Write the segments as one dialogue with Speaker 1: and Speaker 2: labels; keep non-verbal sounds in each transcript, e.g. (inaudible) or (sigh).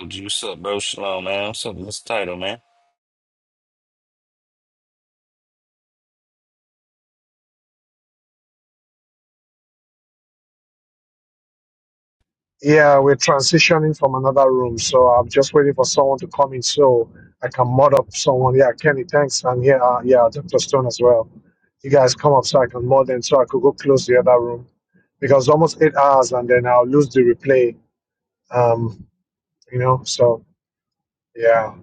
Speaker 1: Um, G, What's up, bro? Shalom, man. What's up? What's the title, man?
Speaker 2: Yeah, we're transitioning from another room, so I'm just waiting for someone to come in so I can mod up someone. Yeah, Kenny, thanks, and yeah, uh, yeah, Doctor Stone as well. You guys come up so I can mod them, so I could go close the other room because almost eight hours, and then I'll lose the replay. Um, you know, so yeah.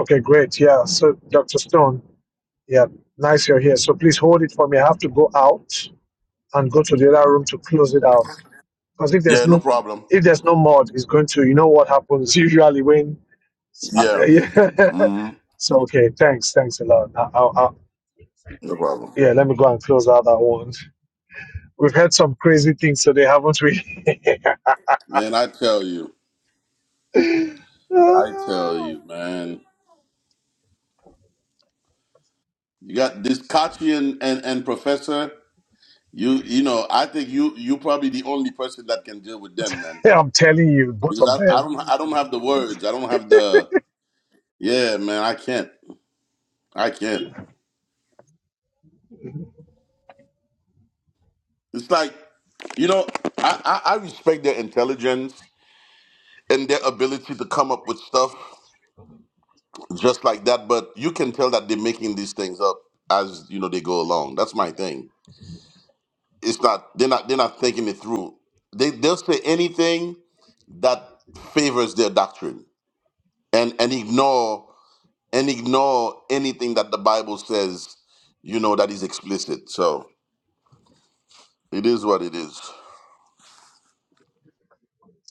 Speaker 2: Okay, great. Yeah, so Doctor Stone, yeah, nice you're here. So please hold it for me. I have to go out and go to the other room to close it out. Because if there's
Speaker 3: Yeah, no
Speaker 2: no
Speaker 3: problem.
Speaker 2: if there's no mod, it's going to you know what happens usually when. (laughs) so
Speaker 3: Yeah. hmm
Speaker 2: okay, thanks, thanks a lot. I, I, I,
Speaker 3: No problem.
Speaker 2: yeah, let me go and close out that one. We've heard some crazy things today, haven't we?
Speaker 3: Man, I tell you. I tell you,
Speaker 2: (laughs)
Speaker 3: man. You got this Kachi and, and, and Professor. You you know, I think you you probably the only person that can deal with them, man.
Speaker 2: Yeah, I'm telling you, both
Speaker 3: Because
Speaker 2: of
Speaker 3: I, I
Speaker 2: them.
Speaker 3: don't I don't have the words. I don't have the yeah, man, I can't. I can't. It's like you know, I, I, I respect their intelligence and their ability to come up with stuff. just like that. But you can tell that they're making these things up as you know they go along. That's my thing. It's not they're not they're not thinking it through. They they'll say anything that favors their doctrine and and ignore and ignore anything that the Bible says. You know that is explicit. So it is what it is.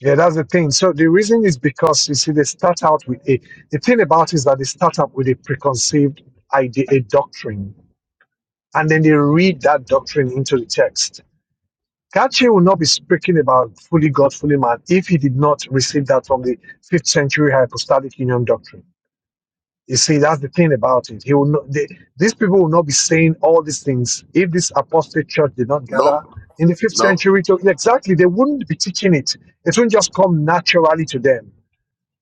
Speaker 2: Yeah, that's the thing. So the reason is because you see, they start out with a. The thing about it is that they start out with a preconceived idea, a doctrine, and then they read that doctrine into the text Cartier would not be speaking about fully God, fully man if he did not receive that from the fifth century hypostatic union doctrine. You see, that's the thing about it. He will not, they, these people will not be saying all these things if this apostate church did not gather
Speaker 3: Nope.
Speaker 2: in the fifth
Speaker 3: Nope.
Speaker 2: century. To, exactly, they wouldn't be teaching it. It wouldn't just come naturally to them.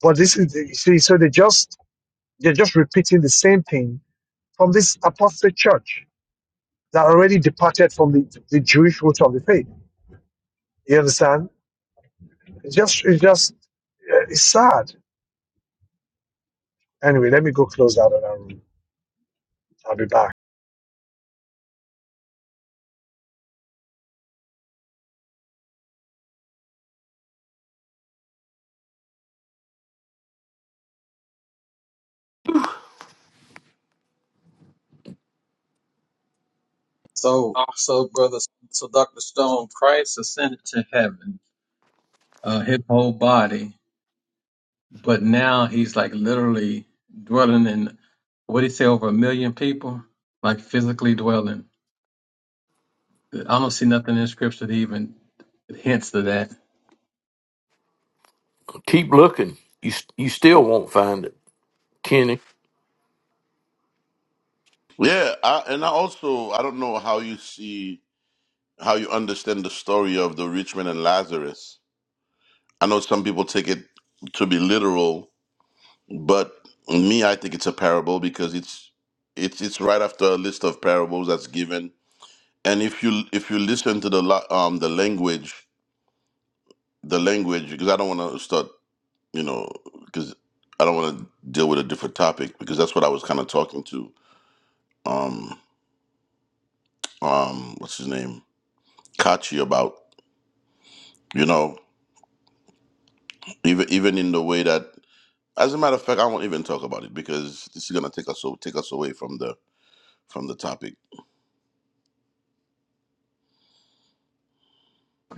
Speaker 2: But this is, you see, so they just they're just repeating the same thing from this apostate church that already departed from the, the Jewish roots of the faith. You understand? It's just, it's just, yeah, it's sad. Anyway, let me go close out of that room. I'll be back.
Speaker 4: So, so brother, so Doctor Stone, Christ ascended to heaven, uh, his whole body, but now he's like literally dwelling in what did he say over a million people, like physically dwelling. I don't see nothing in scripture that even hints to that.
Speaker 5: Keep looking. You you still won't find it, Kenny.
Speaker 3: Yeah, I, and I also I don't know how you see how you understand the story of the rich man and Lazarus I know some people take it to be literal, but me, I think it's a parable because it's it's it's right after a list of parables that's given. And if you if you listen to the la- um the language, the language, because I don't want to start, you know, because I don't want to deal with a different topic because that's what I was kind of talking to um um what's his name Kachi about, you know, even even in the way that. As a matter of fact, I won't even talk about it because this is gonna take us o- take us away from the from the topic.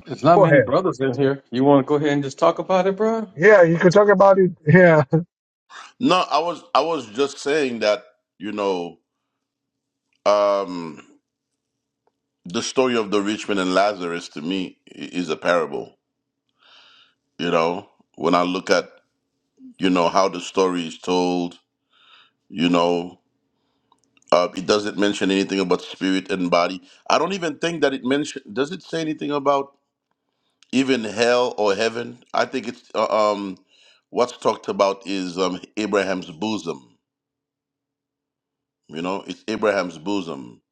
Speaker 4: There's not
Speaker 2: Go
Speaker 4: many
Speaker 2: ahead.
Speaker 4: brothers in here. You want to go ahead and just talk about it, bro?
Speaker 2: Yeah, you could talk about it. Yeah.
Speaker 3: No, I was I was just saying that you know um, the story of the rich man and Lazarus to me i- is a parable. You know, when I look at you know how the story is told, you know, uh, it doesn't mention anything about spirit and body. I don't even think that it mention. Does it say anything about even hell or heaven? I think it's uh, um, what's talked about is um, Abraham's bosom. You know, it's Abraham's bosom.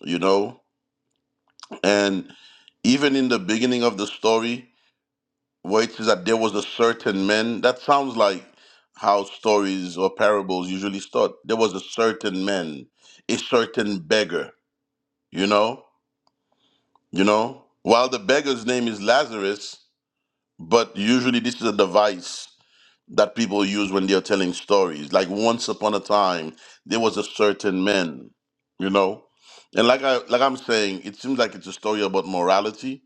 Speaker 3: You know, And even in the beginning of the story, where it says that there was a certain man, that sounds like how stories or parables usually start. There was a certain man, a certain beggar, you know? You know? While the beggar's name is Lazarus, but usually this is a device that people use when they're telling stories. Like once upon a time, there was a certain man, you know? And like I like I'm saying, it seems like it's a story about morality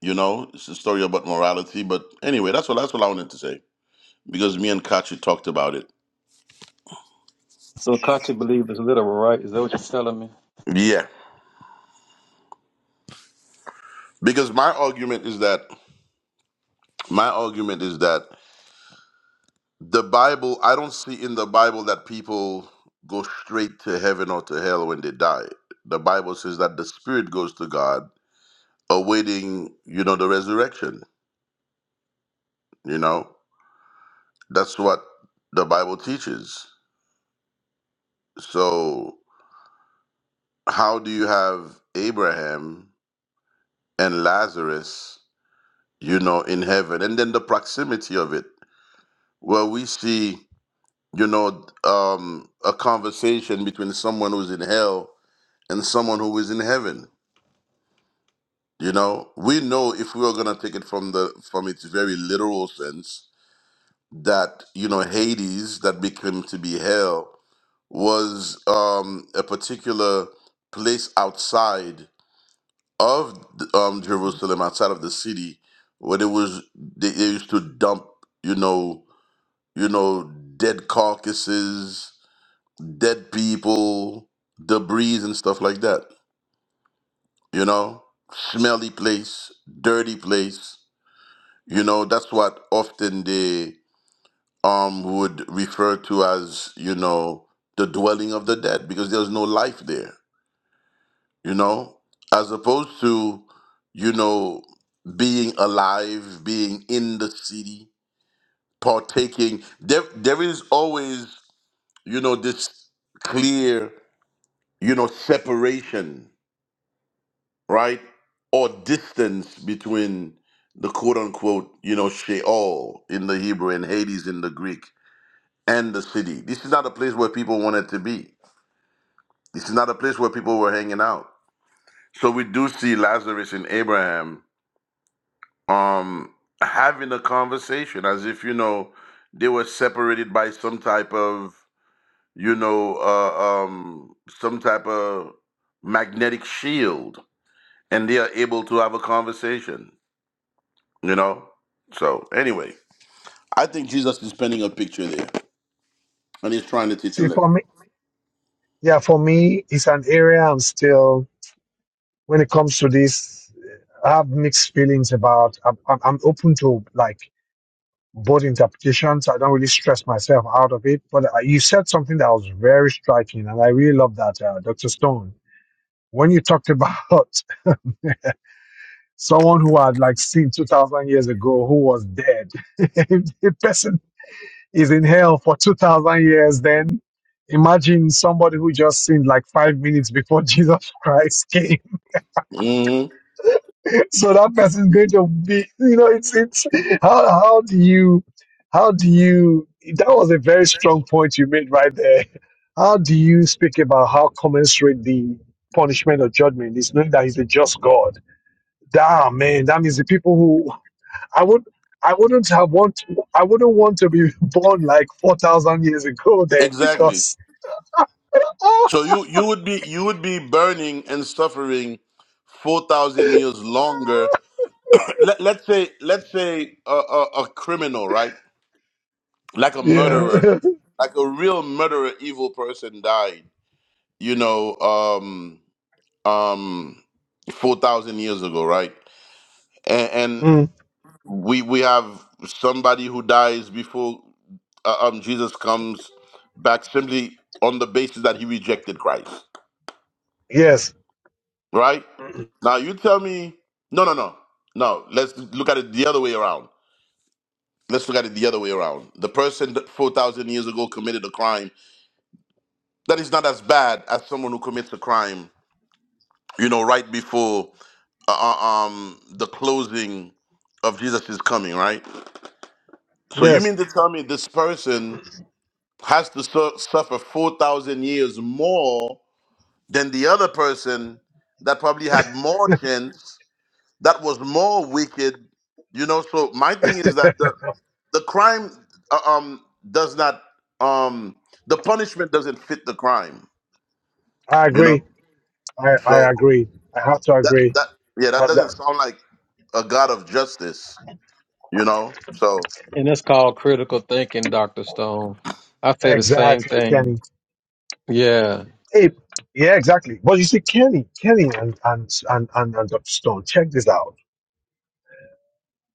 Speaker 3: You know, it's a story about morality. But anyway, that's what that's what I wanted to say because me and Kachi talked about it.
Speaker 4: So Kachi believe is literal, right? Is that what you're telling me?
Speaker 3: Yeah, because my argument is that my argument is that the Bible. I don't see in the Bible that people go straight to heaven or to hell when they die. The Bible says that the spirit goes to God, awaiting you know the resurrection. You know, that's what the Bible teaches. So how do you have Abraham and Lazarus? you know, in heaven. And then the proximity of it, where we see, you know, um, a conversation between someone who's in hell and someone who is in heaven. You know, we know if we are gonna take it from the from its very literal sense that you know Hades that became to be hell was um, a particular place outside of um, Jerusalem, outside of the city, where it was they, they used to dump you know you know, dead carcasses, dead people, debris and stuff like that, you know? Smelly place, dirty place. You know, that's what often they um would refer to as, you know, the dwelling of the dead because there's no life there, you know? As opposed to, you know, being alive, being in the city, partaking. There there is always, you know, this clear you know, separation, right? Or distance between the quote unquote, you know, Sheol in the Hebrew and Hades in the Greek and the city. This is not a place where people wanted to be. This is not a place where people were hanging out. So we do see Lazarus and Abraham um having a conversation as if, you know, they were separated by some type of, you know, uh, um some type of magnetic shield and they are able to have a conversation, you know? So, anyway, I think Jesus is painting a picture there and he's trying to
Speaker 2: (laughs)
Speaker 3: teach a
Speaker 2: See, for
Speaker 3: lesson.
Speaker 2: me, yeah, for me, it's an area I'm still, when it comes to this, I have mixed feelings about, I'm, I'm I'm open to like both interpretations. I don't really stress myself out of it. But uh, you said something that was very striking, and I really love that, uh, Dr. Stone. When you talked about (laughs) someone who had like seen 2000 years ago who was dead (laughs) if the person is in hell for 2000 years then imagine somebody who just sinned like five minutes before (laughs) jesus christ came
Speaker 3: hmm
Speaker 2: so that person is going to be you know it's it's how, how do you how do you that was a very strong point you made right there how do you speak about how commensurate the punishment or judgment is knowing that he's a just god damn man that means the people who. I would I wouldn't have want I wouldn't want to be (laughs) born like four thousand years ago then
Speaker 3: Exactly.
Speaker 2: because (laughs)
Speaker 3: So you you would be you would be burning and suffering 4000 years longer. Let, let's say let's say a, a, a criminal, right? Like a
Speaker 2: yeah
Speaker 3: murderer.
Speaker 2: (laughs)
Speaker 3: Like a real murderer evil person died, you know, um um 4000 years ago, right? And
Speaker 2: Mm,
Speaker 3: we we have somebody who dies before uh, um, Jesus comes back simply on the basis that he rejected Christ,
Speaker 2: yes
Speaker 3: right?
Speaker 2: (clears throat)
Speaker 3: Now you tell me, no, no, no, no. Let's look at it the other way around. Let's look at it the other way around. The person that four thousand years ago committed a crime that is not as bad as someone who commits a crime, you know, right before uh, uh, um the closing of Jesus' coming, right? So you
Speaker 2: yes
Speaker 3: mean to tell me this person has to su- suffer 4,000 years more than the other person that probably had more chance, that was more wicked. You know, so my thing is
Speaker 2: (laughs)
Speaker 3: that
Speaker 2: I
Speaker 3: the, the crime uh, um, does not, um, the punishment doesn't fit the crime, you know?
Speaker 2: agree I I
Speaker 3: So
Speaker 2: agree I have to
Speaker 3: that,
Speaker 2: agree
Speaker 3: that, yeah, that
Speaker 2: That-
Speaker 3: doesn't
Speaker 2: that-
Speaker 3: sound like a God of justice, you know? So.
Speaker 4: And it's called critical thinking, Doctor Stone. I say the same
Speaker 2: exactly
Speaker 4: thing.
Speaker 2: Kenny
Speaker 4: Yeah.
Speaker 2: hey yeah exactly but you see Kenny Kenny and and and and, and Dr. Stone check this out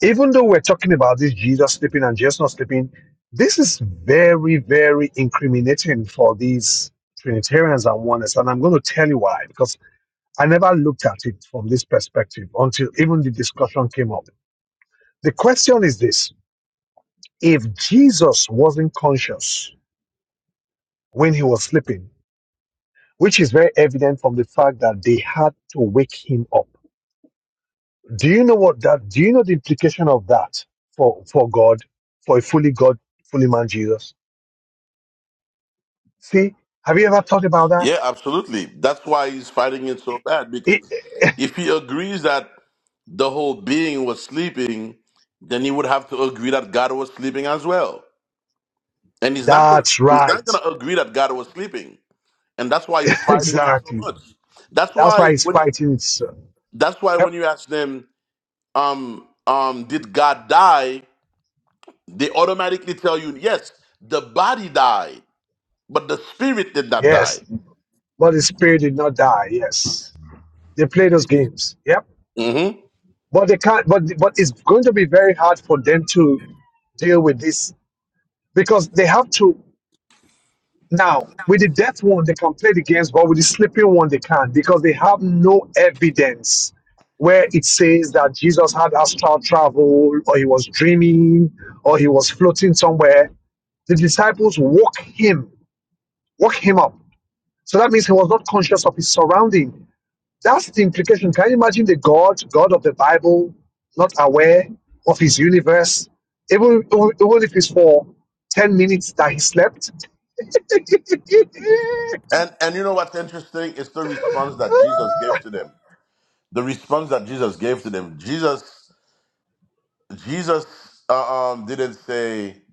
Speaker 2: even though we're talking about this Jesus sleeping and Jesus not sleeping, this is very, very incriminating for these Trinitarians and oneness. And I'm going to tell you why, because I never looked at it from this perspective until even the discussion came up. The question is this if Jesus wasn't conscious when he was sleeping, which is very evident from the fact that they had to wake him up. Do you know what that do you know the implication of that for, for God, for a fully God, fully man Jesus? See, have you ever thought about that?
Speaker 3: Yeah, absolutely. That's why he's fighting it so bad
Speaker 2: It,
Speaker 3: because if he agrees that the whole being was sleeping, then he would have to agree that God was sleeping as well. And he's not gonna
Speaker 2: that's
Speaker 3: he's not
Speaker 2: right.
Speaker 3: gonna agree that God was sleeping. And that's why he's
Speaker 2: (laughs)
Speaker 3: fighting it so
Speaker 2: exactly.
Speaker 3: much. That's
Speaker 2: That's why
Speaker 3: why
Speaker 2: he's
Speaker 3: when
Speaker 2: fighting it.
Speaker 3: that's why when
Speaker 2: Yep.
Speaker 3: you ask them, um, um, did God die? They automatically tell you, yes, the body died, but the spirit did not die.
Speaker 2: Yes. But the spirit did not die. Yes. They play those games. Yep.
Speaker 3: Mm-hmm.
Speaker 2: But they can't. But but it's going to be very hard for them to deal with this because they have to. Now, with the death one, they can play the games, but with the sleeping one, they can't because they have no evidence where it says that Jesus had astral travel or he was dreaming or he was floating somewhere. The disciples woke him, woke him up. So that means he was not conscious of his surrounding. That's the implication. Can you imagine the God, God of the Bible, not aware of his universe? Even, even even if it's for 10 minutes that he slept, (laughs)
Speaker 3: And and you know what's interesting is the response that Jesus gave to them. The response that Jesus gave to them. Jesus Jesus uh, um didn't say,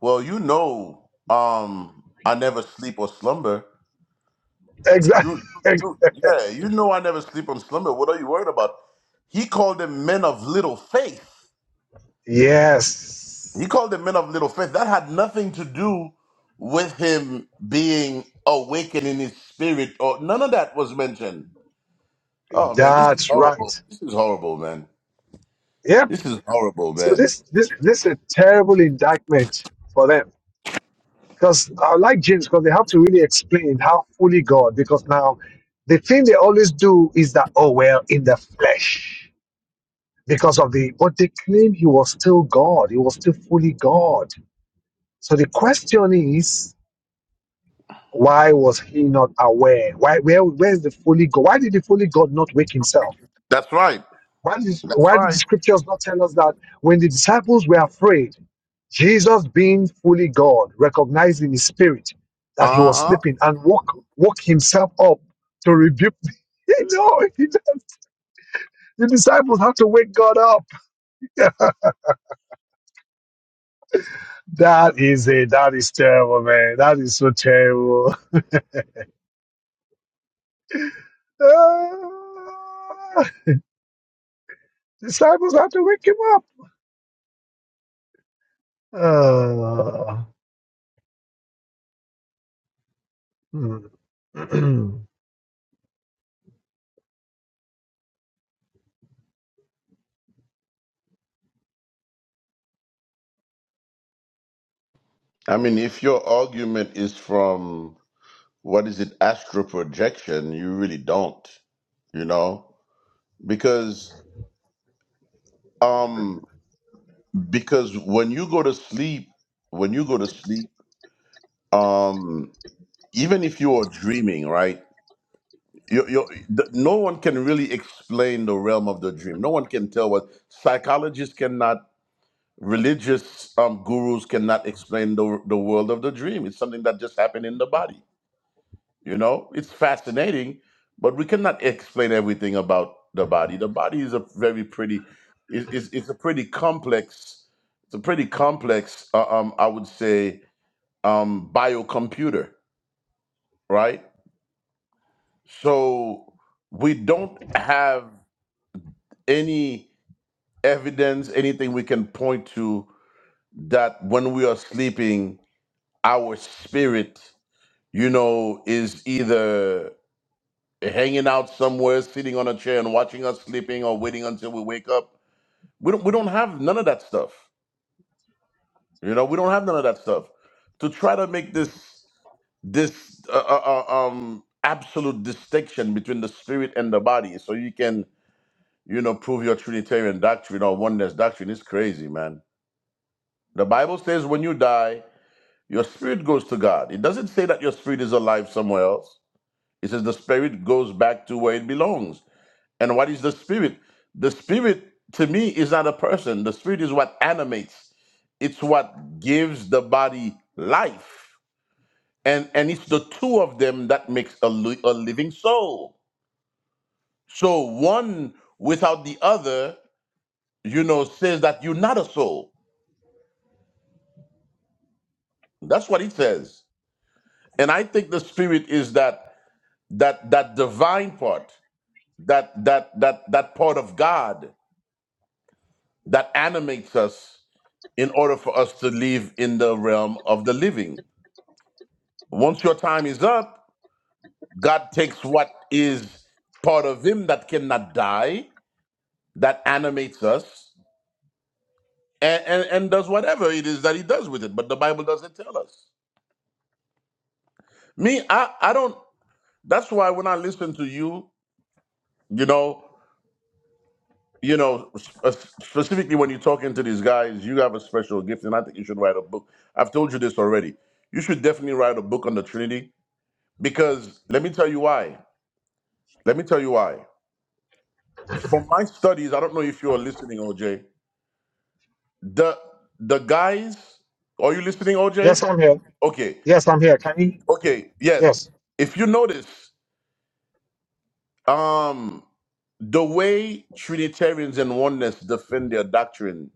Speaker 3: "Well, you know, um I never sleep or slumber."
Speaker 2: Exactly.
Speaker 3: You, you
Speaker 2: (laughs)
Speaker 3: you- yeah, you know I never sleep or slumber. What are you worried about? He called them men of little faith. He
Speaker 2: Yes,
Speaker 3: called them men of little faith. That had nothing to do with him being awakened in his spirit or none of that was mentioned Oh man, this is
Speaker 2: that's
Speaker 3: horrible.
Speaker 2: right.
Speaker 3: This is horrible, man.
Speaker 2: Yep.
Speaker 3: This is horrible,
Speaker 2: So
Speaker 3: man.
Speaker 2: this this this is a terrible indictment for them because I like James because they have to really explain how fully God because now the thing they always do is that oh well in the flesh because of the but they claim he was still God he was still fully God. So the question is why was he not aware? Why where where is the fully God? Why did the fully God not wake himself?
Speaker 3: That's right.
Speaker 2: Why did,
Speaker 3: That's
Speaker 2: why did the
Speaker 3: right.
Speaker 2: scriptures not tell us that when the disciples were afraid, Jesus, being fully God, recognized in his spirit that he
Speaker 3: Uh
Speaker 2: was
Speaker 3: huh.
Speaker 2: sleeping and woke, woke himself up to rebuke (laughs) the- You know, (laughs) he does. the disciples had to wake God up. (laughs) That is it. That is terrible, man. That is so terrible. (laughs) Ah, disciples had to wake him up. (sighs) Ah, hmm.
Speaker 3: I mean, if your argument is from what is it, astral projection, you really don't, you know, because um because when you go to sleep, when you go to sleep, um even if you are dreaming, right? You, you, th- no one can really explain the realm of the dream. No one can tell what psychologists cannot religious um, gurus cannot explain the, the world of the dream. It's something that just happened in the body. You know, it's fascinating, but we cannot explain everything about the body. The body is a very pretty, is is it's a pretty complex, it's a pretty complex, uh, um, I would say, um, biocomputer, right? So we don't have any evidence, anything we can point to that when we are sleeping, our spirit you know, is either hanging out somewhere, sitting on a chair and watching us sleeping or waiting until we wake up. We don't we don't have none of that stuff. You know, we don't have none of that stuff. To try to make this this uh, uh, uh, um absolute distinction between the spirit and the body so you can you know prove your trinitarian doctrine or oneness doctrine is crazy man the bible says when you die your spirit goes to god it doesn't say that your spirit is alive somewhere else it says the spirit goes back to where it belongs And what is the spirit? The spirit to me is not a person. The spirit is what animates. It's what gives the body life. And and it's the two of them that makes a, li- a living soul. So one without the other, you know, says that you're not a soul. That's what it says. And I think the spirit is that that that divine part, that that that that part of God that animates us in order for us to live in the realm of the living. Once your time is up, God takes what is part of Him that cannot die, that animates us, and, and, and does whatever it is that He does with it. But the Bible doesn't tell us. Me, I, I don't. That's why when I listen to you, you know, you know, sp- uh, specifically when you're talking to these guys, you have a special gift, and I think you should write a book. I've told you this already. You should definitely write a book on the Trinity Because let me tell you why. Let me tell you why. From my studies, I don't know if you're listening, OJ. The the guys, are you listening,
Speaker 2: (clears throat)
Speaker 3: OJ?
Speaker 2: yes, I'm here.
Speaker 3: Okay.
Speaker 2: Yes, I'm here. Can you?
Speaker 3: Okay.
Speaker 2: Yes.
Speaker 3: Yes. If you notice, um, the way Trinitarians and oneness defend their doctrine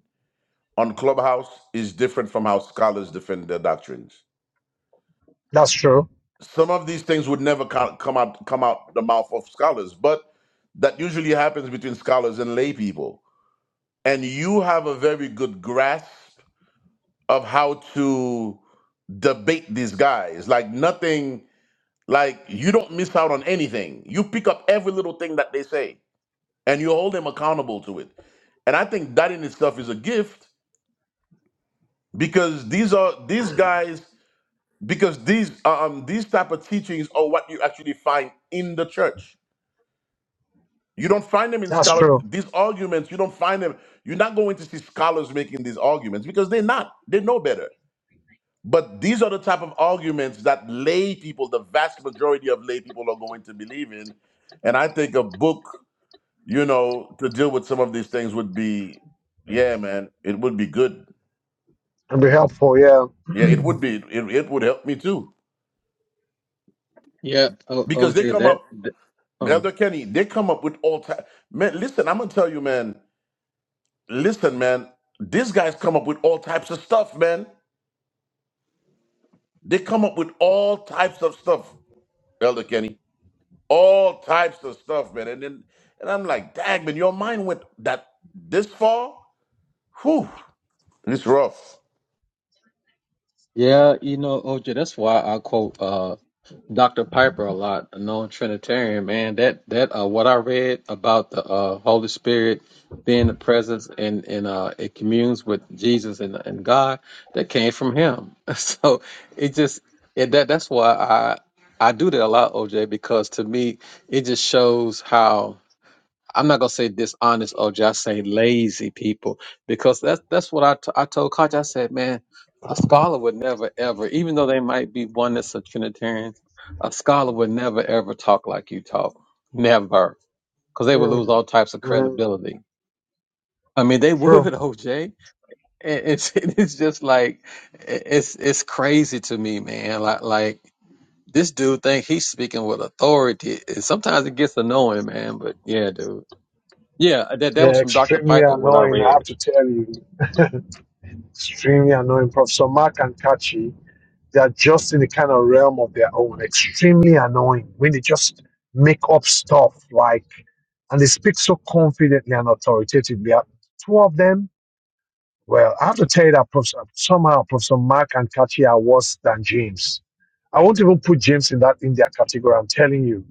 Speaker 3: on Clubhouse is different from how scholars defend their doctrines.
Speaker 2: That's true.
Speaker 3: Some of these things would never co- come out come out the mouth of scholars, but that usually happens between scholars and lay people and you have a very good grasp of how to debate these guys. Like nothing, like you don't miss out on anything. You pick up every little thing that they say and you hold them accountable to it. And I think that in itself is a gift because these are these guys because these uh, um these type of teachings are what you actually find in the church. You don't find them in
Speaker 2: That's
Speaker 3: scholar
Speaker 2: true.
Speaker 3: these arguments, you don't find them. You're not going to see scholars making these arguments because they're not. They know better But these are the type of arguments that lay people, the vast majority of lay people, are going to believe in. And I think a book, you know, to deal with some of these things would be, yeah, man, it would be good.
Speaker 2: And be helpful, yeah.
Speaker 3: Yeah, it would be. It, it would help me too
Speaker 4: Yeah, o
Speaker 3: because they
Speaker 4: OJ,
Speaker 3: come
Speaker 4: that,
Speaker 3: up,
Speaker 4: that um
Speaker 3: Elder Kenny, they come up with all types. Man, listen, I'm gonna tell you, man. Listen, man, these guys come up with all types of stuff, man. They come up with all types of stuff, Elder Kenny. all types of stuff, man. And then and I'm like, dang, man, your mind went that this far? Whew. It's rough.
Speaker 4: yeah, you know, OJ, that's why I quote uh Dr. Piper a lot, a known Trinitarian, man. That that uh what I read about the uh Holy Spirit being the presence and and uh it communes with Jesus and and God, that came from him. (laughs) So it just it that that's why I I do that a lot, OJ, because to me it just shows how I'm not gonna say dishonest OJ. I say lazy people because that's that's what I, t- I told Coach. I said, man, a scholar would never ever, even though they might be one that's a Trinitarian, a scholar would never ever talk like you talk, never, because they would lose
Speaker 2: Mm.
Speaker 4: all types of
Speaker 2: hmm
Speaker 4: credibility. I mean, they
Speaker 2: True.
Speaker 4: would (laughs) OJ. And It's it's (laughs) just like it- it's it's crazy to me, man. Like like this dude think he's speaking with authority, and sometimes it gets annoying, man. But yeah, dude. Yeah, that that
Speaker 2: Yeah,
Speaker 4: was from Dr.
Speaker 2: extremely
Speaker 4: Piper what I
Speaker 2: annoying, I
Speaker 4: read.
Speaker 2: have to tell you. (laughs) Extremely annoying. Professor Mark and Kachi, they are just in the kind of realm of their own. Extremely annoying when they just make up stuff like, and they speak so confidently and authoritatively. Uh, Two of them, well, I have to tell you that Professor, somehow Professor Mark and Kachi are worse than James. I won't even put James in that in their category. I'm telling you.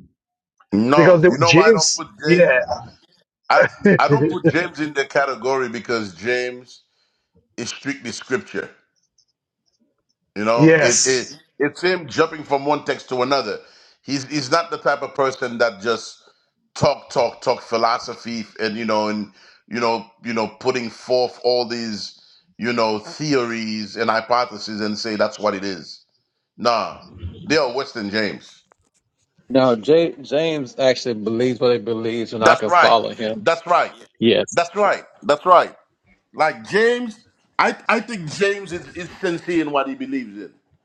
Speaker 2: because
Speaker 3: No, you
Speaker 2: the,
Speaker 3: know why I don't
Speaker 2: James,
Speaker 3: put James?
Speaker 2: yeah,
Speaker 3: I
Speaker 2: (laughs)
Speaker 3: I don't put James in the category because James is strictly scripture. You know, it,
Speaker 2: yes,
Speaker 3: it it's him jumping from one text to another. He's he's not the type of person that just talk, talk, talk philosophy, and you know, and you know, you know, putting forth all these you know theories and hypotheses and say that's what it is. Nah, they are Western James.
Speaker 4: Now, J- James actually believes what he believes, and I
Speaker 3: That's
Speaker 4: can
Speaker 3: right.
Speaker 4: follow him.
Speaker 3: That's right.
Speaker 4: Yes.
Speaker 3: That's right. That's right. Like James, I I think James is, is sincere in what he believes in.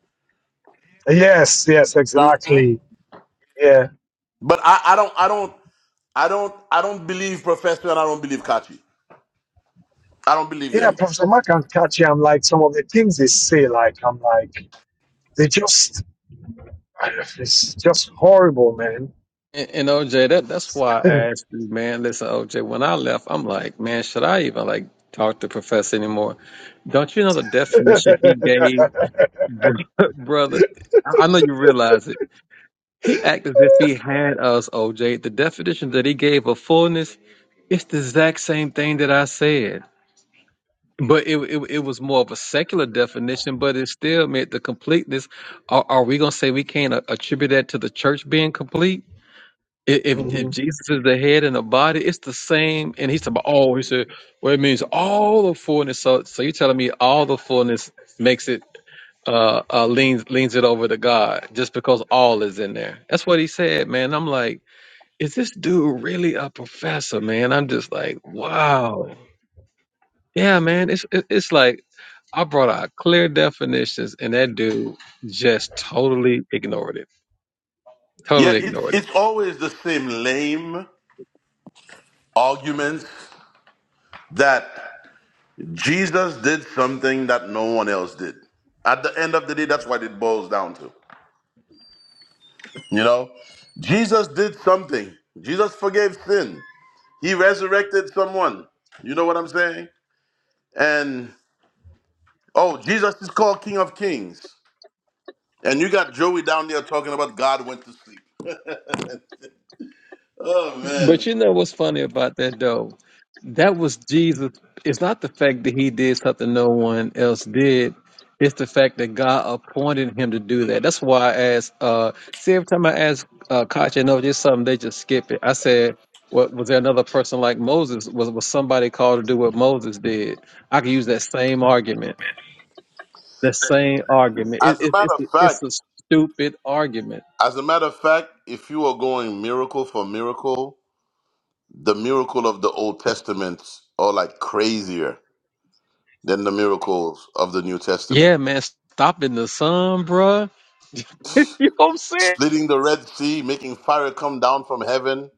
Speaker 2: yes, yes,
Speaker 3: Mhm.
Speaker 2: exactly, yeah,
Speaker 3: But I, I don't I don't I don't I don't believe Professor and I don't believe Kachi. I don't believe
Speaker 2: yeah.
Speaker 3: them.
Speaker 2: Professor Mark and Kachi, I'm like some of the things they say, like I'm like they just, (sighs) it's just horrible, man.
Speaker 4: And, and OJ, that that's why I
Speaker 2: (laughs)
Speaker 4: asked you, man. Listen, OJ, when I left, I'm like, man, should I even like talk to Professor anymore? Don't you know the definition he gave, (laughs) brother? I I know you realize it. He acted as if he had us, OJ. The definition that he gave of fullness, it's the exact same thing that I said. But it, it it was more of a secular definition, but it still meant the completeness. Are, are we going to say we can't a- attribute that to the church being complete? I- If if
Speaker 2: hmm
Speaker 4: Jesus is the head and the body, it's the same. And he's about oh, he said, well, it means all the fullness. So so you're telling me all the fullness makes it uh, uh leans leans it over to God just because all is in there. That's what he said, man. I'm like, is this dude really a professor, man? I'm just like, wow. Yeah, man. It's it- it's like I brought out clear definitions, and that dude just totally ignored it.
Speaker 3: Yeah,
Speaker 4: Totally
Speaker 3: it's
Speaker 4: ignored it.
Speaker 3: it's always the same lame arguments that Jesus did something that no one else did. At the end of the day, that's what it boils down to. You know? Jesus did something. Jesus forgave sin. He resurrected someone. You know what I'm saying? And oh, Jesus is called King of Kings. And you got Joey down there talking about God went to sleep. Oh
Speaker 4: But
Speaker 3: man.
Speaker 4: you know what's funny about that though? That was Jesus. It's not the fact that he did something no one else did. It's the fact that God appointed him to do that. That's why I asked. Uh, see, every time I ask uh, Kachi, you know, just something, they just skip it. I said, "What was there another person like Moses? Was was somebody called to do what Moses did?" I could use that same argument. That same argument. It,
Speaker 3: As a
Speaker 4: it,
Speaker 3: matter
Speaker 4: it's
Speaker 3: of
Speaker 4: a- it's
Speaker 3: fact,
Speaker 4: a stupid argument.
Speaker 3: as a matter of fact, if you are going miracle for miracle, the miracle of the Old Testament are like crazier than the miracles of the New Testament.
Speaker 4: Yeah, man, stopping the sun, bruh. (laughs) you know what I'm saying?
Speaker 3: Splitting the Red Sea, making fire come down from heaven.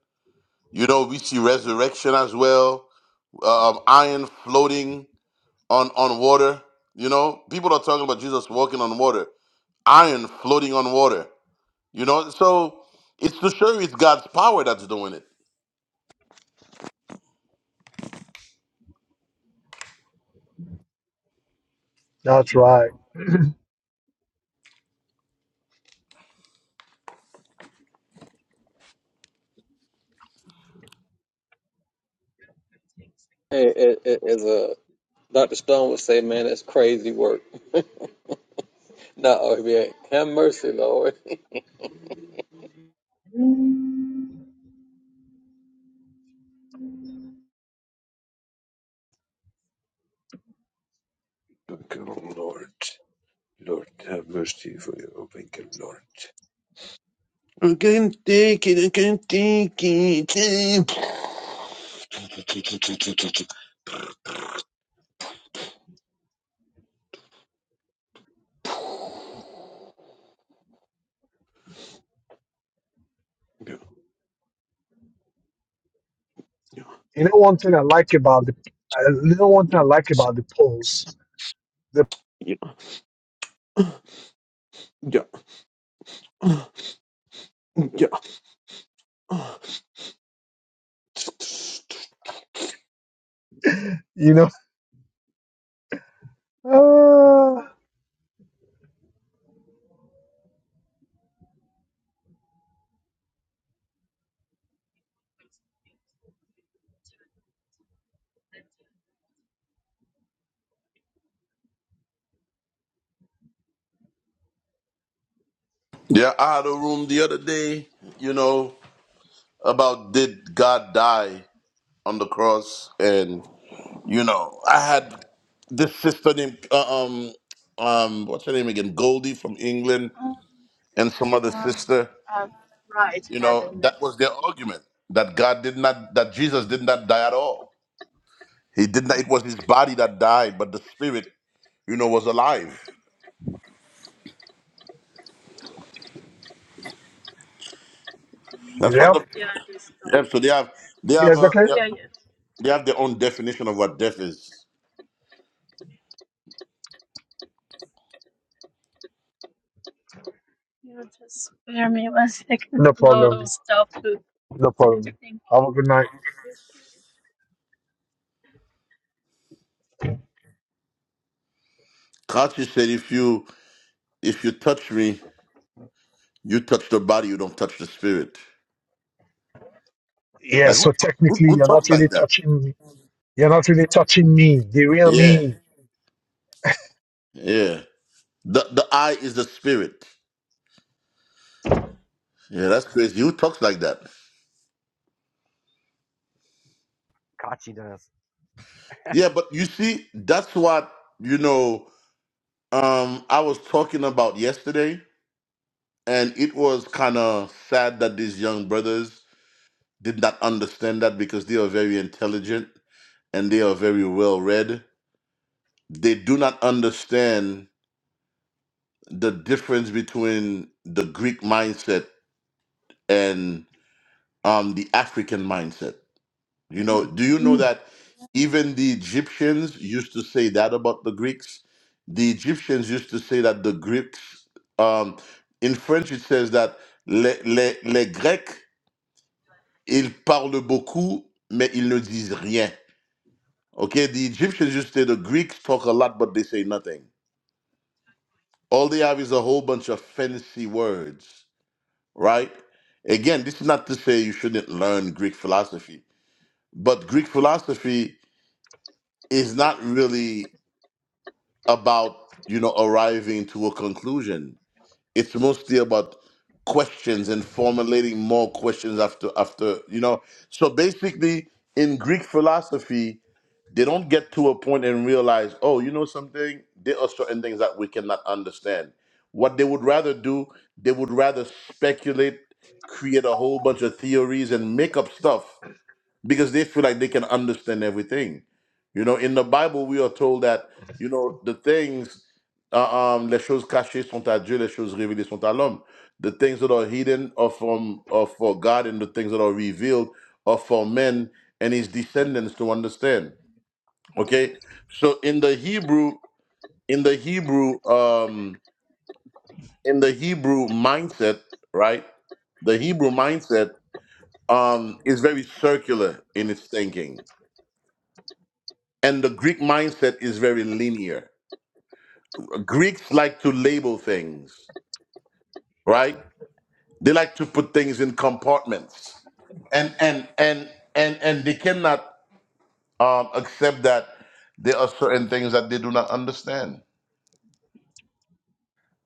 Speaker 3: You know, we see resurrection as well. Um, iron floating on on water. You know, people are talking about Jesus walking on water. Iron floating on water. You know, so it's to show you it's God's power that's doing it
Speaker 2: That's right.
Speaker 4: Hey, a- as uh, Dr. Stone would say, man, that's crazy work. (laughs) No, yeah, have mercy, Lord. (laughs)
Speaker 6: Awaken, Lord. Lord, have mercy for you. Awaken, Lord. I can't take it. I can't take it. Yeah,
Speaker 2: You know, one thing I like about the, uh, you know, one thing I
Speaker 6: yeah,
Speaker 2: like about the polls, the,
Speaker 6: yeah, yeah, yeah.
Speaker 2: you know, (laughs) uh,
Speaker 3: Yeah, I had a room the other day, you know, about did God die on the cross, and you know, I had this sister named uh, um um what's her name again, Goldie from England, and some other sister. You know, that was their argument that God did not, that Jesus did not die at all. He did not. It was his body that died, but the spirit, you know, was alive. That's what
Speaker 2: yeah,
Speaker 3: the yeah. So they have they have
Speaker 2: yes,
Speaker 3: a
Speaker 2: okay.
Speaker 3: they have they have their own definition of what death is.
Speaker 2: No problem. No problem. Have a good night.
Speaker 3: Kachi said, "If you if you touch me, you touch the body. You don't touch the spirit."
Speaker 2: Yeah,
Speaker 3: Like who
Speaker 2: so
Speaker 3: talks, who,
Speaker 2: technically
Speaker 3: who
Speaker 2: you're
Speaker 3: talks
Speaker 2: not
Speaker 3: like
Speaker 2: really
Speaker 3: that?
Speaker 2: touching me. you're not really touching me, the real
Speaker 3: Yeah,
Speaker 2: me.
Speaker 3: yeah. The the eye is the spirit.
Speaker 2: Hmm.
Speaker 3: Yeah, that's crazy. Who talks like that? Yeah, but you see, that's what you know. Um, I was talking about yesterday, and it was kind of sad that these young brothers did not understand that because they are very intelligent and they are very well read. They do not understand the difference between the Greek mindset and um, the African mindset. You know, do you know that even the Egyptians used to say that about the Greeks? The Egyptians used to say that the Greeks, um, in French, it says that les, les, les Grecs, ils parlent beaucoup, mais ils ne disent rien. Okay, the Egyptians used to say the Greeks talk a lot, but they say nothing. All they have is a whole bunch of fancy words right? Again, this is not to say you shouldn't learn Greek philosophy, but Greek philosophy is not really about, you know, arriving to a conclusion. It's mostly about questions and formulating more questions after after, you know. So basically, in Greek philosophy, they don't get to a point and realize, oh, you know something? There are certain things that we cannot understand. What they would rather do, they would rather speculate, create a whole bunch of theories, and make up stuff because they feel like they can understand everything. You know, in the Bible, we are told that, you know, the things, uh, um, les choses cachées sont à Dieu, les choses révélées sont à l'homme. The things that are hidden are from are for God, and the things that are revealed are for men and his descendants to understand. Okay, so in the Hebrew, in the Hebrew, um, in the Hebrew mindset, right? The Hebrew mindset um, is very circular in its thinking, and the Greek mindset is very linear. Greeks like to label things, right? They like to put things in compartments, and and and and and they cannot um, accept that there are certain things that they do not understand.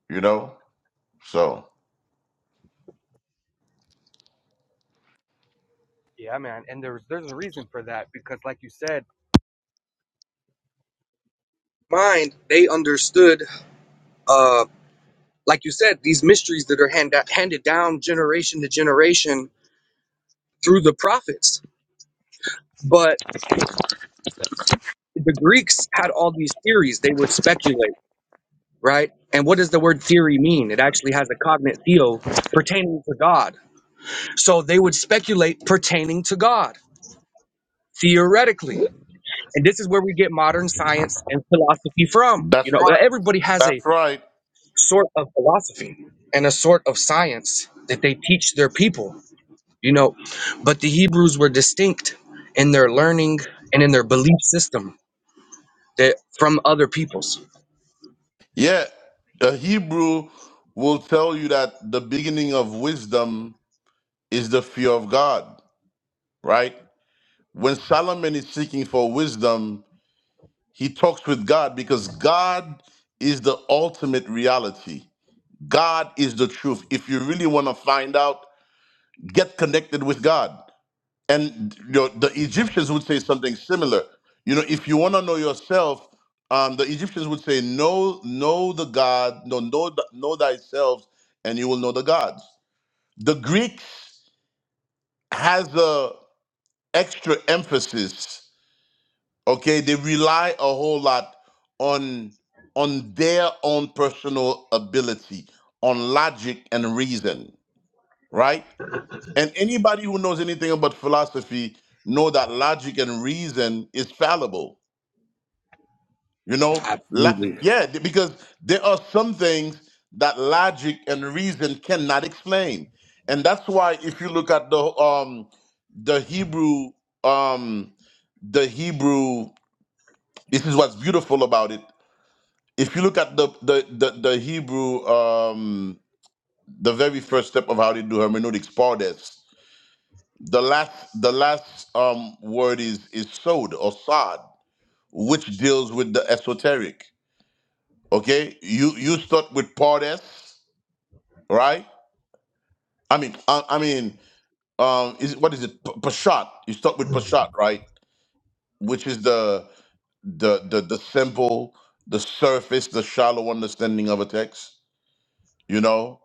Speaker 3: You know, so
Speaker 7: for that because, like you said, mind, they understood, uh, like you said, these mysteries that are hand, handed down generation to generation through the prophets. But the Greeks had all these theories. They would speculate, right? And what does the word theory mean? It actually has a cognate theo pertaining to God. So they would speculate pertaining to God, theoretically. And this is where we get modern science and philosophy from. You
Speaker 3: that's
Speaker 7: know,
Speaker 3: right.
Speaker 7: everybody has a
Speaker 3: That's right.
Speaker 7: sort of philosophy and a sort of science that they teach their people, you know. But the Hebrews were distinct in their learning and in their belief system that from other peoples.
Speaker 3: Yeah, a Hebrew will tell you that the beginning of wisdom is the fear of God, right? When Solomon is seeking for wisdom, he talks with God because God is the ultimate reality. God is the truth. If you really want to find out, get connected with God. and you know, the Egyptians would say something similar. You know, if you want to know yourself, um, the Egyptians would say, "Know, know the God, no, know, th- know thyself, and you will know the gods." The Greeks has a extra emphasis. Okay, they rely a whole lot on on their own personal ability, on logic and reason, right? And anybody who knows anything about philosophy know that logic and reason is fallible. You know, La-
Speaker 7: Absolutely.
Speaker 3: yeah, th- because there are some things that logic and reason cannot explain, and that's why if you look at the um the Hebrew um the Hebrew, this is what's beautiful about it. If you look at the the the, the Hebrew um the very first step of how they do hermeneutics, pardes The last the last um word is is sod or sod, which deals with the esoteric. Okay, you you start with pardes, right? I mean, I, I mean, um, is it- what is it? P- Pashat. You start with pashat, right? Which is the the the the simple, the surface, the shallow understanding of a text. You know,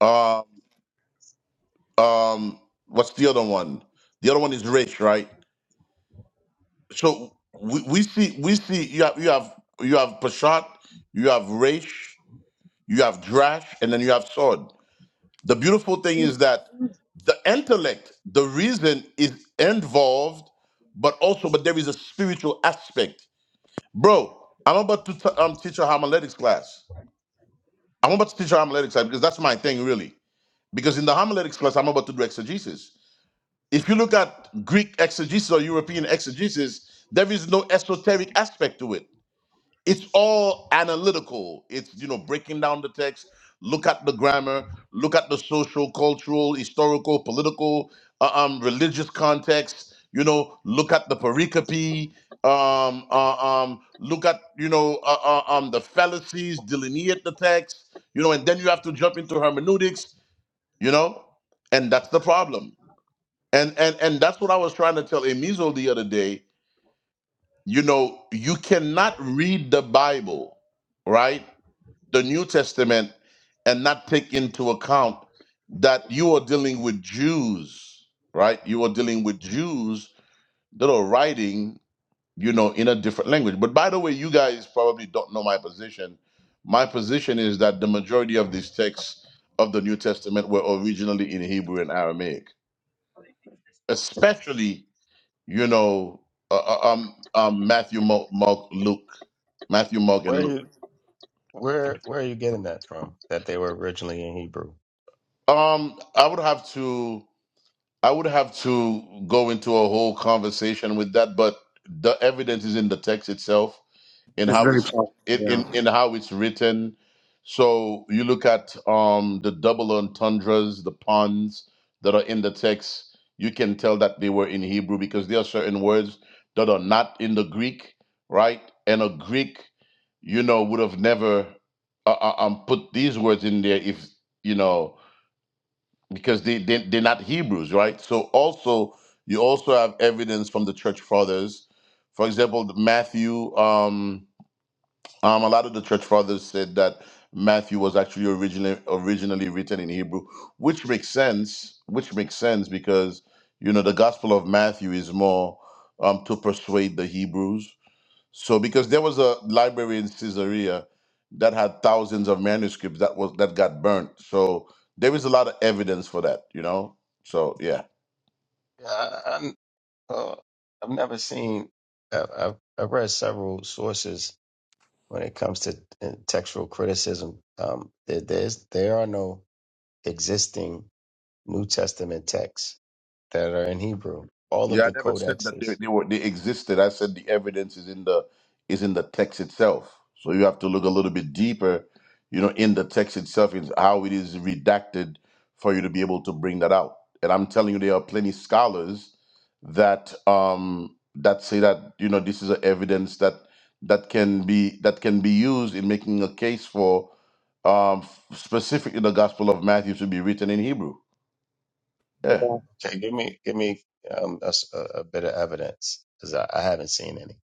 Speaker 3: um, um, what's the other one? The other one is rich, right? So we, we see we see you have you have you have Pashat, you have Raish, you have Drash, and then you have Sword. The beautiful thing is that the intellect, the reason is involved, but also but there is a spiritual aspect. Bro, I'm about to t- um, teach a homiletics class. I'm about to teach a homiletics class because that's my thing really. Because in the homiletics class, I'm about to do exegesis. If you look at Greek exegesis or European exegesis, there is no esoteric aspect to it it's all analytical. It's you know breaking down the text. Look at the grammar. Look at the social, cultural, historical, political, uh, um, religious context. You know, look at the pericope. Um, uh, um, look at you know uh, uh, um, the fallacies. Delineate the text. You know, and then you have to jump into hermeneutics. You know, and that's the problem. And and and that's what I was trying to tell Emizo the other day. You know, you cannot read the Bible, right? the New Testament and not take into account that you are dealing with Jews, right? You are dealing with Jews that are writing, you know, in a different language. But by the way, you guys probably don't know my position. My position is that the majority of these texts of the New Testament were originally in Hebrew and Aramaic, especially, you know, uh, uh, um, um, Matthew, Mark, Mark, Luke, Matthew, Mark, and
Speaker 8: Where are
Speaker 3: Luke.
Speaker 8: you where where are you getting that from? That they were originally in Hebrew?
Speaker 3: Um, I would have to. I would have to go into a whole conversation with that, but the evidence is in the text itself, in
Speaker 7: It's
Speaker 3: how
Speaker 7: very
Speaker 3: it's
Speaker 7: plausible.
Speaker 3: in in,
Speaker 7: Yeah.
Speaker 3: in how it's written. So you look at um, the double entendres, the puns that are in the text. You can tell that they were in Hebrew because there are certain words that are not in the Greek, right? And a Greek, you know, would have never uh, uh, um, put these words in there if you know because they, they they're not Hebrews, right? So also you also have evidence from the church fathers. For example, the Matthew. Um, um, a lot of the church fathers said that Matthew was actually originally originally written in Hebrew, which makes sense. Which makes sense because you know the Gospel of Matthew is more um, to persuade the Hebrews so because there was a library in Caesarea that had thousands of manuscripts that was that got burnt. So there is a lot of evidence for that, you know. So yeah.
Speaker 8: Yeah, I, I'm, uh, I've never seen. I've, I've I've read several sources when it comes to uh, textual criticism. Um, there, there's there are no existing New Testament texts that are in Hebrew. All
Speaker 3: Yeah,
Speaker 8: of
Speaker 3: I
Speaker 8: the
Speaker 3: never said that they,
Speaker 8: codexes.
Speaker 3: they were they existed. I said the evidence is in the is in the text itself. So you have to look a little bit deeper, you know, in the text itself is how it is redacted for you to be able to bring that out. And I'm telling you, there are plenty scholars that um that say that you know this is a evidence that that can be that can be used in making a case for um specifically the Gospel of Matthew to be written in Hebrew. Yeah.
Speaker 8: Okay, give me give me um, a, s- a- a bit of evidence because I, I haven't seen any.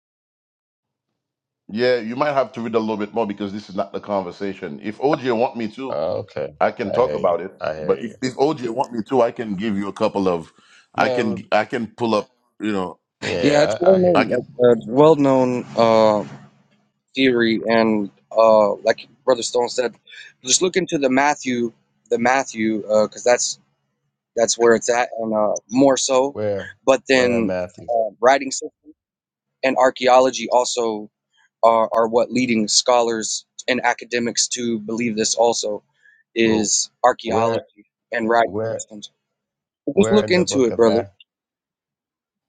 Speaker 3: Yeah, you might have to read a little bit more because this is not the conversation. If OJ want me to,
Speaker 8: Oh, okay,
Speaker 3: I can
Speaker 8: I
Speaker 3: talk
Speaker 8: hear you.
Speaker 3: about it.
Speaker 8: I hear
Speaker 3: But
Speaker 8: you,
Speaker 3: if, if OJ want me to, I can give you a couple of, I
Speaker 8: man. it
Speaker 3: can
Speaker 8: would-
Speaker 3: I can pull up, you know,
Speaker 7: Yeah, it's
Speaker 8: Yeah, I,
Speaker 7: well
Speaker 8: I hear
Speaker 3: I
Speaker 7: known
Speaker 8: you.
Speaker 3: can.
Speaker 7: like, uh, it's well known uh theory and uh like Brother Stone said, just look into the Matthew the Matthew uh because that's that's where it's at and uh more so.
Speaker 8: Where?
Speaker 7: But
Speaker 8: Where in
Speaker 7: then
Speaker 8: Matthew?
Speaker 7: uh, writing system. and archaeology also are, are what leading scholars and academics to believe this also
Speaker 8: Well,
Speaker 7: is
Speaker 8: where,
Speaker 7: archaeology and writing
Speaker 8: where,
Speaker 7: systems. But just
Speaker 8: where
Speaker 7: look
Speaker 8: in the
Speaker 7: into
Speaker 8: book
Speaker 7: it,
Speaker 8: of
Speaker 7: brother.
Speaker 8: Matthew?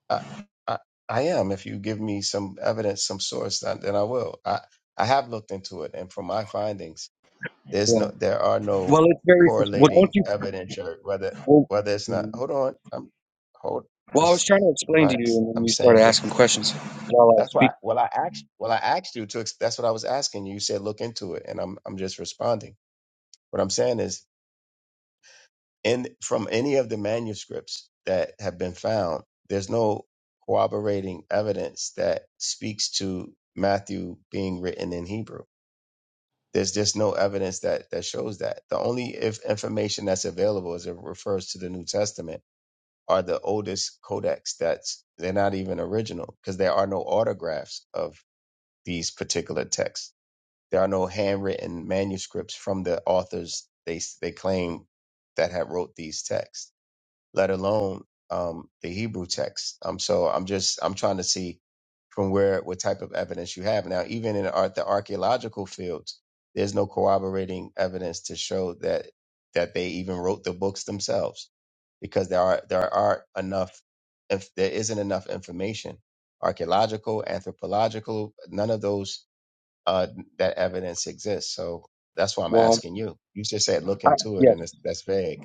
Speaker 8: I, I, I am. If you give me some evidence, some source, then then I will. I, I have looked into it, and from my findings, there's
Speaker 7: Yeah.
Speaker 8: no, there are no
Speaker 7: Well, it's very well. Don't
Speaker 8: correlating
Speaker 7: you?
Speaker 8: evidence or whether,
Speaker 7: Well,
Speaker 8: whether it's not.
Speaker 7: Mhm.
Speaker 8: Hold on. I'm, hold,
Speaker 7: well, I was
Speaker 8: just
Speaker 7: trying to explain to you,
Speaker 8: relax.
Speaker 7: and then
Speaker 8: I'm
Speaker 7: you started
Speaker 8: saying that.
Speaker 7: asking questions while I was
Speaker 8: That's why.
Speaker 7: speaking.
Speaker 8: Well, I asked. Well, I asked you to. ex- That's what I was asking you. You said look into it, and I'm, I'm just responding. What I'm saying is in from any of the manuscripts that have been found, there's no corroborating evidence that speaks to Matthew being written in Hebrew. There's just no evidence that that shows that. The only if information that's available is it refers to the New Testament are the oldest codex that's they're not even original because there are no autographs of these particular texts. There are no handwritten manuscripts from the authors they they claim that have wrote these texts let alone um, the Hebrew text. Um, so I'm just I'm trying to see from where what type of evidence you have now. Even in art, the archaeological fields, there's no corroborating evidence to show that that they even wrote the books themselves, because there are there aren't enough if there isn't enough information, archaeological, anthropological, none of those uh, that evidence exists. So that's why I'm
Speaker 7: Well,
Speaker 8: asking you. You just said look
Speaker 7: I,
Speaker 8: into it,
Speaker 7: yeah.
Speaker 8: and it's, that's vague.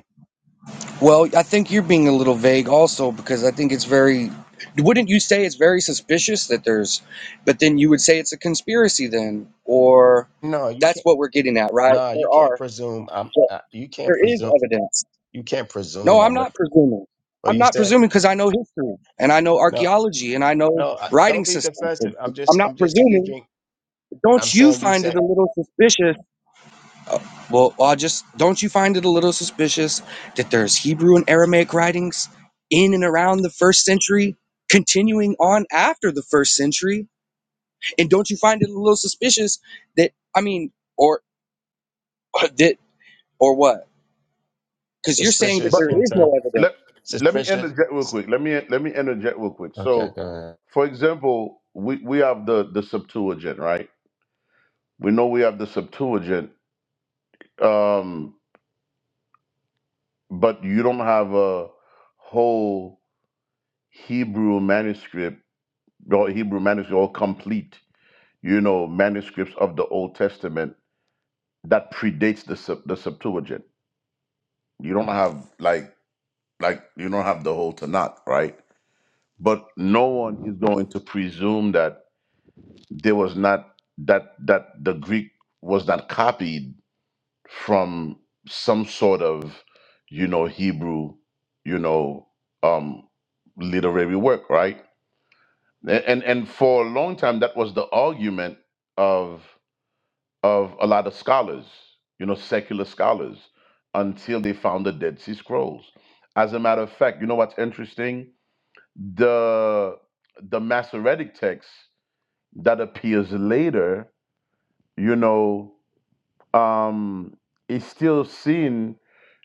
Speaker 7: Well, I think you're being a little vague also because I think it's very wouldn't you say it's very suspicious that there's but then you would say it's a conspiracy then or
Speaker 8: No, you can't.
Speaker 7: that's what we're getting at, right?
Speaker 8: Nah, you
Speaker 7: There
Speaker 8: can't
Speaker 7: are
Speaker 8: presume. I'm.
Speaker 7: yeah,
Speaker 8: Uh, you can't
Speaker 7: there is
Speaker 8: presume.
Speaker 7: evidence.
Speaker 8: You can't
Speaker 7: No,
Speaker 8: presume.
Speaker 7: I'm
Speaker 8: I'm. A,
Speaker 7: not presuming.
Speaker 8: well,
Speaker 7: I'm
Speaker 8: you
Speaker 7: not
Speaker 8: said
Speaker 7: presuming because I know history and I know
Speaker 8: no.
Speaker 7: archaeology and I know
Speaker 8: No, I, don't
Speaker 7: writing
Speaker 8: be
Speaker 7: systems.
Speaker 8: defensive. I'm just.
Speaker 7: I'm not
Speaker 8: I'm just
Speaker 7: presuming.
Speaker 8: speaking. I'm
Speaker 7: Don't you
Speaker 8: saying you
Speaker 7: find it
Speaker 8: said
Speaker 7: a little suspicious uh, well, well, I just don't you find it a little suspicious that there's Hebrew and Aramaic writings in and around the first century, continuing on after the first century? And don't you find it a little suspicious that I mean, or (laughs) or that or what? Because you're saying that
Speaker 8: suspicious
Speaker 3: But
Speaker 7: there
Speaker 8: in
Speaker 7: is
Speaker 8: term
Speaker 7: no
Speaker 3: let
Speaker 7: evidence.
Speaker 3: let me
Speaker 8: suspicious.
Speaker 3: interject real quick. Let me let me interject real quick.
Speaker 8: Okay,
Speaker 3: So,
Speaker 8: go ahead.
Speaker 3: for example, we we have the the Septuagint, right? We know we have the Septuagint, um, but you don't have a whole Hebrew manuscript or Hebrew manuscript or complete you know, manuscripts of the Old Testament that predates the Sep- the Septuagint. You don't have like like you don't have the whole Tanakh, right? But no one is going to presume that there was not that that the Greek was not copied from some sort of you know Hebrew, you know, um literary work, right? A- And and for a long time that was the argument of. of a lot of scholars, you know, secular scholars, until they found the Dead Sea Scrolls. As a matter of fact, you know what's interesting? The the Masoretic text that appears later, you know, um, is still seen,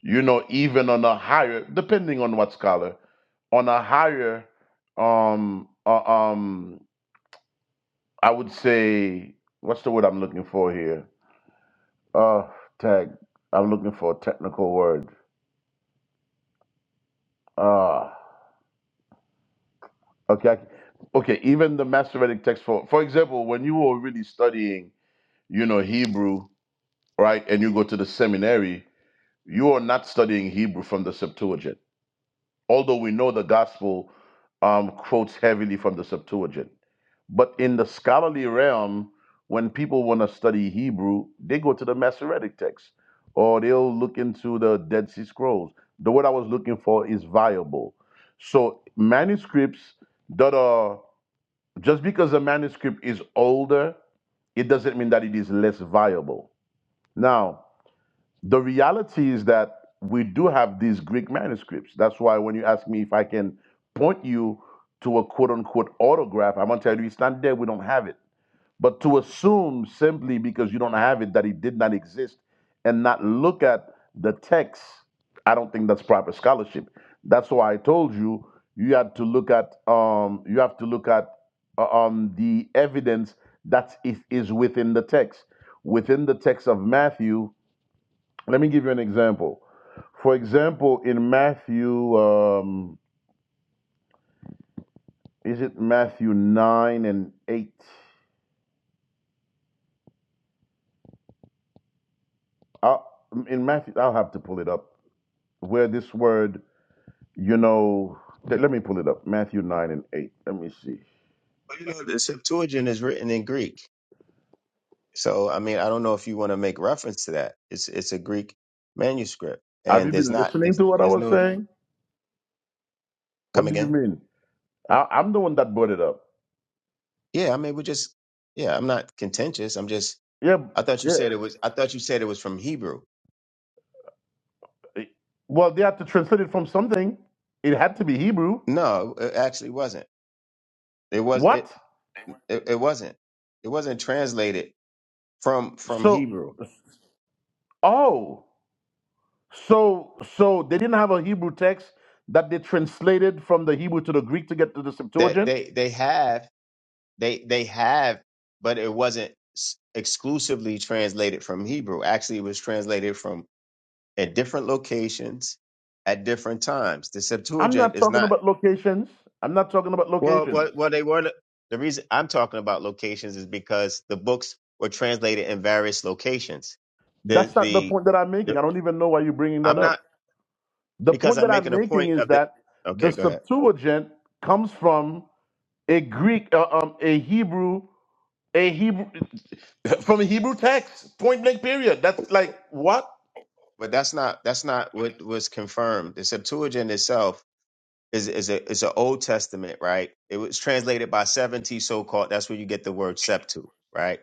Speaker 3: you know, even on a higher, depending on what scholar, on a higher, um, uh, um, I would say, what's the word I'm looking for here? Uh, tag. I'm looking for a technical word. Ah, okay. I- Okay, even the Masoretic text for for example, when you were really studying, you know, Hebrew, right, and you go to the seminary, you are not studying Hebrew from the Septuagint. although we know the gospel um, quotes heavily from the Septuagint. But in the scholarly realm, when people want to study Hebrew, they go to the Masoretic text or they'll look into the Dead Sea Scrolls. The word I was looking for is viable. So, manuscripts that are just because a manuscript is older, it doesn't mean that it is less viable. Now, the reality is that we do have these Greek manuscripts. That's why when you ask me if I can point you to a quote unquote autograph, I'm going to tell you it's not there. We don't have it. But to assume simply because you don't have it that it did not exist and not look at the text, I don't think that's proper scholarship. That's why I told you you had to look at um, you have to look at uh, um, the evidence that is, is within the text. Within the text of Matthew, let me give you an example. For example, in Matthew, um, is it Matthew 9 and 8? I'll, in Matthew, I'll have to pull it up where this word, you know, let let me pull it up. Matthew 9 and 8. Let me see.
Speaker 8: Well, you know the Septuagint is written in Greek, so I mean I don't know if you want to make reference to that. It's it's a Greek manuscript,
Speaker 3: Have
Speaker 8: and
Speaker 3: you
Speaker 8: there's
Speaker 3: been
Speaker 8: not
Speaker 3: listening
Speaker 8: there's,
Speaker 3: to what I
Speaker 8: there's
Speaker 3: was
Speaker 8: no
Speaker 3: saying?
Speaker 8: come
Speaker 3: What do you
Speaker 8: again.
Speaker 3: mean? I, I'm the one that brought it up.
Speaker 8: Yeah, I mean we just yeah. I'm not contentious. I'm just.
Speaker 3: Yeah,
Speaker 8: I thought you
Speaker 3: yeah.
Speaker 8: said it was. I thought you said it was from Hebrew.
Speaker 3: Well, they had to translate it from something. It had to be Hebrew.
Speaker 8: No, it actually wasn't. It was
Speaker 3: What?
Speaker 8: it, it it wasn't. It wasn't translated from from
Speaker 3: So,
Speaker 8: Hebrew.
Speaker 3: oh. So, so they didn't have a Hebrew text that they translated from the Hebrew to the Greek to get to the
Speaker 8: That
Speaker 3: Septuagint.
Speaker 8: they, they they have they they have, but it wasn't s- exclusively translated from Hebrew. Actually, it was translated from at different locations at different times. The
Speaker 3: I'm
Speaker 8: Septuagint
Speaker 3: not
Speaker 8: is
Speaker 3: talking
Speaker 8: not
Speaker 3: about locations. I'm not talking about
Speaker 8: well.
Speaker 3: locations.
Speaker 8: What well, they were not- the reason I'm talking about locations is because the books were translated in various locations. The
Speaker 3: That's not the
Speaker 8: the,
Speaker 3: point that I'm making.
Speaker 8: the
Speaker 3: I don't even know why you're bringing that
Speaker 8: I'm not.
Speaker 3: up. The
Speaker 8: because
Speaker 3: point
Speaker 8: I'm
Speaker 3: that I'm
Speaker 8: making a
Speaker 3: making
Speaker 8: point
Speaker 3: is
Speaker 8: of the.
Speaker 3: that the
Speaker 8: Okay, go ahead.
Speaker 3: Septuagint comes from a Greek, uh, um, a Hebrew, a Hebrew, from a Hebrew text. Point blank. Period. That's like what?
Speaker 8: But that's not that's not what was confirmed. The Septuagint itself is is a is an Old Testament, right? It was translated by seventy so called. That's where you get the word septu, right?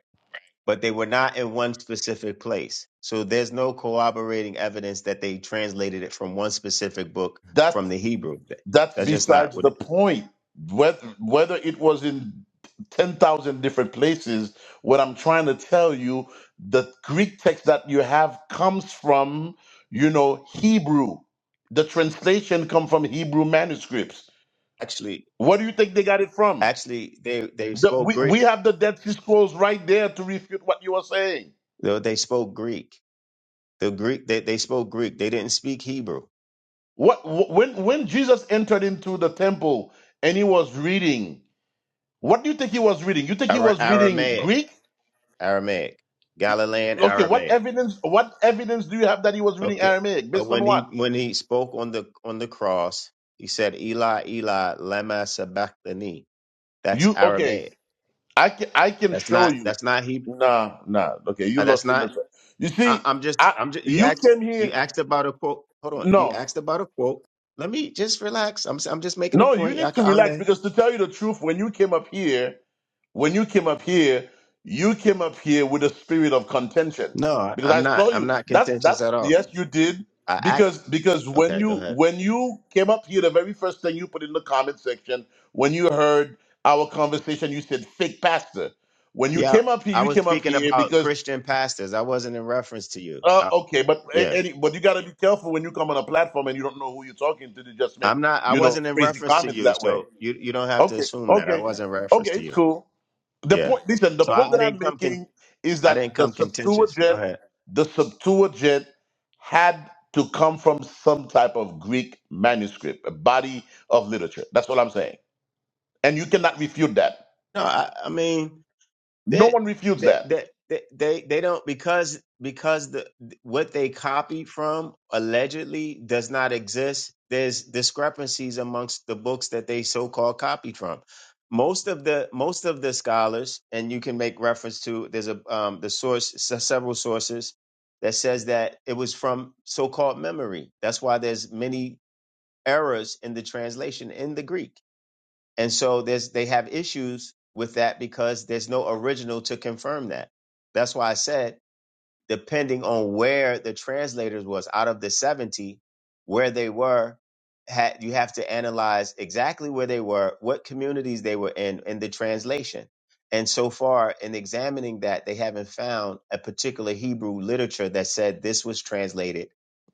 Speaker 8: But they were not in one specific place, so there's no corroborating evidence that they translated it from one specific book
Speaker 3: that.
Speaker 8: from the Hebrew.
Speaker 3: That's
Speaker 8: That's just not
Speaker 3: besides
Speaker 8: what.
Speaker 3: the
Speaker 8: It,
Speaker 3: point. Whether, whether it was in 10,000 different places, what I'm trying to tell you, the Greek text that you have comes from, you know, Hebrew. The translation come from Hebrew manuscripts.
Speaker 8: actually,
Speaker 3: What do you think they got it from?
Speaker 8: actually, they they
Speaker 3: The,
Speaker 8: spoke
Speaker 3: we,
Speaker 8: Greek.
Speaker 3: we have the Dead Sea Scrolls right there to refute what you are saying.
Speaker 8: They they spoke Greek. The Greek they, they spoke Greek. They didn't speak Hebrew
Speaker 3: What wh- when when Jesus entered into the temple and he was reading, what do you think he was reading? You think he
Speaker 8: Ara-
Speaker 3: was reading
Speaker 8: Aramaic,
Speaker 3: Greek?
Speaker 8: Aramaic, Galilean
Speaker 3: Okay, what
Speaker 8: Aramaic.
Speaker 3: evidence? What evidence do you have that he was reading
Speaker 8: Okay.
Speaker 3: Aramaic?
Speaker 8: Uh,
Speaker 3: Based on
Speaker 8: When he
Speaker 3: what?
Speaker 8: when he spoke on the on the cross, he said, "Eli, Eli, lama sabachthani." That's
Speaker 3: You okay?
Speaker 8: Aramaic.
Speaker 3: I can I can
Speaker 8: That's
Speaker 3: show
Speaker 8: not
Speaker 3: you.
Speaker 8: that's not he.
Speaker 3: Nah, nah. Okay, you
Speaker 8: uh, That's
Speaker 3: lost in the.
Speaker 8: not.
Speaker 3: You
Speaker 8: I,
Speaker 3: see,
Speaker 8: I'm just
Speaker 3: I
Speaker 8: I'm just. You
Speaker 3: you
Speaker 8: asked
Speaker 3: came
Speaker 8: you
Speaker 3: here.
Speaker 8: asked about a quote. Hold on. You
Speaker 3: No,
Speaker 8: asked about a quote. Let me just relax. I'm s- I'm just making a
Speaker 3: no. You
Speaker 8: point. I,
Speaker 3: need to
Speaker 8: will
Speaker 3: relax
Speaker 8: let.
Speaker 3: because to tell you the truth, when you came up here, When you came up here, you came up here with a spirit of contention
Speaker 8: No, I-
Speaker 3: because I
Speaker 8: I'm not.
Speaker 3: saw
Speaker 8: I'm
Speaker 3: you.
Speaker 8: not
Speaker 3: That's
Speaker 8: contentious
Speaker 3: that's
Speaker 8: at all.
Speaker 3: yes, you did
Speaker 8: I act.
Speaker 3: because because when
Speaker 8: Okay, go
Speaker 3: you
Speaker 8: ahead.
Speaker 3: when you came up here, the very first thing you put in the comment section when you heard our conversation, you said fake pastor. When you
Speaker 8: Yeah,
Speaker 3: came up here,
Speaker 8: I
Speaker 3: you
Speaker 8: was
Speaker 3: came up
Speaker 8: speaking
Speaker 3: here
Speaker 8: about
Speaker 3: because.
Speaker 8: Christian pastors. I wasn't in reference to you.
Speaker 3: Uh,
Speaker 8: Uh,
Speaker 3: okay, but
Speaker 8: yeah,
Speaker 3: a- any, but you gotta be careful when you come on a platform and you don't know who you're talking to. to just make
Speaker 8: I'm not. I
Speaker 3: you know
Speaker 8: wasn't in
Speaker 3: crazy
Speaker 8: reference to
Speaker 3: comments
Speaker 8: you,
Speaker 3: that way.
Speaker 8: so you you don't have to
Speaker 3: Okay,
Speaker 8: assume that I
Speaker 3: okay,
Speaker 8: wasn't in
Speaker 3: okay.
Speaker 8: reference to
Speaker 3: It's
Speaker 8: you.
Speaker 3: cool. The
Speaker 8: Yeah,
Speaker 3: point, listen, the
Speaker 8: so
Speaker 3: point
Speaker 8: I, I
Speaker 3: that I'm
Speaker 8: didn't come con-
Speaker 3: making is
Speaker 8: I didn't
Speaker 3: that the
Speaker 8: come contentious. Go
Speaker 3: Septuagint,
Speaker 8: ahead.
Speaker 3: the Septuagint had to come from some type of Greek manuscript, a body of literature. That's all I'm saying. And you cannot refute that.
Speaker 8: No, I, I mean.
Speaker 3: No
Speaker 8: that
Speaker 3: one refutes
Speaker 8: that
Speaker 3: that.
Speaker 8: that that- they they don't because because the what they copied from allegedly does not exist there's discrepancies amongst the books that they so-called copied from most of the most of the scholars and you can make reference to there's a um the source se- several sources that says that it was from so-called memory that's why there's many errors in the translation in the greek and so there's they have issues with that because there's no original to confirm that. That's why I said depending on where the translators was out of the 70 where they were had you have to analyze exactly where they were, what communities they were in in the translation. And so far in examining that they haven't found a particular Hebrew literature that said this was translated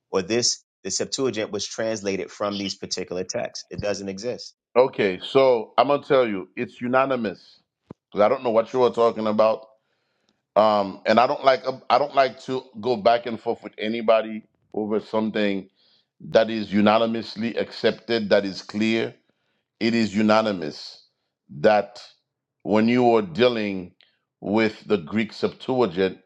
Speaker 8: or this the Septuagint was translated from these particular texts. It doesn't exist.
Speaker 3: Okay, so I'm gonna tell you, it's unanimous because I don't know what you were talking about, um, and I don't like I don't like to go back and forth with anybody over something that is unanimously accepted, that is clear. it is unanimous that when you are dealing with the Greek Septuagint,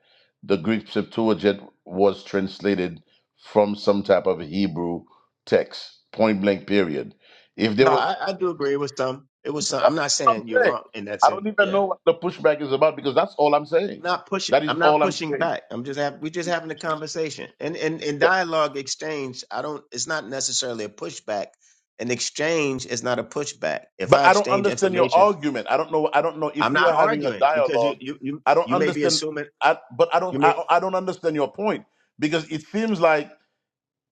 Speaker 3: the Greek Septuagint was translated from some type of Hebrew text, point blank, period. If there
Speaker 8: No,
Speaker 3: was,
Speaker 8: I, I do agree with some. It was
Speaker 3: so
Speaker 8: some.
Speaker 3: that-
Speaker 8: I'm not
Speaker 3: that's what I'm
Speaker 8: saying you're
Speaker 3: saying.
Speaker 8: wrong in that
Speaker 3: I
Speaker 8: sense.
Speaker 3: don't even
Speaker 8: Yeah.
Speaker 3: know what the pushback is about because that's all I'm saying.
Speaker 8: Not pushing.
Speaker 3: That is
Speaker 8: I'm not
Speaker 3: all I'm
Speaker 8: pushing
Speaker 3: saying.
Speaker 8: back. I'm just having. We're just having a conversation and and in dialogue exchange. I don't. It's not necessarily a pushback. An exchange is not a pushback. If
Speaker 3: But
Speaker 8: I
Speaker 3: I don't
Speaker 8: exchange
Speaker 3: understand your
Speaker 8: information,
Speaker 3: argument. I don't know. I don't know
Speaker 8: I'm
Speaker 3: if we
Speaker 8: not
Speaker 3: were having a
Speaker 8: arguing because you
Speaker 3: dialogue.
Speaker 8: you you
Speaker 3: I don't
Speaker 8: you may be
Speaker 3: understand.
Speaker 8: assuming
Speaker 3: I, but I
Speaker 8: you
Speaker 3: don't.
Speaker 8: may
Speaker 3: I, I don't understand your point because it seems like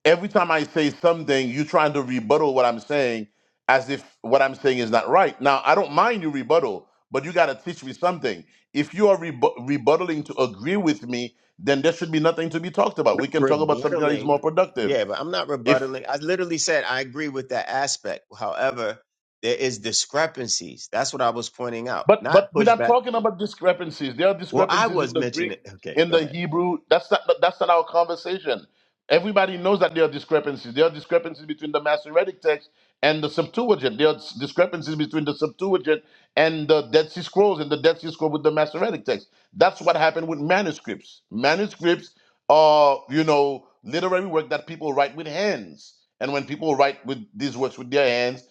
Speaker 3: every time I say something, you're trying to rebuttal what I'm saying as if what I'm saying is not right. Now I don't mind you rebuttal, but you got to teach me something. If you are rebu- rebuttaling to agree with me, then there should be nothing to be talked about. We can talk about something that is
Speaker 8: rebuttaling.
Speaker 3: more productive.
Speaker 8: Yeah, but I'm not
Speaker 3: If
Speaker 8: rebuttaling. I literally said I agree with that aspect. However, there is discrepancies. That's what I was pointing out.
Speaker 3: But
Speaker 8: Not
Speaker 3: but we're not
Speaker 8: pushback
Speaker 3: talking about discrepancies. There are
Speaker 8: Well, I
Speaker 3: discrepancies in
Speaker 8: was
Speaker 3: the Greek,
Speaker 8: mentioning. Okay,
Speaker 3: in
Speaker 8: go
Speaker 3: the
Speaker 8: ahead.
Speaker 3: Hebrew. That's not that's not our conversation. Everybody knows that there are discrepancies. There are discrepancies between the Masoretic text and the Septuagint. There are s- discrepancies between the Septuagint and the Dead Sea Scrolls and the Dead Sea Scroll with the Masoretic text. That's what happened with manuscripts. Manuscripts are you know literary work that people write with hands. And when people write with these works with their hands,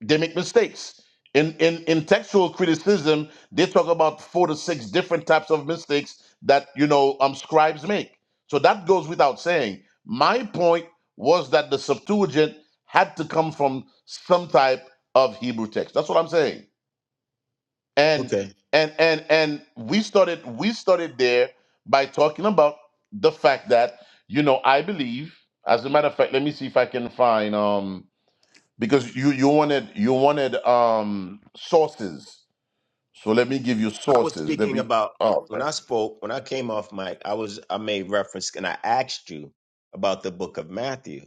Speaker 3: they make mistakes. In, in in textual criticism, they talk about four to six different types of mistakes that you know um scribes make. So that goes without saying. My point was that the Septuagint had to come from some type of Hebrew text. That's what I'm saying. And
Speaker 8: Okay.
Speaker 3: and and and we started we started there by talking about the fact that you know I believe. As a matter of fact, let me see if I can find um because you you wanted you wanted um sources so let me give you
Speaker 8: I was
Speaker 3: sources let
Speaker 8: speaking
Speaker 3: me
Speaker 8: about
Speaker 3: oh
Speaker 8: when
Speaker 3: man.
Speaker 8: I spoke, when I came off mic, I was I made reference and I asked you about the book of Matthew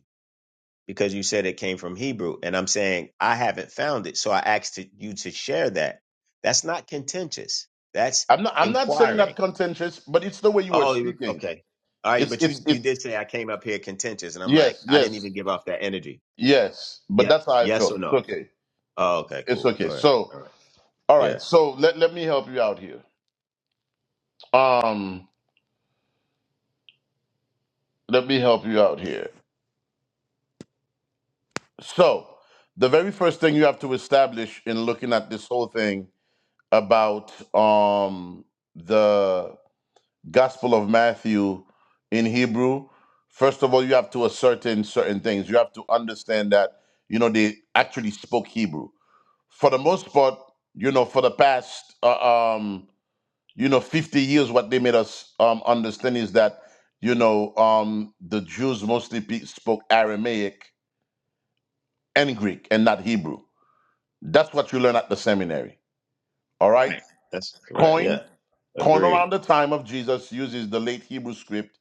Speaker 8: because you said it came from Hebrew and I'm saying I haven't found it. So I asked you to share that. That's not contentious. That's
Speaker 3: i'm not i'm not saying
Speaker 8: inquiring.
Speaker 3: that contentious but it's the way you were
Speaker 8: Oh, you-
Speaker 3: speaking
Speaker 8: okay. All right,
Speaker 3: it's
Speaker 8: but you
Speaker 3: it's
Speaker 8: you
Speaker 3: it's
Speaker 8: did say I came up here contentious and I'm like
Speaker 3: yes
Speaker 8: I didn't
Speaker 3: yes
Speaker 8: even give off that energy.
Speaker 3: yes but
Speaker 8: Yeah.
Speaker 3: that's how i
Speaker 8: Yes
Speaker 3: felt
Speaker 8: or
Speaker 3: it's
Speaker 8: no?
Speaker 3: okay
Speaker 8: Oh, okay,
Speaker 3: it's
Speaker 8: cool. Go
Speaker 3: okay
Speaker 8: ahead.
Speaker 3: so
Speaker 8: All right.
Speaker 3: all
Speaker 8: Yeah.
Speaker 3: right so let, let me help you out here um let me help you out here so the very first thing you have to establish in looking at this whole thing about um the Gospel of Matthew in Hebrew, first of all, you have to ascertain certain things. You have to understand that, you know, they actually spoke Hebrew. For the most part, you know, for the past, uh, um, you know, 50 years, what they made us um, understand is that, you know, um, the Jews mostly pe- spoke Aramaic and Greek and not Hebrew. That's what you learn at the seminary. All right?
Speaker 8: Right. That's right.
Speaker 3: Coin,
Speaker 8: Yeah.
Speaker 3: coin
Speaker 8: Agreed.
Speaker 3: around the time of Jesus uses the late Hebrew script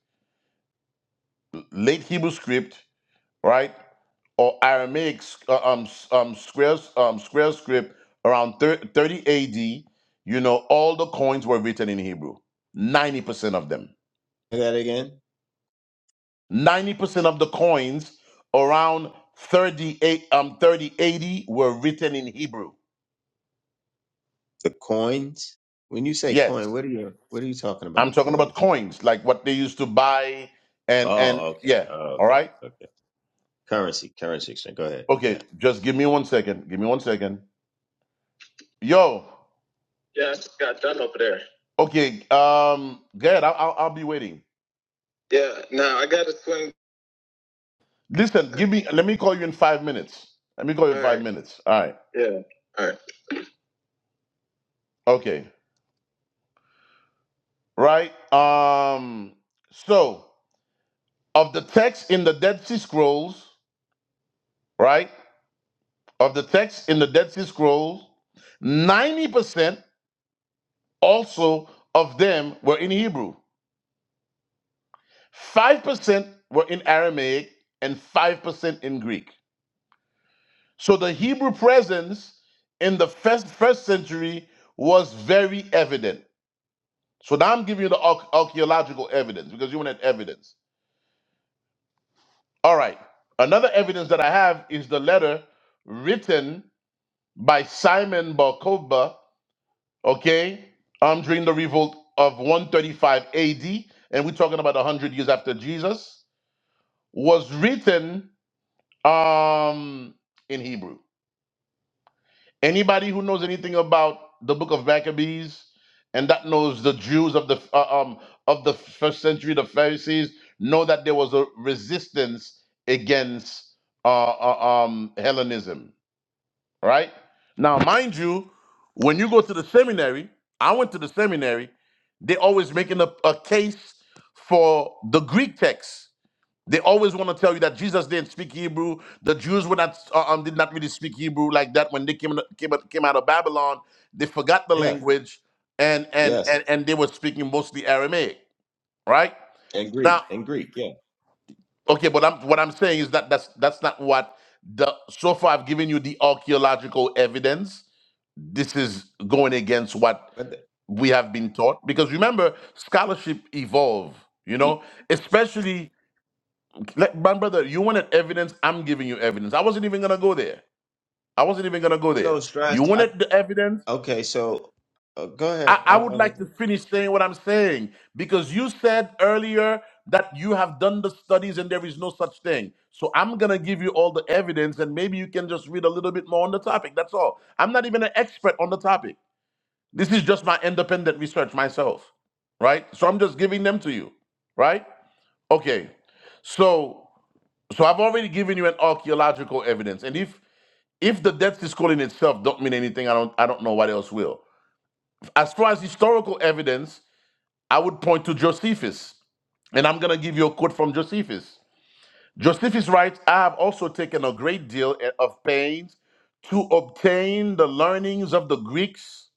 Speaker 3: late Hebrew script right? Or Aramaic uh, um, s- um, square, um, square script around thir- 30 AD, you know, all the coins were written in Hebrew. 90% of them.
Speaker 8: Say that again.
Speaker 3: 90% of the coins around 38, um, 30 AD were written in Hebrew.
Speaker 8: The coins. When you say coin,
Speaker 3: Yes.
Speaker 8: what are you what are you talking
Speaker 3: I'm
Speaker 8: about?
Speaker 3: talking about
Speaker 8: Coins.
Speaker 3: coins, like what they used to buy and, and
Speaker 8: Oh, okay.
Speaker 3: yeah.
Speaker 8: Oh,
Speaker 3: All
Speaker 8: okay.
Speaker 3: right.
Speaker 8: Okay. Currency. Currency exchange. Go ahead. Yeah.
Speaker 3: Okay. Just give me one second. Give me one second. Yo. Yeah, I just got done over there. Okay, um, good. I'll, I'll, I'll be waiting. Yeah, now I gotta swing. Listen, give me. Let me call you in five minutes. Let me call you in All five right. minutes. All right. Yeah. All right. Okay. Right. Um. So of the text in the Dead Sea Scrolls, right? Of the text in the Dead Sea Scrolls, ninety percent also of them were in Hebrew. Five percent were in Aramaic, and five percent in Greek. So the Hebrew presence in the first, first century was very evident. So now I'm giving you the arch- archaeological evidence because you wanted evidence. All right. Another evidence that I have is the letter written by Simon Bar Kokhba, okay, um, during the revolt of 135 AD, and we're talking about 100 years after Jesus, was written um, in Hebrew. Anybody who knows anything about the book of Maccabees and that knows the Jews of the uh, um of the first century, the Pharisees, know that there was a resistance against uh, uh, um Hellenism, right? Now, mind you, when you go to the seminary, I went to the seminary, they always making a, a case for the Greek text they always want to tell you that Jesus didn't speak Hebrew. The Jews were not uh, um, did not really speak Hebrew like that when they came came out- came out of Babylon. They forgot the
Speaker 8: Yeah.
Speaker 3: language, and and
Speaker 8: Yes.
Speaker 3: and and they were speaking mostly Aramaic, right?
Speaker 8: And Greek.
Speaker 3: Now,
Speaker 8: And Greek. Yeah.
Speaker 3: okay, but I'm what I'm saying is that that's that's not what the so far I've given you the archaeological evidence. This is going against what
Speaker 8: But the,
Speaker 3: we have been taught because remember scholarship evolve. You
Speaker 8: e-
Speaker 3: know, especially Like, my brother, you wanted evidence. I'm giving you evidence. I wasn't even gonna go there. I wasn't even gonna go there.
Speaker 8: no
Speaker 3: You
Speaker 8: stress. I,
Speaker 3: wanted the evidence.
Speaker 8: okay. So uh, go
Speaker 3: I,
Speaker 8: ahead. I,
Speaker 3: I would
Speaker 8: I,
Speaker 3: like to finish saying what I'm saying because you said earlier that you have done the studies and there is no such thing. So I'm gonna give you all the evidence and maybe you can just read a little bit more on the topic. That's all. I'm not even an expert on the topic. This is just my independent research myself, right? So I'm just giving them to you, right? Okay. So So I've already given you an archaeological evidence, and if if the death is calling itself don't mean anything, I don't I don't know what else will. As far as historical evidence, I would point to Josephus, and I'm gonna give you a quote from Josephus. Josephus writes, "I have also taken a great deal of pains to obtain the learnings of the Greeks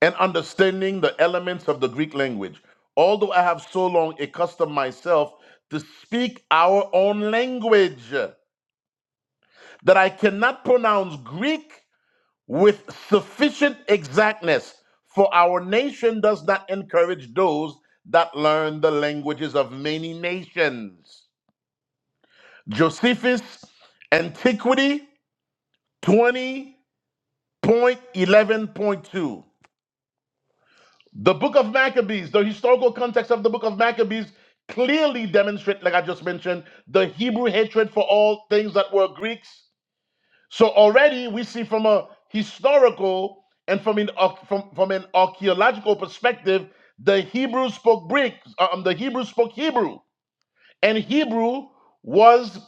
Speaker 3: and understanding the elements of the Greek language, although I have so long accustomed myself to speak our own language." that I cannot pronounce Greek with sufficient exactness, for our nation does not encourage those that learn the languages of many nations. Josephus, Antiquity 20.11.2. The book of Maccabees, the historical context of the book of Maccabees clearly demonstrate, like I just mentioned, the Hebrew hatred for all things that were Greeks So already we see from a historical and from an from, from an archaeological perspective, the Hebrew spoke Greek. uh, Um, the Hebrew spoke Hebrew, and Hebrew was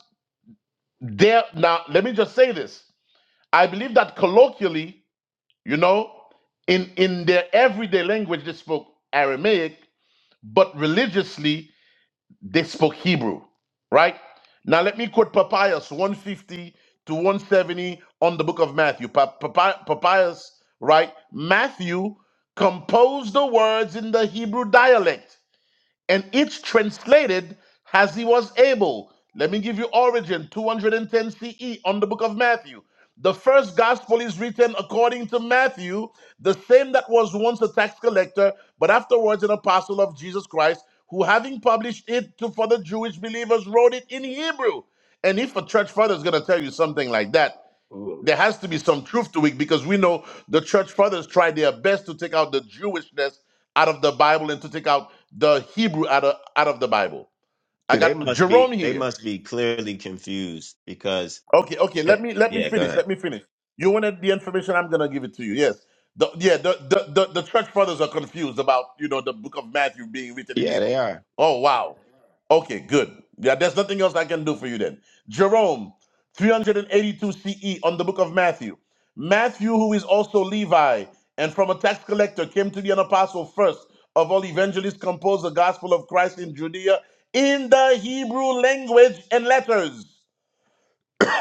Speaker 3: there. Now let me just say this: I believe that colloquially, you know, in in their everyday language, they spoke Aramaic, but religiously they spoke Hebrew, right? Now let me quote Papias 150 to 170 on the book of Matthew. Pa- Papi- Papias, right? Matthew composed the words in the Hebrew dialect and each translated as he was able. Let me give you origin 210 CE on the book of Matthew. The first gospel is written according to Matthew, the same that was once a tax collector, but afterwards an apostle of Jesus Christ, who having published it to, for the Jewish believers, wrote it in Hebrew. And if a church father is going to tell you something like that,
Speaker 8: Ooh.
Speaker 3: there has to be some truth to it because we know the church fathers tried their best to take out the Jewishness out of the Bible and to take out the Hebrew out of, out of the Bible. I
Speaker 8: See, they
Speaker 3: got
Speaker 8: must
Speaker 3: Jerome
Speaker 8: be they
Speaker 3: here.
Speaker 8: must be clearly confused because
Speaker 3: Okay, okay. Let
Speaker 8: they,
Speaker 3: me let me
Speaker 8: yeah. Go
Speaker 3: finish.
Speaker 8: ahead.
Speaker 3: Let me finish. You wanted the information. I'm gonna give it to you. Yes. The, yeah. The, the the the church fathers are confused about you know the book of Matthew being written in
Speaker 8: Yeah, they
Speaker 3: Hebrew.
Speaker 8: are.
Speaker 3: Oh wow. Okay, good. Yeah, there's nothing else I can do for you then. Jerome, 382 CE on the book of Matthew. Matthew, who is also Levi and from a tax collector, came to be an apostle first of all evangelists, composed the gospel of Christ in Judea in the Hebrew language and letters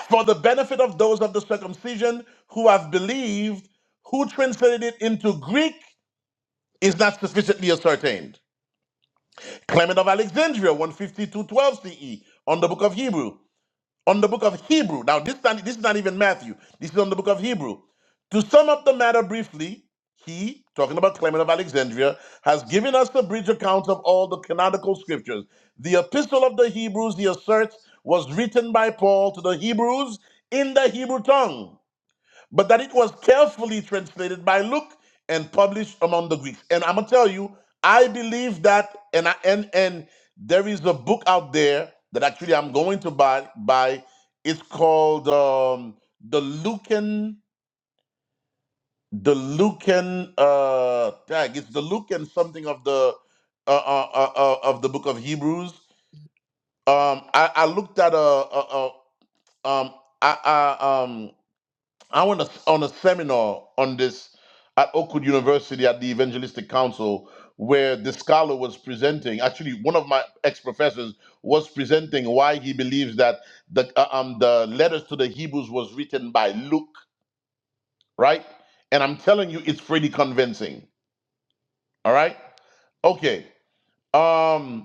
Speaker 3: for the benefit of those of the circumcision who have believed, who translated it into Greek is not sufficiently ascertained. Clement of Alexandria, one fifty two twelve CE, on the book of Hebrew. On the book of Hebrew. Now, this, time, this is not even Matthew. This is on the book of Hebrew. To sum up the matter briefly, he, talking about Clement of Alexandria, has given us a bridge account of all the canonical scriptures. The epistle of the Hebrews, he asserts, was written by Paul to the Hebrews in the Hebrew tongue but that it was carefully translated by Luke and published among the Greeks. And I'm gonna tell you, I believe that, and I, and and there is a book out there that actually I'm going to buy. Buy. It's called um, the Lucan, the Lucan uh, tag. It's the Lucan something of the uh, uh, uh, uh, of the book of Hebrews. Um, I, I looked at a, a, a um, I, I um I went a- on a seminar on this at Oakwood University at the Evangelistic Council, where the scholar was presenting. Actually, one of my ex professors was presenting why he believes that the uh, um the letters to the Hebrews was written by Luke, right? And I'm telling you, it's pretty convincing. All right, okay. Um,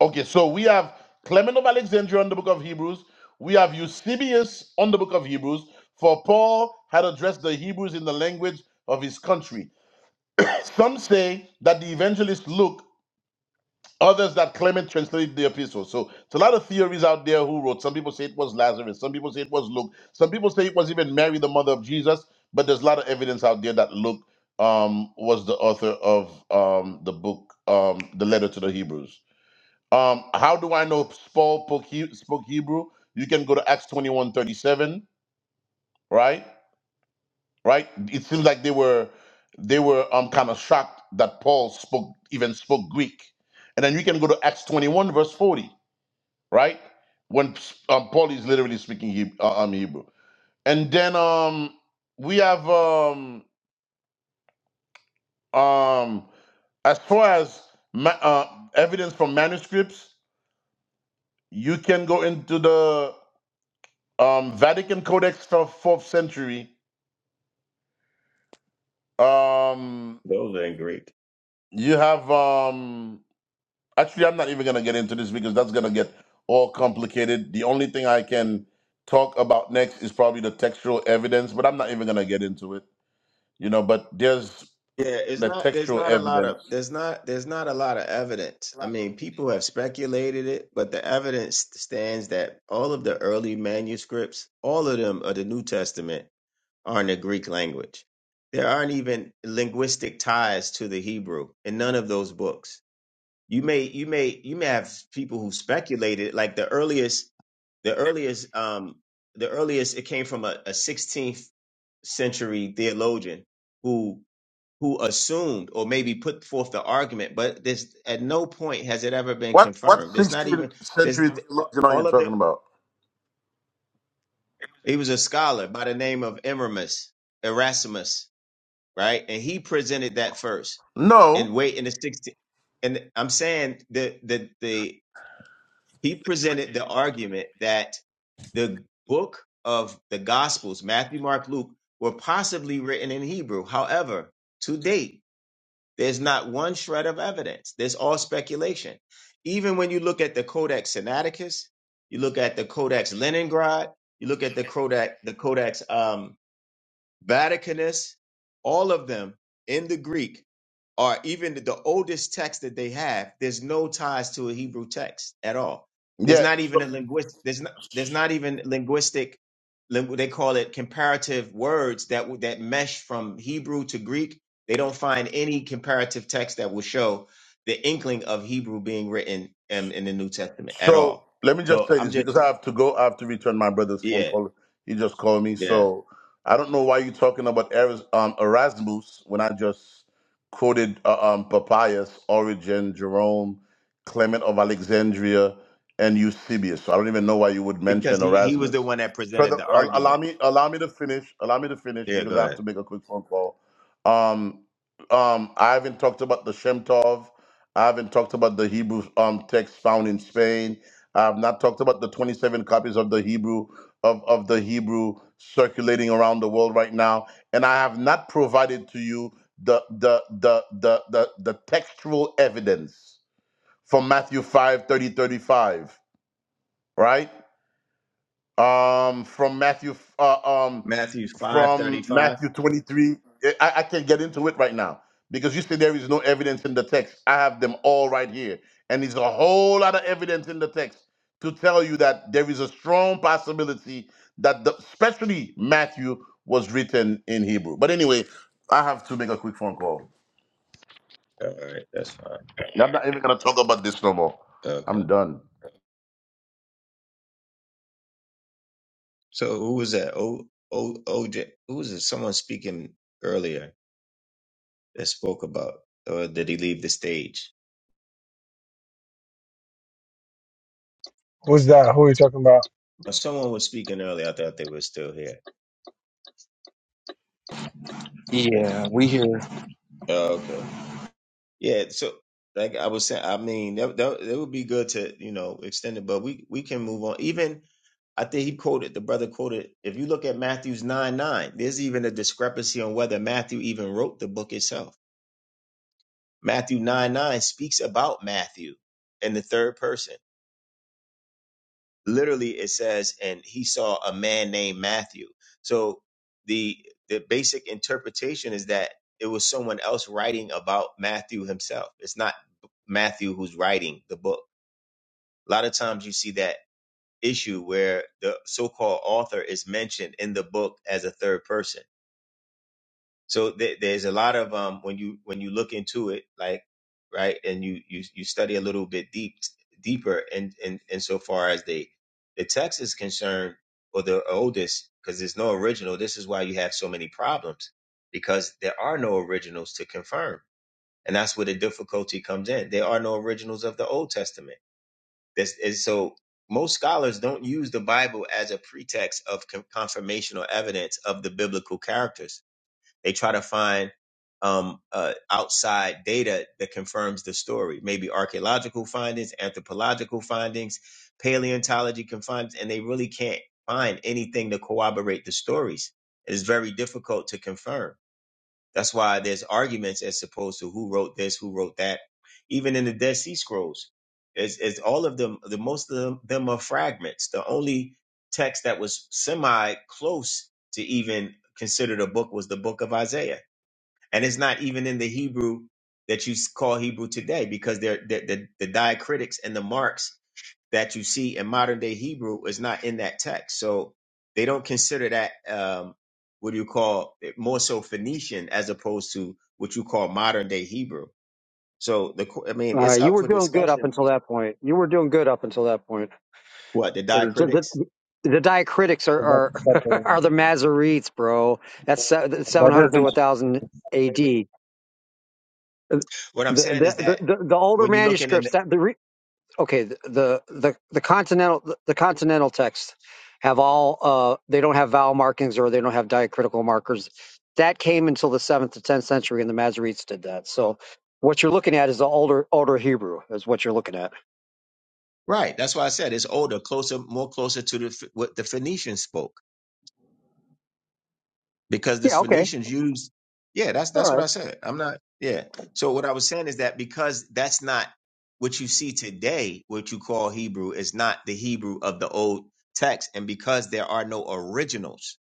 Speaker 3: Okay, so we have Clement of Alexandria on the book of Hebrews. We have Eusebius on the book of Hebrews, for Paul had addressed the Hebrews in the language of his country. Some say that the evangelist Luke, others that Clement translated the epistle. So it's a lot of theories out there who wrote. Some people say it was Lazarus, some people say it was Luke, some people say it was even Mary, the mother of Jesus, but there's a lot of evidence out there that Luke um, was the author of um, the book, um, the letter to the Hebrews. Um, how do I know Paul spoke He- spoke Hebrew? You can go to Acts 21 37, right? Right? It seems like they were they were um kind of shocked that Paul spoke even spoke Greek. And then you can go to Acts 21, verse 40, right? When um, Paul is literally speaking Hebrew, uh, um, Hebrew. And then um we have um um as far as ma- uh, evidence from manuscripts, you can go into the Um, Vatican Codex for fourth century. Um,
Speaker 8: Those are in Greek.
Speaker 3: you have um. Actually, I'm not even gonna get into this because that's gonna get all complicated. The only thing I can talk about next is probably the textual evidence, but I'm not even gonna get into it. You know, but there's
Speaker 8: Yeah, it's
Speaker 3: the
Speaker 8: not there's
Speaker 3: textual
Speaker 8: not a lot of
Speaker 3: evidence.
Speaker 8: there's not there's not a lot of evidence. I mean, people have speculated it, but the evidence stands that all of the early manuscripts, all of them of the New Testament are in the Greek language. There aren't even linguistic ties to the Hebrew in none of those books. You may you may you may have people who speculated like the earliest the earliest um the earliest it came from a, a 16th century theologian who who assumed or maybe put forth the argument, but this at no point has it ever been
Speaker 3: What what
Speaker 8: confirmed. There's not
Speaker 3: 16th
Speaker 8: even there's
Speaker 3: century theologian are you
Speaker 8: all of the
Speaker 3: talking about?
Speaker 8: he was a scholar by the name of Emeramus, Erasmus, right? And he presented that first.
Speaker 3: No.
Speaker 8: And wait in the 16th and I'm saying the the the he presented the argument that the book of the gospels, Matthew, Mark, Luke, were possibly written in Hebrew. However, to date, There's not one shred of evidence. There's all speculation. Even when you look at the Codex Sinaiticus, you look at the Codex Leningrad, you look at the Codex, the Codex um, Vaticanus, all of them in the Greek are even the oldest text that they have. There's no ties to a Hebrew text at all. There's
Speaker 3: Yeah.
Speaker 8: not even
Speaker 3: so
Speaker 8: a linguist. There's not. There's not even linguistic. lin- They call it comparative words that would- that mesh from Hebrew to Greek. They don't find any comparative text that will show the inkling of Hebrew being written in, in the New Testament at
Speaker 3: So
Speaker 8: all.
Speaker 3: let me just
Speaker 8: So
Speaker 3: say
Speaker 8: I'm
Speaker 3: this because
Speaker 8: just
Speaker 3: I have to go. I have to return my brother's phone
Speaker 8: yeah
Speaker 3: call. He just called me.
Speaker 8: yeah
Speaker 3: So I don't know why you're talking about Eras- um, Erasmus when I just quoted uh, um, Papias, Origen, Jerome, Clement of Alexandria, and Eusebius. So I don't even know why you would
Speaker 8: because
Speaker 3: mention
Speaker 8: he he was the
Speaker 3: Erasmus.
Speaker 8: one that presented
Speaker 3: Further,
Speaker 8: the
Speaker 3: al- allow
Speaker 8: argument.
Speaker 3: me allow me to finish. Allow me to finish
Speaker 8: Yeah, go
Speaker 3: because I have
Speaker 8: ahead.
Speaker 3: to make a quick phone call. Um, um, I haven't talked about the Shemtov I haven't talked about the Hebrew um, text found in Spain. I have not talked about the 27 copies of the Hebrew of, of the Hebrew circulating around the world right now. And I have not provided to you the the the the the, the textual evidence from Matthew 5, thirty, 35, right? um from matthew uh, um
Speaker 8: Matthew five thirty
Speaker 3: from
Speaker 8: five.
Speaker 3: matthew 23 eh, I, I can't get into it right now because you say there is no evidence in the text i have them all right here and there's a whole lot of evidence in the text to tell you that there is a strong possibility that the, especially matthew was written in hebrew but anyway i have to make a quick phone call
Speaker 8: All right, that's fine.
Speaker 3: i'm not even gonna talk about this no more
Speaker 8: Okay.
Speaker 3: i'm done
Speaker 8: So who was that? O O OJ. Who was it? Someone speaking earlier that spoke about, or did he leave the stage?
Speaker 2: Who's that? Who are you talking about?
Speaker 8: Or someone was speaking earlier. I thought they were still here. Uh,
Speaker 7: Yeah, we.
Speaker 8: Oh, okay. Yeah. So like I was saying, I mean, that, that that would be good to you know extend it, but we we can move on. Even I think he quoted the brother quoted. If you look at Matthew's nine nine, there's even a discrepancy on whether Matthew even wrote the book itself Matthew 9 9 speaks about Matthew in the third person. Literally, it says, and he saw a man named Matthew. So the the basic interpretation is that it was someone else writing about Matthew himself. It's not Matthew who's writing the book. A lot of times you see that issue where the so-called author is mentioned in the book as a third person So there there's a lot of um when you when you look into it, like right, and you you you study a little bit deep deeper, and and and so far as the the text is concerned, or the oldest, because there's no original. This is why you have so many problems, because there are no originals to confirm, and that's where the difficulty comes in. There are no originals of the Old Testament. This is so. Most scholars don't use the Bible as a pretext of con- confirmation or evidence of the biblical characters they try to find um, uh, outside data that confirms the story, maybe archaeological findings, anthropological findings, paleontology can find, and they really can't find anything to corroborate the stories. It's very difficult to confirm. That's why there's arguments as opposed to who wrote this, who wrote that. Even in the Dead Sea Scrolls, it's, it's all of them. The most of them, them are fragments. The only text that was semi close to even considered a book was the Book of Isaiah and it's not even in the Hebrew that you s- call Hebrew today because they're, the the the diacritics and the marks that you see in modern day Hebrew is not in that text. So they don't consider that um, what do you call it, more so Phoenician as opposed to what you call modern day Hebrew. So the qu- I mean
Speaker 9: Uh,
Speaker 8: it's
Speaker 9: you
Speaker 8: up
Speaker 9: were
Speaker 8: for
Speaker 9: doing good up
Speaker 8: discussion.
Speaker 9: until that point. You were doing good up until that point.
Speaker 8: What the
Speaker 9: The,
Speaker 8: diacritics?
Speaker 9: the, the diacritics
Speaker 7: That,
Speaker 9: are are, (laughs)
Speaker 7: that
Speaker 9: are the Masoretes, bro. That's se-
Speaker 7: that
Speaker 9: 700 to
Speaker 7: doesn't.
Speaker 9: 1000 AD. The, the,
Speaker 8: What I'm saying is
Speaker 9: the,
Speaker 8: that
Speaker 9: the, the older
Speaker 8: when you look in
Speaker 9: manuscripts
Speaker 8: the
Speaker 9: that the re, okay the, the the the continental the continental texts have all uh they don't have vowel markings or they don't have diacritical markers. That came until the seventh to tenth century, and the Masoretes did that. So what you're looking at is the older older Hebrew is what you're looking at.
Speaker 8: right, that's why I said it's older, closer, more closer to the Ph- what the Phoenicians spoke. because the
Speaker 9: Yeah, okay.
Speaker 8: Phoenicians used yeah that's
Speaker 9: All
Speaker 8: that's what
Speaker 9: right.
Speaker 8: I said I'm not yeah so what I was saying is that because that's not what you see today what you call Hebrew is not the Hebrew of the old text and because there are no originals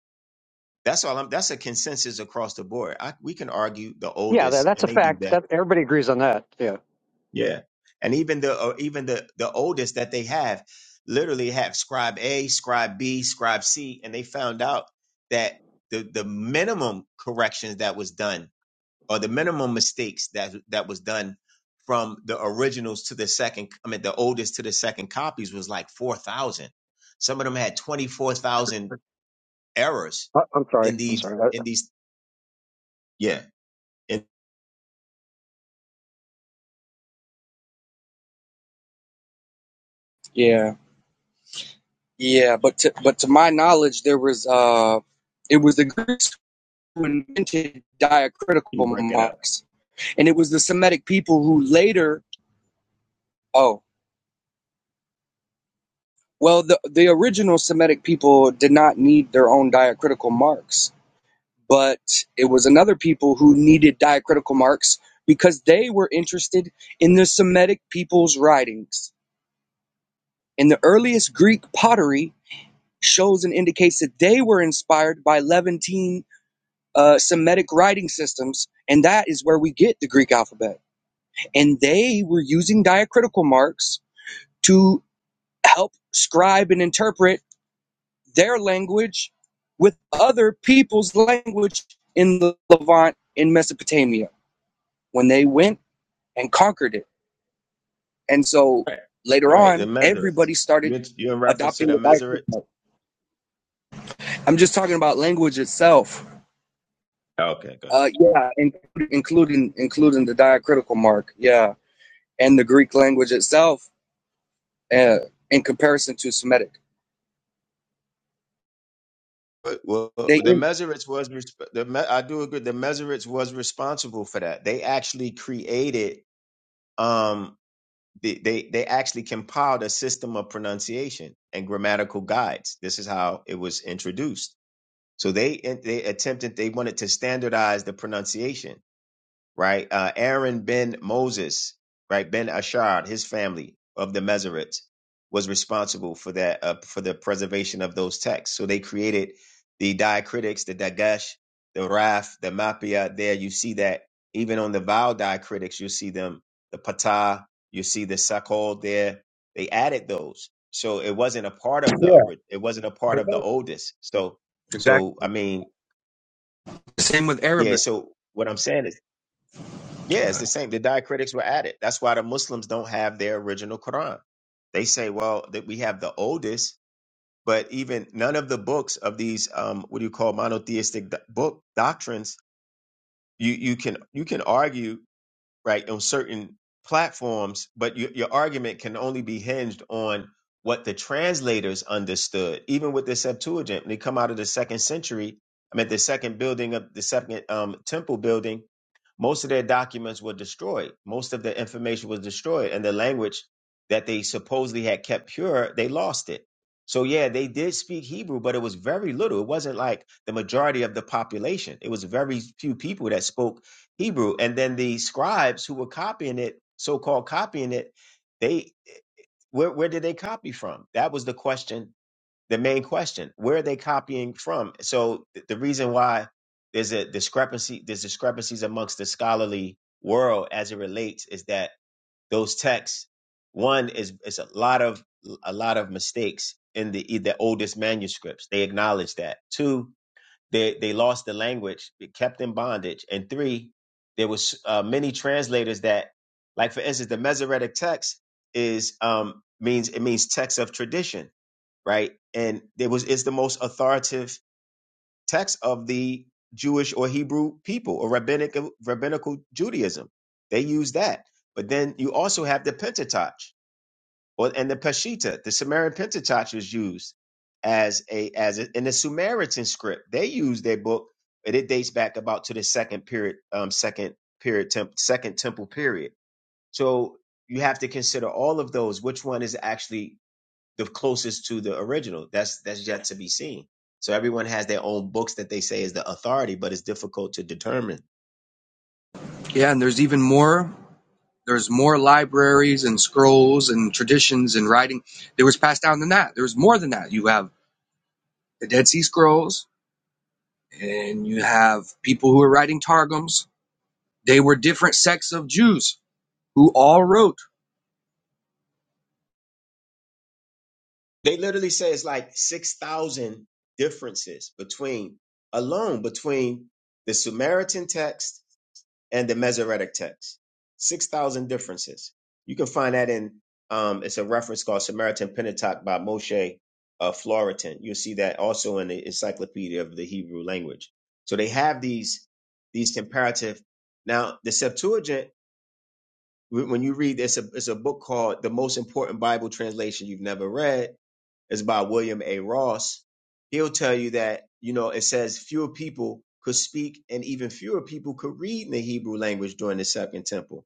Speaker 8: that's all I'm that's a consensus across the board I, we can argue the
Speaker 9: Yeah, that,
Speaker 8: oldest
Speaker 9: that's
Speaker 8: and
Speaker 9: a
Speaker 8: they do
Speaker 9: fact.
Speaker 8: that
Speaker 9: That everybody agrees on that. Yeah.
Speaker 8: yeah and even the or even the the oldest that they have literally have scribe A scribe B scribe C and they found out that the the minimum corrections that was done or the minimum mistakes that that was done from the originals to the second i mean the oldest to the second copies was like 4000 some of them had 24000 errors
Speaker 9: I, I'm sorry.
Speaker 8: in
Speaker 9: I'm
Speaker 8: these
Speaker 9: sorry. I,
Speaker 8: in these yeah and
Speaker 7: Yeah, yeah, but to, but to my knowledge, there was uh, it was the Greeks who invented
Speaker 8: you
Speaker 7: diacritical
Speaker 8: break it up
Speaker 7: marks and it was the Semitic people who later. Oh, well, the the original Semitic people did not need their own diacritical marks, but it was another people who needed diacritical marks because they were interested in the Semitic people's writings. And the earliest Greek pottery shows and indicates that they were inspired by Levantine uh, Semitic writing systems, and that is where we get the Greek alphabet. And they were using diacritical marks to help scribe and interpret their language with other people's language in the Levant in Mesopotamia when they went and conquered it. And so
Speaker 8: right
Speaker 7: later
Speaker 8: right the
Speaker 7: on,
Speaker 8: measurates
Speaker 7: everybody started
Speaker 8: you're, you're in reference to
Speaker 7: adopting
Speaker 8: the
Speaker 7: the
Speaker 8: measurates
Speaker 7: diacritic. I'm just talking about language itself.
Speaker 8: okay go ahead
Speaker 7: Uh, yeah, in, including including the diacritical mark. Yeah, and the Greek language itself uh, in comparison to Semitic.
Speaker 8: but, well,
Speaker 7: They
Speaker 8: the measurates was resp- the me- I do agree. The measurates was responsible for that. They actually created. Um, they, they they actually compiled a system of pronunciation and grammatical guides. This is how it was introduced. So they they attempted they wanted to standardize the pronunciation right? Uh, Aaron ben Moses, right? Ben Ashard, his family of the Mezerites was responsible for that, uh, for the preservation of those texts. So they created the diacritics, the Dagesh, the Raf, the Mapia. There you see that even on the vowel diacritics, you see them, the Patah, you see the Sakol there. They added those. So it wasn't a part of the, ori- it wasn't a part of the oldest. So,
Speaker 7: Exactly.
Speaker 8: so, I mean,
Speaker 7: same with
Speaker 8: yeah.
Speaker 7: Arabic.
Speaker 8: So what I'm saying is yeah, it's the same. The diacritics were added. That's why the Muslims don't have their original Quran. They say, well, that we have the oldest, but even none of the books of these um, what do you call monotheistic do- book doctrines. You you can you can argue right on certain platforms, but your your argument can only be hinged on what the translators understood. Even with the Septuagint, when they come out of the second century, I mean the second building of the second um, temple building most of their documents were destroyed. Most of their information was destroyed, and the language that they supposedly had kept pure, they lost it. So yeah, they did speak Hebrew, but it was very little. It wasn't like the majority of the population. It was very few people that spoke Hebrew, and then the scribes who were copying it, so-called copying it, they where where did they copy from? That was the question the main question where are they copying from so th- the reason why there's a discrepancy there's discrepancies amongst the scholarly world as it relates is that those texts one is is a lot of a lot of mistakes in the the oldest manuscripts they acknowledge that two they they lost the language it kept in bondage and three there was uh, many translators that like for instance the mesoretic text is um means it means text of tradition right? And it was it's the most authoritative text of the Jewish or Hebrew people or rabbinic rabbinical Judaism. They use that. But then you also have the Pentateuch or and the Peshitta. The Sumerian Pentateuch was used as a as a, in the Samaritan script. They use their book, but it dates back about to the second period, um, second period, temp, second temple period. So you have to consider all of those. Which one is actually the closest to the original. That's that's yet to be seen. So everyone has their own books that they say is the authority, but it's difficult to determine.
Speaker 7: Yeah, and there's even more. There's more libraries and scrolls and traditions and writing that was passed down than that. There's more than that. You have the Dead Sea Scrolls, and you have people who are writing targums. They were different sects of Jews who all wrote.
Speaker 8: They literally say it's like six thousand differences between alone between the Samaritan text and the Masoretic text. 6,000 differences. You can find that in, um, it's a reference called Samaritan Pentateuch by Moshe uh, Floritan. You'll see that also in the Encyclopedia of the Hebrew Language. So they have these, these comparative. Now, the Septuagint, when you read, it's a, it's a book called The Most Important Bible Translation You've Never Read is by William A. Ross. He'll tell you that, you know, it says fewer people could speak and even fewer people could read in the Hebrew language during the Second Temple.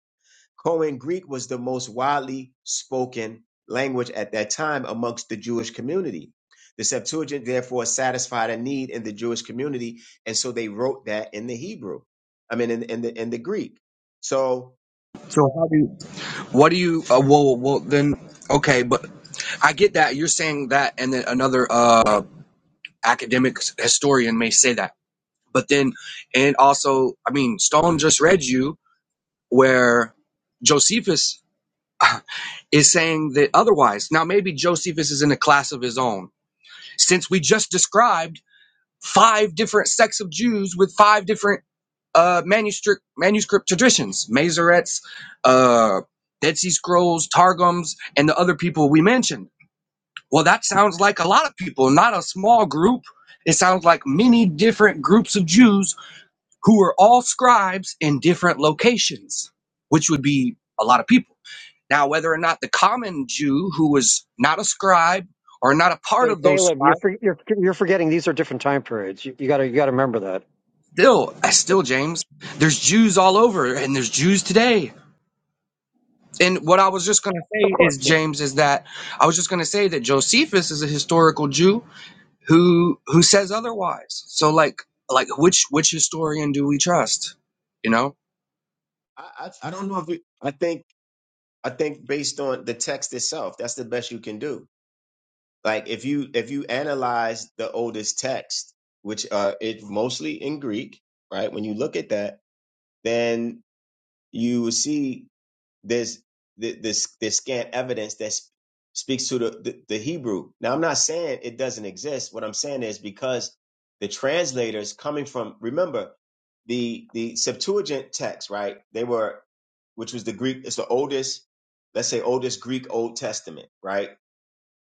Speaker 8: Koine Greek was the most widely spoken language at that time amongst the Jewish community. The Septuagint therefore satisfied a need in the Jewish community, and so they wrote that in the Hebrew. I mean, in, in the in the Greek. So
Speaker 7: So how do you? What do you? Uh, well, well well, then, okay, but I get that you're saying that, and then another uh, academic historian may say that. But then, and also, I mean, Stone just read you where Josephus. (laughs) is saying that otherwise. Now, maybe Josephus is in a class of his own, since we just described five different sects of Jews with five different uh, manuscript manuscript traditions: Masorets, uh, Dead Sea Scrolls, Targums, and the other people we mentioned. Well, that sounds like a lot of people, not a small group. It sounds like many different groups of Jews who were all scribes in different locations, which would be a lot of people. Now, whether or not the common Jew who was not a scribe or not a part
Speaker 9: hey,
Speaker 7: of those
Speaker 9: Caleb, you're
Speaker 7: scribes,
Speaker 9: for, you're you're forgetting these are different time periods. You, you gotta you gotta remember that.
Speaker 7: still, still, James, there's Jews all over and there's Jews today. And what I was just going to
Speaker 9: Of
Speaker 7: say
Speaker 9: course.
Speaker 7: is,
Speaker 9: yeah.
Speaker 7: James, is that I was just going to say that Josephus is a historical Jew who who says otherwise. So, like, like which which historian do we trust? You know.
Speaker 8: I, I, I don't know if it, I think I think based on the text itself, that's the best you can do. Like if you if you analyze the oldest text, which uh it mostly in Greek, right? When you look at that, then you will see there's th- this this scant evidence that s- speaks to the, the the Hebrew. Now I'm not saying it doesn't exist. What I'm saying is because the translators coming from remember the the Septuagint text, right? They were which was the Greek, it's the oldest, let's say oldest Greek Old Testament, right?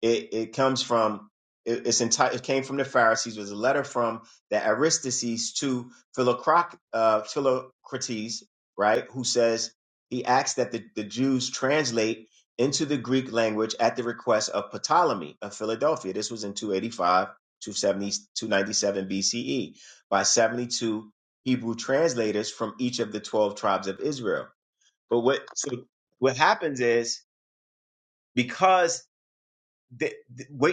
Speaker 8: it, it comes from it, it's enti- it came from the Pharisees. It was a letter from the Aristides to Philocroc, uh, Philocrates, right? Who says he asks that the, the Jews translate into the Greek language at the request of Ptolemy of Philadelphia. This was in 285, seventy, two ninety-seven BCE by 72 Hebrew translators from each of the 12 tribes of Israel. But what so what happens is because they,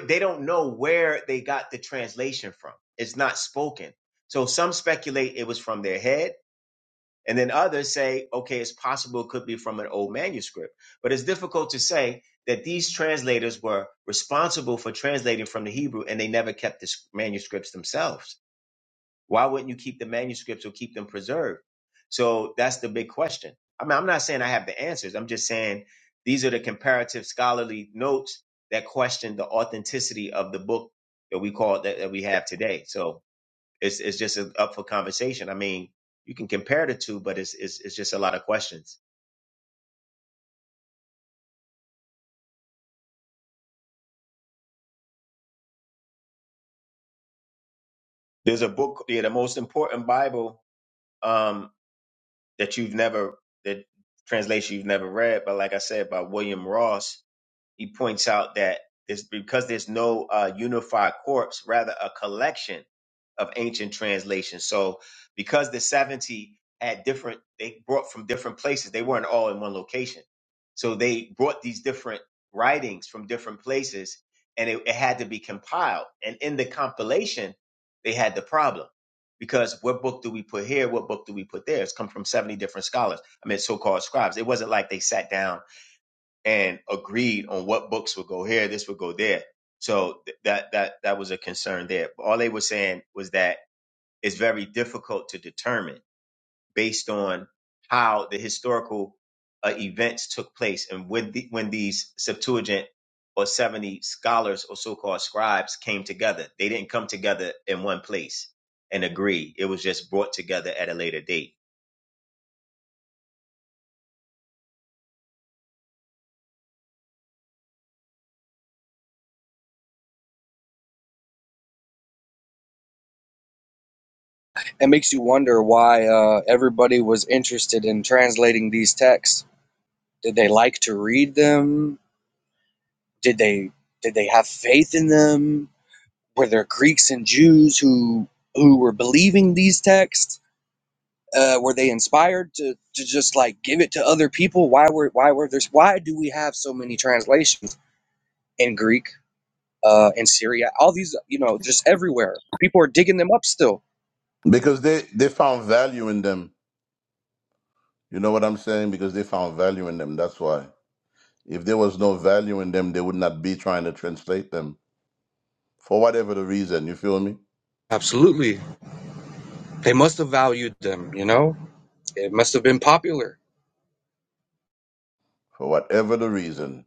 Speaker 8: they don't know where they got the translation from. It's not spoken. So some speculate it was from their head, and then others say, okay, it's possible it could be from an old manuscript. But it's difficult to say that these translators were responsible for translating from the Hebrew and they never kept the manuscripts themselves. Why wouldn't you keep the manuscripts or keep them preserved? So that's the big question. I mean, I'm not saying I have the answers. I'm just saying these are the comparative scholarly notes that question the authenticity of the book that we call that, that we have today. So it's it's just a, up for conversation. I mean, you can compare the two, but it's it's it's just a lot of questions. There's a book, yeah, the most important Bible um, that you've never that translation you've never read, but like I said, by William Ross he points out that it's because there's no uh, unified corpus, rather a collection of ancient translations. So because the 70 had different, they brought from different places, they weren't all in one location. So they brought these different writings from different places and it, it had to be compiled. And in the compilation, they had the problem because what book do we put here? What book do we put there? It's come from 70 different scholars. I mean, so-called scribes. It wasn't like they sat down and agreed on what books would go here, this would go there. So th- that that that was a concern there. But all they were saying was that it's very difficult to determine based on how the historical uh, events took place and when the, when these Septuagint or 70 scholars or so-called scribes came together. They didn't come together in one place and agree. It was just brought together at a later date.
Speaker 7: It makes you wonder why uh, everybody was interested in translating these texts. Did they like to read them? Did they did they have faith in them? Were there Greeks and Jews who who were believing these texts? Uh, were they inspired to, to just like give it to other people? Why were why were there's why do we have so many translations in Greek, uh, in Syria, all these you know just everywhere? People are digging them up still.
Speaker 3: because they they found value in them you know what i'm saying because they found value in them that's why If there was no value in them, they would not be trying to translate them for whatever the reason. You feel me?
Speaker 7: Absolutely, they must have valued them, you know. It must have been popular.
Speaker 3: For whatever the reason,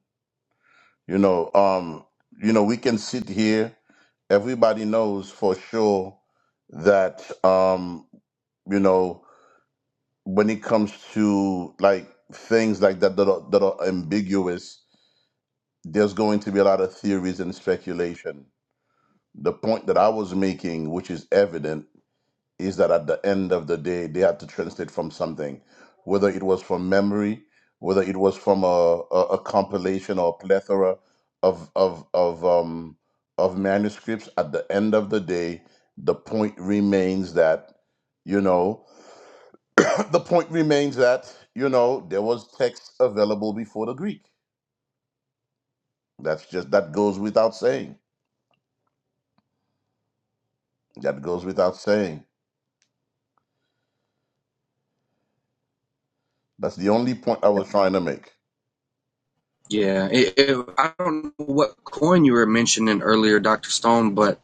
Speaker 3: you know, um, you know, we can sit here. Everybody knows for sure that, um, you know, when it comes to like things like that that are, that are ambiguous, there's going to be a lot of theories and speculation. The point that I was making, which is evident is that at the end of the day, they had to translate from something, whether it was from memory, whether it was from a, a, a compilation or a plethora of of of um of manuscripts. At the end of the day, the point remains that you know (coughs) (clears throat) the point remains that you know there was text available before the Greek. That's just that goes without saying. That goes without saying. That's the only point I was trying to make.
Speaker 7: Yeah, it, it, I don't know what coin you were mentioning earlier, Doctor Stone, but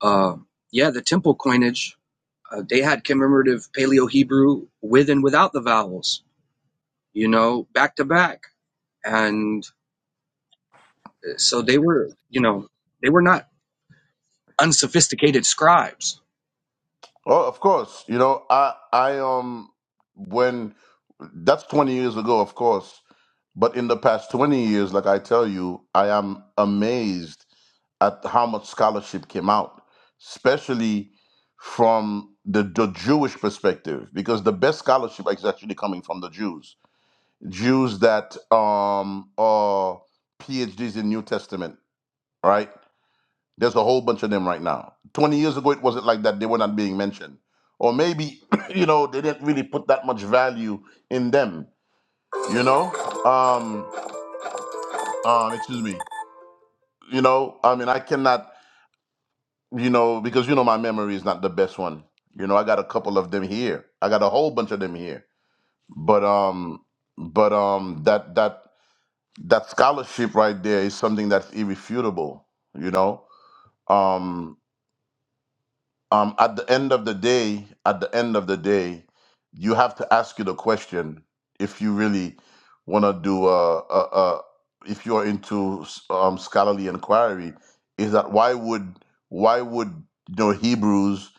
Speaker 7: uh, yeah, the temple coinage uh, they had commemorative Paleo Hebrew with and without the vowels, you know, back to back, and uh, so they were, you know, they were not unsophisticated scribes.
Speaker 3: Oh, of course. You know, I I um when that's 20 years ago, of course. But in the past 20 years, like I tell you, I am amazed at how much scholarship came out, especially from the, the Jewish perspective, because the best scholarship is actually coming from the Jews. Jews that um, are PhDs in New Testament, right? There's a whole bunch of them right now. 20 years ago, it wasn't like that. They were not being mentioned. Or maybe, (clears throat) you know, they didn't really put that much value in them, you know? Um, um, excuse me. You know, I mean, I cannot, you know, because, you know, my memory is not the best one. You know, I got a couple of them here. I got a whole bunch of them here. But, um, but, um, that, that, that scholarship right there is something that's irrefutable, you know? um. um, at the end of the day, at the end of the day, you have to ask you the question if you really want to do a, a, a if you are into um, scholarly inquiry, is that why would why would you know Hebrews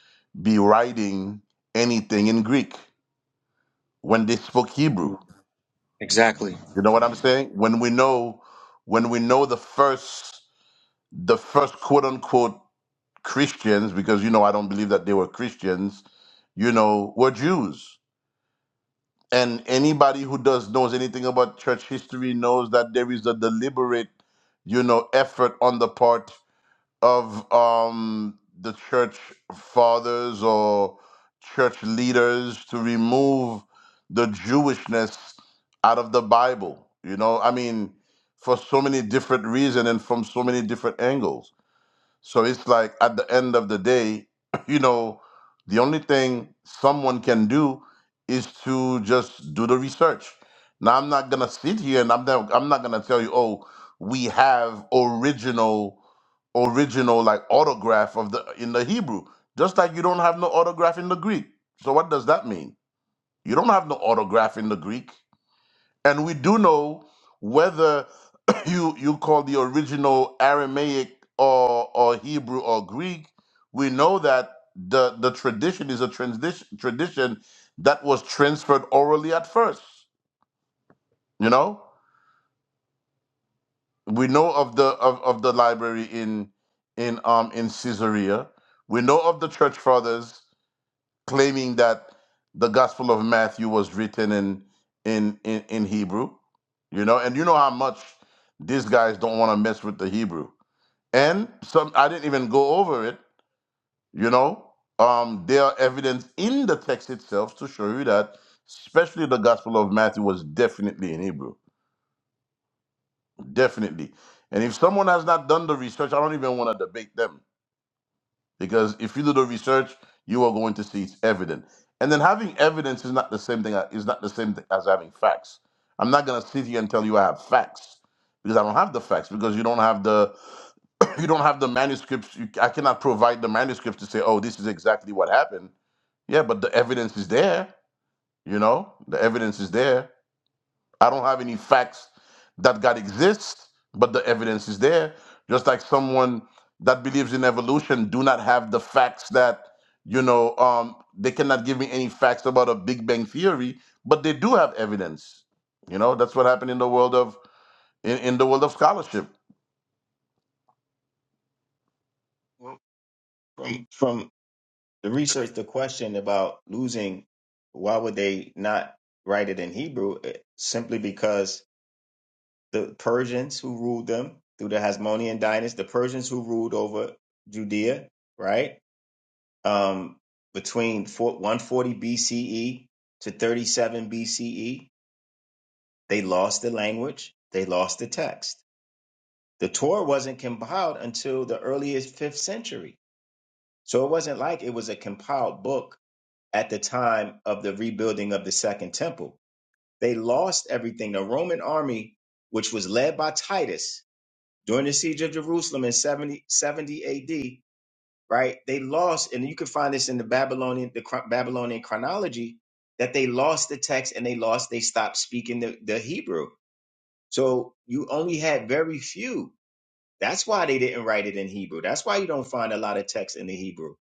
Speaker 3: be writing anything in Greek when they spoke Hebrew?
Speaker 7: Exactly.
Speaker 3: You know what I'm saying? When we know when we know the first the first quote unquote Christians, because you know I don't believe that they were Christians, you know, were Jews. And anybody who does knows anything about church history knows that there is a deliberate, you know, effort on the part of um the church fathers or church leaders to remove the Jewishness out of the Bible. You know, I mean, for so many different reasons and from so many different angles so it's like at the end of the day, (clears throat) you know, the only thing someone can do is to just do the research. Now I'm not gonna sit here and I'm not I'm not gonna tell you, oh, we have original original like autograph of the in the Hebrew. Just like you don't have no autograph in the Greek. So what does that mean? You don't have no autograph in the Greek. And we do know whether (coughs) (clears throat) you you call the original Aramaic or or Hebrew or Greek, we know that the the tradition is a transition tradition that was transferred orally at first. You know? We know of the of, of the library in in um in Caesarea. We know of the church fathers claiming that the Gospel of Matthew was written in in in, in Hebrew, you know, and you know how much these guys don't want to mess with the Hebrew. And some I didn't even go over it, you know. Um, there are evidence in the text itself to show you that, especially the Gospel of Matthew was definitely in Hebrew, definitely. And if someone has not done the research, I don't even want to debate them because if you do the research, you are going to see it's evident. And then having evidence is not the same thing is not the same thing as having facts. I'm not gonna sit here and tell you I have facts because I don't have the facts because you don't have the (coughs) (clears throat) you don't have the manuscripts. You, I cannot provide the manuscripts to say, oh, this is exactly what happened. Yeah, but the evidence is there. You know, the evidence is there. I don't have any facts that God exists, but the evidence is there. Just like someone that believes in evolution do not have the facts that you know um, they cannot give me any facts about a Big Bang theory, but they do have evidence. You know that's what happened in the world of in, in the world of scholarship.
Speaker 8: Well, from from to research the question about losing, why would they not write it in Hebrew? It- Simply because the Persians who ruled them through the Hasmonean dynasty, the Persians who ruled over Judea, right? Um, between four- 140 BCE to 37 BCE, they lost the language, they lost the text. The Torah wasn't compiled until the earliest fifth century. So it wasn't like it was a compiled book at the time of the rebuilding of the second temple. They lost everything. The Roman army, which was led by Titus during the siege of Jerusalem in 70 70 AD, right? They lost, and you can find this in the Babylonian, the chron- Babylonian chronology, that they lost the text and they lost, they stopped speaking the, the Hebrew. So you only had very few that's why they didn't write it in Hebrew. That's why you don't find a lot of text in the Hebrew.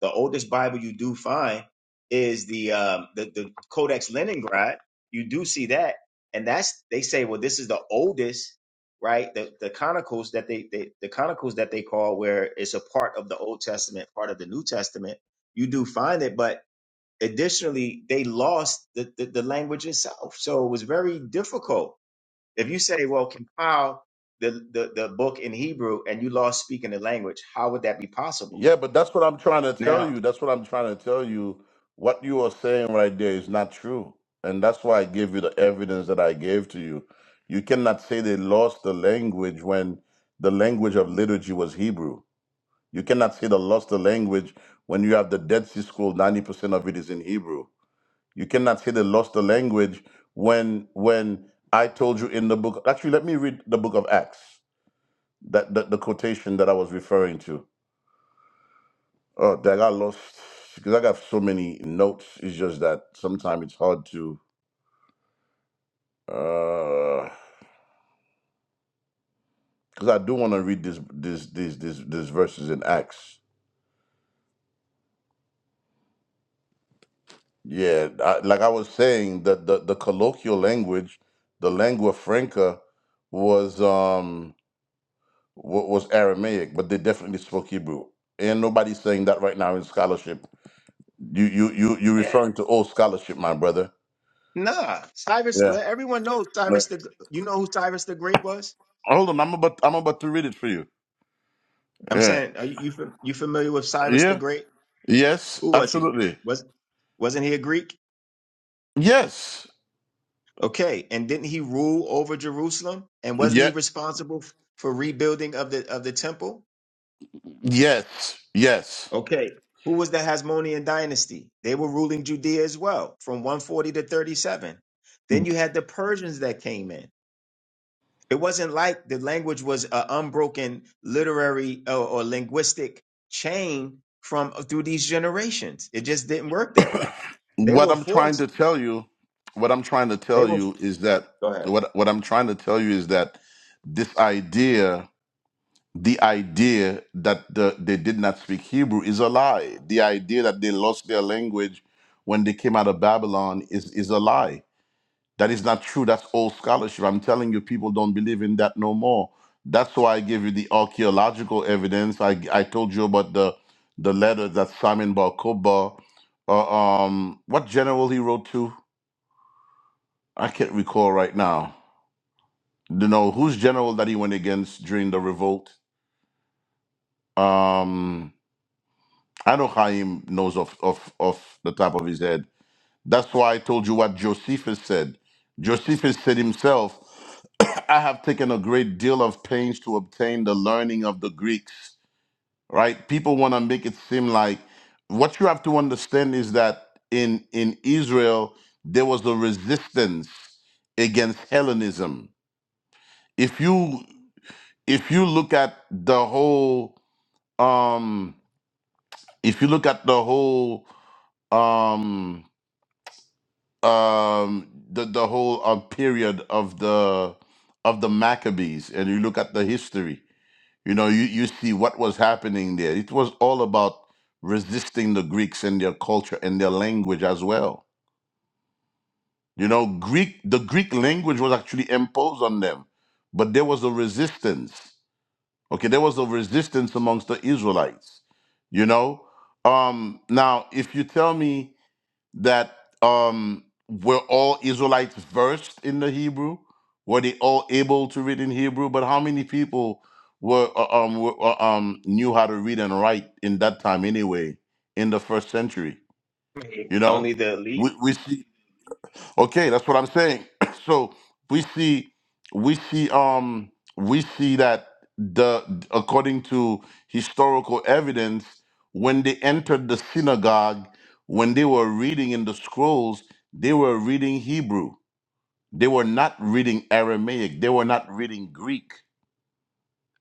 Speaker 8: The oldest Bible you do find is the um, the, the Codex Leningrad. You do see that, and that's they say, well, this is the oldest, right? The the Chronicles that they, they the Chronicles that they call where it's a part of the Old Testament, part of the New Testament. You do find it, but additionally, they lost the the, the language itself, so it was very difficult if you say, well, compile the, the, the book in Hebrew and you lost speaking the language, how would that be possible?
Speaker 3: Yeah, but that's what I'm trying to tell
Speaker 8: Now,
Speaker 3: you. That's what I'm trying to tell you. What you are saying right there is not true. And that's why I gave you the evidence that I gave to you. You cannot say they lost the language when the language of liturgy was Hebrew. You cannot say they lost the language when you have the Dead Sea Scroll, 90% of it is in Hebrew. You cannot say they lost the language when when I told you in the book. Actually, let me read the book of Acts, that, that the quotation that I was referring to. Oh, that got lost because I got so many notes. It's just that sometimes it's hard to uh because I do want to read this this this this this verses in Acts. Yeah, I, like I was saying, that the, the colloquial language, the lingua franca, was um wa- was Aramaic, but they definitely spoke Hebrew. And nobody's saying that right now in scholarship. You you you you
Speaker 8: eh,
Speaker 3: referring to old scholarship, my brother.
Speaker 8: nah, Cyrus,
Speaker 3: Yeah.
Speaker 8: well, everyone knows
Speaker 3: Yeah.
Speaker 8: Cyrus the, you know who Cyrus the Great was?
Speaker 3: Hold on, I'm about I'm about to read it for you.
Speaker 8: I'm
Speaker 3: Yeah.
Speaker 8: saying, are you, you, fam- you familiar with Cyrus
Speaker 3: Yeah.
Speaker 8: the Great?
Speaker 3: Yes,
Speaker 8: Who was he?
Speaker 3: absolutely.
Speaker 8: Was, wasn't he a Greek?
Speaker 3: Yes.
Speaker 8: Okay. And didn't he rule over Jerusalem? And wasn't he
Speaker 3: Yeah,
Speaker 8: responsible f- for rebuilding of the, of the temple?
Speaker 3: yes. Yes.
Speaker 8: Okay. Who was the Hasmonean dynasty? They were ruling Judea as well from 140 to 37. Then you had the Persians that came in. It wasn't like the language was an unbroken literary or, or linguistic chain from uh, through these generations. It just didn't work that way. They
Speaker 3: What
Speaker 8: were
Speaker 3: I'm trying to
Speaker 8: forced.
Speaker 3: tell you, what I'm trying to
Speaker 8: They
Speaker 3: tell
Speaker 8: were.
Speaker 3: you is that
Speaker 8: Go ahead.
Speaker 3: what what I'm trying to tell you is that this idea, the idea that the, they did not speak Hebrew is a lie. The idea that they lost their language when they came out of Babylon is is a lie. That is not true. That's old scholarship. I'm telling you, people don't believe in that no more. That's why I gave you the archaeological evidence. I, I told you about the the letter that Simon Bar Kokhba, uh, um, what general he wrote to? I can't recall right now. You know whose general that he went against during the revolt? Um, I know Chaim knows off off off the top of his head That's why I told you what Josephus said. Josephus said himself, (coughs) (clears throat) I have taken a great deal of pains to obtain the learning of the Greeks, right? People want to make it seem like what you have to understand is that in in Israel there was a resistance against Hellenism. If you if you look at the whole um if you look at the whole um um the the whole uh, period of the of the Maccabees and you look at the history you know you, you see what was happening there it was all about resisting the Greeks and their culture and their language as well you know Greek the Greek language was actually imposed on them but there was a resistance okay there was a resistance amongst the Israelites you know um now if you tell me that um, were all Israelites versed in the Hebrew? Were they all able to read in Hebrew? But how many people were uh, um, were, uh, um, knew how to read and write in that time anyway, in the first century? You know,
Speaker 8: Only the
Speaker 3: we,
Speaker 8: elite.
Speaker 3: we see. Okay, that's what I'm saying. (clears throat) so we see, we see, um, we see that the according to historical evidence, when they entered the synagogue, when they were reading in the scrolls, they were reading Hebrew. They were not reading Aramaic. They were not reading Greek.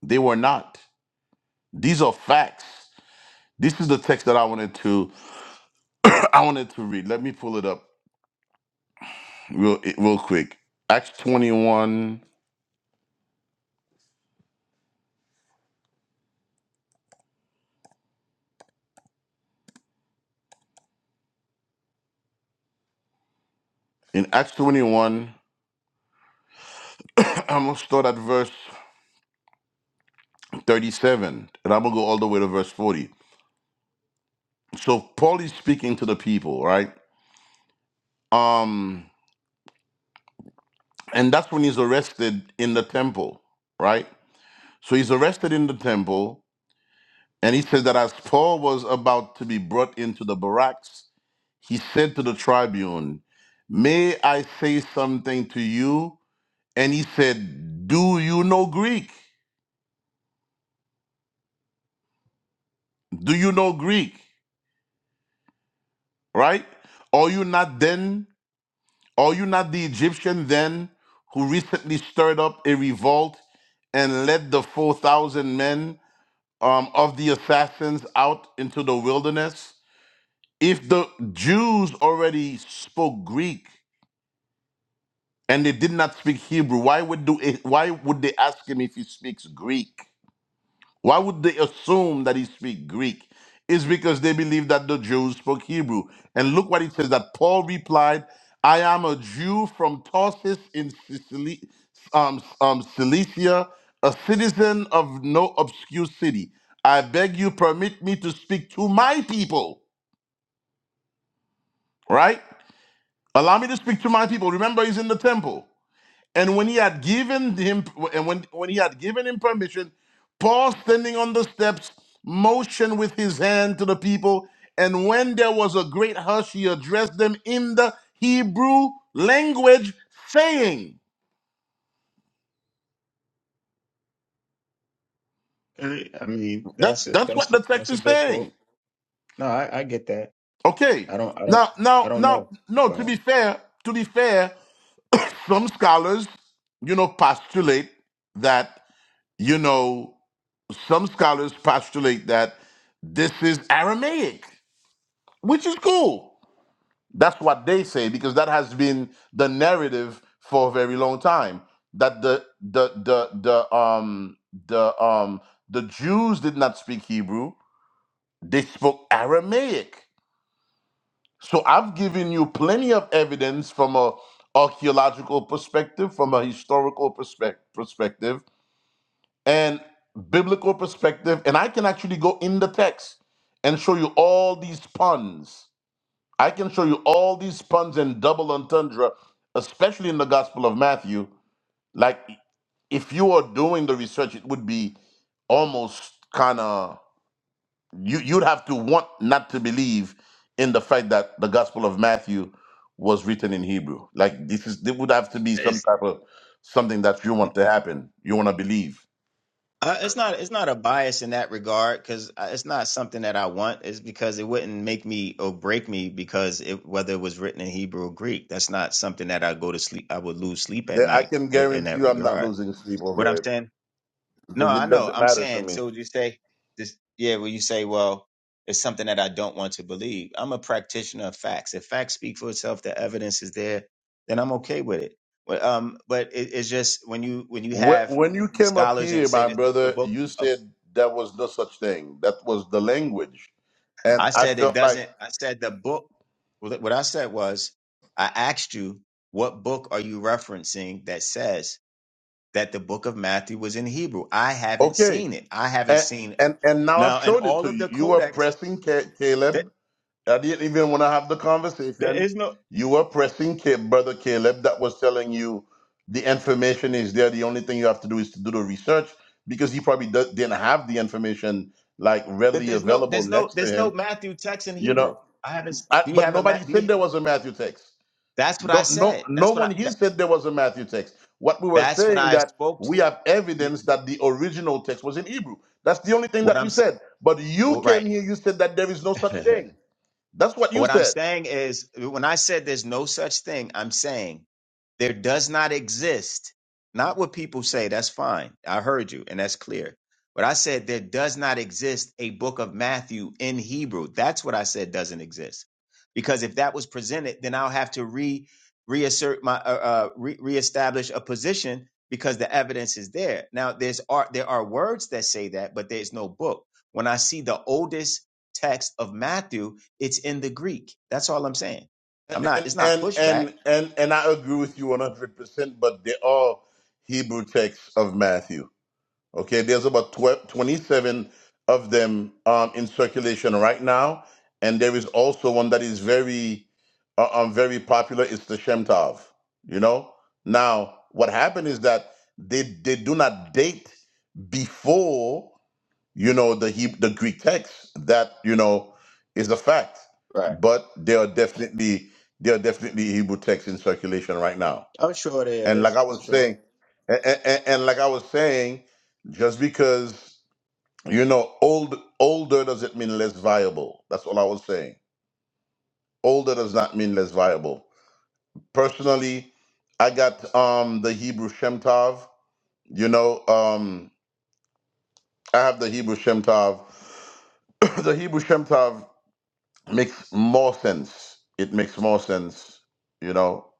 Speaker 3: They were not. These are facts. This is the text that I wanted to, (clears throat) I wanted to read. Let me pull it up real, real quick. Acts 21. In Acts 21, (clears throat) I'm going to start at verse 37, and I'm going to go all the way to verse 40. So Paul is speaking to the people, right? Um, and that's when he's arrested in the temple, right? So he's arrested in the temple, and he says that as Paul was about to be brought into the barracks, he said to the tribune, May I say something to you? And he said, Do you know Greek? Do you know Greek? Right? Are you not then? Are you not the Egyptian then who recently stirred up a revolt and led the 4,000 men um, of the assassins out into the wilderness? If the Jews already spoke Greek and they did not speak Hebrew, why would, do why would they ask him if he speaks Greek? Why would they assume that he speak Greek? It's because they believe that the Jews spoke Hebrew. And look what it says that Paul replied, I am a Jew from Tarsus in Sicily, um, um, Cilicia, a citizen of no obscure city. I beg you, permit me to speak to my people, right? Allow me to speak to my people. Remember, he's in the temple. And when he had given him and when, when he had given him permission, Paul standing on the steps motioned with his hand to the people, and when there was a great hush, he addressed them in the Hebrew language, saying,
Speaker 8: I mean,
Speaker 3: that,
Speaker 8: that's a
Speaker 3: that's
Speaker 8: that's
Speaker 3: what
Speaker 8: a,
Speaker 3: the text
Speaker 8: that's a
Speaker 3: is
Speaker 8: good quote.
Speaker 3: saying.
Speaker 8: No, I, I get that.
Speaker 3: Okay.
Speaker 8: I don't. I don't.
Speaker 3: Now,
Speaker 8: I
Speaker 3: now,
Speaker 8: don't
Speaker 3: now,
Speaker 8: know.
Speaker 3: no,
Speaker 8: Go
Speaker 3: to be fair, to be fair, some scholars, you know, postulate that, you know, some scholars postulate that this is Aramaic. which is cool. That's what they say because that has been the narrative for a very long time. That the the the the um the um the Jews did not speak Hebrew; they spoke Aramaic. So I've given you plenty of evidence from a archaeological perspective, from a historical perspective, perspective, and biblical perspective, and I can actually go in the text and show you all these puns I can show you all these puns and double entendre, especially in the Gospel of Matthew. Like, if you are doing the research, it would be almost kind of you. You'd have to want not to believe in the fact that the Gospel of Matthew was written in Hebrew. Like, this is there would have to be
Speaker 8: ahead.
Speaker 3: some type of something that you want to happen. You want to believe.
Speaker 8: Uh, it's not it's not a bias in that regard because it's not something that I want. It's because it wouldn't make me or break me because it, whether it was written in Hebrew or Greek, that's not something that I go to sleep. I would lose sleep at
Speaker 3: Yeah, I
Speaker 8: night
Speaker 3: can
Speaker 8: i- in
Speaker 3: guarantee
Speaker 8: that
Speaker 3: you, I'm not
Speaker 8: regard.
Speaker 3: losing sleep
Speaker 8: What I'm
Speaker 3: over it
Speaker 8: saying? No,
Speaker 3: because
Speaker 8: I
Speaker 3: it
Speaker 8: know.
Speaker 3: doesn't
Speaker 8: I'm
Speaker 3: matter to
Speaker 8: saying.
Speaker 3: me.
Speaker 8: So would you say this? Yeah. When you say, well, it's something that I don't want to believe. I'm a practitioner of facts. If facts speak for itself, the evidence is there, then I'm okay with it. But um, but it, it's just when you when you
Speaker 3: Wh-
Speaker 8: have
Speaker 3: When you came up
Speaker 8: scholars and
Speaker 3: here,
Speaker 8: say
Speaker 3: my
Speaker 8: that the
Speaker 3: brother,
Speaker 8: book.
Speaker 3: you said there was no such thing. That was the language. And
Speaker 8: I
Speaker 3: I
Speaker 8: said it
Speaker 3: felt like,
Speaker 8: doesn't. I said the book. What what I said was, I asked you, what book are you referencing that says that the book of Matthew was in Hebrew? I haven't
Speaker 3: okay.
Speaker 8: seen it. I haven't
Speaker 3: And
Speaker 8: seen
Speaker 3: and, and now I've
Speaker 8: now. In
Speaker 3: showed it
Speaker 8: all
Speaker 3: to
Speaker 8: of
Speaker 3: you.
Speaker 8: the
Speaker 3: You were
Speaker 8: codex,
Speaker 3: pressing Ca-
Speaker 8: that
Speaker 3: Caleb. I didn't even want to have the
Speaker 8: there
Speaker 3: conversation.
Speaker 8: is no,
Speaker 3: You were pressing Ca- brother Caleb that was telling you the information is there. The only thing you have to do is to do the research because he probably do- didn't have the information like
Speaker 8: but
Speaker 3: readily
Speaker 8: there's no,
Speaker 3: available
Speaker 8: there's no,
Speaker 3: next to
Speaker 8: there's no
Speaker 3: him.
Speaker 8: Matthew text in
Speaker 3: You know,
Speaker 8: Hebrew. I haven't. s-
Speaker 3: I,
Speaker 8: Do you
Speaker 3: but
Speaker 8: have a
Speaker 3: nobody
Speaker 8: Matt? Do
Speaker 3: said
Speaker 8: you?
Speaker 3: there was a Matthew text.
Speaker 8: That's what I
Speaker 3: No, no,
Speaker 8: said.
Speaker 3: no
Speaker 8: That's what I.
Speaker 3: one. here
Speaker 8: That,
Speaker 3: said there was a Matthew text. What we were
Speaker 8: that's what
Speaker 3: saying
Speaker 8: I
Speaker 3: that
Speaker 8: spoke.
Speaker 3: we have evidence that the original text was in Hebrew. That's the only thing
Speaker 8: What
Speaker 3: that
Speaker 8: I'm.
Speaker 3: we
Speaker 8: s-
Speaker 3: said. But you
Speaker 8: Well,
Speaker 3: came
Speaker 8: right.
Speaker 3: here. You said that there is no such
Speaker 8: (laughs)
Speaker 3: thing. That's what you
Speaker 8: What I'm
Speaker 3: said.
Speaker 8: saying is, when I said there's no such thing, I'm saying there does not exist, not what people say, that's fine. I heard you, and that's clear. But I said there does not exist a book of Matthew in Hebrew. That's what I said doesn't exist. Because if that was presented, then I'll have to re reassert my uh, uh re- reestablish a position because the evidence is there. Now there's are there are words that say that, but there's no book. When I see the oldest text of Matthew, it's in the Greek. That's all I'm saying. I'm not.
Speaker 3: And
Speaker 8: It's not
Speaker 3: and
Speaker 8: pushback.
Speaker 3: and and, and I agree with you one hundred percent. But there are Hebrew texts of Matthew. Okay, there's about 12, 27 of them um, in circulation right now, and there is also one that is very, uh, um, very popular. It's the Shemtov. You know. Now, what happened is that they they do not date before you know the Heb the Greek text. That you know is a fact,
Speaker 8: Right.
Speaker 3: but there are definitely there are definitely Hebrew texts in circulation right now
Speaker 8: I'm sure there
Speaker 3: and like
Speaker 8: is.
Speaker 3: I
Speaker 8: I'm
Speaker 3: was
Speaker 8: sure.
Speaker 3: saying, and, and, and like I was saying, just because you know old older doesn't mean less viable. That's all I was saying. Older does not mean less viable. Personally, I got um the Hebrew Shem Tov. You know, um I have the Hebrew Shem Tov. (clears throat) the Hebrew Shem Tov makes more sense. It makes more sense. You know,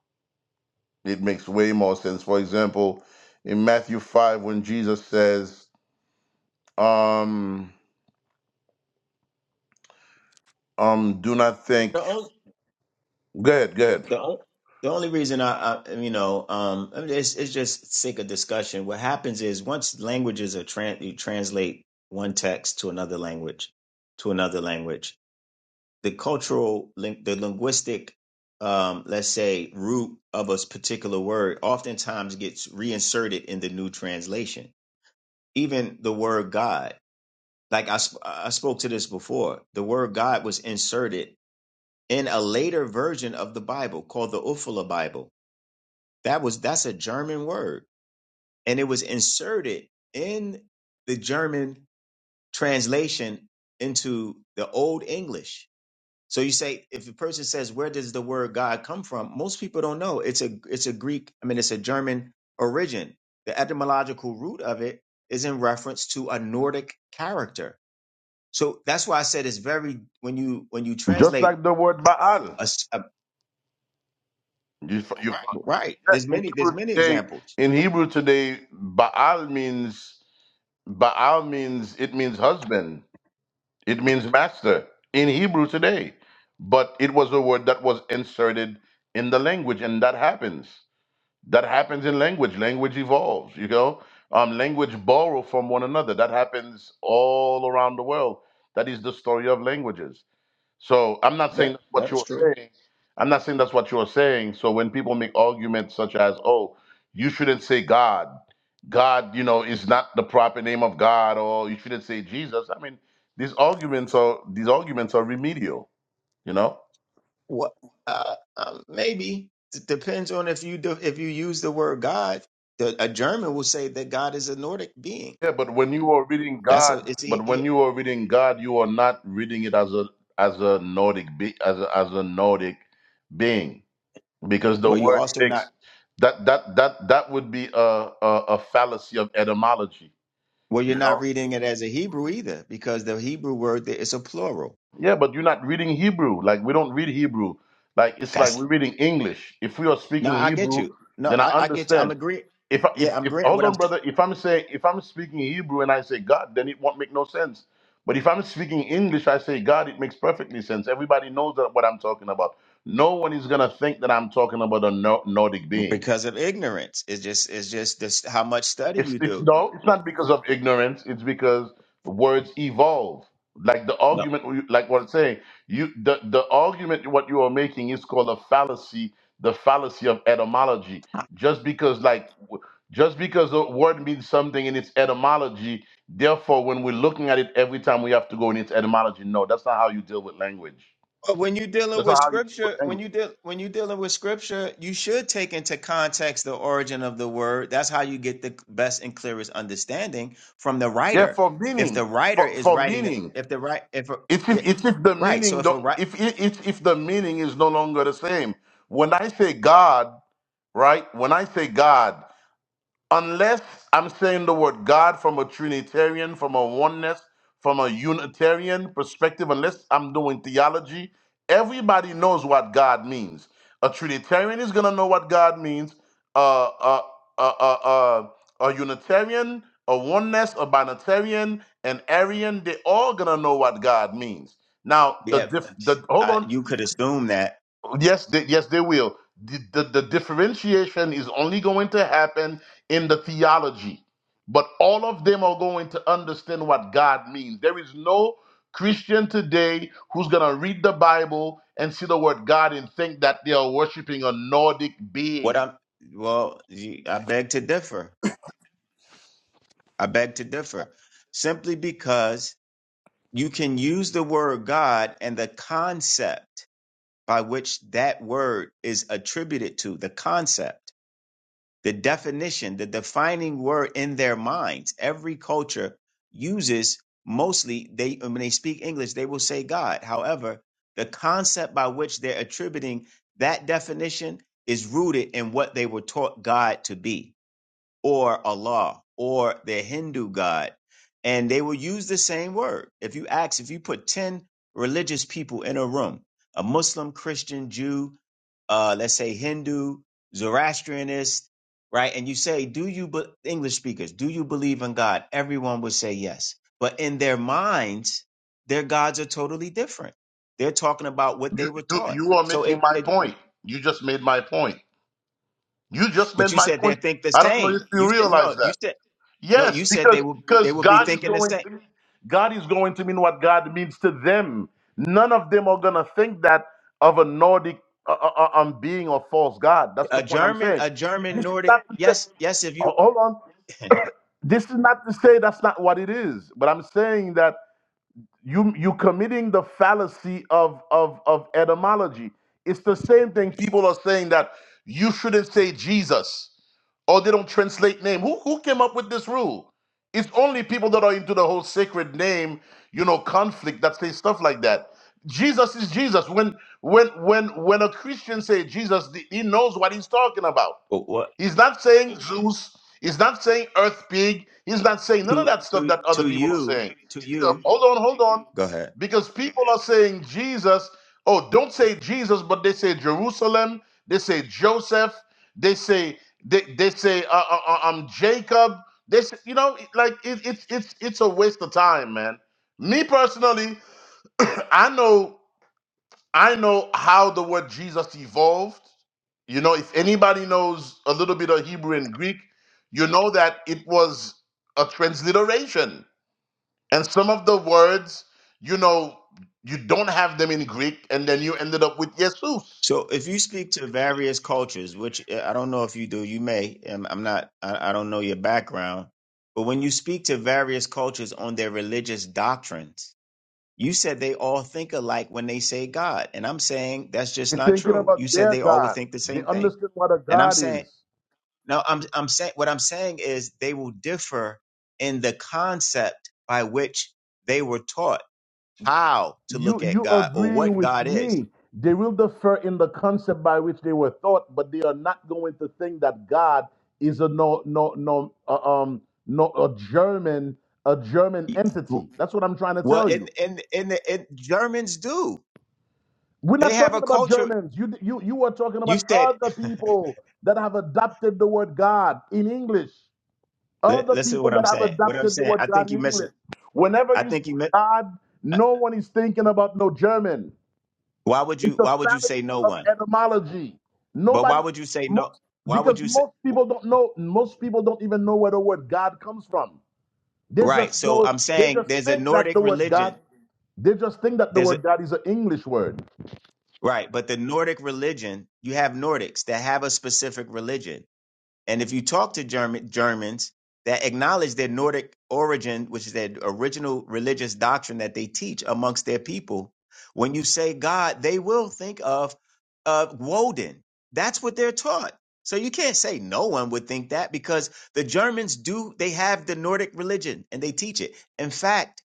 Speaker 3: it makes way more sense. For example, in Matthew five, when Jesus says Um, um, do not think.
Speaker 8: The only,
Speaker 3: Good, good.
Speaker 8: the only, The only reason I, I you know, um, I mean, it's it's just sick of discussion. What happens is once languages are trans you translate one text to another language, to another language, the cultural, link, the linguistic, um, let's say root of a particular word, oftentimes gets reinserted in the new translation. Even the word God. like I, sp- I spoke to this before the word god was inserted in a later version of the bible called the ufala bible that was that's a german word and it was inserted in the german translation into the old english so you say if a person says where does the word god come from most people don't know it's a it's a greek i mean it's a german origin the etymological root of it is in reference to a nordic character so that's why I said it's very when you when you
Speaker 3: Just
Speaker 8: translate
Speaker 3: like the word Baal.
Speaker 8: a, s- a-
Speaker 3: You, you,
Speaker 8: right.
Speaker 3: yeah,
Speaker 8: There's
Speaker 3: in
Speaker 8: many there's
Speaker 3: Hebrew
Speaker 8: many
Speaker 3: today,
Speaker 8: examples.
Speaker 3: in Hebrew today, Baal means Baal means it means husband. It means master in Hebrew today. But it was a word that was inserted in the language, and that happens. That happens in language. Language evolves, you know. Um, language borrow from one another. That happens all around the world. That is the story of languages. So I'm not saying
Speaker 8: That
Speaker 3: that's what
Speaker 8: that is
Speaker 3: you're
Speaker 8: true.
Speaker 3: saying. I'm not saying that's what you're saying. So when people make arguments such as, oh, you shouldn't say God. God, you know, is not the proper name of God, or you shouldn't say Jesus. I mean, these arguments are these arguments are remedial, you know?
Speaker 8: What uh, um, maybe it depends on if you do, if you use the word God. The, a German will say that God is a Nordic being.
Speaker 3: Yeah, but when you are reading
Speaker 8: That's
Speaker 3: God,
Speaker 8: a it's he,
Speaker 3: but when
Speaker 8: he-
Speaker 3: you are reading God, you are not reading it as a as a Nordic be, as a, as a Nordic being because the
Speaker 8: well you
Speaker 3: word
Speaker 8: also
Speaker 3: takes
Speaker 8: not
Speaker 3: that that that that would be a, a a fallacy of etymology,
Speaker 8: well you're
Speaker 3: you
Speaker 8: not
Speaker 3: know.
Speaker 8: reading it as a Hebrew either because the Hebrew word there is a plural.
Speaker 3: Yeah, but you're not reading Hebrew. Like we don't read Hebrew. Like it's like
Speaker 8: That's
Speaker 3: we're reading English. If we are
Speaker 8: no
Speaker 3: speaking
Speaker 8: I get
Speaker 3: Hebrew,
Speaker 8: you. No
Speaker 3: then I
Speaker 8: I, I get you. I'm
Speaker 3: understand.
Speaker 8: agree.
Speaker 3: if I- if
Speaker 8: Yeah I'm
Speaker 3: if
Speaker 8: agreeing.
Speaker 3: hold
Speaker 8: What I'm
Speaker 3: on,
Speaker 8: saying.
Speaker 3: brother. If I'm saying if I'm speaking in Hebrew and I say God, then it won't make no sense. But if I'm speaking English, I say God, it makes perfectly sense. Everybody knows that what I'm talking about. No one is gonna think that I'm talking about a Nor- Nordic being.
Speaker 8: because of ignorance. It's just it's just this how much study
Speaker 3: It's
Speaker 8: you
Speaker 3: it's
Speaker 8: do.
Speaker 3: no, it's not because of ignorance. It's because words evolve. Like the
Speaker 8: No.
Speaker 3: argument, like what I'm saying, you the the argument what you are making is called a fallacy. The fallacy of etymology. Just because like w- just because a word means something in its etymology, therefore, when we're looking at it every time, we have to go in its etymology. No, that's not how you deal with language.
Speaker 8: But when you're dealing
Speaker 3: That's
Speaker 8: with
Speaker 3: not how you deal with
Speaker 8: scripture, when
Speaker 3: language.
Speaker 8: you deal when you're dealing with scripture, you should take into context the origin of the word. That's how you get the best and clearest understanding from the
Speaker 3: Yeah,
Speaker 8: writer.
Speaker 3: for
Speaker 8: If the
Speaker 3: meaning,
Speaker 8: writer
Speaker 3: for,
Speaker 8: is
Speaker 3: for
Speaker 8: writing,
Speaker 3: meaning.
Speaker 8: if the right, if a,
Speaker 3: It's
Speaker 8: yeah,
Speaker 3: if, it's if the
Speaker 8: right. So
Speaker 3: meaning
Speaker 8: if a
Speaker 3: don't,
Speaker 8: right,
Speaker 3: if it, it's if the meaning is no longer the same. When I say God, right? When I say God, unless I'm saying the word God from a Trinitarian, from a oneness, from a Unitarian perspective, unless I'm doing theology, everybody knows what God means. A Trinitarian is gonna know what God means. Uh, uh, uh, uh, uh, a Unitarian, a oneness, a binitarian, an Arian, they all gonna know what God means. Now the
Speaker 8: yeah,
Speaker 3: diff, the hold
Speaker 8: I,
Speaker 3: on,
Speaker 8: you could assume that
Speaker 3: Yes, they, yes, they will. The, the, the differentiation is only going to happen in the theology, but all of them are going to understand what God means. There is no Christian today who's going to read the Bible and see the word God and think that they are worshiping a Nordic
Speaker 8: what
Speaker 3: being.
Speaker 8: I'm. Well, you- I beg to differ. I beg to differ. Simply because you can use the word God and the concept by which that word is attributed to, the concept, the definition, the defining word in their minds. Every culture uses mostly they when they speak English, they will say God. However, the concept by which they're attributing that definition is rooted in what they were taught God to be or Allah or their Hindu god. And they will use the same word. If you ask, if you put 10 religious people in a room, a Muslim, Christian, Jew, uh, let's say Hindu, Zoroastrianist, right? And you say, do you, be- English speakers, do you believe in God? Everyone would say yes. But in their minds, their gods are totally different. They're talking about what
Speaker 3: You,
Speaker 8: they were
Speaker 3: you,
Speaker 8: taught.
Speaker 3: you are
Speaker 8: So
Speaker 3: making
Speaker 8: it,
Speaker 3: my
Speaker 8: it
Speaker 3: point. You just made my point. You just
Speaker 8: but
Speaker 3: made
Speaker 8: you
Speaker 3: my
Speaker 8: said they
Speaker 3: point.
Speaker 8: think the
Speaker 3: I don't know if
Speaker 8: same.
Speaker 3: you
Speaker 8: You said,
Speaker 3: realize
Speaker 8: no,
Speaker 3: that.
Speaker 8: you said. No,
Speaker 3: Yes,
Speaker 8: you said they
Speaker 3: because
Speaker 8: will they
Speaker 3: because
Speaker 8: will be
Speaker 3: God is
Speaker 8: thinking the
Speaker 3: going
Speaker 8: same.
Speaker 3: to mean God is going to mean what God means to them. None of them are gonna think that of a Nordic uh, uh, uh, um, being or false God. That's
Speaker 8: A
Speaker 3: the point I'm
Speaker 8: German,
Speaker 3: saying.
Speaker 8: a German
Speaker 3: This is
Speaker 8: Nordic.
Speaker 3: not to say,
Speaker 8: Yes, yes. If you
Speaker 3: ho- hold on.
Speaker 8: (laughs)
Speaker 3: This is not to say that's not what it is, but I'm saying that you you committing the fallacy of of of etymology. It's the same thing people are saying that you shouldn't say Jesus or they don't translate name. Who who came up with this rule? It's only people that are into the whole sacred name, you know, conflict that say stuff like that. Jesus is Jesus. When when when when a Christian say Jesus, th- he knows what he's talking about.
Speaker 8: Well, what
Speaker 3: He's not saying Zeus. He's not saying Earth Pig. He's not saying none of
Speaker 8: to
Speaker 3: that stuff
Speaker 8: to
Speaker 3: that other
Speaker 8: to
Speaker 3: people are
Speaker 8: you
Speaker 3: saying.
Speaker 8: to
Speaker 3: Because
Speaker 8: you.
Speaker 3: hold on, hold on,
Speaker 8: Go ahead.
Speaker 3: because people are saying Jesus. Oh, don't say Jesus, but they say Jerusalem. They say Joseph. They say they they say uh, uh, uh, um Jacob. They say, you know like it, it's it's it's a waste of time, man. Me personally, (coughs) (clears throat) I know. I know how the word Jesus evolved. You know, if anybody knows a little bit of Hebrew and Greek, you know that it was a transliteration. And some of the words, you know, you don't have them in Greek, and then you ended up with Jesus.
Speaker 8: So if you speak to various cultures, which uh, I don't know if you do, you may. um, I'm not. I, I don't know your background, but when you speak to various cultures on their religious doctrines, you said they all think alike when they say God, and I'm saying that's just
Speaker 3: You're
Speaker 8: not
Speaker 3: thinking
Speaker 8: true. You
Speaker 3: about
Speaker 8: said
Speaker 3: their
Speaker 8: they all would
Speaker 3: God.
Speaker 8: think the
Speaker 3: They
Speaker 8: same thing,
Speaker 3: understand what a
Speaker 8: and I'm
Speaker 3: God
Speaker 8: saying
Speaker 3: is.
Speaker 8: No, I'm I'm saying what I'm saying is they will differ in the concept by which they were taught how to
Speaker 3: You
Speaker 8: look at
Speaker 3: you
Speaker 8: God or
Speaker 3: agreeing
Speaker 8: what
Speaker 3: with
Speaker 8: God is.
Speaker 3: me? They will differ in the concept by which they were thought, but they are not going to think that God is a no no no uh, um no a German a German entity. That's what I'm trying to
Speaker 8: Well,
Speaker 3: tell
Speaker 8: in
Speaker 3: you.
Speaker 8: in in, the, in Germans do.
Speaker 3: We're
Speaker 8: They
Speaker 3: not
Speaker 8: have a
Speaker 3: talking about
Speaker 8: culture.
Speaker 3: Germans. You you you are talking
Speaker 8: You
Speaker 3: about
Speaker 8: said,
Speaker 3: other
Speaker 8: (laughs)
Speaker 3: people that have adopted the word God in English.
Speaker 8: li-
Speaker 3: Other
Speaker 8: listen to what
Speaker 3: people
Speaker 8: I'm
Speaker 3: that have
Speaker 8: saying. What I'm
Speaker 3: adopted the
Speaker 8: saying,
Speaker 3: word
Speaker 8: I think
Speaker 3: God in
Speaker 8: you miss it.
Speaker 3: English. Whenever
Speaker 8: I
Speaker 3: you say
Speaker 8: think you miss.
Speaker 3: God, no one is thinking about no German.
Speaker 8: Why would you?
Speaker 3: It's a
Speaker 8: Why would you say
Speaker 3: fallacy
Speaker 8: no
Speaker 3: of
Speaker 8: one?
Speaker 3: etymology.
Speaker 8: But why
Speaker 3: Nobody,
Speaker 8: would you say no?
Speaker 3: most,
Speaker 8: Why would
Speaker 3: because
Speaker 8: you say
Speaker 3: most people don't know, most people don't even know where the word God comes from. They
Speaker 8: right?
Speaker 3: just
Speaker 8: So
Speaker 3: know,
Speaker 8: I'm
Speaker 3: they
Speaker 8: saying
Speaker 3: just
Speaker 8: there's a
Speaker 3: think that
Speaker 8: Nordic
Speaker 3: the word God,
Speaker 8: religion.
Speaker 3: they just think that the
Speaker 8: There's a
Speaker 3: word God is an English word.
Speaker 8: Right. But the Nordic religion, you have Nordics that have a specific religion. And if you talk to German, Germans that acknowledge their Nordic origin, which is their original religious doctrine that they teach amongst their people, when you say God, they will think of uh, Woden. That's what they're taught. So you can't say no one would think that because the Germans do, they have the Nordic religion and they teach it. In fact,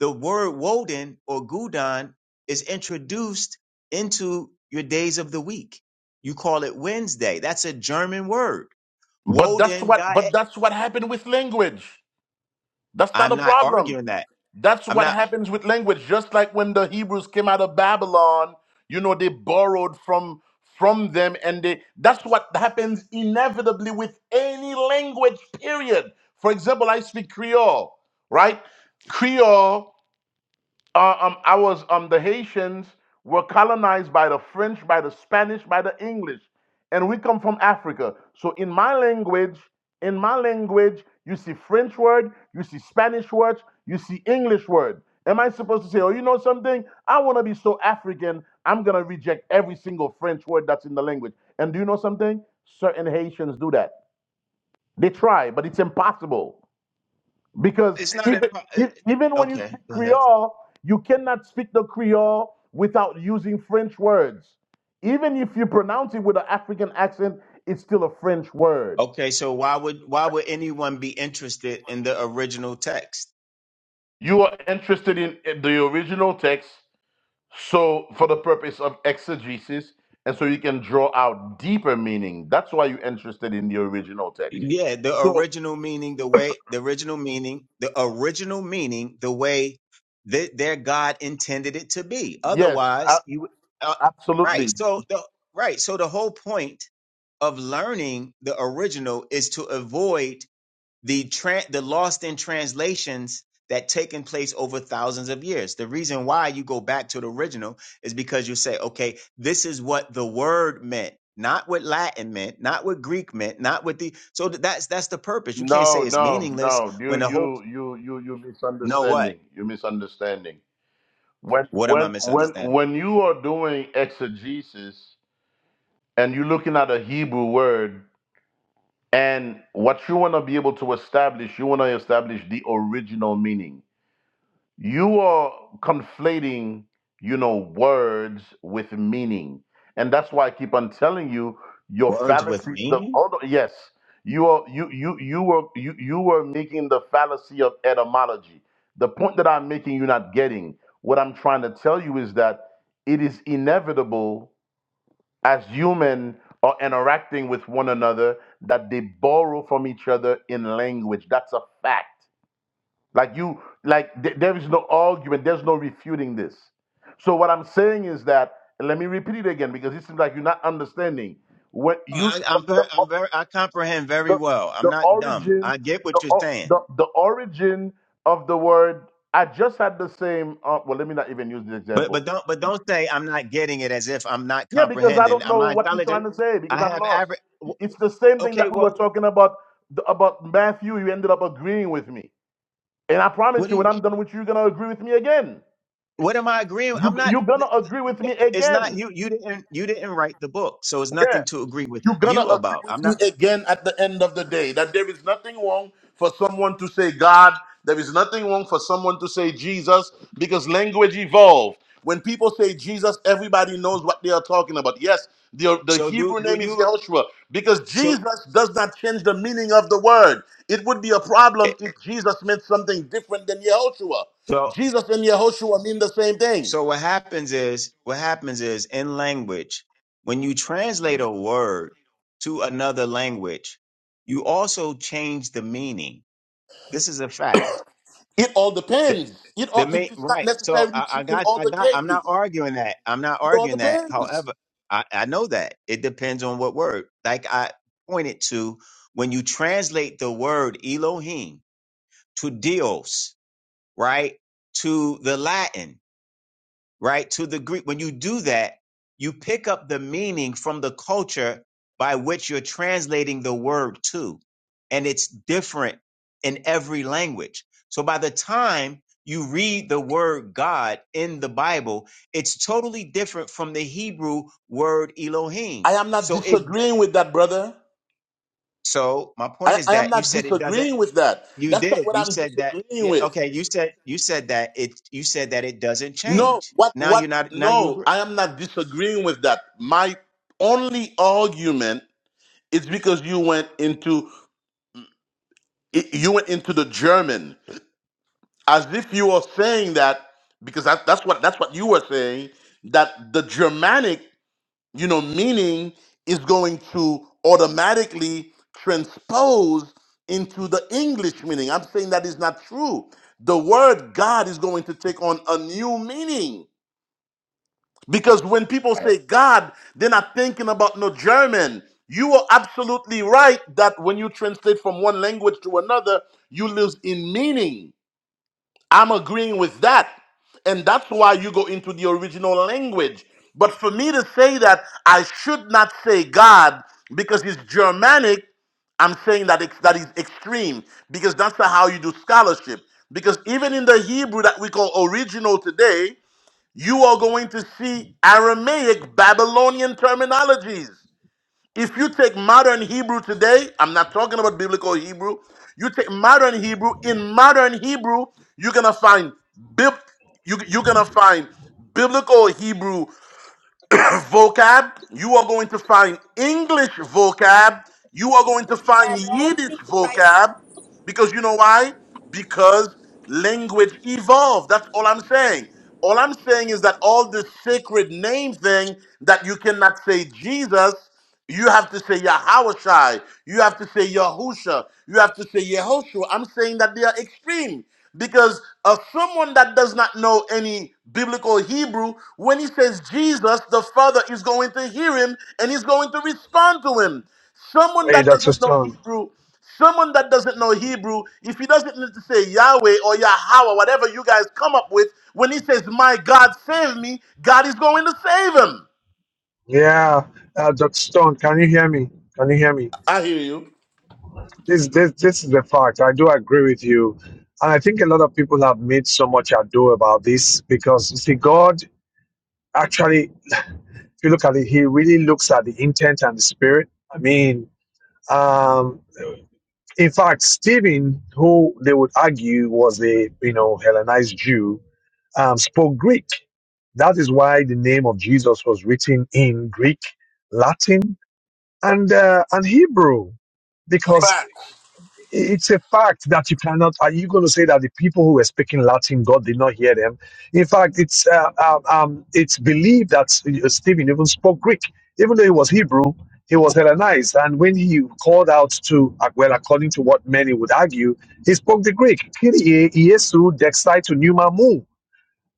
Speaker 8: the word Woden or Gudan is introduced into your days of the week. You call it Wednesday. That's a German word
Speaker 3: But that's
Speaker 8: Woden
Speaker 3: what,
Speaker 8: die.
Speaker 3: but that's what happened with language. That's not
Speaker 8: I'm
Speaker 3: a
Speaker 8: not
Speaker 3: problem.
Speaker 8: arguing that.
Speaker 3: That's
Speaker 8: I'm
Speaker 3: what
Speaker 8: not.
Speaker 3: happens with language. Just like when the Hebrews came out of Babylon, you know, they borrowed from from them and they that's what happens inevitably with any language, period. For example, I speak Creole, right? Creole uh, um, I was um, the Haitians were colonized by the French, by the Spanish, by the English, and we come from Africa. So in my language, in my language, you see French word, you see Spanish words, you see English word. Am I supposed to say, oh, you know something? I want to be so African, I'm gonna reject every single French word that's in the language. And do you know something? Certain Haitians do that. They try, but it's impossible. Because
Speaker 8: It's not.
Speaker 3: even,
Speaker 8: impo- it- it-
Speaker 3: even when you
Speaker 8: Okay,
Speaker 3: speak
Speaker 8: go ahead.
Speaker 3: Creole, you cannot speak the Creole without using French words. Even if you pronounce it with an African accent, it's still a French word.
Speaker 8: Okay, so why would why would anyone be interested in the original text?
Speaker 3: You are interested in the original text, so for the purpose of exegesis, and so you can draw out deeper meaning. That's why you're interested in the original text.
Speaker 8: Yeah, the
Speaker 3: So,
Speaker 8: original meaning, the way the original meaning, the original meaning, the way that their God intended it to be.
Speaker 3: yes,
Speaker 8: Otherwise,
Speaker 3: a-
Speaker 8: you uh, right.
Speaker 3: absolutely.
Speaker 8: So the right. So the whole point of learning the original is to avoid the tran the lost in translations that taken place over thousands of years. The reason why you go back to the original is because you say, okay, this is what the word meant, not what Latin meant, not what Greek meant, not what the so th- that's that's the purpose. You can't
Speaker 3: No,
Speaker 8: say it's
Speaker 3: no,
Speaker 8: meaningless
Speaker 3: no. You,
Speaker 8: when the whole
Speaker 3: you, you, you, you
Speaker 8: No, what?
Speaker 3: misunderstanding. You misunderstanding. When,
Speaker 8: What am I
Speaker 3: when, when,
Speaker 8: misunderstanding?
Speaker 3: when you are doing exegesis and you're looking at a Hebrew word, and what you want to be able to establish, you want to establish the original meaning you are conflating you know words with meaning and that's why i keep on telling you your
Speaker 8: Words with
Speaker 3: fallacy the
Speaker 8: meaning?
Speaker 3: hold on, yes you are you you you were you you were making the fallacy of etymology the point that i'm making you're not getting what i'm trying to tell you is that it is inevitable as human are interacting with one another that they borrow from each other in language that's a fact like you, like th- there is no argument. There's no refuting this. So what I'm saying is that, and let me repeat it again because it seems like you're not understanding. When you
Speaker 8: I, I'm
Speaker 3: the
Speaker 8: very, I'm very, I comprehend very
Speaker 3: the,
Speaker 8: well. I'm
Speaker 3: the
Speaker 8: not dumb.
Speaker 3: origin
Speaker 8: I get
Speaker 3: the,
Speaker 8: what you're
Speaker 3: o-
Speaker 8: saying.
Speaker 3: the the origin of the word, I just had the same. Uh, well, let me not even use the
Speaker 8: But but
Speaker 3: example.
Speaker 8: don't but don't say I'm not getting it as if I'm not
Speaker 3: Yeah, because I
Speaker 8: comprehending.
Speaker 3: don't
Speaker 8: Am
Speaker 3: know
Speaker 8: I
Speaker 3: what you're
Speaker 8: intelligent?
Speaker 3: trying to say
Speaker 8: I
Speaker 3: because I'm
Speaker 8: have
Speaker 3: lost.
Speaker 8: average.
Speaker 3: It's the same thing
Speaker 8: Okay,
Speaker 3: that we
Speaker 8: well,
Speaker 3: were talking about the, about Matthew. You ended up agreeing with me, and I
Speaker 8: what
Speaker 3: promise
Speaker 8: do
Speaker 3: you, when
Speaker 8: you?
Speaker 3: I'm done with you, you're gonna agree with me again.
Speaker 8: What am I agreeing?
Speaker 3: You
Speaker 8: I'm not.
Speaker 3: you're gonna agree with me
Speaker 8: It's not
Speaker 3: again.
Speaker 8: you. You didn't. You didn't write the book, so it's
Speaker 3: Yeah.
Speaker 8: nothing to agree with
Speaker 3: You're gonna
Speaker 8: you
Speaker 3: agree
Speaker 8: about. I'm
Speaker 3: with me
Speaker 8: not.
Speaker 3: again at the end of the day that there is nothing wrong for someone to say God. There is nothing wrong for someone to say Jesus because language evolved. When people say Jesus, everybody knows what they are talking about. Yes, the, the
Speaker 8: So do
Speaker 3: Hebrew
Speaker 8: do
Speaker 3: name is
Speaker 8: you?
Speaker 3: Yehoshua because
Speaker 8: So
Speaker 3: Jesus does not change the meaning of the word. It would be a
Speaker 8: eh,
Speaker 3: problem if Jesus meant something different than Yehoshua.
Speaker 8: so
Speaker 3: Jesus and Yehoshua mean the same thing.
Speaker 8: so what happens is what happens is in language when you translate a word to another language, you also change the meaning. This is a fact
Speaker 3: It all depends. It
Speaker 8: The
Speaker 3: all
Speaker 8: main
Speaker 3: it is not
Speaker 8: right. So
Speaker 3: necessarily
Speaker 8: I, I
Speaker 3: true in
Speaker 8: got
Speaker 3: all
Speaker 8: I
Speaker 3: the
Speaker 8: got I'm not
Speaker 3: cases.
Speaker 8: arguing that. I'm not
Speaker 3: It all
Speaker 8: arguing that.
Speaker 3: depends.
Speaker 8: However, I, I know that. It depends on what word. Like I pointed to when you translate the word Elohim to Dios, right? To the Latin right? To the Greek. When you do that, you pick up the meaning from the culture by which you're translating the word to. And it's different in every language. So by the time you read the word God in the Bible, it's totally different from the Hebrew word Elohim.
Speaker 3: I am not
Speaker 8: So it
Speaker 3: disagreeing with that, brother.
Speaker 8: so my point
Speaker 3: I,
Speaker 8: is
Speaker 3: I am
Speaker 8: that you
Speaker 3: not
Speaker 8: said it doesn't
Speaker 3: disagreeing with that.
Speaker 8: you
Speaker 3: That's not
Speaker 8: did.
Speaker 3: what
Speaker 8: You
Speaker 3: I'm
Speaker 8: said that
Speaker 3: disagreeing
Speaker 8: yeah,
Speaker 3: with.
Speaker 8: okay, you said you said that it you said that it doesn't
Speaker 3: No,
Speaker 8: change.
Speaker 3: what
Speaker 8: Now
Speaker 3: what
Speaker 8: you're not now you
Speaker 3: no,
Speaker 8: agree.
Speaker 3: I am not disagreeing with that. My only argument is because you went into it- you went into the German as if you were saying that because that, that's what that's what you were saying that the Germanic You know, meaning is going to automatically transpose into the English meaning. I'm saying that is not true. The word God is going to take on a new meaning. Because when people say God, they're not thinking about no German. You are absolutely right that when you translate from one language to another, you lose in meaning. I'm agreeing with that. And that's why you go into the original language. But for me to say that I should not say God because it's Germanic, I'm saying that it's, that is extreme because that's not how you do scholarship. Because even in the Hebrew that we call original today, you are going to see Aramaic Babylonian terminologies. If you take modern Hebrew today, I'm not talking about biblical Hebrew, you take modern Hebrew, in modern Hebrew, you're gonna find bib you, you're gonna find biblical Hebrew vocab, you are going to find English vocab, you are going to find
Speaker 10: at home,
Speaker 3: Yiddish
Speaker 10: big prices.
Speaker 3: vocab, because you know why? Because language evolved. That's all I'm saying. All I'm saying is that all this sacred name thing that you cannot say Jesus, you have to say Yahawashai, you have to say Yahusha, you have to say Yehoshua. I'm saying that they are extreme because of someone that does not know any biblical Hebrew, when he says Jesus, the Father is going to hear him and he's going to respond to him. Someone
Speaker 2: Hey
Speaker 3: that
Speaker 2: Dr.
Speaker 3: doesn't know
Speaker 2: Stone.
Speaker 3: Hebrew, someone that doesn't know Hebrew, if he doesn't need to say Yahweh or Yahweh, whatever you guys come up with, when he says, My God, save me, God is going to save him.
Speaker 2: Yeah. Uh, Dr. Stone, can you hear me? Can you hear me?
Speaker 3: I hear you.
Speaker 2: This, this, this is a fact. I do agree with you. And I think a lot of people have made so much ado about this because, you see, God actually, (laughs) if you look at it, He really looks at the intent and the spirit. I mean, um, in fact, Stephen, who they would argue was a, you know, Hellenized Jew, um, spoke Greek. That is why the name of Jesus was written in Greek, Latin, and uh, and Hebrew, because it's a fact that you cannot. Are you going to say that the people who were speaking Latin, God did not hear them? In fact, it's uh, um, um, it's believed that uh, Stephen even spoke Greek, even though he was Hebrew. He was Hellenized, and when he called out to, uh, well, according to what many would argue, he spoke the Greek. Kyrie Iesu dexai to pneuma mu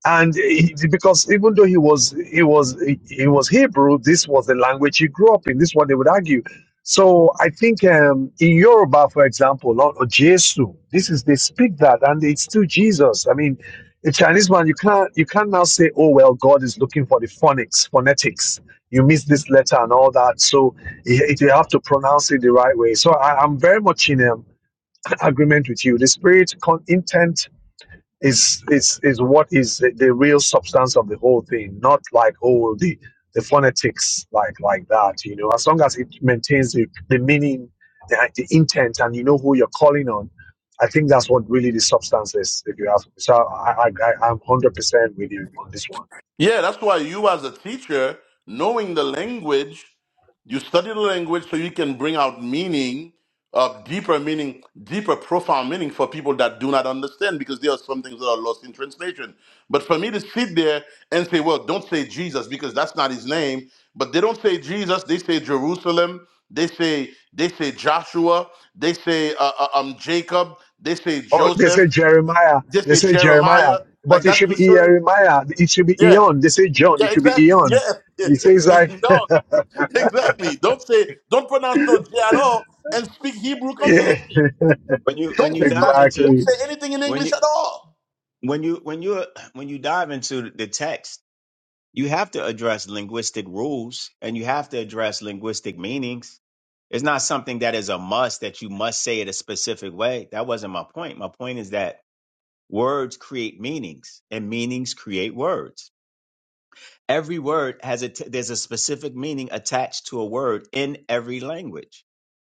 Speaker 2: and he, because even though he was he was he, he was Hebrew, this was the language he grew up in. This is what they would argue. So I think um, in Yoruba, for example, or, or Jesu, this is they speak that, and it's still Jesus. I mean, a Chinese man, you can't you can't now say, oh well, God is looking for the phonics, phonetics. You miss this letter and all that, so it, it- you have to pronounce it the right way. So I, I'm very much in um, (clears throat) (laughs) agreement with you. The spirit con- intent is is is what is the, the real substance of the whole thing not like oh the the phonetics like like that you know as long as it maintains the, the meaning the, the intent and you know who you're calling on i think that's what really the substance is if you ask me so i i, I i'm 100% with you on this one.
Speaker 3: Yeah, that's why you, as a teacher, knowing the language, you study the language so you can bring out meaning, uh, deeper meaning, deeper, profound meaning for people that do not understand because there are some things that are lost in translation. But for me to sit there and say, well, don't say Jesus because that's not his name, but they don't say Jesus, they say Jerusalem, they say they say Joshua, they say uh, uh, um Jacob, they say
Speaker 2: Oh, they say
Speaker 3: Joseph,
Speaker 2: jeremiah
Speaker 3: they
Speaker 2: they
Speaker 3: say
Speaker 2: say jeremiah
Speaker 3: Jeremiah. Like
Speaker 2: but it
Speaker 3: that's
Speaker 2: should
Speaker 3: to
Speaker 2: be
Speaker 3: show,
Speaker 2: jeremiah it should be
Speaker 3: yeah,
Speaker 2: eon they say john it
Speaker 3: yeah,
Speaker 2: should be
Speaker 3: exactly. (laughs)
Speaker 2: eon
Speaker 3: Yeah.
Speaker 2: he says
Speaker 3: (laughs)
Speaker 2: like
Speaker 3: no, exactly. Don't say, don't pronounce no J at all and speak Hebrew
Speaker 2: (laughs) yeah
Speaker 3: completely.
Speaker 8: when you
Speaker 3: Don't
Speaker 8: when
Speaker 2: (laughs)
Speaker 8: you
Speaker 3: speak no,
Speaker 8: dive
Speaker 3: Eng-
Speaker 8: into
Speaker 3: don't
Speaker 2: exactly
Speaker 3: say anything in
Speaker 8: when
Speaker 3: English
Speaker 8: you
Speaker 3: at all.
Speaker 8: when you when you (clears throat) when you dive into the text you have to address linguistic rules and you have to address linguistic meanings it's not something that is a must that you must say it a specific way that wasn't my point my point is that words create meanings and meanings create words every word has a t- there's a specific meaning attached to a word in every language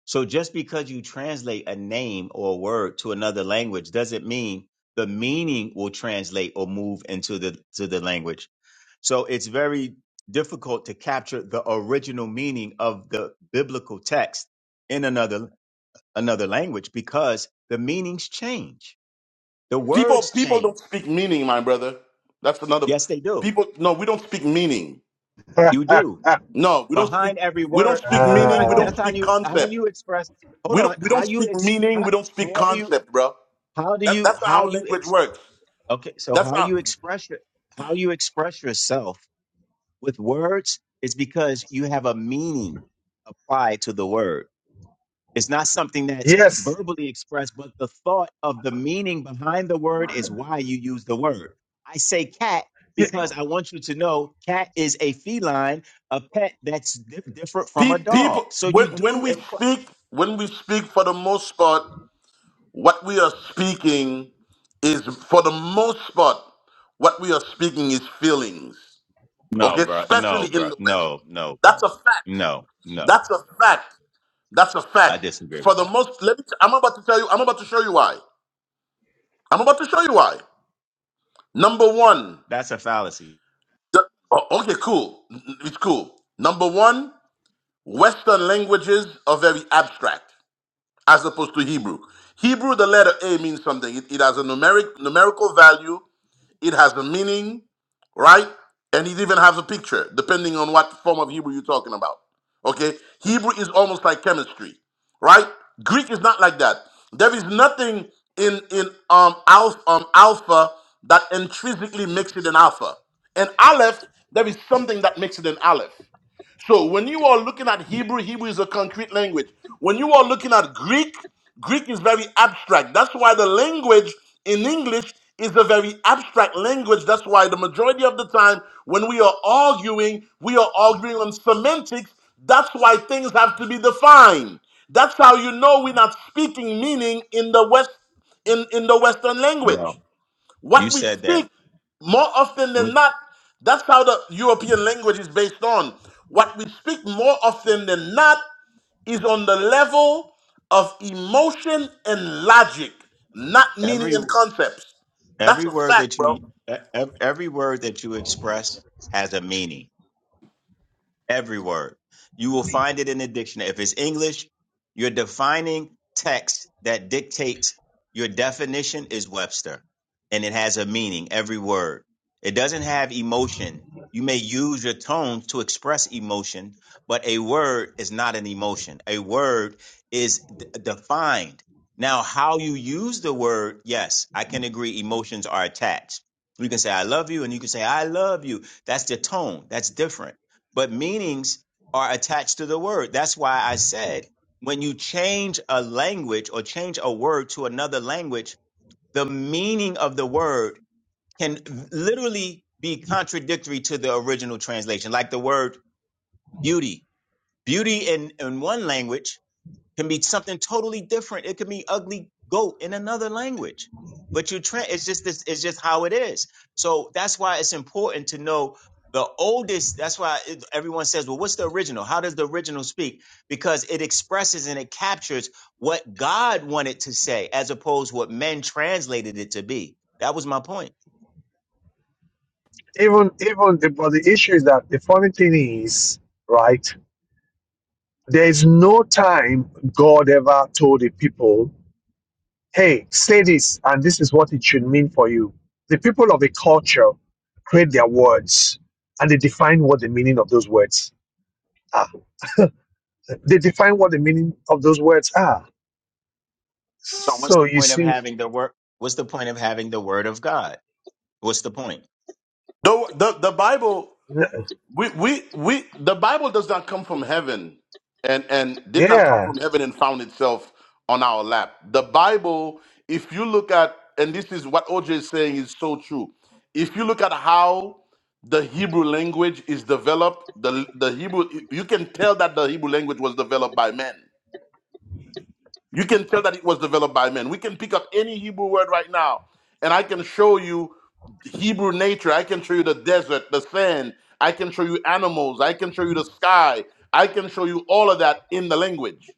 Speaker 8: So just because you translate a name or a word to another language doesn't mean the meaning will translate or move into the to the language. So it's very difficult to capture the original meaning of the biblical text in another another language because the meanings change. The
Speaker 3: People,
Speaker 8: words
Speaker 3: people
Speaker 8: change.
Speaker 3: don't speak meaning, my brother. That's another,
Speaker 8: Yes, they do.
Speaker 3: people, no, we don't speak meaning.
Speaker 8: You do.
Speaker 2: (laughs)
Speaker 3: No, we don't speak,
Speaker 8: Behind every
Speaker 3: we don't
Speaker 8: word,
Speaker 3: speak
Speaker 8: behind
Speaker 3: meaning. We
Speaker 2: Uh,
Speaker 3: don't
Speaker 8: that's how
Speaker 3: speak
Speaker 8: you how
Speaker 3: concept.
Speaker 8: you express hold
Speaker 3: We
Speaker 8: on,
Speaker 3: don't, we
Speaker 8: how
Speaker 3: don't
Speaker 8: you
Speaker 3: speak
Speaker 8: ex
Speaker 3: meaning.
Speaker 8: how,
Speaker 3: We don't speak
Speaker 8: how do you
Speaker 3: concept, bro.
Speaker 8: how do
Speaker 3: That,
Speaker 8: you
Speaker 3: that's not
Speaker 8: how
Speaker 3: how
Speaker 8: you ex?
Speaker 3: language works.
Speaker 8: Okay, so
Speaker 3: That's
Speaker 8: how
Speaker 3: not,
Speaker 8: you express your, how you express yourself with words is because you have a meaning applied to the word. It's not something that's
Speaker 2: yes,
Speaker 8: verbally expressed, but the thought of the meaning behind the word is why you use the word. I say cat
Speaker 2: e-
Speaker 8: because I want you to know cat is a feline, a pet that's di- different from
Speaker 3: pe-
Speaker 8: a
Speaker 3: people,
Speaker 8: dog. So you
Speaker 3: when,
Speaker 8: do
Speaker 3: when we
Speaker 8: imply.
Speaker 3: speak, when we speak for the most part, What we are speaking is, for the most part, what we are speaking is feelings,
Speaker 8: No,
Speaker 3: okay?
Speaker 8: bro. No,
Speaker 3: Especially in
Speaker 8: bro.
Speaker 3: the West.
Speaker 8: No, no, bro.
Speaker 3: That's a fact.
Speaker 8: No, no.
Speaker 3: That's a fact. That's a
Speaker 8: I
Speaker 3: fact.
Speaker 8: disagree
Speaker 3: For
Speaker 8: with
Speaker 3: the
Speaker 8: that.
Speaker 3: most, let me. T- I'm about to tell you. I'm about to show you why. I'm about to show you why. Number one.
Speaker 8: That's a fallacy,
Speaker 3: The, oh, okay, cool. It's cool. Number one. Western languages are very abstract, as opposed to Hebrew. Hebrew, the letter A means something. It, it has a numeric numerical value it has a meaning, right? And it even has a picture, depending on what form of Hebrew you're talking about. Okay? Hebrew is almost like chemistry, right? Greek is not like that. There is nothing in in um alpha, um, alpha that intrinsically makes it an alpha. And aleph, there is something that makes it an aleph. So when you are looking at Hebrew, Hebrew is a concrete language. When you are looking at Greek, Greek is very abstract. That's why the language in English is a very abstract language. That's why the majority of the time when we are arguing, we are arguing on semantics. That's why things have to be defined. That's how you know we're not speaking meaning in the West in, in the Western
Speaker 8: bro.
Speaker 3: language.
Speaker 8: You
Speaker 3: What we
Speaker 8: said that
Speaker 3: speak more often than
Speaker 8: with
Speaker 3: not, that's how the European language is based on. What we speak more often than not is on the level of emotion and logic, not meaning
Speaker 8: every
Speaker 3: and concepts. That's
Speaker 8: every
Speaker 3: a
Speaker 8: word
Speaker 3: fact,
Speaker 8: that you
Speaker 3: bro.
Speaker 8: e- ev- every word that you express has a meaning. Every word. You will find it in the dictionary. If it's English, your defining text that dictates your definition is Webster and it has a meaning, every word. It doesn't have emotion. You may use your tone to express emotion, but a word is not an emotion. A word is d- defined. Now, how you use the word, yes, I can agree emotions are attached. You can say, I love you, and you can say, I love you. That's the tone. That's different but meanings are attached to the word. That's why I said when you change a language or change a word to another language, the meaning of the word can literally be contradictory to the original translation, like the word beauty. Beauty in, in one language can be something totally different. It could be ugly goat in another language. But you tra it's just this it's just how it is. So that's why it's important to know the oldest that's why it, everyone says, "Well, what's the original? How does the original speak?" Because it expresses and it captures what God wanted to say as opposed to what men translated it to be. That was my point.
Speaker 2: even even the but the issue is that the funny thing is, right? There is no time God ever told the people, "Hey, say this, and this is what it should mean for you." The people of a culture create their words, and they define what the meaning of those words are. They define what the meaning of those words are.
Speaker 8: So what's
Speaker 2: So
Speaker 8: the
Speaker 2: you
Speaker 8: point of
Speaker 2: see,
Speaker 8: having the word what's the point of having the word of God? What's the point?
Speaker 3: The, the, the Bible. we we we the bible does not come from heaven and and did not come
Speaker 2: yeah,
Speaker 3: from heaven and found itself on our lap the bible if you look at and this is what oj is saying is so true if you look at how the hebrew language is developed the the hebrew you can tell that the hebrew language was developed by men you can tell that it was developed by men. We can pick up any Hebrew word right now, and I can show you Hebrew nature. I can show you the desert, the sand. I can show you animals. I can show you the sky. I can show you all of that in the language.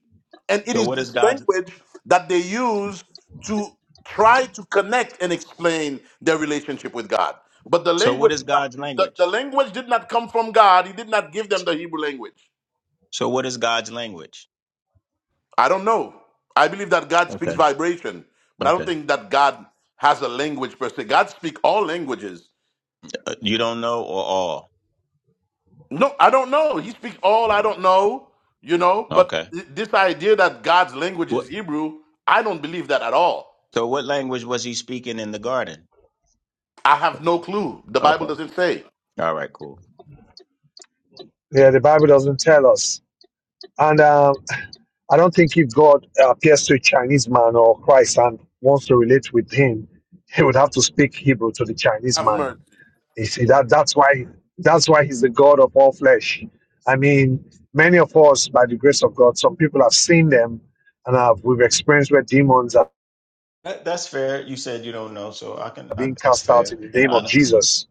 Speaker 3: And it
Speaker 8: So
Speaker 3: is
Speaker 8: what is
Speaker 3: this
Speaker 8: God's
Speaker 3: language that they use to try to connect and explain their relationship with God. But the
Speaker 8: so what
Speaker 3: language
Speaker 8: is
Speaker 3: did not,
Speaker 8: God's
Speaker 3: the, the
Speaker 8: language?
Speaker 3: language did not come from God. He did not give them the Hebrew language.
Speaker 8: So what is God's language?
Speaker 3: I don't know. I believe that God speaks
Speaker 8: Okay.
Speaker 3: vibration, but I don't
Speaker 8: Okay.
Speaker 3: think that God has a language per se. God speaks all languages.
Speaker 8: Uh, You don't know or all?
Speaker 3: No, I don't know. He speaks all I don't know, you know, but
Speaker 8: Okay.
Speaker 3: th- this idea that God's language
Speaker 8: What?
Speaker 3: is Hebrew, I don't believe that at all.
Speaker 8: So what language was he speaking in the garden?
Speaker 3: I have no clue. The Bible
Speaker 8: Okay.
Speaker 3: doesn't say.
Speaker 8: All right, cool.
Speaker 2: yeah. The Bible doesn't tell us, and uh, I don't think if God appears to a Chinese man or Christ and wants to relate with him, he would have to speak Hebrew to the Chinese
Speaker 3: Have mercy.
Speaker 2: man. You see that that's why that's why he's the God of all flesh. I mean, many of us, by the grace of God, some people have seen them and have we've experienced where demons are
Speaker 8: That, that's fair. You said you don't know, so I can. I,
Speaker 2: being
Speaker 8: that's
Speaker 2: cast out
Speaker 8: fair
Speaker 2: in the
Speaker 8: and
Speaker 2: name of
Speaker 8: honest.
Speaker 2: Jesus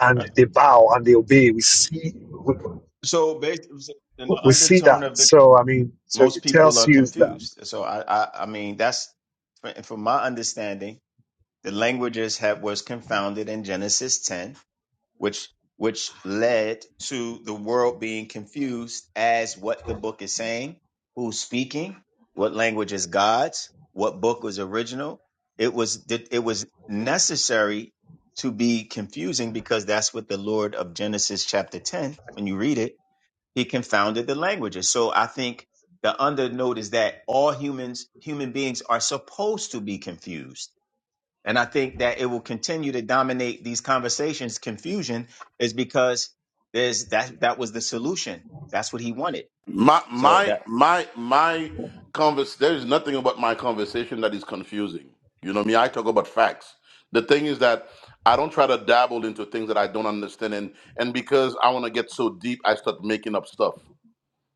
Speaker 2: and
Speaker 8: Right.
Speaker 2: they bow and they obey. We see we,
Speaker 8: So basically, in the
Speaker 2: we see
Speaker 8: undertone
Speaker 2: that.
Speaker 8: of the
Speaker 2: So I mean, so
Speaker 8: most
Speaker 2: it
Speaker 8: people
Speaker 2: tells
Speaker 8: are
Speaker 2: you that.
Speaker 8: confused. So I, I, I mean, that's from from my understanding. The languages have was confounded in Genesis ten, which which led to the world being confused as what the book is saying, who's speaking, what language is God's, what book was original. It was it was necessary to be confusing because that's what the Lord of Genesis chapter 10, when you read it, he confounded the languages. So I think the undernote is that all humans, human beings are supposed to be confused and I think that it will continue to dominate these conversations. Confusion is because there's that that was the solution. That's what he wanted.
Speaker 3: My
Speaker 8: So
Speaker 3: my
Speaker 8: that
Speaker 3: my my convers there is nothing about my conversation that is confusing. You know me, I talk about facts. The thing is that I don't try to dabble into things that I don't understand and and because I want to get so deep I start making up stuff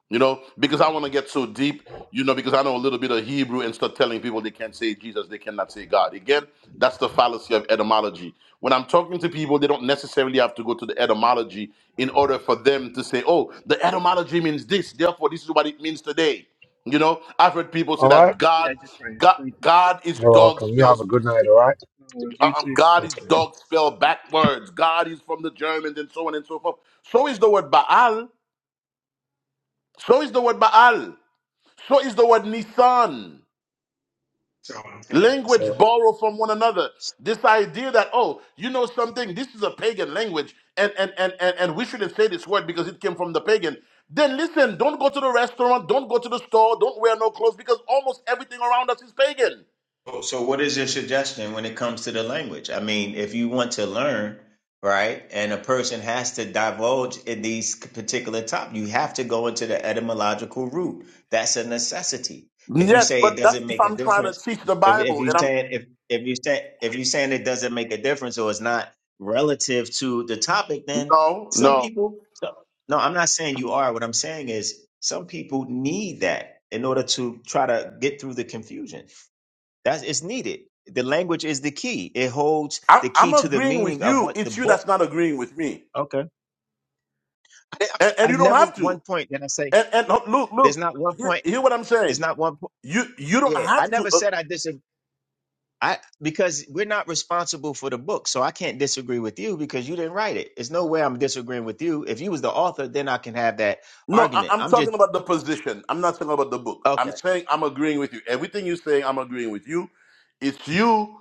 Speaker 3: you know, because I want to get so deep, you know, because I know a little bit of Hebrew and start telling people they can't say Jesus, they cannot say God. Again, that's the fallacy of etymology. When I'm talking to people, they don't necessarily have to go to the etymology in order for them to say, oh, the etymology means this, therefore, this is what it means today. You know, I've heard people say
Speaker 2: All right.
Speaker 3: that God, God, God is
Speaker 2: You're
Speaker 3: dog
Speaker 2: welcome. You have
Speaker 3: spells.
Speaker 2: a good night, all right?
Speaker 3: uh, um, God
Speaker 2: Take
Speaker 3: is
Speaker 2: care.
Speaker 3: dog spelled backwards. God is from the Germans and so on and so forth. So is the word Baal. So is the word Baal. So is the word Nissan.
Speaker 8: So okay.
Speaker 3: Language
Speaker 8: So.
Speaker 3: borrow from one another. This idea that, oh, you know something, this is a pagan language, and and and and, and we shouldn't say this word because it came from the pagan. Then listen, don't go to the restaurant, don't go to the store, don't wear no clothes because almost everything around us is pagan.
Speaker 8: Oh, So, what is your suggestion when it comes to the language? I mean, if you want to learn, right, and a person has to divulge in these particular top, you have to go into the etymological root. That's a necessity. If you
Speaker 3: Yes,
Speaker 8: say
Speaker 3: but
Speaker 8: it
Speaker 3: that's
Speaker 8: doesn't
Speaker 3: if
Speaker 8: make a
Speaker 3: I'm trying to
Speaker 8: difference,
Speaker 3: teach the
Speaker 8: if if
Speaker 3: Bible
Speaker 8: you
Speaker 3: and I'm
Speaker 8: saying if if you say if you saying it doesn't make a difference or it's not relative to the topic, then
Speaker 3: no,
Speaker 8: some
Speaker 3: no.
Speaker 8: people. So, no, I'm not saying you are. What I'm saying is some people need that in order to try to get through the confusion that's it's needed. The language is the key. It holds
Speaker 3: I'm,
Speaker 8: the
Speaker 3: I'm
Speaker 8: key to the
Speaker 3: agreeing
Speaker 8: meaning
Speaker 3: with
Speaker 8: of
Speaker 3: you.
Speaker 8: what the
Speaker 3: It's you
Speaker 8: book.
Speaker 3: that's not agreeing with me,
Speaker 8: Okay. I, I'm not-
Speaker 3: and, and you
Speaker 8: I've
Speaker 3: don't
Speaker 8: never
Speaker 3: have
Speaker 8: one
Speaker 3: to.
Speaker 8: point that I say
Speaker 3: And and look, look,
Speaker 8: there's not one
Speaker 3: hear,
Speaker 8: point.
Speaker 3: hear what I'm
Speaker 8: It's
Speaker 3: saying.
Speaker 8: not one point.
Speaker 3: You you don't
Speaker 8: Yeah, I
Speaker 3: have to.
Speaker 8: never
Speaker 3: uh,
Speaker 8: said I disagree. I because we're not responsible for the book, so I can't disagree with you because you didn't write it. There's no way I'm disagreeing with you. If you was the author, then I can have that
Speaker 3: No, I,
Speaker 8: argument.
Speaker 3: I'm
Speaker 8: I'm just
Speaker 3: talking about the position. I'm not talking about the book.
Speaker 8: okay.
Speaker 3: I'm saying I'm agreeing with you. Everything you're saying, I'm agreeing with you. It's you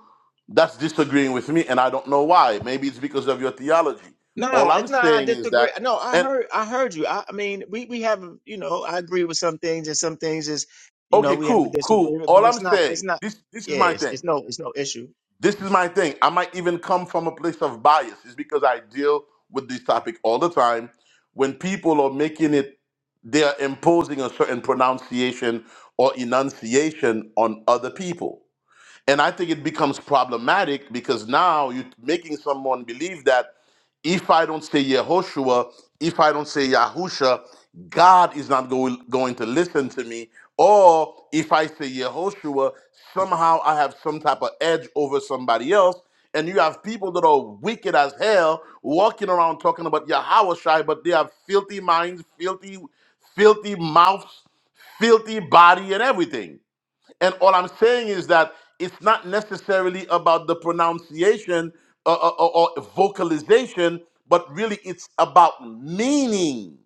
Speaker 3: that's disagreeing with me, and I don't know why. Maybe it's because of your theology.
Speaker 8: No,
Speaker 3: All I'm
Speaker 8: it's not. I
Speaker 3: saying is
Speaker 8: disagree.
Speaker 3: that,
Speaker 8: No, I
Speaker 3: and
Speaker 8: heard. I heard you. I, I mean, we we have. You know, I agree with some things, and some things is, you know,
Speaker 3: okay,
Speaker 8: we have a
Speaker 3: cool, cool.
Speaker 8: disagreement. But
Speaker 3: All
Speaker 8: it's
Speaker 3: I'm
Speaker 8: not. It's
Speaker 3: saying,
Speaker 8: not.
Speaker 3: this this is
Speaker 8: Yeah,
Speaker 3: my
Speaker 8: it's,
Speaker 3: thing.
Speaker 8: it's no. It's no issue.
Speaker 3: this is my thing. I might even come from a place of bias. It's because I deal with this topic all the time. When people are making it, they are imposing a certain pronunciation or enunciation on other people. And I think it becomes problematic because now you're making someone believe that if I don't say Yehoshua, if I don't say Yahusha, God is not going, going to listen to me. Or if I say Yehoshua, somehow I have some type of edge over somebody else. And you have people that are wicked as hell walking around talking about Yahawashai, but they have filthy minds, filthy, filthy mouths, filthy body, and everything. And all I'm saying is that it's not necessarily about the pronunciation or, or, or vocalization, but really it's about meaning.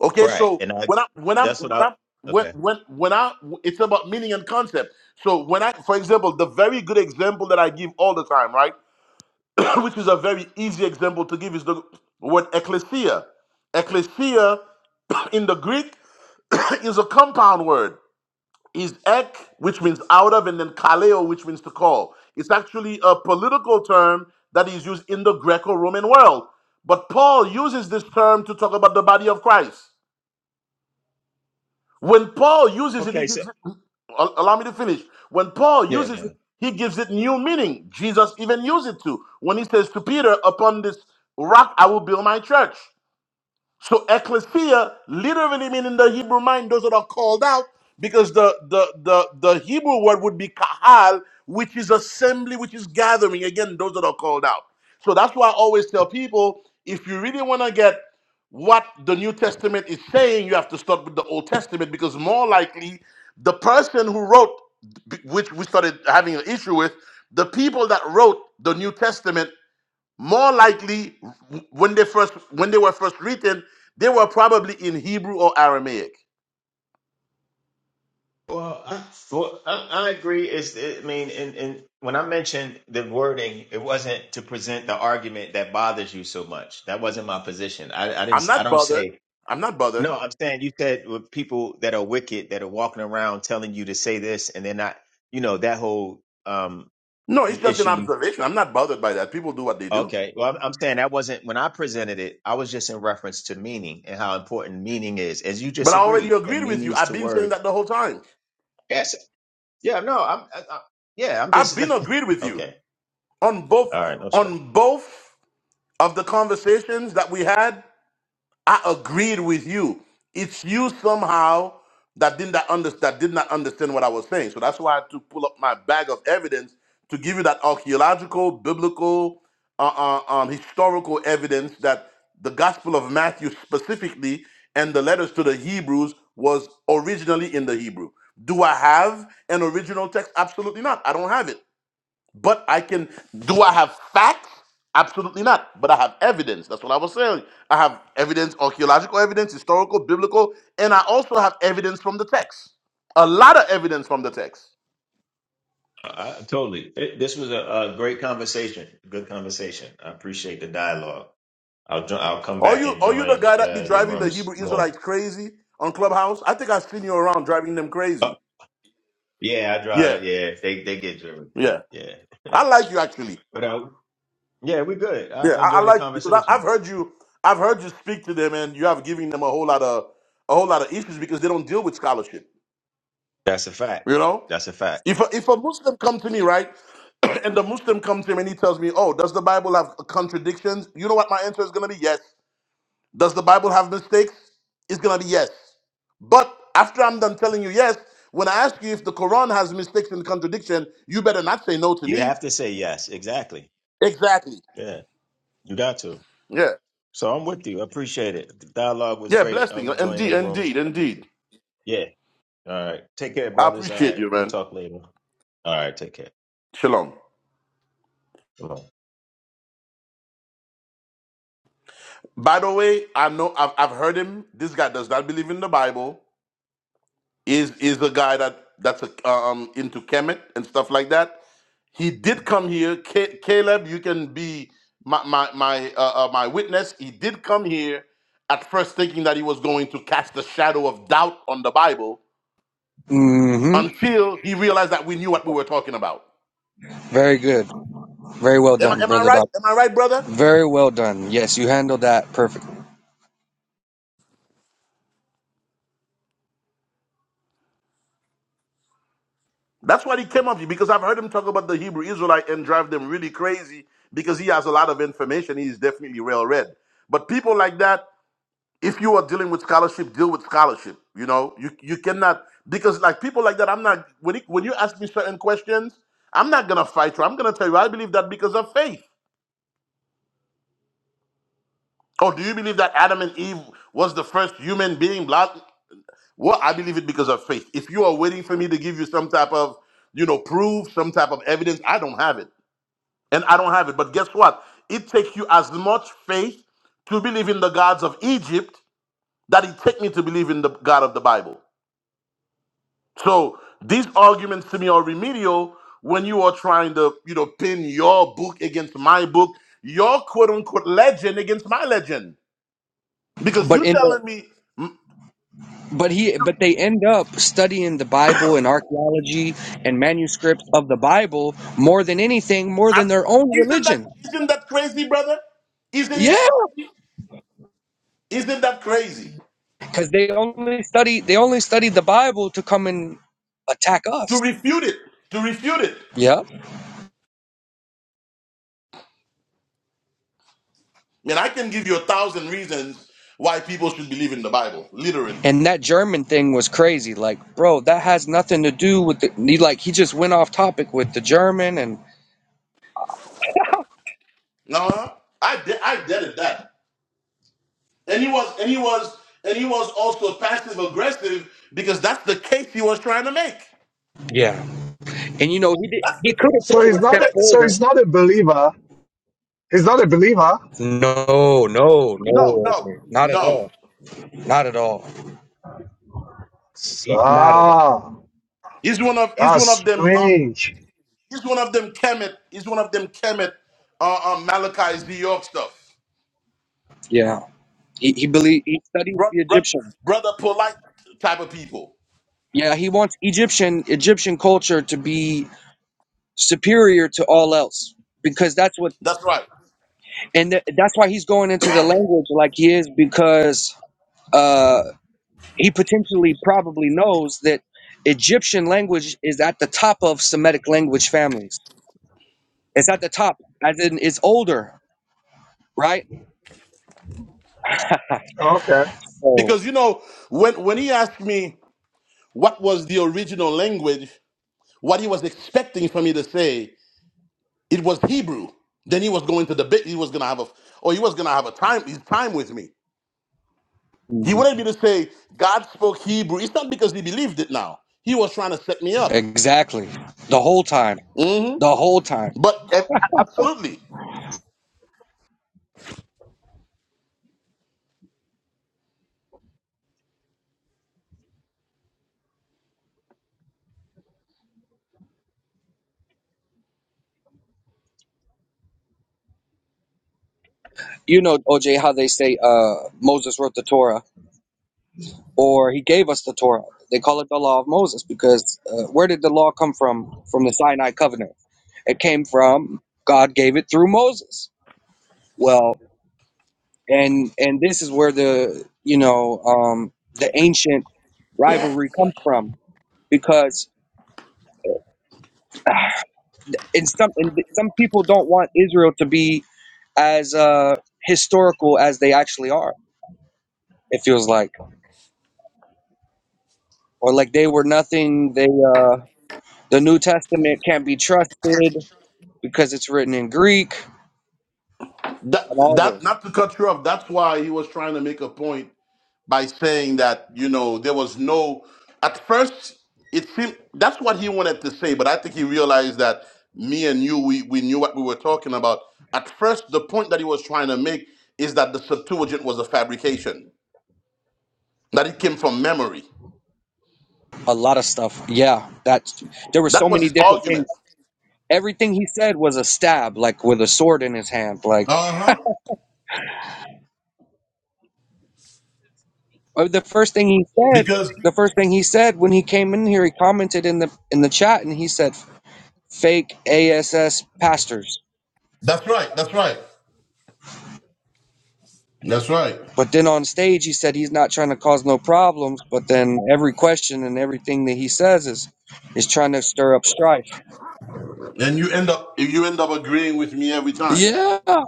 Speaker 3: Okay,
Speaker 8: Right.
Speaker 3: so
Speaker 8: And I
Speaker 3: when I when I'm
Speaker 8: that's
Speaker 3: when
Speaker 8: what I
Speaker 3: i when
Speaker 8: okay.
Speaker 3: when when I it's about meaning and concept. So when I, for example, the very good example that I give all the time, right, (coughs) (clears throat) which is a very easy example to give, is the word ecclesia. Ecclesia (coughs) (clears throat) in the Greek (coughs) (clears throat) is a compound word is ek, which means out of, and then kaleo, which means to call. It's actually a political term that is used in the Greco Roman world. But Paul uses this term to talk about the body of Christ. When Paul uses it, he
Speaker 8: Okay, so
Speaker 3: gives it, al- allow me to finish. When Paul
Speaker 8: Yeah, go
Speaker 3: uses it,
Speaker 8: ahead.
Speaker 3: he gives it new meaning. Jesus even used it to. When he says to Peter, upon this rock I will build my church. So ecclesia literally meaning in the Hebrew mind, those that are called out, because the the the, the Hebrew word would be kahal, which is assembly, which is gathering. Again, those that are called out. So that's why I always tell people, if you really want to get what the New Testament is saying, you have to start with the Old Testament, because more likely the person who wrote, which we started having an issue with, the people that wrote the New Testament more likely, when they first when they were first written, they were probably in Hebrew or Aramaic.
Speaker 8: Well, I, well, I, I agree. Is I mean, and, and when I mentioned the wording, it wasn't to present the argument that bothers you so much. That wasn't my position. I, I
Speaker 3: I'm
Speaker 8: didn't. I
Speaker 3: not
Speaker 8: don't
Speaker 3: bothered.
Speaker 8: say
Speaker 3: I'm not bothered.
Speaker 8: No, I'm saying you said with people that are wicked that are walking around telling you to say this and they're not, you know, that whole um
Speaker 3: No, it's just an
Speaker 8: issue you
Speaker 3: observation. I'm not bothered by that. People do what they do.
Speaker 8: okay. Well, I'm, I'm saying that wasn't when I presented it, I was just in reference to meaning and how important meaning is. As you
Speaker 3: But
Speaker 8: just
Speaker 3: I already
Speaker 8: agreed, that
Speaker 3: agreed with you.
Speaker 8: meanings
Speaker 3: I've
Speaker 8: to
Speaker 3: been saying
Speaker 8: words.
Speaker 3: that the whole time.
Speaker 8: Yes. Yeah, no, I'm I, I, yeah, I'm
Speaker 3: I've
Speaker 8: just
Speaker 3: been agreed
Speaker 8: (laughs)
Speaker 3: with you
Speaker 8: okay.
Speaker 3: on both
Speaker 8: All right, no stress.
Speaker 3: on both of the conversations that we had I agreed with you. It's you somehow that did not understand that did not understand what I was saying. So that's why I had to pull up my bag of evidence to give you that archaeological, biblical, uh, uh, um, historical evidence that the Gospel of Matthew specifically and the letters to the Hebrews was originally in the Hebrew. Do I have an original text? Absolutely not. I don't have it. But I can, do I have facts? Absolutely not. But I have evidence. That's what I was saying. I have evidence, archaeological evidence, historical, biblical, and I also have evidence from the text. A lot of evidence from the text.
Speaker 8: I, I- totally. It, this was a, a great conversation. Good conversation. I appreciate the dialogue. I'll jo- I'll come
Speaker 3: Are
Speaker 8: back
Speaker 3: you
Speaker 8: and
Speaker 3: are you the
Speaker 8: join
Speaker 3: guy that be
Speaker 8: uh, your
Speaker 3: driving the
Speaker 8: rooms
Speaker 3: Hebrew
Speaker 8: more.
Speaker 3: Israelites crazy on Clubhouse? I think I've seen you around driving them crazy.
Speaker 8: Yeah, I drive
Speaker 3: Yeah,
Speaker 8: it. Yeah, they they get driven
Speaker 3: yeah.
Speaker 8: crazy. Yeah,
Speaker 3: I like you actually.
Speaker 8: but uh, yeah, we're good. I,
Speaker 3: Yeah,
Speaker 8: I
Speaker 3: I, I
Speaker 8: enjoyed the
Speaker 3: like you because I,
Speaker 8: conversation.
Speaker 3: I've heard you. I've heard you speak to them, and you have given them a whole lot of a whole lot of issues because they don't deal with scholarship.
Speaker 8: That's a fact.
Speaker 3: You know,
Speaker 8: That's a fact.
Speaker 3: if a, if a Muslim come to me, right, (clears throat) and the Muslim comes to him and he tells me, "Oh, does the Bible have contradictions?" You know what my answer is going to be? Yes. Does the Bible have mistakes? It's going to be yes. But after I'm done telling you yes, when I ask you if the Quran has mistakes and contradiction, you better not say no to
Speaker 8: You
Speaker 3: me.
Speaker 8: have to say yes. Exactly.
Speaker 3: Exactly.
Speaker 8: Yeah, you got to.
Speaker 3: Yeah.
Speaker 8: So I'm with you. I appreciate it. The dialogue was
Speaker 3: Yeah.
Speaker 8: great. I'm
Speaker 3: Blessing.
Speaker 8: enjoying
Speaker 3: Indeed.
Speaker 8: the rooms.
Speaker 3: Indeed. Indeed.
Speaker 8: Yeah. All right. Take care,
Speaker 3: I
Speaker 8: brothers. All
Speaker 3: appreciate
Speaker 8: right.
Speaker 3: you,
Speaker 8: We'll
Speaker 3: man.
Speaker 8: talk later. All right. Take care.
Speaker 3: Shalom.
Speaker 8: Come on.
Speaker 3: By the way, I know I've, I've heard him. This guy does not believe in the Bible. is is a guy that that's a, um into Kemet and stuff like that. He did come here, Ca Caleb. You can be my my my uh, uh, my witness. He did come here at first thinking that he was going to cast the shadow of doubt on the Bible
Speaker 7: hmm
Speaker 3: until he realized that we knew what we were talking about.
Speaker 7: Very good. Very well
Speaker 3: Am I,
Speaker 7: done,
Speaker 3: am I
Speaker 7: brother
Speaker 3: right?
Speaker 7: Doc.
Speaker 3: Am I right, brother?
Speaker 7: Very well done. Yes, you handled that perfectly.
Speaker 3: That's what he came up here because I've heard him talk about the Hebrew Israelite and drive them really crazy because he has a lot of information. He's definitely well read. But people like that if you are dealing with scholarship, deal with scholarship. You know, you you cannot because like people like that. I'm not when it, when you ask me certain questions, I'm not gonna fight you. I'm gonna tell you I believe that because of faith. Or do you believe that Adam and Eve was the first human being? Blah. Well, I believe it because of faith. If you are waiting for me to give you some type of you know proof, some type of evidence, I don't have it, and I don't have it. But guess what? It takes you as much faith to believe in the gods of Egypt that it takes me to believe in the God of the Bible. So these arguments to me are remedial when you are trying to, you know, pin your book against my book, your quote unquote legend against my legend. Because
Speaker 7: But
Speaker 3: you
Speaker 7: in
Speaker 3: telling me, mm,
Speaker 7: but he but they end up studying the bible and archaeology and manuscripts of the bible more than anything more
Speaker 3: I'm,
Speaker 7: than their own
Speaker 3: isn't that
Speaker 7: religion
Speaker 3: isn't that crazy, brother? Isn't it
Speaker 7: yeah
Speaker 3: crazy? Isn't that crazy
Speaker 7: because they only study they only studied the bible to come and attack
Speaker 3: to
Speaker 7: us
Speaker 3: refute it? To refute it,
Speaker 7: yeah
Speaker 3: and I can give you a thousand reasons why people should believe in the Bible, literally.
Speaker 7: and that german thing was crazy like bro that has nothing to do with the he, like he just went off topic with the german and
Speaker 3: No, I de- I dead at that. and he was and he was and he was also passive aggressive because that's the case he was trying to make.
Speaker 7: yeah and you know he did
Speaker 3: That's the case he
Speaker 2: So
Speaker 3: was
Speaker 2: he's
Speaker 3: trying to
Speaker 2: not a,
Speaker 3: make.
Speaker 2: so he's not a believer. He's not a believer.
Speaker 7: no no
Speaker 3: No,
Speaker 7: no
Speaker 3: no,
Speaker 7: not at all
Speaker 3: no.
Speaker 7: not at all
Speaker 2: Ah,
Speaker 3: He's one of he's
Speaker 2: that's
Speaker 3: one of them. Um,
Speaker 2: strange.
Speaker 3: he's one of them. Kemet. He's one of them. Kemet. Uh, um, Malachi's New York stuff.
Speaker 7: yeah he, he believed he studies
Speaker 3: Bro,
Speaker 7: the
Speaker 3: bro,
Speaker 7: egyptian
Speaker 3: brother, polite type of people.
Speaker 7: Yeah, he wants Egyptian Egyptian culture to be superior to all else because that's what
Speaker 3: That's right.
Speaker 7: and th- that's why he's going into the language like he is because uh he potentially probably knows that Egyptian language is at the top of Semitic language families. It's at the top as in it's older, right?
Speaker 2: Okay.
Speaker 7: So
Speaker 3: Because you know when when he asked me what was the original language, what he was expecting for me to say, It was Hebrew. Then he was going to debate. He was gonna have a, or he was gonna have a time his time with me. He wanted me to say God spoke Hebrew. It's not because he believed it. Now he was trying to set me up.
Speaker 7: exactly. The whole time.
Speaker 3: hmm
Speaker 7: The whole time.
Speaker 3: But eh, absolutely,
Speaker 7: You know OJ how they say uh Moses wrote the Torah or he gave us the Torah. They call it the law of Moses because uh, where did the law come from? From the Sinai covenant. It came from God gave it through Moses. Well, and and this is where the you know um, the ancient rivalry comes from because (sighs) ah, in some in some people don't want Israel to be as uh, historical as they actually are. It feels like, or like they were nothing. They uh, the New Testament can't be trusted because it's written in Greek
Speaker 3: that
Speaker 7: and all
Speaker 3: that
Speaker 7: this.
Speaker 3: not to cut you off. That's why he was trying to make a point by saying that you know there was no at first it seemed that's what he wanted to say but i think he realized that me and you we, we knew what we were talking about at first the point that he was trying to make is that the septuagint was a fabrication that it came from memory
Speaker 7: A lot of stuff. Yeah, that's there were
Speaker 3: that
Speaker 7: so
Speaker 3: was
Speaker 7: many
Speaker 3: his
Speaker 7: different things.
Speaker 3: argument
Speaker 7: Everything he said was a stab, like with a sword in his hand. Like
Speaker 3: uh-huh
Speaker 7: uh, the first thing he said,
Speaker 3: because
Speaker 7: the first thing he said when he came in here, he commented in the in the chat and he said fake ASS pastors.
Speaker 3: that's right that's right that's right
Speaker 7: But then on stage he said he's not trying to cause no problems, but then every question and everything that he says is is trying to stir up strife.
Speaker 3: and you end up you end up agreeing with me every time
Speaker 7: Yeah,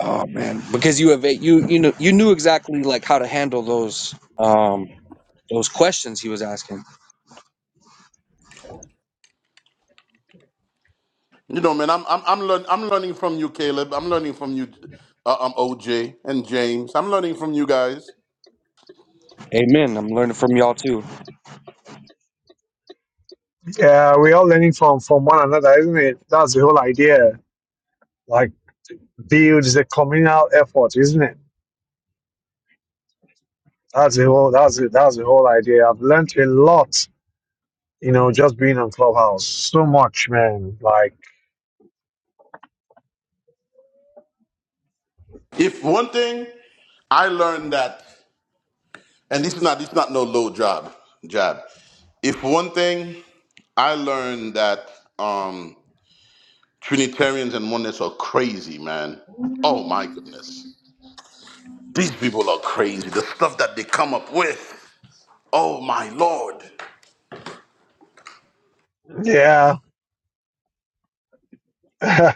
Speaker 7: Oh man, because you have a- you you know you knew exactly like how to handle those um those questions he was asking.
Speaker 3: You know, man, I'm I'm I'm, learn, I'm learning from you, Caleb. I'm learning from you, uh, um, OJ and James. I'm learning from you guys.
Speaker 7: Amen. I'm learning from y'all too.
Speaker 2: Yeah, we're all learning from from one another, isn't it? That's the whole idea. Like build is a communal effort, isn't it? That's the whole that's the, that's the whole idea. I've learned a lot, you know, just being on Clubhouse. So much, man. Like
Speaker 3: If one thing I learned that, and this is not this is not no low job jab. If one thing I learned that um, Trinitarians and Oneness are crazy, man. Oh my goodness, these people are crazy. The stuff that they come up with. Oh my lord.
Speaker 2: yeah. (laughs) the,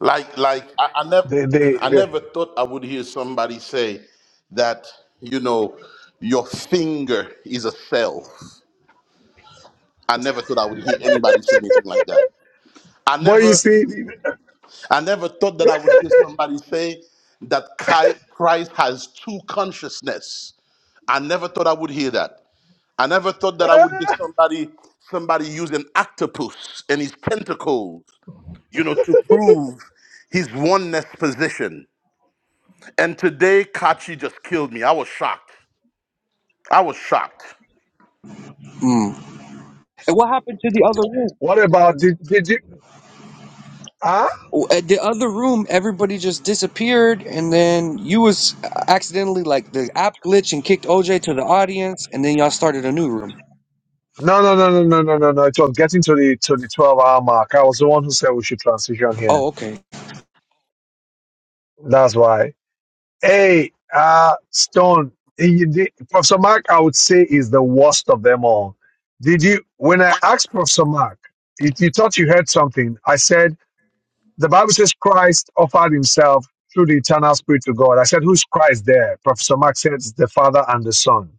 Speaker 3: Like, like I, I never,
Speaker 2: the,
Speaker 3: I
Speaker 2: the,
Speaker 3: never thought I would hear somebody say that you know your finger is a cell. I never thought I would hear anybody say anything like that. I
Speaker 2: (laughs) but you
Speaker 3: never,
Speaker 2: see,
Speaker 3: I never thought that I would hear somebody say that Chi- Christ has two consciousness. I never thought I would hear that. I never thought that I would hear
Speaker 2: (laughs)
Speaker 3: somebody, somebody use an octopus and his tentacles, you know, to prove his oneness position. And today, Kachi just killed me. I was shocked. I was shocked.
Speaker 7: Mm. And what happened to the other room?
Speaker 2: what about did, did you Huh?
Speaker 7: Oh, At the other room, everybody just disappeared, and then you was accidentally like the app glitch and kicked OJ to the audience, and then y'all started a new room.
Speaker 2: No, no, no, no, no, no, no, no. It was getting to the to the twelve hour mark. I was the one who said we should transition here.
Speaker 7: Oh, okay.
Speaker 2: That's why. Hey, uh, Stone, eh, you did- Professor Mark, I would say is the worst of them all. Did you? When I asked Professor Mark, you, you thought you heard something. I said the Bible says Christ offered himself through the eternal Spirit to God. I said, who's Christ there? Professor Mark said it's the Father and the Son.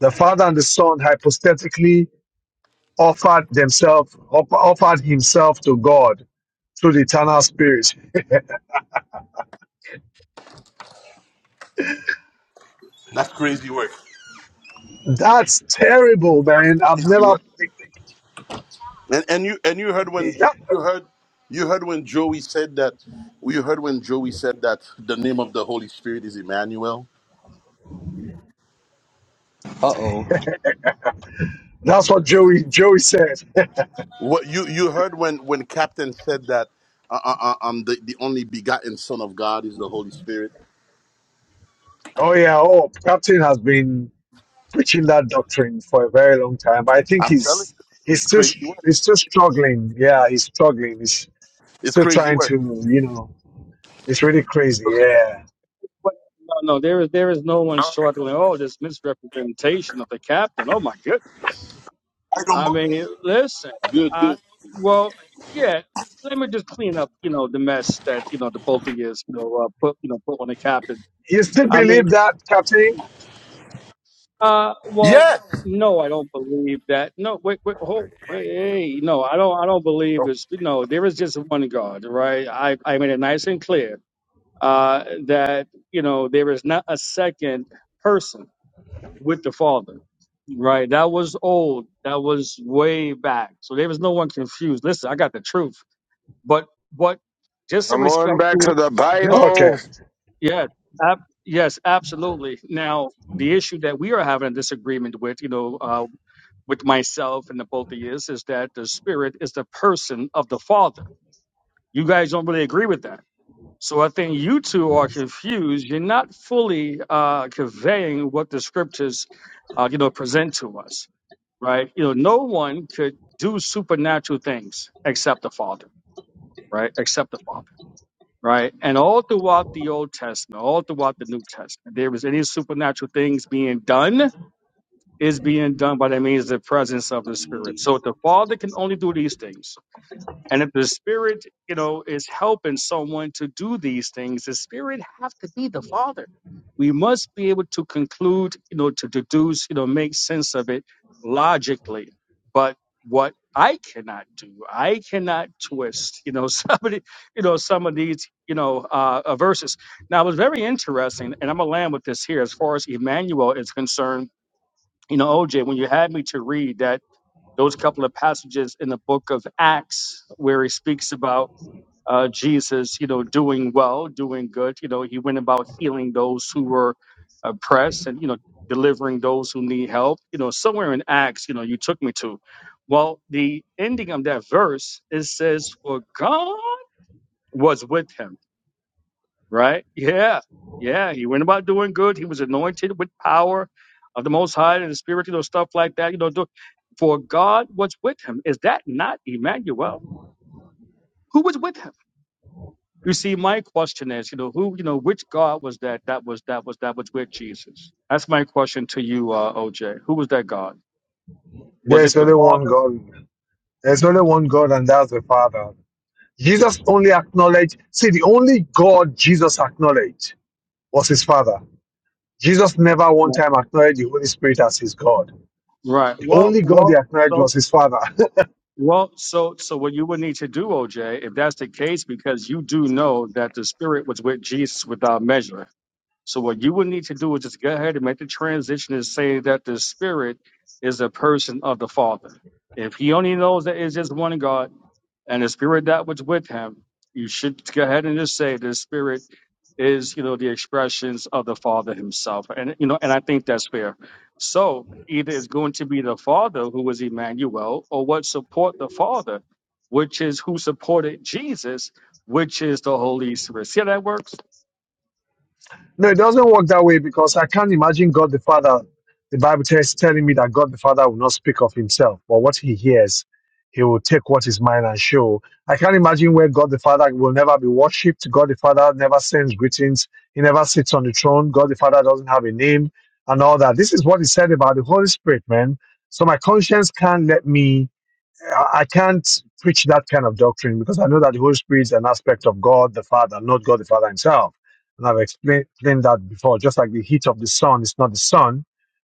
Speaker 2: The Father and the Son hypostatically offered themselves, offered himself to God through the eternal spirit.
Speaker 3: That's crazy work.
Speaker 2: That's terrible, man. I've
Speaker 3: Crazy
Speaker 2: never.
Speaker 3: work. And and you and you heard when
Speaker 2: Yeah,
Speaker 3: you heard you heard when Joey said that you heard when Joey said that the name of the Holy Spirit is Emmanuel.
Speaker 7: Uh oh.
Speaker 2: that's what Joey Joey said. (laughs)
Speaker 3: What you you heard when when Captain said that uh, uh, uh, um the, the only begotten Son of God is the Holy Spirit.
Speaker 2: Oh yeah. Oh, Captain has been preaching that doctrine for a very long time. I think
Speaker 3: I'm telling
Speaker 2: he's
Speaker 3: you,
Speaker 2: he's
Speaker 3: it's
Speaker 2: still
Speaker 3: crazy work.
Speaker 2: he's still struggling. Yeah, he's struggling. He's
Speaker 3: It's
Speaker 2: still
Speaker 3: crazy
Speaker 2: trying
Speaker 3: work.
Speaker 2: to. You know, it's really crazy. Yeah.
Speaker 11: But no, no, there is there is no one struggling. Oh, this misrepresentation of the captain. Oh my goodness.
Speaker 3: I don't.
Speaker 11: I mean,
Speaker 3: believe
Speaker 11: listen.
Speaker 3: Good,
Speaker 11: I
Speaker 3: good.
Speaker 11: well, yeah. Let me just clean up, you know, the mess that you know the both of you, you know, uh, put you know put on the captain.
Speaker 2: You still
Speaker 11: I mean,
Speaker 2: believe that, Captain?
Speaker 11: uh, well,
Speaker 3: Yes.
Speaker 11: no, I don't believe that. No, wait, wait, hold, wait, hey, no, I don't, I don't believe this. No, there is just one God, right? I I made it nice and clear uh, that you know there is not a second person with the Father. Right? That was old. That was way back. So there was no one confused. Listen, I got the truth. But but just in
Speaker 12: Come on
Speaker 11: respect
Speaker 12: back
Speaker 11: to
Speaker 12: to
Speaker 11: it,
Speaker 12: the
Speaker 11: just
Speaker 2: Okay.
Speaker 12: Bible.
Speaker 11: yeah, ab- yes, absolutely. Now the issue that we are having a disagreement with, you know, uh, with myself and the both of you is, is that the spirit is the person of the Father. You guys don't really agree with that. So I think you two are confused. You're not fully uh, conveying what the scriptures, uh, you know, present to us, right? You know, no one could do supernatural things except the Father, right? Except the Father, right? And all throughout the Old Testament, all throughout the New Testament, there was any supernatural things being done is being done by the means of the presence of the Spirit. So the Father can only do these things and if the spirit, you know, is helping someone to do these things, the spirit have to be the father. We must be able to conclude, you know, to deduce, you know, make sense of it logically. But what I cannot do, I cannot twist, you know, (laughs) somebody, you know, some of these, you know, uh, uh, verses. Now it was very interesting, and I'm gonna land with this here as far as Emmanuel is concerned. You know, OJ, when you had me to read that those couple of passages in the book of Acts where he speaks about uh, Jesus, you know, doing well, doing good. You know, he went about healing those who were oppressed and, you know, delivering those who need help. You know, somewhere in Acts, you know, you took me to. Well, the ending of that verse, it says, For God was with him right? Yeah, yeah. He went about doing good. He was anointed with power of the Most High and the Spirit, you know, stuff like that. You know, do, for God was with him. Is that not Emmanuel? Who was with him? You see, my question is, you know, who, you know, which God was that? That was that was that was with Jesus. That's my question to you, uh, OJ. Who was that God? Was
Speaker 2: There's
Speaker 11: it the
Speaker 2: only one
Speaker 11: Father?
Speaker 2: God. There's only one God, and that's the Father. Jesus only acknowledged, see, the only God Jesus acknowledged was his Father. Jesus never one time acknowledged the Holy Spirit as his God.
Speaker 11: Right.
Speaker 2: The
Speaker 11: Well,
Speaker 2: only God he
Speaker 11: well.
Speaker 2: acknowledged
Speaker 11: So
Speaker 2: was his Father. (laughs)
Speaker 11: Well, so so what you would need to do, OJ, if that's the case, because you do know that the Spirit was with Jesus without measure. So what you would need to do is just go ahead and make the transition and say that the Spirit is a person of the Father. If he only knows that it's just one God, and the spirit that was with him. You should go ahead and just say the spirit is, you know, the expressions of the Father Himself, and you know, and I think that's fair. So either it's going to be the Father who is Emmanuel, or what support the Father, which is who supported Jesus, which is the Holy Spirit. See how that works?
Speaker 2: No, it doesn't work that way because I can't imagine God the Father. The Bible tells telling me that God the Father will not speak of himself, but what he hears, he will take what is mine and show. I can't imagine where God the Father will never be worshipped. God the Father never sends greetings. He never sits on the throne. God the Father doesn't have a name and all that. This is what he said about the Holy Spirit, man. So my conscience can't let me I I can't preach that kind of doctrine because I know that the Holy Spirit is an aspect of God the Father, not God the Father himself. And I've explained, explained that before, just like the heat of the sun is not the sun,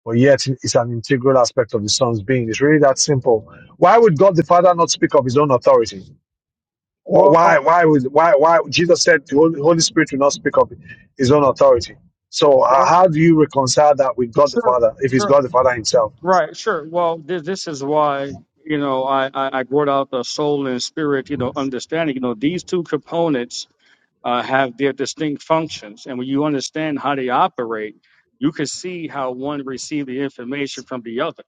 Speaker 2: but yet it's an integral aspect of the sun's being. It's really that simple. Why would God the Father not speak of his own authority? Wh-
Speaker 11: Well,
Speaker 2: Why, why would, why, why, Jesus said the Holy Holy Spirit will not speak of his own authority. So uh,
Speaker 11: well,
Speaker 2: how do you reconcile that with God the
Speaker 11: sure,
Speaker 2: Father if it's
Speaker 11: sure,
Speaker 2: God the Father himself?
Speaker 11: right, sure. Well, this this is why. You know, I, I, I brought out the soul and spirit, you know, understanding. You know, these two components uh, have their distinct functions. And when you understand how they operate, you can see how one receives the information from the other,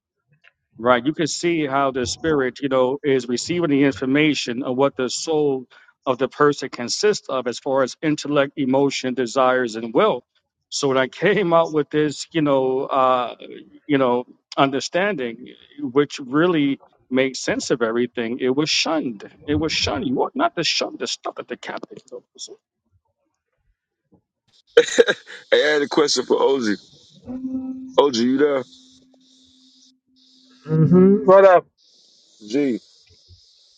Speaker 11: right? You can see how the spirit, you know, is receiving the information of what the soul of the person consists of as far as intellect, emotion, desires, and will. So when I came out with this, you know, uh, you know, understanding, which really makes sense of everything, it was shunned. It was shunned. You ought not to shun the stuff at the capital.
Speaker 12: I had a question for OG. OG, you there?
Speaker 2: But uh,
Speaker 12: G,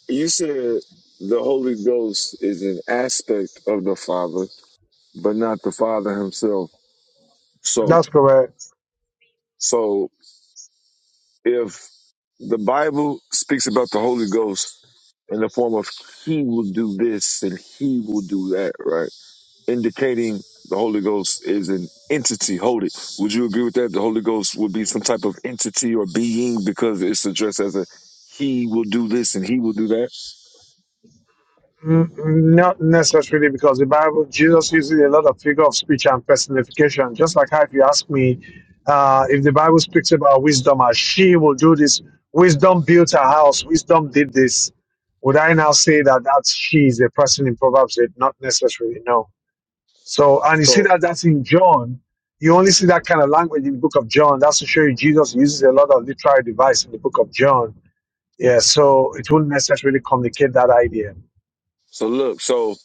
Speaker 12: you said the Holy Ghost is an aspect of the Father, but not the Father himself. So,
Speaker 2: that's correct.
Speaker 12: so if the Bible speaks about the Holy Ghost in the form of He will do this and He will do that, right? indicating the Holy Ghost is an entity. Hold it. Would you agree with that? The Holy Ghost would be some type of entity or being because it's addressed as a he will do this and he will do that.
Speaker 2: Mm, mm, Not necessarily because the Bible, Jesus uses a lot of figure of speech and personification. Just like how if you ask me uh, if the Bible speaks about wisdom as she will do this, wisdom built her house, wisdom did this, would I now say that that she is a person in Proverbs 8? Not necessarily, no. So, and you see
Speaker 12: So
Speaker 2: that that's in John. You only see that kind of language in the book of John. That's to show you Jesus uses a lot of literary device in the book of John. Yeah, so it wouldn't necessarily communicate that idea.
Speaker 12: so look, so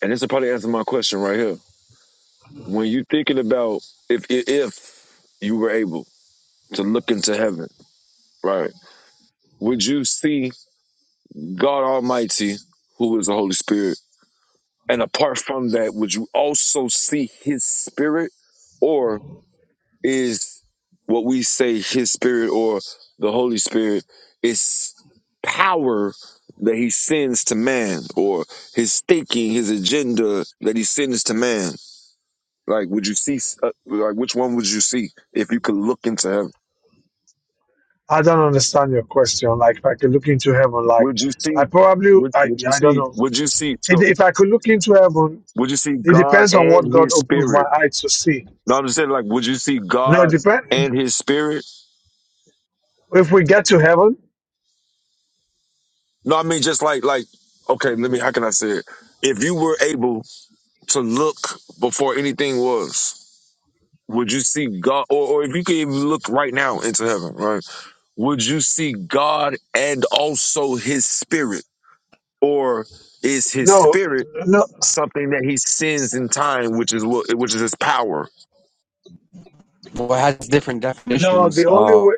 Speaker 12: and this will probably answer my question right here. When you thinking about if if you were able to look into heaven, right, would you see God Almighty, who is the Holy Spirit? And apart from that, would you also see his spirit? or is what we say his spirit or the Holy Spirit is power that he sends to man or his thinking, his agenda that he sends to man. Like, would you see, uh, like, which one would you see if you could look into heaven?
Speaker 2: I don't understand your question. Like, if I could look into heaven, like,
Speaker 12: Would you
Speaker 2: I
Speaker 12: see,
Speaker 2: probably,
Speaker 12: would,
Speaker 2: I,
Speaker 12: would you
Speaker 2: I don't
Speaker 12: see,
Speaker 2: know.
Speaker 12: would you see,
Speaker 2: If
Speaker 12: so,
Speaker 2: if I could look into heaven,
Speaker 12: would you see
Speaker 2: it
Speaker 12: God
Speaker 2: depends on what
Speaker 12: and
Speaker 2: God
Speaker 12: his
Speaker 2: opens my
Speaker 12: spirit?
Speaker 2: eyes to see.
Speaker 12: No, I'm just saying, like, would you see
Speaker 2: No, it
Speaker 12: God
Speaker 2: depend.
Speaker 12: and his spirit?
Speaker 2: If we get to heaven,
Speaker 12: No, I mean, just like, like, okay, let me, how can I say it? If you were able to look before anything was? Would you see God, or, or if you could even look right now into heaven, right? Would you see God and also his spirit? Or is his
Speaker 2: no,
Speaker 12: spirit
Speaker 2: no,
Speaker 12: something that he sends in time, which is what, which is his power?
Speaker 7: Well, it has different
Speaker 2: no.
Speaker 7: definitions.
Speaker 2: The only
Speaker 7: Uh,
Speaker 2: way,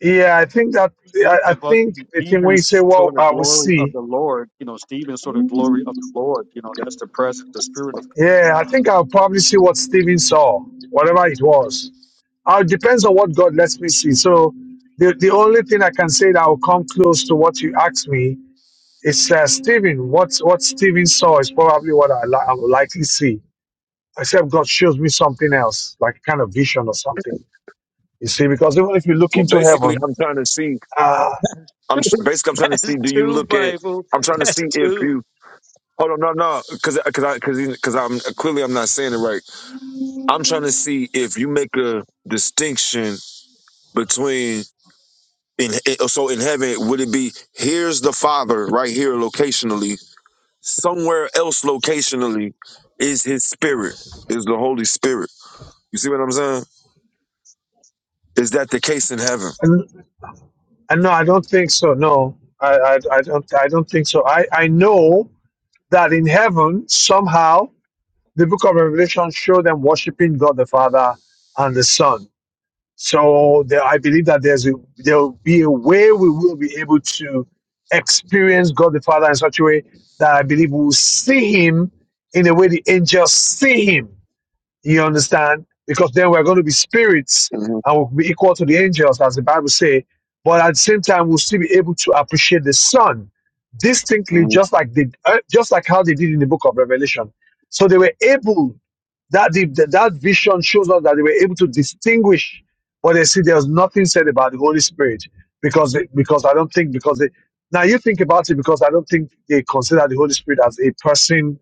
Speaker 2: yeah, I think that,
Speaker 11: Stephen,
Speaker 2: I, I
Speaker 11: but
Speaker 2: think the thing when
Speaker 11: Stephen
Speaker 2: you say,
Speaker 11: saw
Speaker 2: well,
Speaker 11: the
Speaker 2: I will
Speaker 11: glory of
Speaker 2: see,
Speaker 11: the Lord. You know, Stephen saw the glory of the Lord. You know, that's the presence, the spirit of.
Speaker 2: yeah, I think I'll probably see what Stephen saw, whatever it was. Uh, it depends on what God lets me see. So the, the only thing I can say that will come close to what you asked me It's uh, Stephen. What what Stephen saw is probably what I, li- I will likely see, except God shows me something else, like kind of vision or something. You see, because even if you look
Speaker 12: Well,
Speaker 2: into
Speaker 12: basically,
Speaker 2: heaven,
Speaker 12: I'm trying to see,
Speaker 2: uh,
Speaker 12: I'm basically, I'm
Speaker 11: (laughs)
Speaker 12: trying to
Speaker 11: That's
Speaker 12: see, do you
Speaker 11: two
Speaker 12: look at,
Speaker 11: Bible.
Speaker 12: I'm trying to
Speaker 11: That's
Speaker 12: see if
Speaker 11: two.
Speaker 12: you, hold on, no, no, cause, cause I, cause, cause I'm, clearly I'm not saying it right. I'm trying to see if you make a distinction between in in- so in heaven would it be here's the father right here locationally somewhere else locationally is his spirit is the holy spirit you see what i'm saying is that the case in heaven
Speaker 2: and, and no, I don't think so. No, I, I, I don't I don't think so. I, I know that in heaven somehow the Book of Revelation show them worshiping God the Father and the Son So there, I believe that there's a, there will be a way we will be able to experience God the Father in such a way that I believe we will see Him in the way the angels see Him. You understand? Because then we're going to be spirits
Speaker 12: hmm
Speaker 2: and we'll be equal to the angels, as the Bible says. But at the same time, we'll still be able to appreciate the Son distinctly,
Speaker 12: hmm
Speaker 2: just like they, uh, just like how they did in the Book of Revelation. So they were able that, the, that vision shows us that they were able to distinguish, but they see there's nothing said about the Holy Spirit because they, because I don't think because they now you think about it because I don't think they consider the Holy Spirit as a person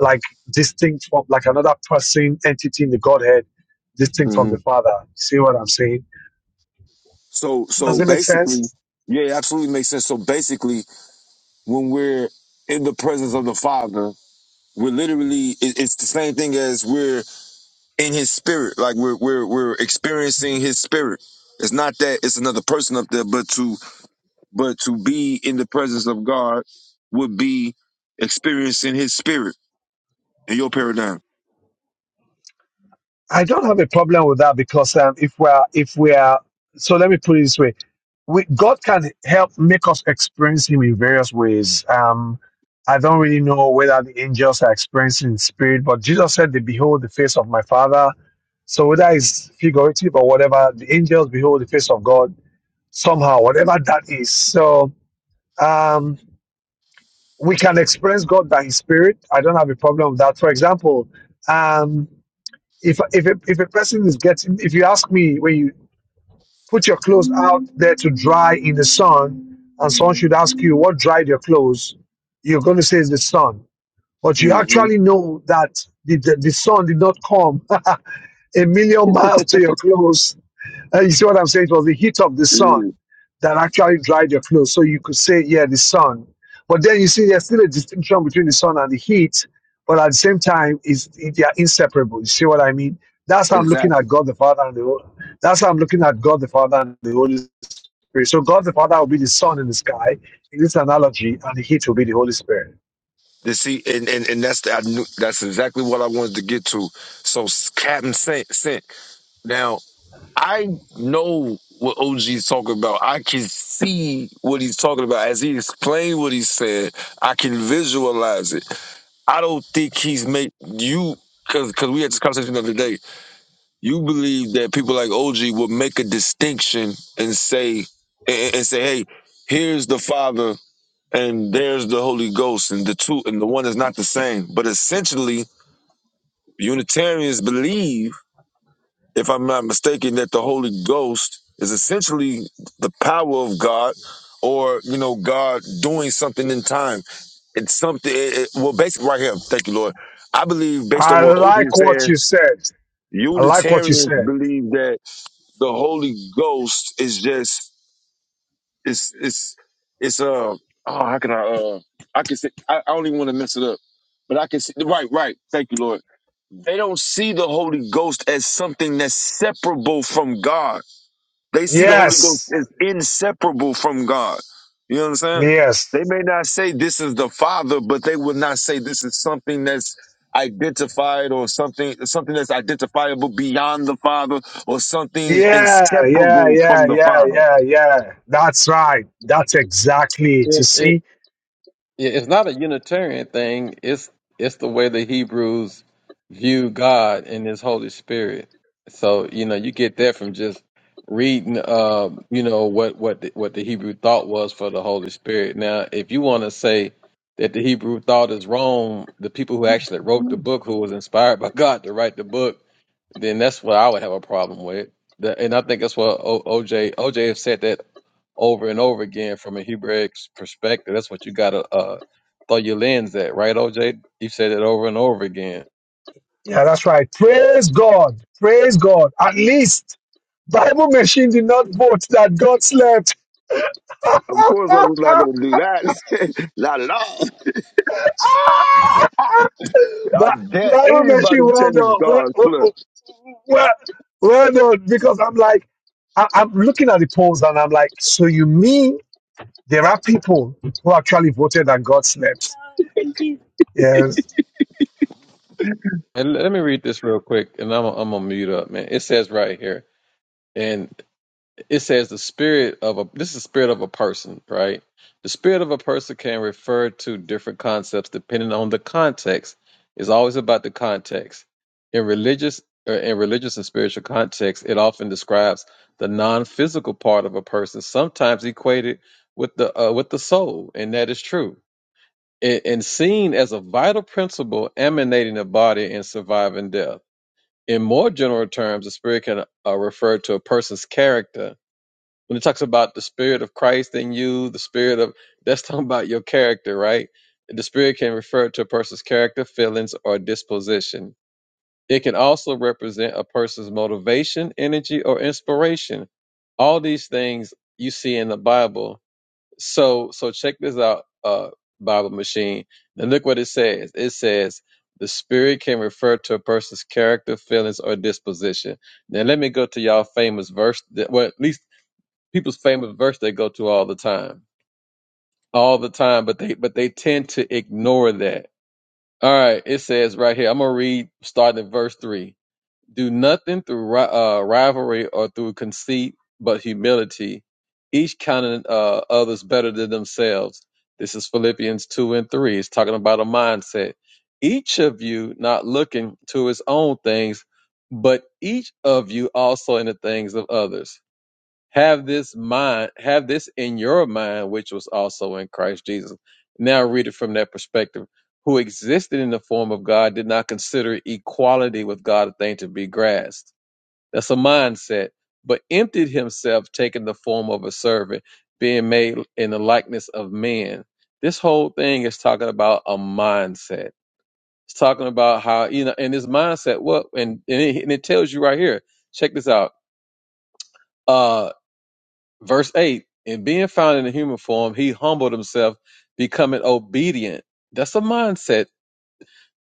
Speaker 2: like distinct from like another person entity in the Godhead distinct from
Speaker 12: hmm
Speaker 2: the Father. See what I'm saying?
Speaker 12: so
Speaker 2: Does
Speaker 12: so
Speaker 2: it make sense?
Speaker 12: basically yeah it absolutely makes sense so basically when we're in the presence of the father we're literally it- it's the same thing as we're in his spirit like we're we're we're experiencing his spirit it's not that it's another person up there but to but to be in the presence of God would be experiencing His Spirit in your paradigm.
Speaker 2: I don't have a problem with that because um, if we are, if we are, so let me put it this way: we, God can help make us experience Him in various ways. Um, I don't really know whether the angels are experiencing in spirit, but Jesus said, "They behold the face of my Father." So whether it's figurative or whatever, the angels behold the face of God somehow, whatever that is. So um, we can experience God by His Spirit. I don't have a problem with that. For example. um, if if a, if a person is getting if you ask me when you put your clothes out there to dry in the sun and someone should ask you what dried your clothes you're going to say it's the sun but you
Speaker 12: hmm
Speaker 2: actually know that the, the, the sun did not come (laughs) a million miles to your clothes uh, you see what I'm saying? It was the heat of the sun that actually dried your clothes. So you could say, yeah, the sun. But then you see there's still a distinction between the sun and the heat, but at the same time, it's, it, they are inseparable. You see what I mean? That's how I'm looking
Speaker 12: Exactly.
Speaker 2: at God the Father and the Hol- that's how I'm looking at God the Father and the Holy Spirit. So God the Father will be the sun in the sky in this analogy, and the heat will be the Holy Spirit.
Speaker 12: And see, and, and, and that's the, I knew, that's exactly what I wanted to get to. So s- Captain Sent Sent. Now I know what OG's talking about. I can see what he's talking about as he explained what he said. I can visualize it. I don't think he's make you because because we had this conversation the other day. You believe that people like OG would make a distinction and say and, and say, hey, here's the Father and there's the Holy Ghost, and the two and the one is not the same. But essentially, Unitarians believe, if I'm not mistaken, that the Holy Ghost is essentially the power of God or you know god doing something in time it's something it, it- well basically right here thank you lord i believe based on
Speaker 2: I
Speaker 12: what og is
Speaker 2: like what
Speaker 12: saying
Speaker 2: you said. I like what you
Speaker 12: unitarians
Speaker 2: said.
Speaker 12: believe that the Holy Ghost is just it's it's it's uh oh how can I uh I can say I, I don't even want to mess it up, but I can see right right thank you Lord. They don't see the Holy Ghost as something that's separable from God they see the Holy Ghost
Speaker 2: Yes.
Speaker 12: is inseparable from God. You know what I'm saying?
Speaker 2: Yes.
Speaker 12: They may not say this is the Father, but they would not say this is something that's identified or something something that's identifiable beyond the Father or something
Speaker 2: Yeah, yeah,
Speaker 12: inseparable
Speaker 2: yeah,
Speaker 12: from the
Speaker 2: yeah,
Speaker 12: Father.
Speaker 2: yeah, yeah. That's right. That's exactly it. You
Speaker 4: It, it,
Speaker 2: see?
Speaker 4: yeah, it's not a Unitarian thing. It's it's the way the Hebrews view God and His Holy Spirit. So you know, you get that from just reading, uh, you know, what what the, what the Hebrew thought was for the Holy Spirit. Now, if you want to say that the Hebrew thought is wrong, the people who actually wrote the book, who was inspired by (laughs) God to write the book then that's what I would have a problem with. The- And I think that's what o- OJ OJ have said that over and over again from a Hebraic perspective. That's what you gotta uh, throw your lens at, right, OJ? You've said it over and over again.
Speaker 2: Yeah, that's right. Praise God. Praise God. At least Bible machine did not vote that God slept.
Speaker 12: Of course, I was not going
Speaker 2: (laughs)
Speaker 12: to do that. (laughs) not at all.
Speaker 2: Ah!
Speaker 12: I
Speaker 2: Bi-
Speaker 12: dare
Speaker 2: Bible
Speaker 12: anybody
Speaker 2: machine,
Speaker 12: to
Speaker 2: well
Speaker 12: tell
Speaker 2: done.
Speaker 12: me
Speaker 2: Well,
Speaker 12: God's
Speaker 2: well, well,
Speaker 12: flesh.
Speaker 2: well well done. Because I'm like, I, I'm looking at the polls and I'm like, so you mean there are people who actually voted that God slept? Yes.
Speaker 4: And let me read this real quick, and I'm I'm gonna mute up, man. It says right here, it says the spirit of a this is the spirit of a person right the spirit of a person can refer to different concepts depending on the context it's always about the context in religious or in religious and spiritual context it often describes the non-physical part of a person sometimes equated with the uh, with the soul and that is true and, and seen as a vital principle emanating the body and surviving death in more general terms the spirit can uh, refer to a person's character when it talks about the spirit of Christ in you, the spirit of that's (laughs) talking about your character, right? The spirit can refer to a person's character, feelings, or disposition. It can also represent a person's motivation, energy, or inspiration. All these things you see in the Bible. So so check this out, uh, Bible machine. And look what it says. It says the spirit can refer to a person's character, feelings, or disposition. Now let me go to y'all famous verse, that, well, at least people's famous verse they go to all the time, all the time, but they but they tend to ignore that. All right, it says right here. I'm gonna read starting at verse three. Do nothing through ri- uh, rivalry or through conceit, but humility, each counting uh, others better than themselves. This is Philippians two and three. It's talking about a mindset. Each of you not looking to his own things, but each of you also in the things of others have this mind have this in your mind which was also in christ jesus now read it from that perspective who existed in the form of god did not consider equality with god a thing to be grasped that's a mindset but emptied himself taking the form of a servant being made in the likeness of men this whole thing is talking about a mindset it's talking about how you know and this mindset what and and it, and it tells you right here check this out Uh, Verse 8 In being found in the human form, he humbled himself, becoming obedient. That's a mindset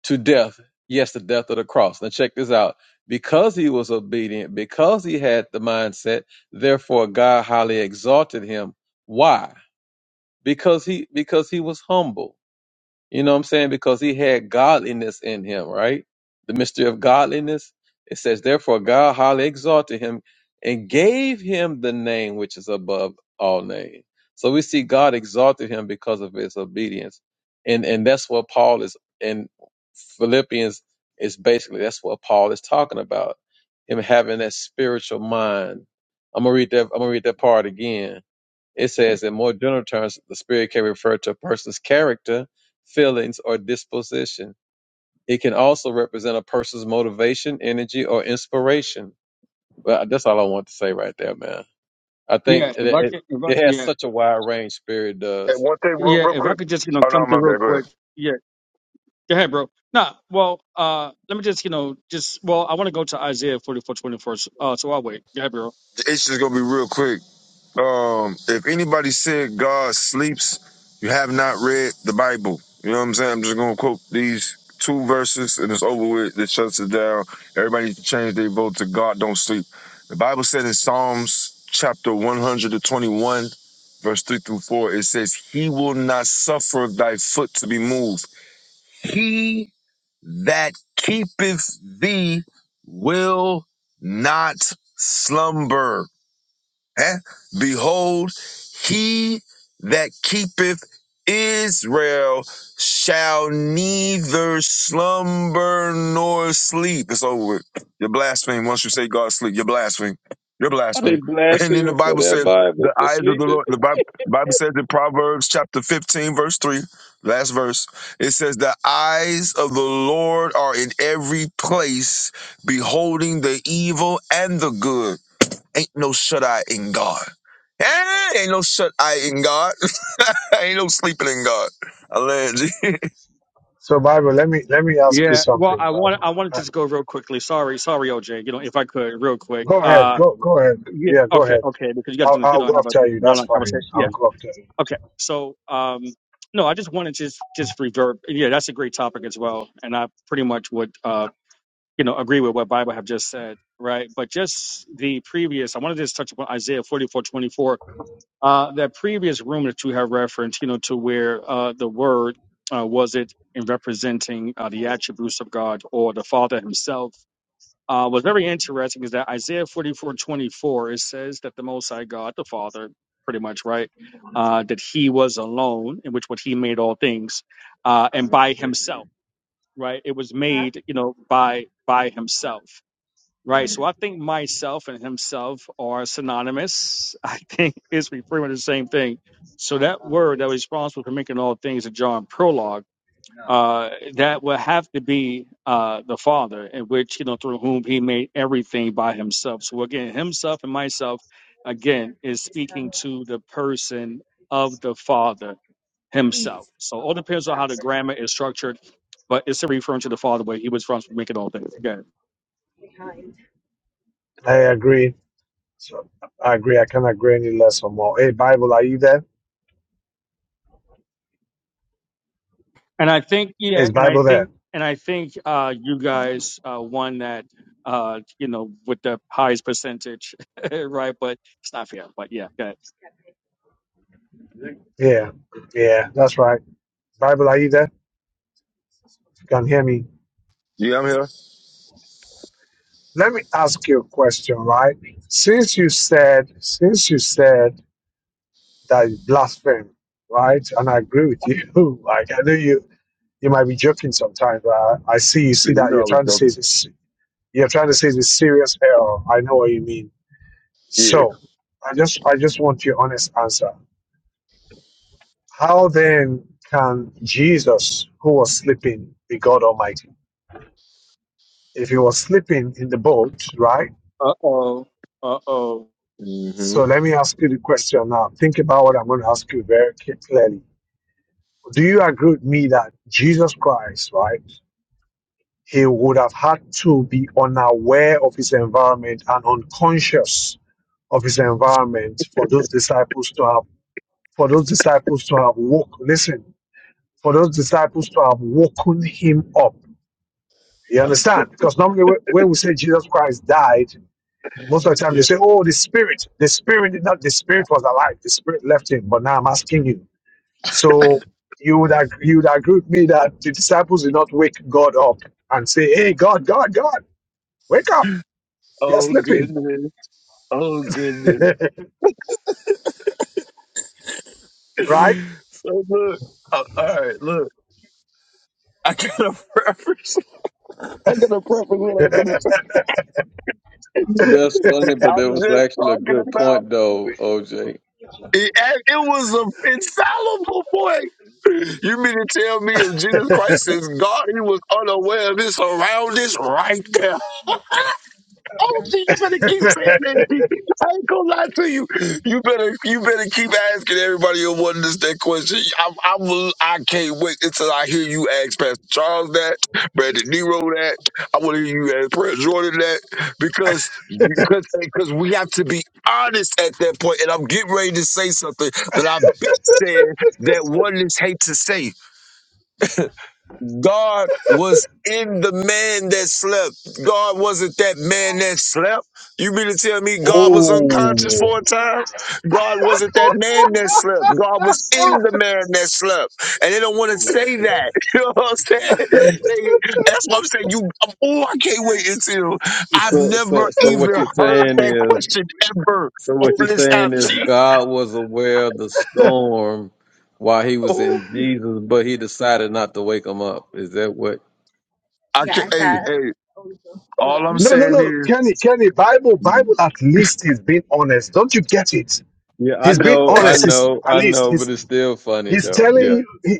Speaker 4: to death. Yes, the death of the cross. Now, check this out. Because he was obedient, because he had the mindset, therefore God highly exalted him. Why? Because he because he was humble. You know what I'm saying? Because he had godliness in him, right? The mystery of godliness. It says, Therefore God highly exalted him and gave him the name which is above all names. So we see God exalted him because of his obedience. And and that's what Paul is in Philippians is basically that's what Paul is talking about. Him having that spiritual mind. I'm gonna read that I'm gonna read that part again it says, in more general terms, the spirit can refer to a person's character, feelings, or disposition. It can also represent a person's motivation, energy, or inspiration. Well, that's all I want to say right there, man. I think
Speaker 11: Yeah,
Speaker 4: it,
Speaker 11: if I
Speaker 4: it,
Speaker 11: could, if I,
Speaker 4: it has
Speaker 11: yeah,
Speaker 4: such a wide range, spirit
Speaker 12: And
Speaker 4: does.
Speaker 12: one thing, real,
Speaker 11: yeah,
Speaker 12: real
Speaker 11: if I
Speaker 12: quick.
Speaker 11: could just you know
Speaker 12: Oh no,
Speaker 11: come
Speaker 12: my
Speaker 11: through real
Speaker 12: bad. Go
Speaker 11: quick.
Speaker 12: ahead.
Speaker 11: Yeah, go ahead, bro. Nah, well, uh, let me just you know just well, I want to go to Isaiah forty four twenty first. Uh, so I'll wait. Go ahead, bro.
Speaker 12: It's just gonna be real quick Um, if anybody said God sleeps, you have not read the Bible. You know what I'm saying? I'm just gonna quote these two verses and it's over with. That shuts it down. Everybody needs to change their vote to God don't sleep. The Bible said in Psalms chapter 121, verse 3 through 4, it says, He will not suffer thy foot to be moved. He that keepeth thee will not slumber. Eh? Behold, he that keepeth Israel shall neither slumber nor sleep. It's over with. You're blaspheming. Once you say God sleep, you're blaspheming. You're
Speaker 4: I
Speaker 12: blaspheming.
Speaker 4: did
Speaker 12: (laughs) And then the
Speaker 4: blasphemy for
Speaker 12: Bible
Speaker 4: that
Speaker 12: says,
Speaker 4: Bible
Speaker 12: the
Speaker 4: for
Speaker 12: eyes of the
Speaker 4: sleeping.
Speaker 12: Lord, the Bi- Bible says in Proverbs chapter 15, verse 3, last verse, it says, The eyes of the Lord are in every place, beholding the evil and the good. Ain't no shut eye in God. Eh, ain't no shut eye in God. (laughs) ain't no sleeping in God. I land. G. (laughs)
Speaker 2: So Bible, let me let me ask you
Speaker 11: Yeah, well,
Speaker 2: something,
Speaker 11: I want I
Speaker 2: Bible.
Speaker 11: wanted to
Speaker 2: Uh,
Speaker 11: just go real quickly. Sorry, sorry, OJ. You know, if I could, real quick.
Speaker 2: Go ahead,
Speaker 11: Uh,
Speaker 2: go go ahead.
Speaker 11: yeah,
Speaker 2: Yeah, go
Speaker 11: okay,
Speaker 2: ahead.
Speaker 11: okay, because you guys
Speaker 2: I'll
Speaker 11: gonna you
Speaker 2: I'll
Speaker 11: know
Speaker 2: go
Speaker 11: have a
Speaker 2: after you. That's
Speaker 11: long conversation.
Speaker 2: fine.
Speaker 11: Yeah.
Speaker 2: I'll go after you.
Speaker 11: Okay, so um, no, I just wanted to just just reverb. Yeah, that's a great topic as well, and I pretty much would uh, you know agree with what Bible have just said, right? But just the previous, I wanted to just touch upon Isaiah forty four twenty four. Uh, that previous room that you have referenced, you know, to where uh, the word uh, was it in representing uh, the attributes of God or the Father Himself uh, what's very interesting is that Isaiah 44 24 it says that the Most High God, the Father, pretty much, right? Uh, that he was alone, in which what he made all things, uh, and by himself, right? It was made, you know, by by himself, right? So I think myself and himself are synonymous. (laughs) I think it's pretty much the same thing. So that word that was responsible for making all things in John prologue uh, that would have to be uh, the Father, in which you know through whom He made everything by Himself. So again, Himself and myself, again, is speaking to the person of the Father Himself. So all depends on how the grammar is structured, but it's still referring to the Father where He was from, making all things again.
Speaker 2: I agree. So I agree. I can't agree any less or more. Hey, Bible, are you there?
Speaker 11: And I think, yeah,
Speaker 2: Is
Speaker 11: and I
Speaker 2: Bible there?
Speaker 11: think, and I think uh, you guys uh, won that. Uh, you know, with the highest percentage, (laughs) right? But it's not fair. But yeah, go ahead.
Speaker 2: Yeah, yeah. That's right. Bible, are you there? You can hear me.
Speaker 12: Yeah, I'm here.
Speaker 2: Let me ask you a question, right? Since you said, since you said that you blaspheme, right? And I agree with you. (laughs) Like I know you. you might be joking sometimes, but I, I see you
Speaker 12: Yeah,
Speaker 2: see
Speaker 12: you
Speaker 2: that
Speaker 12: know
Speaker 2: you're
Speaker 12: I was
Speaker 2: trying to
Speaker 12: drunk.
Speaker 2: say this. You're trying to say it's a serious error. I know what you mean.
Speaker 12: Yeah.
Speaker 2: So I just I just want your honest answer. How then can Jesus, who was sleeping, be God Almighty? If he was sleeping in the boat, right?
Speaker 11: Uh oh. Uh oh.
Speaker 12: hmm
Speaker 2: So let me ask you the question now. Think about what I'm going to ask you very clearly. Do you agree with me that Jesus Christ, right? He would have had to be unaware of his environment and unconscious of his environment for those disciples to have for those disciples to have woke listen for those disciples to have woken him up you understand because normally whe- when we say jesus christ died most of the time they
Speaker 12: Yeah.
Speaker 2: say oh the spirit the spirit did not the spirit was alive the spirit left him but now i'm asking you so you would agree, you would agree with me that the disciples did not wake god up and say hey god god god wake up you're
Speaker 12: Oh
Speaker 2: sleeping
Speaker 12: goodness. Oh
Speaker 2: (laughs)
Speaker 12: goodness.
Speaker 2: right
Speaker 12: So look. Uh, all right. Look. I got a (laughs) preference. I got a preference. What I'm gonna say.
Speaker 4: That's funny, but
Speaker 12: I'm
Speaker 4: that was
Speaker 12: just
Speaker 4: actually a
Speaker 12: talking
Speaker 4: good
Speaker 12: about.
Speaker 4: point, though, OJ.
Speaker 12: It, it was an infallible point. You mean to tell me if Jesus Christ is God, he was unaware of his surroundings right there? Oh shit, you better keep saying that. G. I ain't gonna lie to you. You better you better keep asking everybody who wanted this that question. I I will I can't wait until I hear you ask Pastor Charles that, Brandon Nero that. I wanna hear you ask Brad Jordan that because because because we have to be honest at that point, and I'm getting ready to say something that I've been saying that oneness hate to say. God was in the man that slept. God wasn't that man that slept. You mean to tell me God was unconscious
Speaker 2: oh
Speaker 12: for a time? God wasn't that man that slept. God was
Speaker 2: (laughs)
Speaker 12: in the man that slept. And they don't want to say that. (laughs) You know what I'm saying? They- That's what I'm saying. You, I'm, oh, I can't wait until I've
Speaker 4: So, so,
Speaker 12: never
Speaker 4: so what
Speaker 12: even
Speaker 4: you're
Speaker 12: heard
Speaker 4: saying
Speaker 12: that
Speaker 4: is
Speaker 12: question ever
Speaker 4: So what
Speaker 12: on
Speaker 4: you're
Speaker 12: this
Speaker 4: saying
Speaker 12: app,
Speaker 4: is
Speaker 12: G.
Speaker 4: God was aware of the storm while he was
Speaker 12: Oh,
Speaker 4: in Jesus, but he decided not to wake him up. Is that what?
Speaker 12: I can't, hey, hey, all I'm
Speaker 2: No, no,
Speaker 12: saying
Speaker 2: no,
Speaker 12: is,
Speaker 2: Kenny, Kenny, Bible, Bible at least is being honest. Don't you get it?
Speaker 4: Yeah, I
Speaker 2: He's being
Speaker 4: know, I
Speaker 2: honest. He's
Speaker 4: know,
Speaker 2: at
Speaker 4: I
Speaker 2: least
Speaker 4: know, but
Speaker 2: he's
Speaker 4: it's still funny
Speaker 2: he's
Speaker 4: though.
Speaker 2: telling
Speaker 4: Yeah.
Speaker 2: you he,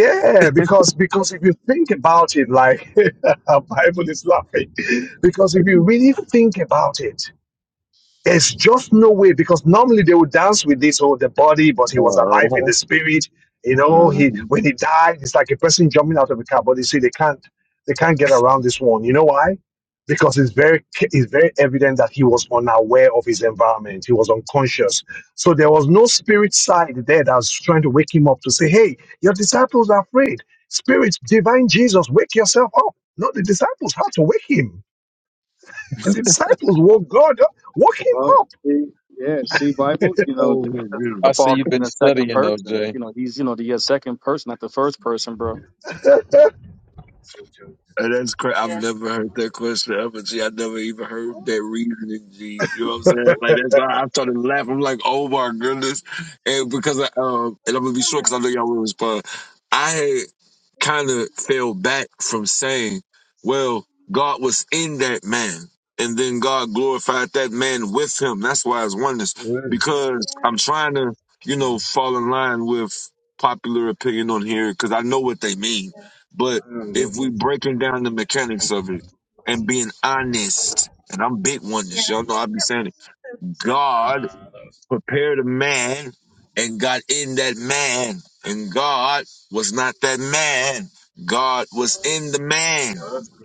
Speaker 2: yeah, because because if you think about it, like (laughs) Bible is laughing. Because if you really think about it, there's just no way because normally they would dance with this whole the body, but he was alive
Speaker 12: uh-huh.
Speaker 2: in the spirit. You know, he
Speaker 12: uh-huh.
Speaker 2: when he died, it's like a person jumping out of a car. But you see, they can't they can't get around this one. You know why? Because it's very it's very evident that he was unaware of his environment. He was unconscious. So there was no spirit side there that was trying to wake him up to say, "Hey, your disciples are afraid. Spirit, divine Jesus, wake yourself up." Not the disciples had to wake him, (laughs) and the disciples woke God up, woke him
Speaker 11: Well,
Speaker 2: up.
Speaker 11: see, yeah, see,
Speaker 2: (laughs)
Speaker 11: Bible, you know,
Speaker 12: Oh
Speaker 11: Jesus
Speaker 12: my
Speaker 11: is the
Speaker 4: I
Speaker 12: goodness.
Speaker 4: see
Speaker 11: Father
Speaker 4: you've
Speaker 11: in
Speaker 4: been
Speaker 11: the second
Speaker 4: studying though,
Speaker 11: person.
Speaker 4: Jay.
Speaker 11: You know, he's, you know, the uh, second person, not the first person, bro.
Speaker 12: And that's cra I've never heard that question ever, G. I never even heard that reasoning, G. You know what I'm saying?
Speaker 2: (laughs)
Speaker 12: Like that's why I started laughing. I'm like, oh my goodness, and because I, um, and I'm gonna be short because I know y'all will respond. I had kind of fell back from saying, well, God was in that man, and then God glorified that man with him. That's why it's oneness. Because I'm trying to, you know, fall in line with popular opinion on here because I know what they mean, but if we breaking down the mechanics of it and being honest, and I'm big one this, y'all know I be saying it. God prepared a man and got in that man, and God was not that man. God was in the man. (laughs)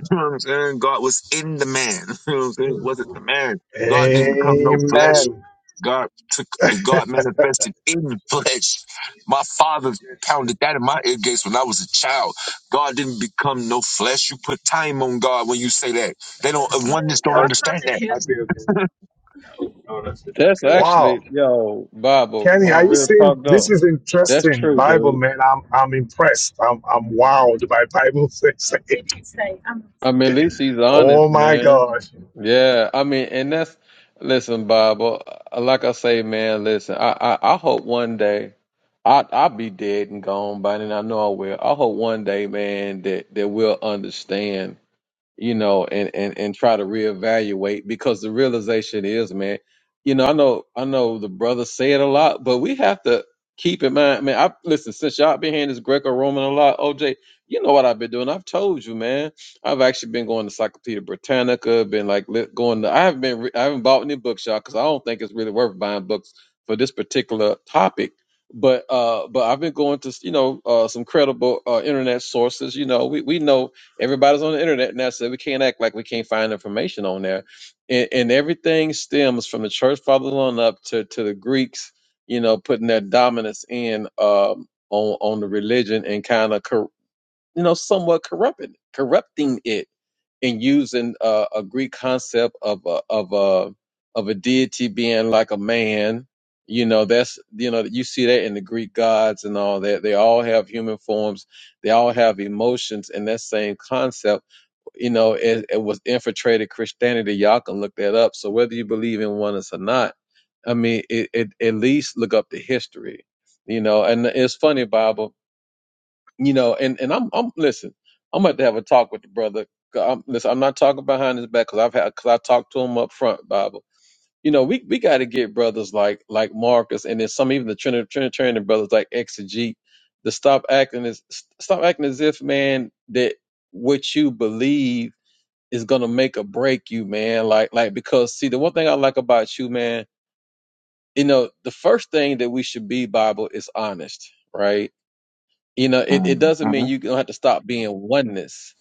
Speaker 12: You know what I'm saying? God was in the man. (laughs) You know what I'm saying? He wasn't the man. God didn't become no flesh.
Speaker 2: Amen.
Speaker 12: God took
Speaker 2: (laughs)
Speaker 12: God manifested in the flesh. My father pounded that in my ear gates when I was a child. God didn't become no flesh. You put time on God when you say that. They don't oneness don't understand that.
Speaker 4: That's
Speaker 2: Wow.
Speaker 4: actually, yo, Bible,
Speaker 2: Kenny, are
Speaker 4: on
Speaker 2: you
Speaker 4: real
Speaker 2: seeing
Speaker 4: talk
Speaker 2: this
Speaker 4: though.
Speaker 2: is
Speaker 4: That's
Speaker 2: interesting
Speaker 4: true,
Speaker 2: Bible
Speaker 4: dude.
Speaker 2: man? I'm I'm impressed. I'm I'm wowed by Bible things. (laughs) Did you say? Um,
Speaker 4: I mean, at least he's
Speaker 2: oh
Speaker 4: honest,
Speaker 2: my
Speaker 4: man.
Speaker 2: gosh.
Speaker 4: Yeah, I mean, and that's, listen, Bible, like I say, man, listen, I, I, I hope one day I I'll be dead and gone by then. I know I will. I hope one day, man, that that we'll understand you know, and and and try to reevaluate because the realization is, man, you know, I know I know the brothers say it a lot, but we have to keep in mind, man. I listen since y'all been hearing this Greco-Roman a lot, OJ. You know what I've been doing? I've told you, man. I've actually been going to Encyclopedia Britannica, been like li- going to. I haven't been. Re- I haven't bought any bookshop because I don't think it's really worth buying books for this particular topic. But uh, but I've been going to you know uh, some credible uh, internet sources. You know, we we know Everybody's on the internet now, so we can't act like we can't find information on there. And, and everything stems from the church fathers on up to, to the Greeks, you know, putting their dominance in um, on on the religion and kind of you know, somewhat corrupting corrupting it and using uh, a Greek concept of a of a of a deity being like a man. You know, that's you know you see that in the Greek gods and all that. They all have human forms. They all have emotions, and that same concept, you know, it, it was infiltrated Christianity. Y'all can look that up. So whether you believe in oneness or not, I mean, it, it at least look up the history. You know, and it's funny, Bible you know, and and I'm I'm listen. I'm about to have a talk with the brother. 'Cause I'm, listen, I'm not talking behind his back because I've had because I talked to him up front. Bible, you know, we we got to get brothers like like Marcus and then some even the Trinit- Trinitarian brothers like Exegete to stop acting as stop acting as if man that what you believe is gonna make or break you, man. Like like because see the one thing I like about you, man, you know, the first thing that we should be Bible is honest, right? You know, it,
Speaker 12: Mhm,
Speaker 4: it doesn't mean you don't have to stop being oneness.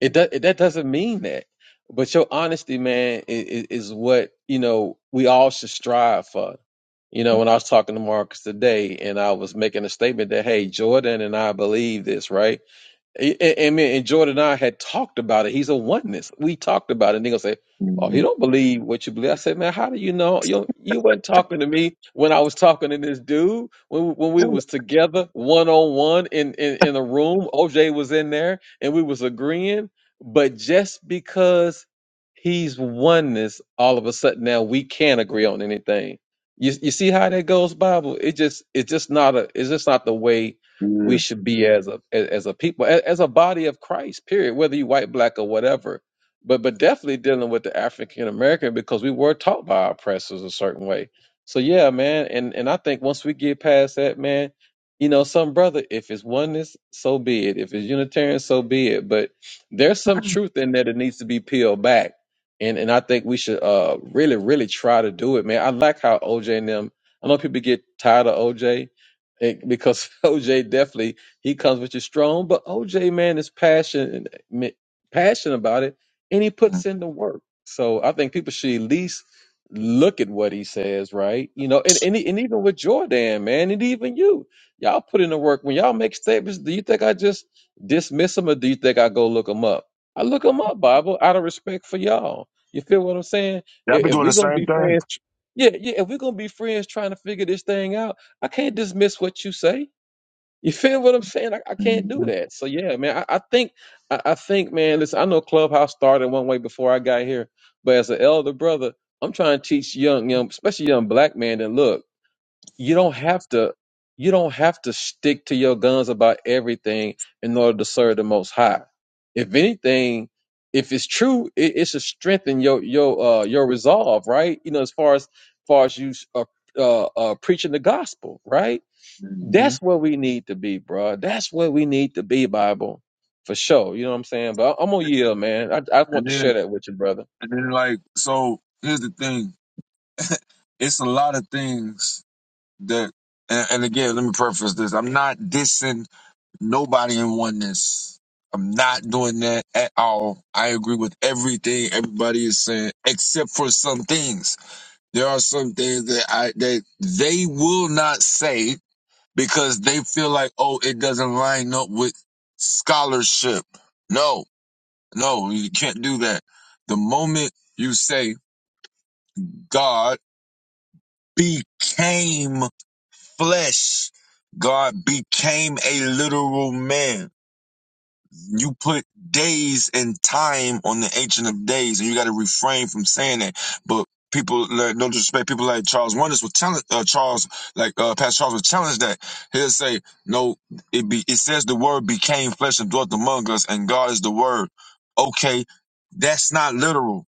Speaker 4: It, do, it that doesn't mean that. But your honesty, man, is, is what you know we all should strive for. You know, when I was talking to Marcus today, and I was making a statement that hey, Jordan and I believe this, right? A- a- I mean, And Jordan and I had talked about it. He's a oneness. We talked about it. And they going to say, Oh, he
Speaker 12: mhm.
Speaker 4: don't believe what you believe. I said, Man, how do you know? You, you weren't talking to me when I was talking to this dude, when, when
Speaker 12: Yeah.
Speaker 4: we was together one on one in in in a room. OJ was in there and we was agreeing. But just because he's oneness, all of a sudden now we can't agree on anything. You, you see how that goes, Bible? It just it's just not a it's just not the way we
Speaker 12: Mm.
Speaker 4: should be as a as as a people as, as a body of Christ period whether you white black or whatever but but definitely dealing with the African American because we were taught by our oppressors a certain way so yeah man and and I think once we get past that man you know some brother if it's oneness so be it if it's unitarian so be it but there's some truth in there that needs to be peeled back and and I think we should uh really really try to do it man I like how OJ and them I know people get tired of OJ it- because (laughs) OJ definitely he comes with you strong, but OJ man is passionate passionate about it, and he puts
Speaker 12: Yeah,
Speaker 4: in the work. So I think people should at least look at what he says, right? You know, and and, e- and even with Jordan, man, and even you, y'all put in the work. When y'all make statements, do you think I just dismiss them, or do you think I go look them up? I look them up, Bible, out of respect for y'all. You feel what I'm saying?
Speaker 12: I've
Speaker 4: If,
Speaker 12: been
Speaker 4: if
Speaker 12: doing
Speaker 4: we
Speaker 12: the
Speaker 4: gonna
Speaker 12: same
Speaker 4: be
Speaker 12: thing.
Speaker 4: friends, yeah, yeah. If we're gonna be friends, trying to figure this thing out. I can't dismiss what you say. You feel what I'm saying? I, I can't do
Speaker 12: hmm
Speaker 4: that. So yeah, man, I, I think I, I think, man, listen, I know Clubhouse started one way before I got here, but as an elder brother, I'm trying to teach young, young, especially young black man that look, you don't have to you don't have to stick to your guns about everything in order to serve the most high. If anything, if it's true, it, it should strengthen your your uh your resolve, right? You know, as far as far as you uh, uh, uh preaching the gospel, right?
Speaker 12: hmm
Speaker 4: That's where we need to be, bro. That's where we need to be, Bible, for sure. You know what I'm saying? But I'm gonna yield, man. I I want
Speaker 12: And
Speaker 4: to
Speaker 12: then,
Speaker 4: share that with you, brother.
Speaker 12: and then, like, so here's the thing: it's a lot of things that, and, and again, let me preface this: I'm not dissing nobody in oneness. I'm not doing that at all. I agree with everything everybody is saying, except for some things. There are some things that I that they will not say because they feel like, oh, it doesn't line up with scholarship. No, no, you can't do that. The moment you say God became flesh, God became a literal man. you put days and time on the ancient of days, and you got to refrain from saying that. But people, like, no disrespect, people like Charles Wonders will challenge uh, Charles, like uh, Pastor Charles will challenge that. He'll say, "No, it be it says the Word became flesh and dwelt among us, and God is the Word." Okay, that's not literal.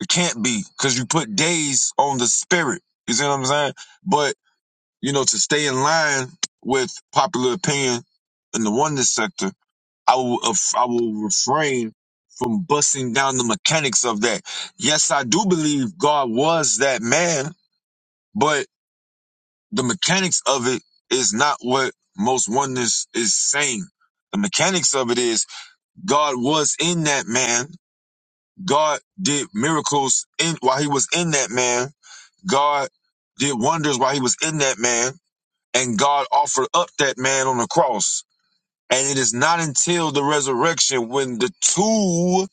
Speaker 12: It can't be because you put days on the Spirit. You see what I'm saying? But you know, to stay in line with popular opinion in the oneness sector I will, I will refrain from busting down the mechanics of that. Yes, I do believe God was that man, but the mechanics of it is not what most oneness is saying. The mechanics of it is God was in that man. God did miracles in while he was in that man. God did wonders while he was in that man, and God offered up that man on the cross. And it is not until the resurrection when the two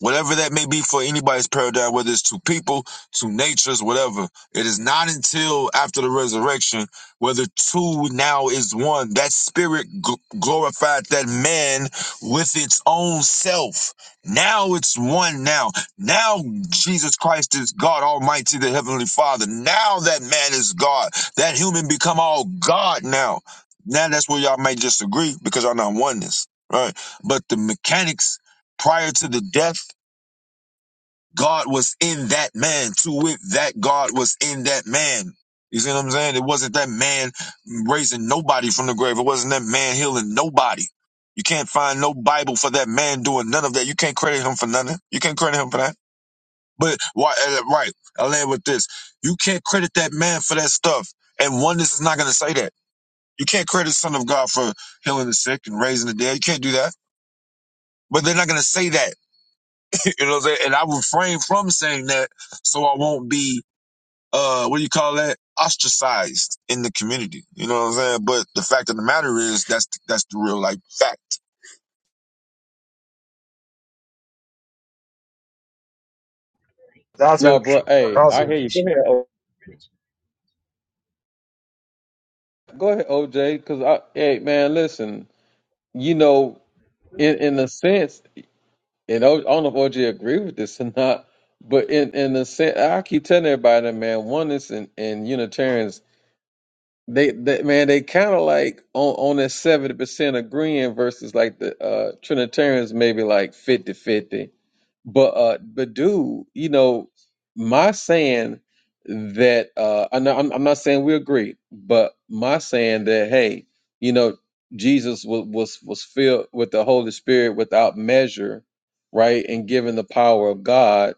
Speaker 12: whatever that may be for anybody's paradigm, whether it's to people, to natures, whatever. It is not until after the resurrection, whether two now is one, that spirit gl- glorified that man with its own self. Now it's one now. Now Jesus Christ is God Almighty, the Heavenly Father. Now that man is God. That human become all God now. Now that's where y'all may disagree because y'all not oneness, right? But the mechanics prior to the death God was in that man. To wit, that God was in that man. You see what I'm saying? It wasn't that man raising nobody from the grave. It wasn't that man healing nobody. You can't find no Bible for that man doing none of that. You can't credit him for nothing. You can't credit him for that. But why? uh, Right. I land with this. You can't credit that man for that stuff. And oneness is not going to say that. You can't credit the Son of God for healing the sick and raising the dead. You can't do that. But they're not going to say that. (laughs) You know what I'm saying? And I refrain from saying that so I won't be uh what do you call that ostracized in the community you know what i'm saying but the fact of the matter is that's that's the real like fact
Speaker 2: That's
Speaker 4: No,
Speaker 2: interesting.
Speaker 4: bro. Hey,
Speaker 2: That's
Speaker 4: I hear you. Go
Speaker 2: interesting.
Speaker 4: ahead. O- Go ahead, OJ. Cause I, hey, man, listen. You know, in in a sense, and O- I don't know if OJ agree with this or not, but in in a sense, I keep telling everybody, that, man, oneness and and Unitarians They, they man, they kind of like on on that seventy percent agreeing versus like the uh Trinitarians maybe like fifty-fifty. But uh, but dude, you know, my saying that uh, I know I'm, I'm not saying we agree, but my saying that hey, you know, Jesus was was was filled with the Holy Spirit without measure, right, and given the power of God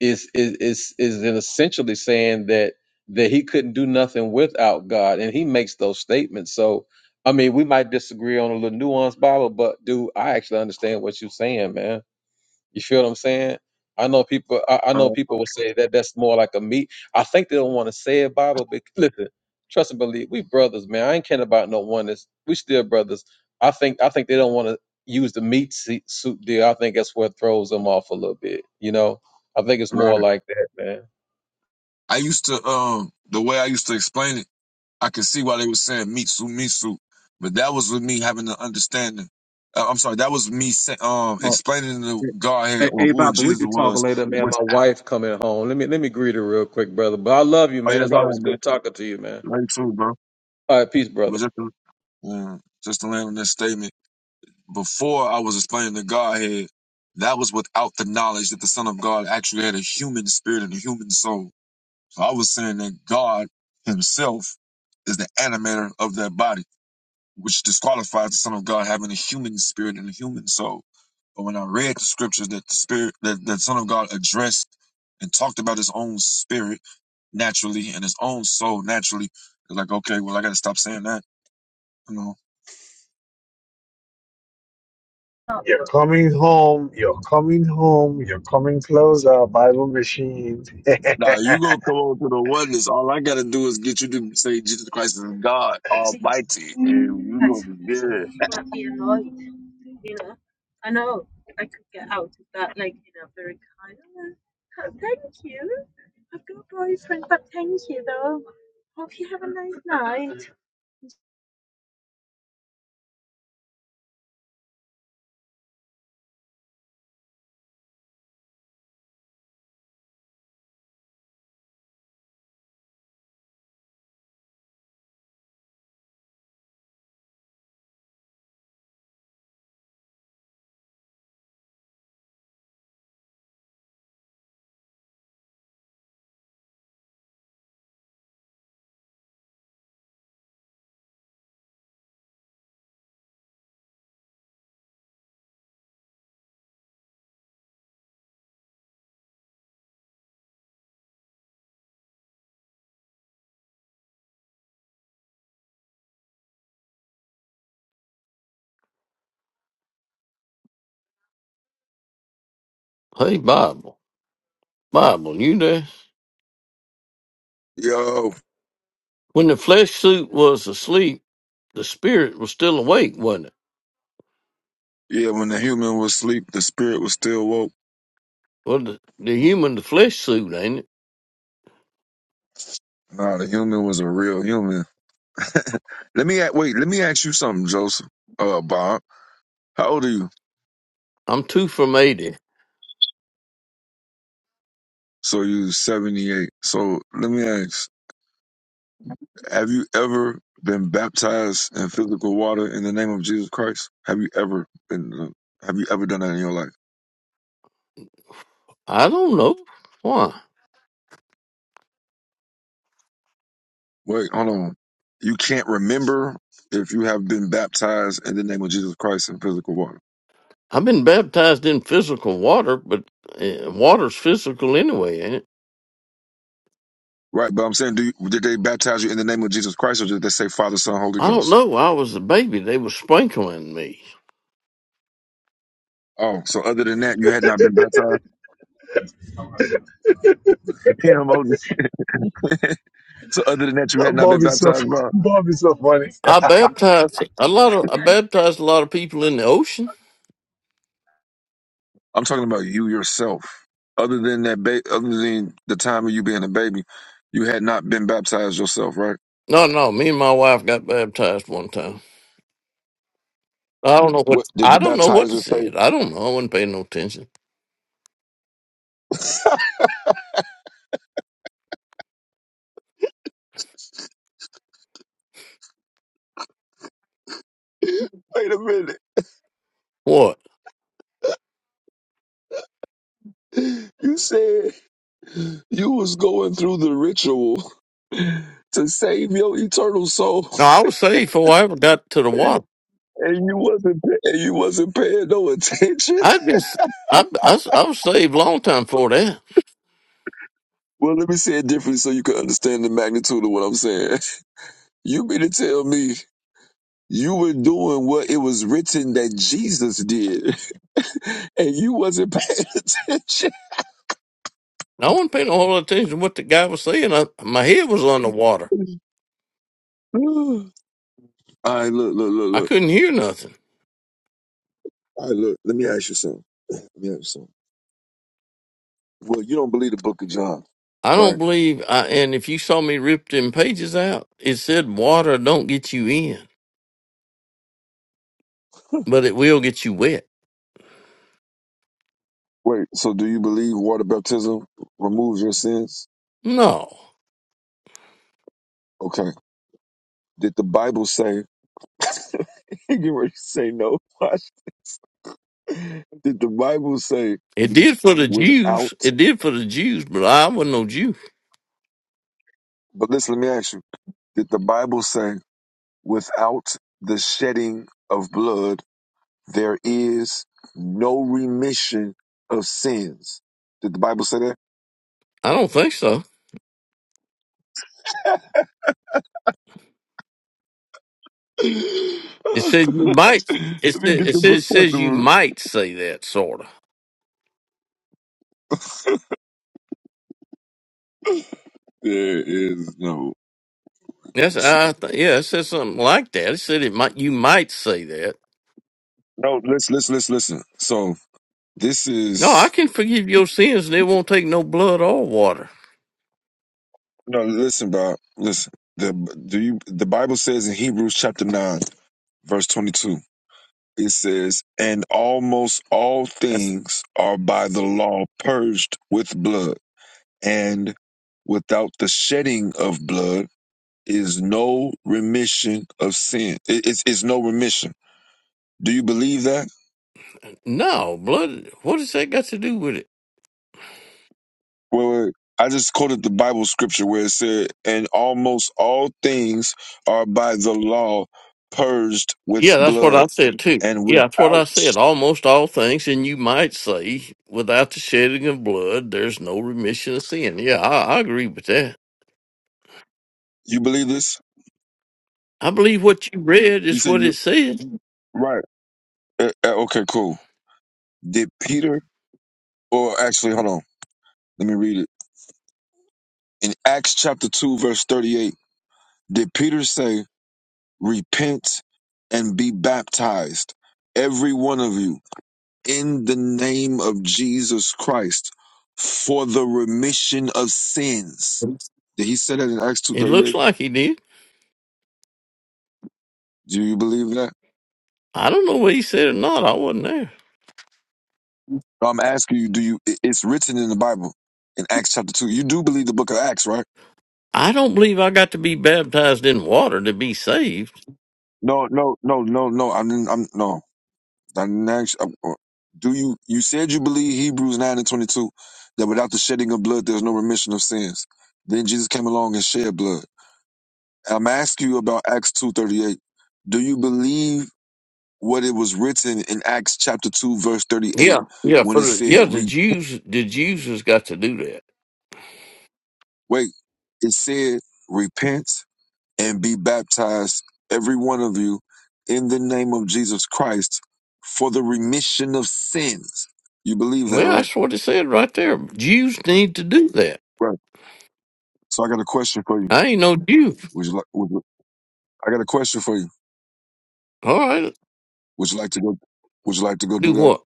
Speaker 4: is is is is in essentially saying that that he couldn't do nothing without God, and he makes those statements. So, I mean, we might disagree on a little nuanced Bible, but dude, I actually understand what you're saying, man. You feel what I'm saying? I know people. I, I know people will say that that's more like a meat. I think they don't want to say it, Bible. But listen, trust and believe. We brothers, man. I ain't caring about no one. That's we still brothers. I think. I think they don't want to use the meat se- soup deal. I think that's what throws them off a little bit. You know. I think it's more
Speaker 12: right
Speaker 4: like that, man.
Speaker 12: i used to um the way i used to explain it i could see why they were saying mitsu mitsu but that was with me having the understanding uh, i'm sorry that was me sa- um
Speaker 4: Oh,
Speaker 12: explaining the
Speaker 4: yeah.
Speaker 12: godhead
Speaker 4: hey,
Speaker 12: or
Speaker 4: hey,
Speaker 12: who
Speaker 4: Bob,
Speaker 12: in
Speaker 4: But we
Speaker 12: jesus
Speaker 4: could talk
Speaker 12: was
Speaker 4: later. Later, man. My
Speaker 12: without
Speaker 4: wife coming home. Let me let me greet her real quick, brother. But I love you,
Speaker 12: oh
Speaker 4: man.
Speaker 12: yeah
Speaker 4: It's
Speaker 12: go
Speaker 4: always
Speaker 12: ahead bro
Speaker 4: good talking to you, man.
Speaker 12: very true bro
Speaker 4: All right, peace,
Speaker 12: but
Speaker 4: brother.
Speaker 12: just to, um, just to land on this statement before I was explaining the Godhead, that was without the knowledge that the Son of God actually had a human spirit and a human soul. So I was saying that God Himself is the animator of that body, which disqualifies the Son of God having a human spirit and a human soul. But when I read the scriptures that the spirit that the Son of God addressed and talked about his own spirit naturally and his own soul naturally, it's like, okay, well I gotta stop saying that.
Speaker 2: oh, You're coming home, you're coming home, you're coming closer, Bible machine.
Speaker 12: Nah, you gonna come on to the oneness. All I gotta do is get you to say Jesus Christ is God Almighty, and you gonna be good.
Speaker 5: Hey, Bible, Bible, you there?
Speaker 12: Yo,
Speaker 5: When the flesh suit was asleep, the spirit was still awake, wasn't it?
Speaker 12: yeah. When the human was asleep, the spirit was still woke.
Speaker 5: Well, the, the human, the flesh suit, ain't it?
Speaker 12: Nah, the human was a real human. (laughs) Let me a- wait. Let me ask you something, Joseph. Uh, Bob, how old are you?
Speaker 5: I'm two from 80.
Speaker 12: So you seventy eight. So let me ask: Have you ever been baptized in physical water in the name of Jesus Christ? Have you ever been? uh, Have you ever done that in your life?
Speaker 5: I don't know. Why?
Speaker 12: Wait, hold on. You can't remember if you have been baptized in the name of Jesus Christ in physical water.
Speaker 5: I've been baptized in physical water, but uh, water's physical anyway, ain't it?
Speaker 12: Right, but I'm saying, do you, did they baptize you in the name of Jesus Christ, or did they say Father, Son, Holy
Speaker 5: I don't
Speaker 12: Ghost?
Speaker 5: know. I was a baby. They were sprinkling me.
Speaker 12: Oh, so other than that, you had not been baptized. (laughs) Him, only. (laughs) so other than
Speaker 2: (laughs)
Speaker 12: that, you had not
Speaker 2: Bob
Speaker 12: been
Speaker 2: is so
Speaker 12: baptized. By,
Speaker 2: (laughs) Bob is so funny.
Speaker 5: I
Speaker 2: (laughs)
Speaker 5: baptized a lot of, I baptized a lot of people in the ocean.
Speaker 12: I'm talking about you yourself. Other than that, ba- other than the time of you being a baby, you had not been baptized yourself, right?
Speaker 5: No, no. Me and my wife got baptized one time. I don't know
Speaker 12: What
Speaker 5: what
Speaker 12: did
Speaker 5: I
Speaker 12: the
Speaker 5: don't know what to
Speaker 12: baptizer
Speaker 5: see
Speaker 12: say?
Speaker 5: it. I don't know. I wasn't paying no attention.
Speaker 12: Wait a minute,
Speaker 5: What?
Speaker 12: you said You was going through the ritual to save your eternal soul,
Speaker 5: No, I was saved before I ever got to the water.
Speaker 12: and you wasn't and you wasn't paying no attention.
Speaker 5: I'd been s- I, I, s- I was saved long time before that.
Speaker 12: Well, let me say it differently so you can understand the magnitude of what I'm saying. You mean to tell me you were doing what it was written that Jesus did, (laughs) and you wasn't paying (laughs) attention?
Speaker 5: I wasn't paying a whole lot of attention to what the guy was saying. I, my head was underwater.
Speaker 12: (sighs) All right, look, look, look,
Speaker 5: I
Speaker 12: look.
Speaker 5: couldn't hear nothing.
Speaker 12: All right, look. Let me ask you something. Let me ask you something. Well, you don't believe the Book of John,
Speaker 5: I don't
Speaker 12: right?
Speaker 5: believe. I, and if you saw me rip them pages out, it said water don't get you in, but it will get you wet.
Speaker 12: Wait. So, do you believe water baptism removes your sins?
Speaker 5: No,
Speaker 12: Okay. Did the Bible say, (laughs) you ready to say no? Watch. Did the Bible say
Speaker 5: it did for the Jews.
Speaker 12: without,
Speaker 5: It did for the Jews, but I wasn't no Jew.
Speaker 12: but listen, let me ask you, did the Bible say without the shedding of blood, there is no remission of sins? Did the Bible say that?
Speaker 5: I don't think so.
Speaker 12: (laughs) let
Speaker 5: It says you might. It
Speaker 12: me
Speaker 5: says
Speaker 12: get
Speaker 5: it
Speaker 12: the
Speaker 5: says, it
Speaker 12: book
Speaker 5: says you
Speaker 12: chapter.
Speaker 5: might say that sort of.
Speaker 12: There is no.
Speaker 5: Yes, I th- yeah, it says something like that. It said it might. You might say that.
Speaker 12: No, listen, listen, listen, listen. So this
Speaker 5: No, I
Speaker 12: is.
Speaker 5: can forgive your sins, and it won't take no blood or water.
Speaker 12: No, listen, Bob. Listen. The do you the Bible says in Hebrews chapter nine, verse twenty two, it says, And almost all
Speaker 5: That's-
Speaker 12: things are by the law purged with blood, and without the shedding of blood is no remission of sin. It, it's, it's no remission. Do you believe that?
Speaker 5: no blood. What has that got to do with it?
Speaker 12: Well, wait, wait. I just quoted the Bible scripture where it said, And almost all things are by the law purged with
Speaker 5: Yeah, that's what
Speaker 12: blood
Speaker 5: I said too.
Speaker 12: And
Speaker 5: Yeah, that's what I
Speaker 12: without,
Speaker 5: said. Almost all things, and you might say, without the shedding of blood, there's no remission of sin. Yeah, I, I agree with that.
Speaker 12: you believe this?
Speaker 5: I believe what you read
Speaker 12: You
Speaker 5: is
Speaker 12: said
Speaker 5: what it
Speaker 12: you,
Speaker 5: said.
Speaker 12: right. Uh, uh, okay, cool. Did Peter, or actually, hold on, let me read it. In Acts chapter 2, verse 38, did Peter say, Repent and be baptized, every one of you, in the name of Jesus Christ, for the remission of sins? Did he say that in Acts
Speaker 5: It looks
Speaker 12: 2.38?
Speaker 5: like he did.
Speaker 12: Do you believe that?
Speaker 5: I don't know what he said or not. I wasn't there.
Speaker 12: No, I'm asking you, do you, it- it's written in the Bible in Acts chapter 2. You do believe the book of Acts, right?
Speaker 5: I don't believe I got to be baptized in water to be saved.
Speaker 12: No, no, no, no, no. I mean, I'm no. I didn't ask- I'm- uh, do you? You said you believe Hebrews nine and twenty two that without the shedding of blood, there's no remission of sins. Then Jesus came along and shed blood. I'm asking you about Acts two thirty eight. Do you believe what it was written in Acts chapter two verse thirty eight
Speaker 5: Yeah, yeah,
Speaker 12: when
Speaker 5: for
Speaker 12: it
Speaker 5: the
Speaker 12: said,
Speaker 5: yeah, the
Speaker 12: re-
Speaker 5: Jews the Jews has got to do that.
Speaker 12: "Wait," it said, "Repent." and be baptized, every one of you, in the name of Jesus Christ for the remission of sins. You believe
Speaker 5: Well,
Speaker 12: that, right?
Speaker 5: that's what it said right there. Jews need to do that.
Speaker 12: Right. So I got a question for you.
Speaker 5: I ain't no Jew.
Speaker 12: Would you like? Would you, I got a question for you.
Speaker 5: All right.
Speaker 12: Would you like to go? Would you like to go
Speaker 5: Do
Speaker 12: do that?
Speaker 5: what?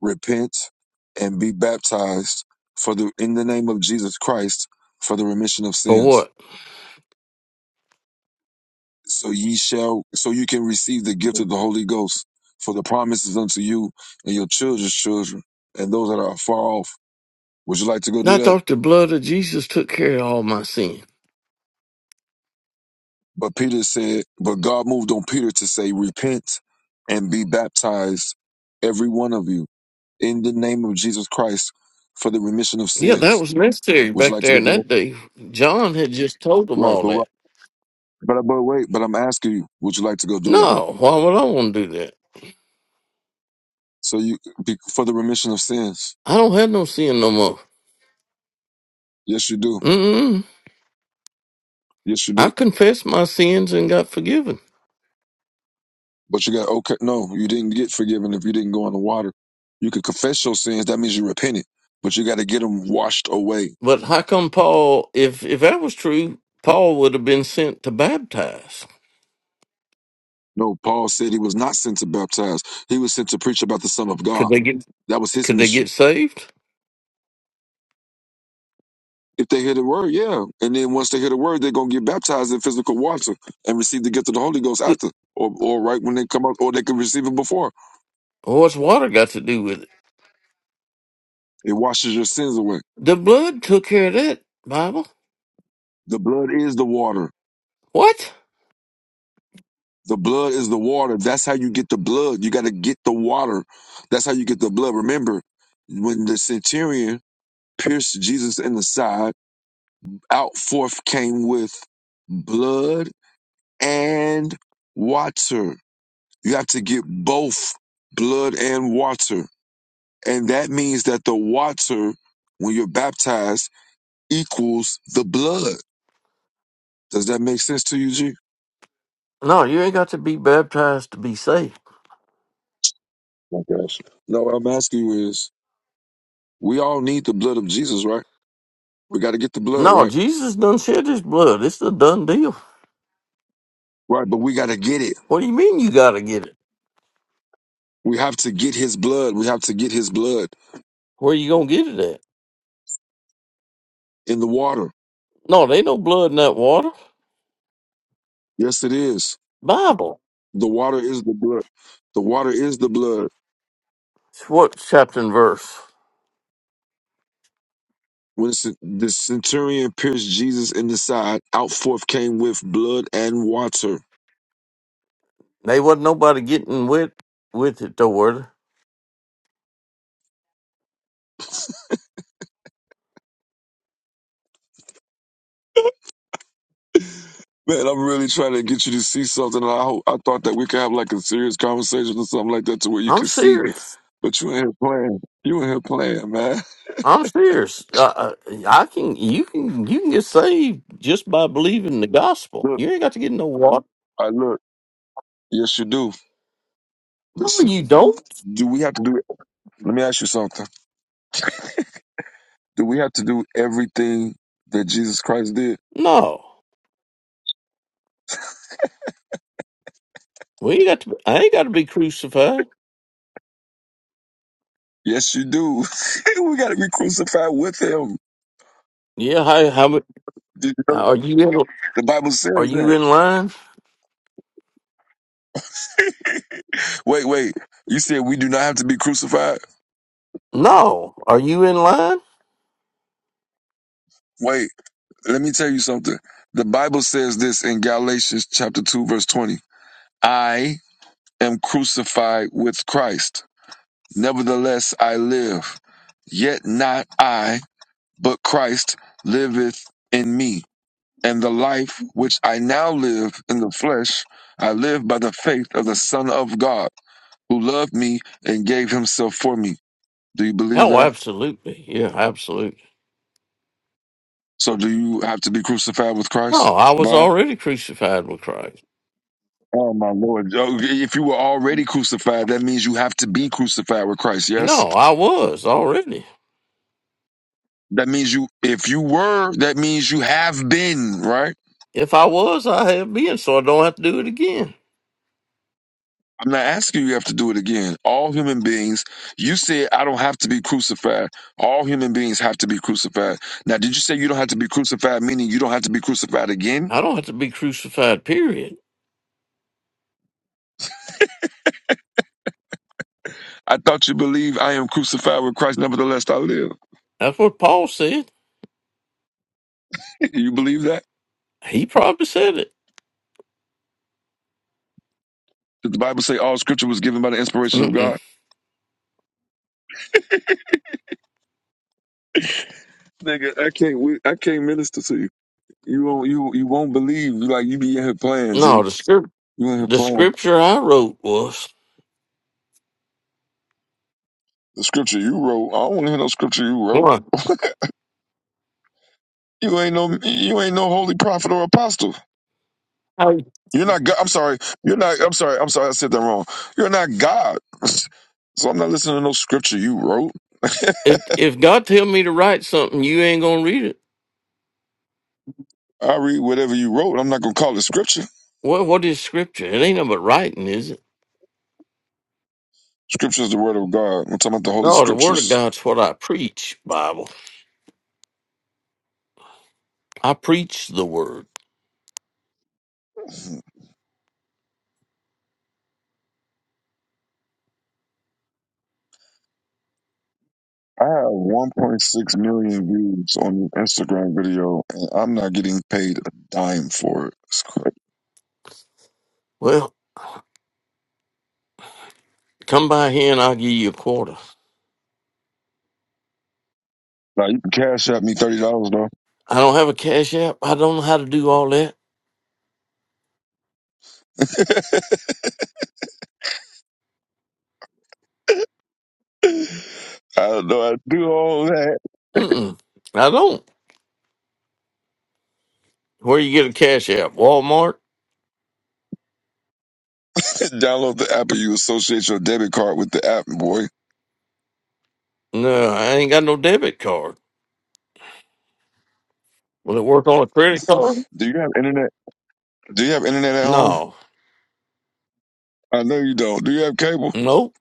Speaker 12: Repent and be baptized for the in the name of Jesus Christ for the remission of
Speaker 5: For
Speaker 12: sins.
Speaker 5: what?
Speaker 12: So ye shall. So you can receive the gift of the Holy Ghost. For the promises unto you and your children's children and those that are afar off Would you like to go do
Speaker 5: I
Speaker 12: that?
Speaker 5: thought the blood of Jesus took care of all my sin.
Speaker 12: But Peter said, but God moved on Peter to say, repent and be baptized, every one of you, in the name of Jesus Christ for the remission of
Speaker 5: Yeah, that
Speaker 12: sins.
Speaker 5: was necessary
Speaker 12: Would you
Speaker 5: back
Speaker 12: like to
Speaker 5: there
Speaker 12: go
Speaker 5: in
Speaker 12: do that?
Speaker 5: that day. John had just told them
Speaker 12: Right.
Speaker 5: all
Speaker 12: But,
Speaker 5: that.
Speaker 12: what- but, but wait, but I'm asking you, would you like to go do that?
Speaker 5: No, why would I want to do that?
Speaker 12: So you, be- for the remission of sins.
Speaker 5: I don't have no sin no more.
Speaker 12: Yes, you do.
Speaker 5: Mm-mm.
Speaker 12: Yes, you
Speaker 5: I
Speaker 12: do.
Speaker 5: confessed my sins and got forgiven.
Speaker 12: But you got, okay, no, you didn't get forgiven if you didn't go in the water. You could confess your sins. That means you repented, but you got to get them washed away
Speaker 5: But how come Paul? If if that was true, Paul would have been sent to baptize.
Speaker 12: No, Paul said he was not sent to baptize. He was sent to preach about the Son of
Speaker 5: Could
Speaker 12: God.
Speaker 5: they get
Speaker 12: That was his
Speaker 5: Could they get
Speaker 12: mission.
Speaker 5: saved?
Speaker 12: If they hear the word, yeah. And then once they hear the word, they're gonna get baptized in physical water and receive the gift of the Holy Ghost after. Or or right when they come out, or they can receive it before.
Speaker 5: What's water got to do with it?
Speaker 12: It washes your sins away.
Speaker 5: The blood took care of that. Bible.
Speaker 12: The blood is the water.
Speaker 5: What?
Speaker 12: The blood is the water. That's how you get the blood. You gotta get the water. That's how you get the blood. Remember, when the centurion pierced Jesus in the side, out forth came with blood and water. You have to get both blood and water. And that means that the water, when you're baptized, equals the blood. Does that make sense to you, G?
Speaker 5: No, you ain't got to be baptized to be saved.
Speaker 12: My gosh. No, what I'm asking you is we all need the blood of Jesus, right? We got to get the blood,
Speaker 5: No,
Speaker 12: right?
Speaker 5: Jesus done shed his blood. It's a done deal.
Speaker 12: Right, but we got to get it.
Speaker 5: What do you mean you got to get it?
Speaker 12: We have to get his blood. We have to get his blood
Speaker 5: Where you gonna get it at?
Speaker 12: in the water.
Speaker 5: No, there ain't no blood in that water.
Speaker 12: Yes, it is.
Speaker 5: Bible.
Speaker 12: The water is the blood. The water is the blood.
Speaker 5: What chapter and verse?
Speaker 12: When c- the centurion pierced Jesus in the side, out forth came with blood and water.
Speaker 5: They wasn't nobody getting with with it though. were they?
Speaker 12: Man, I'm really trying to get you to see something. And I hope, I thought that we could have like a serious conversation or something like that to where you
Speaker 5: I'm
Speaker 12: could see,
Speaker 5: serious.
Speaker 12: but you in here playing. You in here playing, man.
Speaker 5: I'm serious. Uh, uh, I can you can you can get saved just by believing the
Speaker 12: (laughs)
Speaker 5: gospel.
Speaker 12: Look,
Speaker 5: You ain't got to get no water.
Speaker 12: I look. Yes, you do.
Speaker 5: No,
Speaker 12: Listen,
Speaker 5: you don't.
Speaker 12: do we have to do it? Let me ask you something. Do we have to do everything that Jesus Christ did?
Speaker 5: No, we ain't got to. I ain't got to be crucified.
Speaker 12: Yes, you do. (laughs) we got to be crucified with him.
Speaker 5: Yeah, how how mu-
Speaker 12: Did you know?
Speaker 5: are you in?
Speaker 12: The Bible
Speaker 5: Are
Speaker 12: says that.
Speaker 5: you in line?
Speaker 12: Wait, wait. You said we do not have to be crucified?
Speaker 5: No, are you in line?
Speaker 12: Wait, let me tell you something. The Bible says this in Galatians chapter 2 verse 20. I am crucified with Christ. Nevertheless I live, yet not I, but Christ liveth in me. And the life which I now live in the flesh, I live by the faith of the Son of God, who loved me and gave himself for me. Do you believe
Speaker 5: Oh,
Speaker 12: that?
Speaker 5: absolutely. Yeah, absolutely.
Speaker 12: So do you have to be crucified with
Speaker 5: No,
Speaker 12: Christ?
Speaker 5: I was
Speaker 12: Bob?
Speaker 5: already crucified with Christ.
Speaker 12: Oh my Lord! Oh, If you were already crucified, that means you have to be crucified with Christ. Yes,
Speaker 5: No, I was already.
Speaker 12: that means you. If you were, that means you have been. Right?
Speaker 5: If I was, I have been, so I don't have to do it again.
Speaker 12: I'm not asking you have to do it again. All human beings. You said I don't have to be crucified. All human beings have to be crucified. Now, did you say you don't have to be crucified? Meaning you don't have to be crucified again?
Speaker 5: I don't have to be crucified, period.
Speaker 12: I thought you believe I am crucified with Christ. Nevertheless, I live.
Speaker 5: That's what Paul said.
Speaker 12: (laughs) You believe that?
Speaker 5: He probably said it.
Speaker 12: Did the Bible say all Scripture was given by the inspiration of
Speaker 5: Mm-mm.
Speaker 12: God? Nigga, I can't. We, I can't minister to you. You won't you you won't believe you like you be in here playing, G.
Speaker 5: No, the, script,
Speaker 12: You in here
Speaker 5: the
Speaker 12: playing.
Speaker 5: scripture I wrote was,
Speaker 12: The scripture you wrote, I don't want to hear no scripture you wrote.
Speaker 5: what?
Speaker 12: You ain't no, you ain't no holy prophet or apostle.
Speaker 5: Hey.
Speaker 12: You're not. God. I'm sorry. You're not. I'm sorry. I'm sorry. I said that wrong. You're not God. (laughs) So I'm not listening to no scripture you wrote.
Speaker 5: If, if God tell me to write something, you ain't going to read it.
Speaker 12: I read whatever you wrote. I'm not gonna call it scripture.
Speaker 5: What, what is scripture? It ain't nothing but writing, is it?
Speaker 12: Scripture is the word of God. I'm talking about the holy
Speaker 5: No, the word of
Speaker 12: scriptures.
Speaker 5: God's what I preach, Bible. I preach the word.
Speaker 12: I have 1.6 million views on an Instagram video, and I'm not getting paid a dime for it. It's crazy.
Speaker 5: Well, come by here and I'll give you a quarter.
Speaker 12: No, you can cash out me thirty dollars though.
Speaker 5: I don't have a cash app. I don't know how to do all that.
Speaker 12: (laughs) I don't know. I do all that.
Speaker 5: Mm-mm. I don't. Where you get a cash app? Walmart?
Speaker 12: (laughs) Download the app, or you associate your debit card with the app, boy.
Speaker 5: No, I ain't got no debit card. Will it work on a credit card?
Speaker 12: Do you have internet? Do you have internet at home?
Speaker 5: No.
Speaker 12: I know you don't. Do you have cable?
Speaker 5: Nope.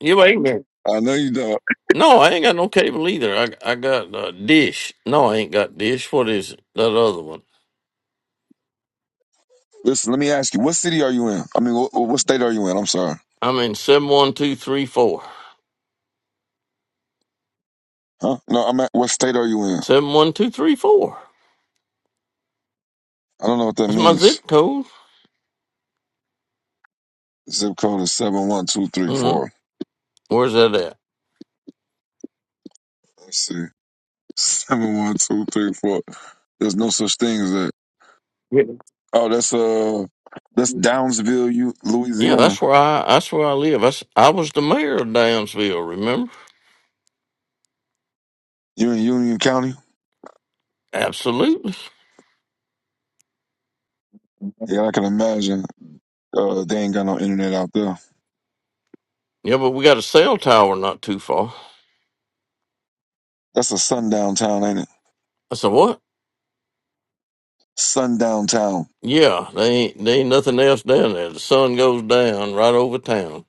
Speaker 5: You ain't got-
Speaker 12: I know you don't.
Speaker 5: No, I ain't got no cable either. I I got uh, dish. No, I ain't got dish. What is it? That other one.
Speaker 12: Listen, let me ask you. What city are you in? I mean, what, what state are you in? I'm sorry.
Speaker 5: I'm in seven one two three four.
Speaker 12: Huh? No, I'm at. What state are you in?
Speaker 5: Seven one two three four.
Speaker 12: I don't know what that
Speaker 5: That's my
Speaker 12: means.
Speaker 5: zip code.
Speaker 12: Zip code is seven one two three
Speaker 5: Mm-hmm.
Speaker 12: four.
Speaker 5: Where's that at?
Speaker 12: Let's see. (laughs) Seven one two three four. There's no such thing as that.
Speaker 5: Yeah,
Speaker 12: Oh, that's uh, that's Downsville, U-
Speaker 5: Yeah,
Speaker 12: Louisiana.
Speaker 5: that's where I that's where I live. That's, I was the mayor of Damsville. Remember?
Speaker 12: You in Union County?
Speaker 5: Absolutely.
Speaker 12: Yeah, I can imagine. Uh, they ain't got no internet out there.
Speaker 5: Yeah, but we got a cell tower not too far.
Speaker 12: That's a sundown town, ain't it?
Speaker 5: I said, What?
Speaker 12: Sundown town.
Speaker 5: Yeah, they ain't they ain't nothing else down there. The sun goes down right over town.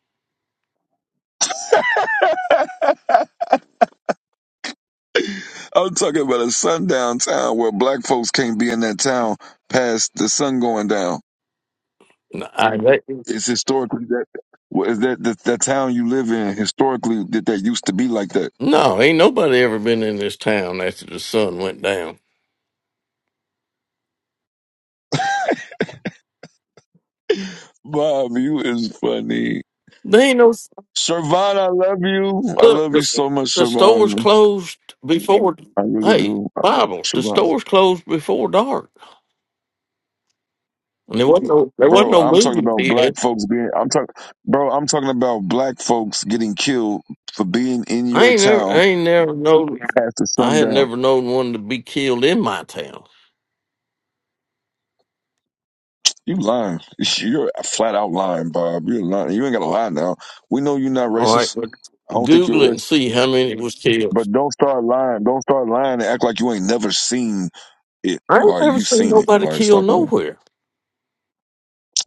Speaker 12: I'm talking about a sundown town where black folks can't be in that town past the sun going down.
Speaker 5: No, I- that-
Speaker 12: It's historically that. well, Is that the, the town you live in? Historically, that that used to be like that.
Speaker 5: no, ain't nobody ever been in this town after the sun went down.
Speaker 12: Bob, you is funny.
Speaker 5: They ain't no
Speaker 12: Shervon, I love you. I
Speaker 5: look.
Speaker 12: love you
Speaker 5: The,
Speaker 12: so much,
Speaker 5: the stores
Speaker 12: Shervon.
Speaker 5: closed before.
Speaker 12: I really
Speaker 5: Hey,
Speaker 12: do. I love
Speaker 5: Bible.
Speaker 12: you,
Speaker 5: The
Speaker 12: Siobhan.
Speaker 5: stores closed before dark, and there wasn't no there wasn't
Speaker 12: Bro,
Speaker 5: no
Speaker 12: I'm talking
Speaker 5: movie
Speaker 12: about black
Speaker 5: theater.
Speaker 12: folks being. I'm talking, bro. I'm talking about black folks getting killed for being in
Speaker 5: I
Speaker 12: your
Speaker 5: ain't never I
Speaker 12: town
Speaker 5: ain't never known.
Speaker 12: past the
Speaker 5: I had
Speaker 12: sundown.
Speaker 5: never known one to be killed in my town.
Speaker 12: You lying. You're flat out lying, Bob. You're lying. You ain't gotta lie now. We know you're not
Speaker 5: All right,
Speaker 12: racist.
Speaker 5: but
Speaker 12: I don't think
Speaker 5: Google
Speaker 12: you're
Speaker 5: it
Speaker 12: a
Speaker 5: and
Speaker 12: racist.
Speaker 5: see how many was killed.
Speaker 12: But don't start lying. Don't start lying and act like you ain't never seen it.
Speaker 5: I ain't
Speaker 12: Like
Speaker 5: never
Speaker 12: you
Speaker 5: seen
Speaker 12: seen it.
Speaker 5: nobody
Speaker 12: Like
Speaker 5: killed
Speaker 12: stop lying.
Speaker 5: nowhere.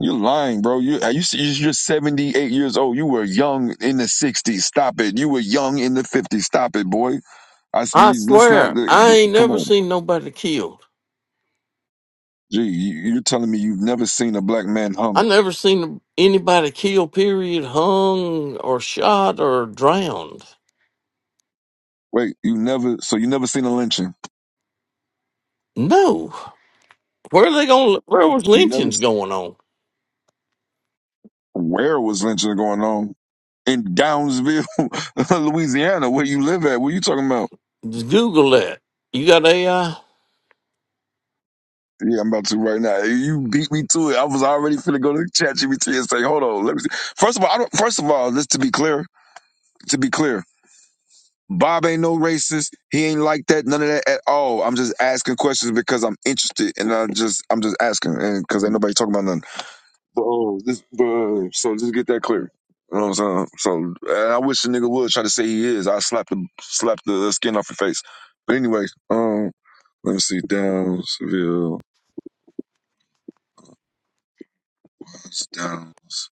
Speaker 12: You're lying, bro. You are you you're 78 years old. You were young in the 60s. Stop it. You were young in the 50s. Stop it, boy. I
Speaker 5: I
Speaker 12: speak. Let's
Speaker 5: swear,
Speaker 12: not.
Speaker 5: I
Speaker 12: uh,
Speaker 5: ain't
Speaker 12: Come
Speaker 5: never
Speaker 12: on,
Speaker 5: seen nobody killed.
Speaker 12: G. You, you're telling me you've never seen a black man
Speaker 5: I
Speaker 12: hung?
Speaker 5: never seen anybody killed. Period, hung or shot or drowned.
Speaker 12: Wait, you never. So you never seen a lynching?
Speaker 5: No, where are they going? Where was
Speaker 12: You never.
Speaker 5: lynchings
Speaker 12: s-
Speaker 5: going on?
Speaker 12: Where was lynching going on? In Downsville, (laughs) Louisiana, where you live at? What you talking about?
Speaker 5: Just Google that. You got AI?
Speaker 12: Yeah, I'm about to right now. You beat me to it. I was already finna go to (laughs) ChatGPT and say, "Hold on, let me." See. First of all, I don't, first of all, just to be clear, to be clear, Bob ain't no racist. He ain't like that. None of that at all. I'm just asking questions because I'm interested, and I just I'm just asking, and because ain't nobody talking about nothing. But oh, this, but, uh, so just get that clear. You know what I'm saying? So and I wish the nigga would try to say he is. I slap the slap the skin off your face. But anyway, um, let me see. Downs, Seville, Downs.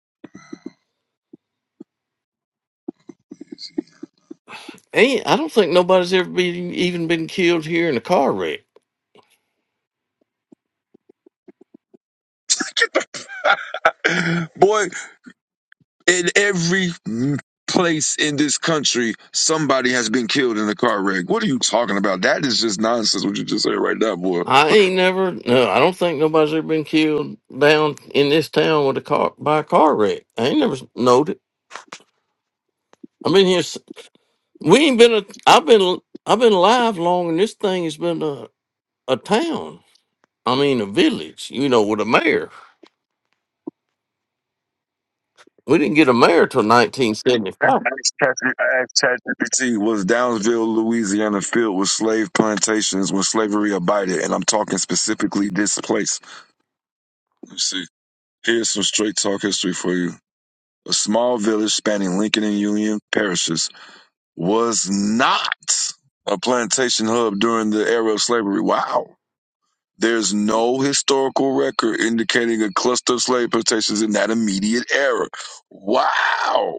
Speaker 5: Ain't I don't think nobody's ever been even been killed here in a car wreck.
Speaker 12: (sighs) Boy, in every place in this country, somebody has been killed in a car wreck. What are you talking about? That is just nonsense. What you just said right now, boy.
Speaker 5: I ain't never. No, I don't think nobody's ever been killed down in this town with a car by a car wreck. I ain't never knowed it. I've been here. s- We ain't been. A, I've been. I've been alive long, and this thing has been a a town. I mean, a village. You know, with a mayor. We didn't get a mayor till 1975.
Speaker 12: Ask ChatGPT was Downsville, Louisiana, filled with slave plantations when slavery abided, and I'm talking specifically this place. Let's see. Here's some straight talk history for you. A small village spanning Lincoln and Union parishes was not a plantation hub during the era of slavery. Wow. There's no historical record indicating a cluster of slave plantations in that immediate era. Wow.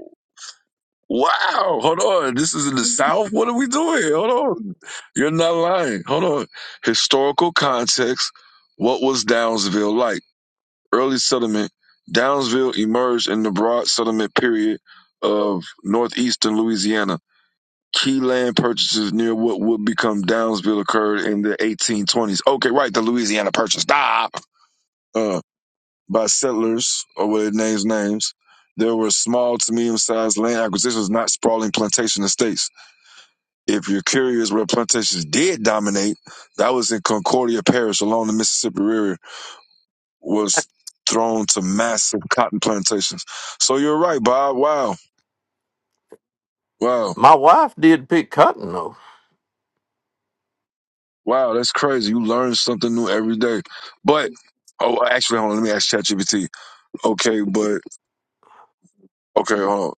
Speaker 12: Wow, hold on. This is in the South? What are we doing? Hold on. You're not lying. Hold on. Historical context. What was Downsville like? Early settlement. Downsville emerged in the broad settlement period of northeastern Louisiana. Key land purchases near what would become Downsville occurred in the 1820s. Okay, right, the Louisiana Purchase. Stop. Uh, by settlers, or what their names names. There were small to medium-sized land acquisitions, not sprawling plantation estates if you're curious where plantations did dominate, that was in Concordia Parish along the Mississippi River, was thrown to massive cotton plantations. So you're right, Bob. Wow. Wow.
Speaker 5: My wife did pick cotton though.
Speaker 12: Wow. That's crazy. You learn something new every day. But, oh, actually, hold on. Let me ask ChatGPT. Okay, but, okay, hold on.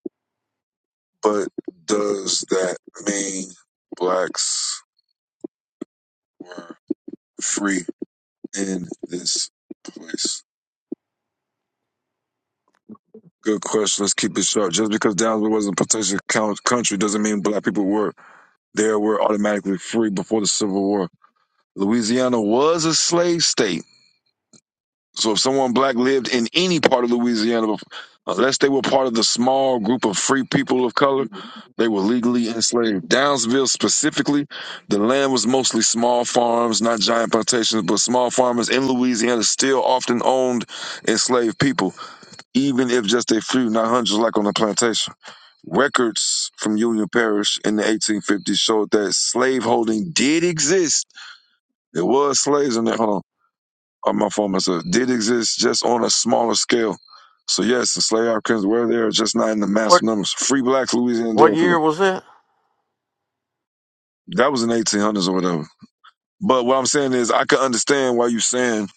Speaker 12: But does that mean blacks free in this place? Good question. Let's keep it short. Just because Dallas wasn't a potential count- country doesn't mean black people were there were automatically free before the Civil War. Louisiana was a slave state. So if someone black lived in any part of Louisiana, bef- unless they were part of the small group of free people of color, they were legally enslaved. Downsville specifically, the land was mostly small farms, not giant plantations, but small farmers in Louisiana still often owned enslaved people, even if just a few, not hundreds like on the plantation. Records from Union Parish in the 1850s showed that slaveholding did exist. There was slaves in there. Hold on. Oh, my phone myself. Did exist just on a smaller scale. So yes, the slave Africans were there, just not in the
Speaker 5: What
Speaker 12: massive numbers. Free blacks, Louisiana
Speaker 5: What
Speaker 12: Dale people.
Speaker 5: year was that?
Speaker 12: That was in the 1800s or whatever. But what I'm saying is, I can understand why you're saying,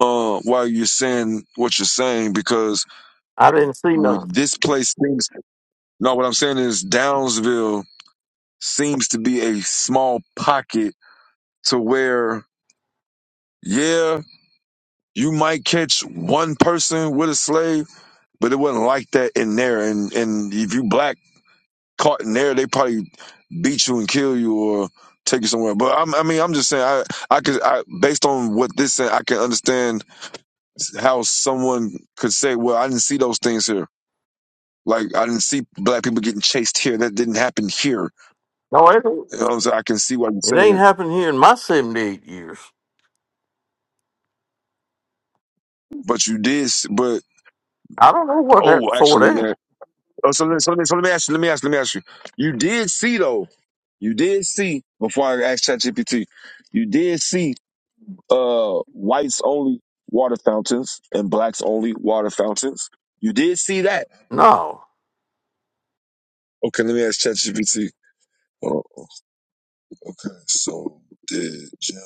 Speaker 12: uh, why you're saying what you're saying because
Speaker 5: I didn't see none.
Speaker 12: this place seems. No, what I'm saying is, Downsville seems to be a small pocket to where, yeah, you might catch one person with a slave, but it wasn't like that in there. And and if you black caught in there, they probably beat you and kill you or take you somewhere. But I'm, I mean, I'm just saying, I I could, I based on what this said, I can understand how someone could say, well, I didn't see those things here. Like I didn't see black people getting chased here. That didn't happen here.
Speaker 5: No, it ain't.
Speaker 12: You know what I'm saying? I can see why you're
Speaker 5: It
Speaker 12: saying
Speaker 5: ain't
Speaker 12: that.
Speaker 5: happened here in my 78 years.
Speaker 12: But you did, s- but
Speaker 5: I don't know what happened
Speaker 12: oh,
Speaker 5: before that.
Speaker 12: actually, Oh, so, let- so, let me, so let me ask you, let me ask you, let me ask you. You did see though, you did see before I asked ChatGPT, you did see uh whites only water fountains and blacks only water fountains. You did see that.
Speaker 5: No.
Speaker 12: Okay, let me ask ChatGPT. Oh, okay. So did Jim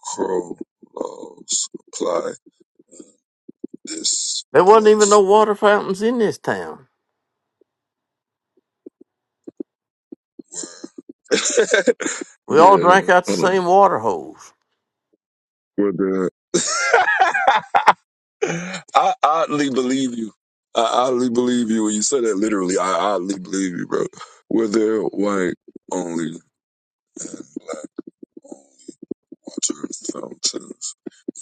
Speaker 12: Crow laws apply this
Speaker 5: There wasn't even
Speaker 12: place?
Speaker 5: no water fountains in this town.
Speaker 12: (laughs)
Speaker 5: We all drank
Speaker 12: the
Speaker 5: out the
Speaker 12: I don't
Speaker 5: same water hose.
Speaker 12: know. I oddly believe you. I oddly believe you when you say that literally. I oddly believe you, bro. Were there white only and black on water fountains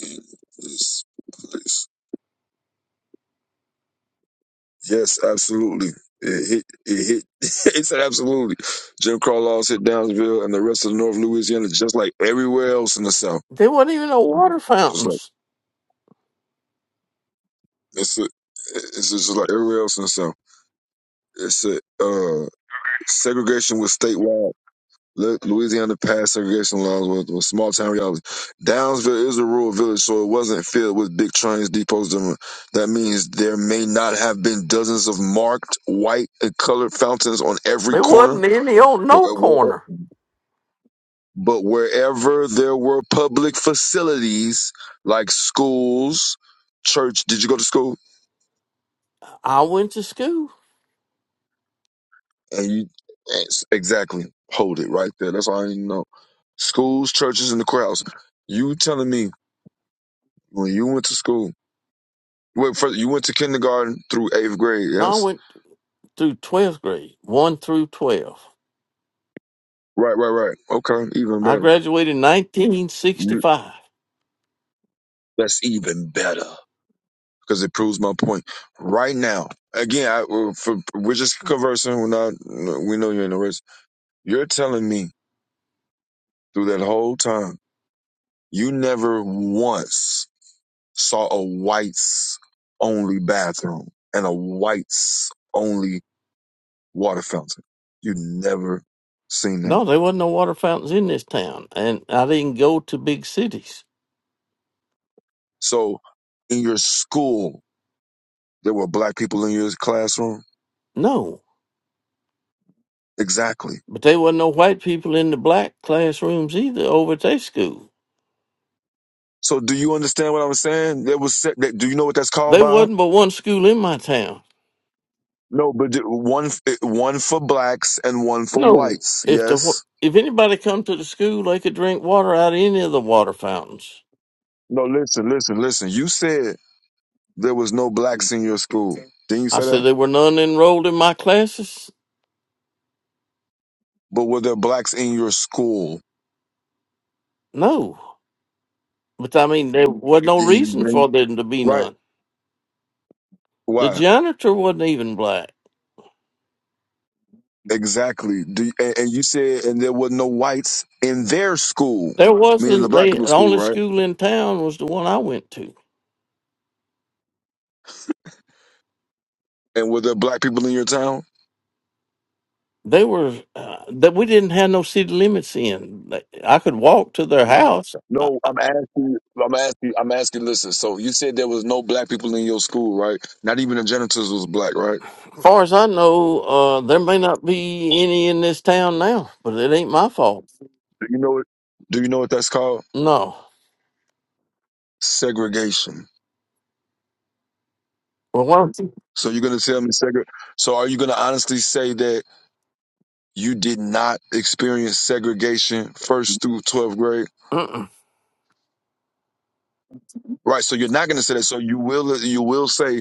Speaker 12: in this place? Yes, absolutely. It hit. It hit. (laughs) it said absolutely. Jim Crow laws hit Downsville and the rest of North Louisiana, just like everywhere else in the South.
Speaker 5: There wasn't even no water
Speaker 12: Just like
Speaker 5: fountains.
Speaker 12: that's it. It's just like everywhere else in the South. It's a Uh, segregation was statewide Lu- Louisiana passed segregation laws with, with small town reality. Downsville is a rural village, so it wasn't filled with big trains, depots. and- That means there may not have been dozens of marked white and colored fountains on every
Speaker 5: There
Speaker 12: corner,
Speaker 5: wasn't any on
Speaker 12: but,
Speaker 5: no
Speaker 12: where-
Speaker 5: corner.
Speaker 12: but wherever there were public facilities like schools, church. Did you go to school?
Speaker 5: I went to school.
Speaker 12: And you yes, exactly hold it right there. That's all I need to know. Schools, churches, and the courthouse. You telling me when you went to school? Wait, first, you went to kindergarten through eighth grade,
Speaker 5: No, I
Speaker 12: yes?
Speaker 5: went through 12th grade, 1 through 12.
Speaker 12: Right, right, right. Okay, even
Speaker 5: I
Speaker 12: better.
Speaker 5: graduated in
Speaker 12: You,
Speaker 5: 1965.
Speaker 12: that's even better because it proves my point. Right now, again, I, uh, for, we're just conversing. We're not, we know you're in the race. You're telling me through that whole time, you never once saw a whites only bathroom and a whites only water fountain. You never seen that.
Speaker 5: No, there wasn't no water fountains in this town. And I didn't go to big cities.
Speaker 12: So in your school, There were black people in your classroom.
Speaker 5: No.
Speaker 12: Exactly.
Speaker 5: But there wasn't no white people in the black classrooms either over at their school.
Speaker 12: So do you understand what I'm saying? There was Do you know what that's called,
Speaker 5: There
Speaker 12: Bob?
Speaker 5: wasn't but one school in my town
Speaker 12: No, but one one for blacks and one for
Speaker 5: No,
Speaker 12: whites.
Speaker 5: if the wa-
Speaker 12: Yes.
Speaker 5: if anybody come to the school, they could drink water out of any of the water fountains.
Speaker 12: No, listen, listen, listen. You said there was no blacks in your school. Didn't you
Speaker 5: I
Speaker 12: say
Speaker 5: said
Speaker 12: that?
Speaker 5: there were none enrolled in my classes.
Speaker 12: But were there blacks in your school?
Speaker 5: No, but I mean there was no
Speaker 12: Yeah,
Speaker 5: reason for there to be
Speaker 12: Right.
Speaker 5: none. The
Speaker 12: Why?
Speaker 5: janitor wasn't even black.
Speaker 12: Exactly. Do you, and, and you said and there were no whites in their school,
Speaker 5: There
Speaker 12: meaning the
Speaker 5: wasn't.
Speaker 12: black
Speaker 5: They the
Speaker 12: people's school,
Speaker 5: only
Speaker 12: right?
Speaker 5: school in town was the one I went to.
Speaker 12: And were there black people in your town?
Speaker 5: They were uh, that we didn't have no city limits in. They- I could walk to their house. Uh,
Speaker 12: No, I'm asking. I'm asking. I'm asking. Listen. So you said there was no black people in your school, right? Not even the janitors was black, right?
Speaker 5: far as I know, uh, there may not be any in this town now, but it ain't my fault.
Speaker 12: Do you know what? Do you know what that's called?
Speaker 5: No.
Speaker 12: Segregation.
Speaker 5: Well, why don't you-
Speaker 12: So you're gonna tell me segre? So are you gonna honestly say that you did not experience segregation first through twelfth grade?
Speaker 5: Mm-mm.
Speaker 12: Right. So you're not gonna say that. So you will. You will say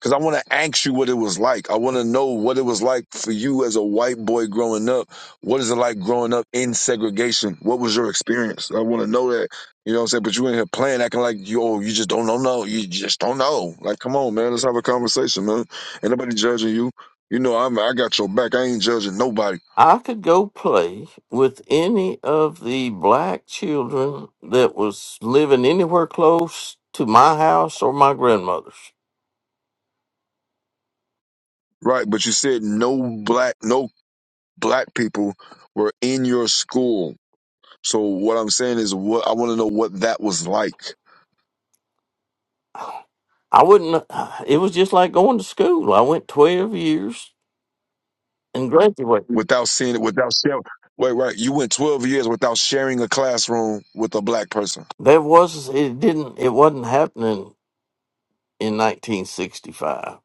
Speaker 12: Because I want to ask you what it was like. I want to know what it was like for you as a white boy growing up. What is it like growing up in segregation? What was your experience? I want to know that. You know what I'm saying? But you in here playing, acting like yo. you just don't know. No, you just don't know. Like, come on, man. Let's have a conversation, man. Ain't nobody judging you. You know, I'm. I got your back. I ain't judging nobody,
Speaker 5: I could go play with any of the black children that was living anywhere close to my house or my grandmother's.
Speaker 12: right? But you said no black, no black people were in your school. So what I'm saying is, what I want to know what that was like.
Speaker 5: I wouldn't. uh, It was just like going to school. I went twelve years and graduated.
Speaker 12: without seeing it, without sharing. Wait, right. You went 12 years without sharing a classroom with a black person.
Speaker 5: There was it didn't it wasn't happening in 1965.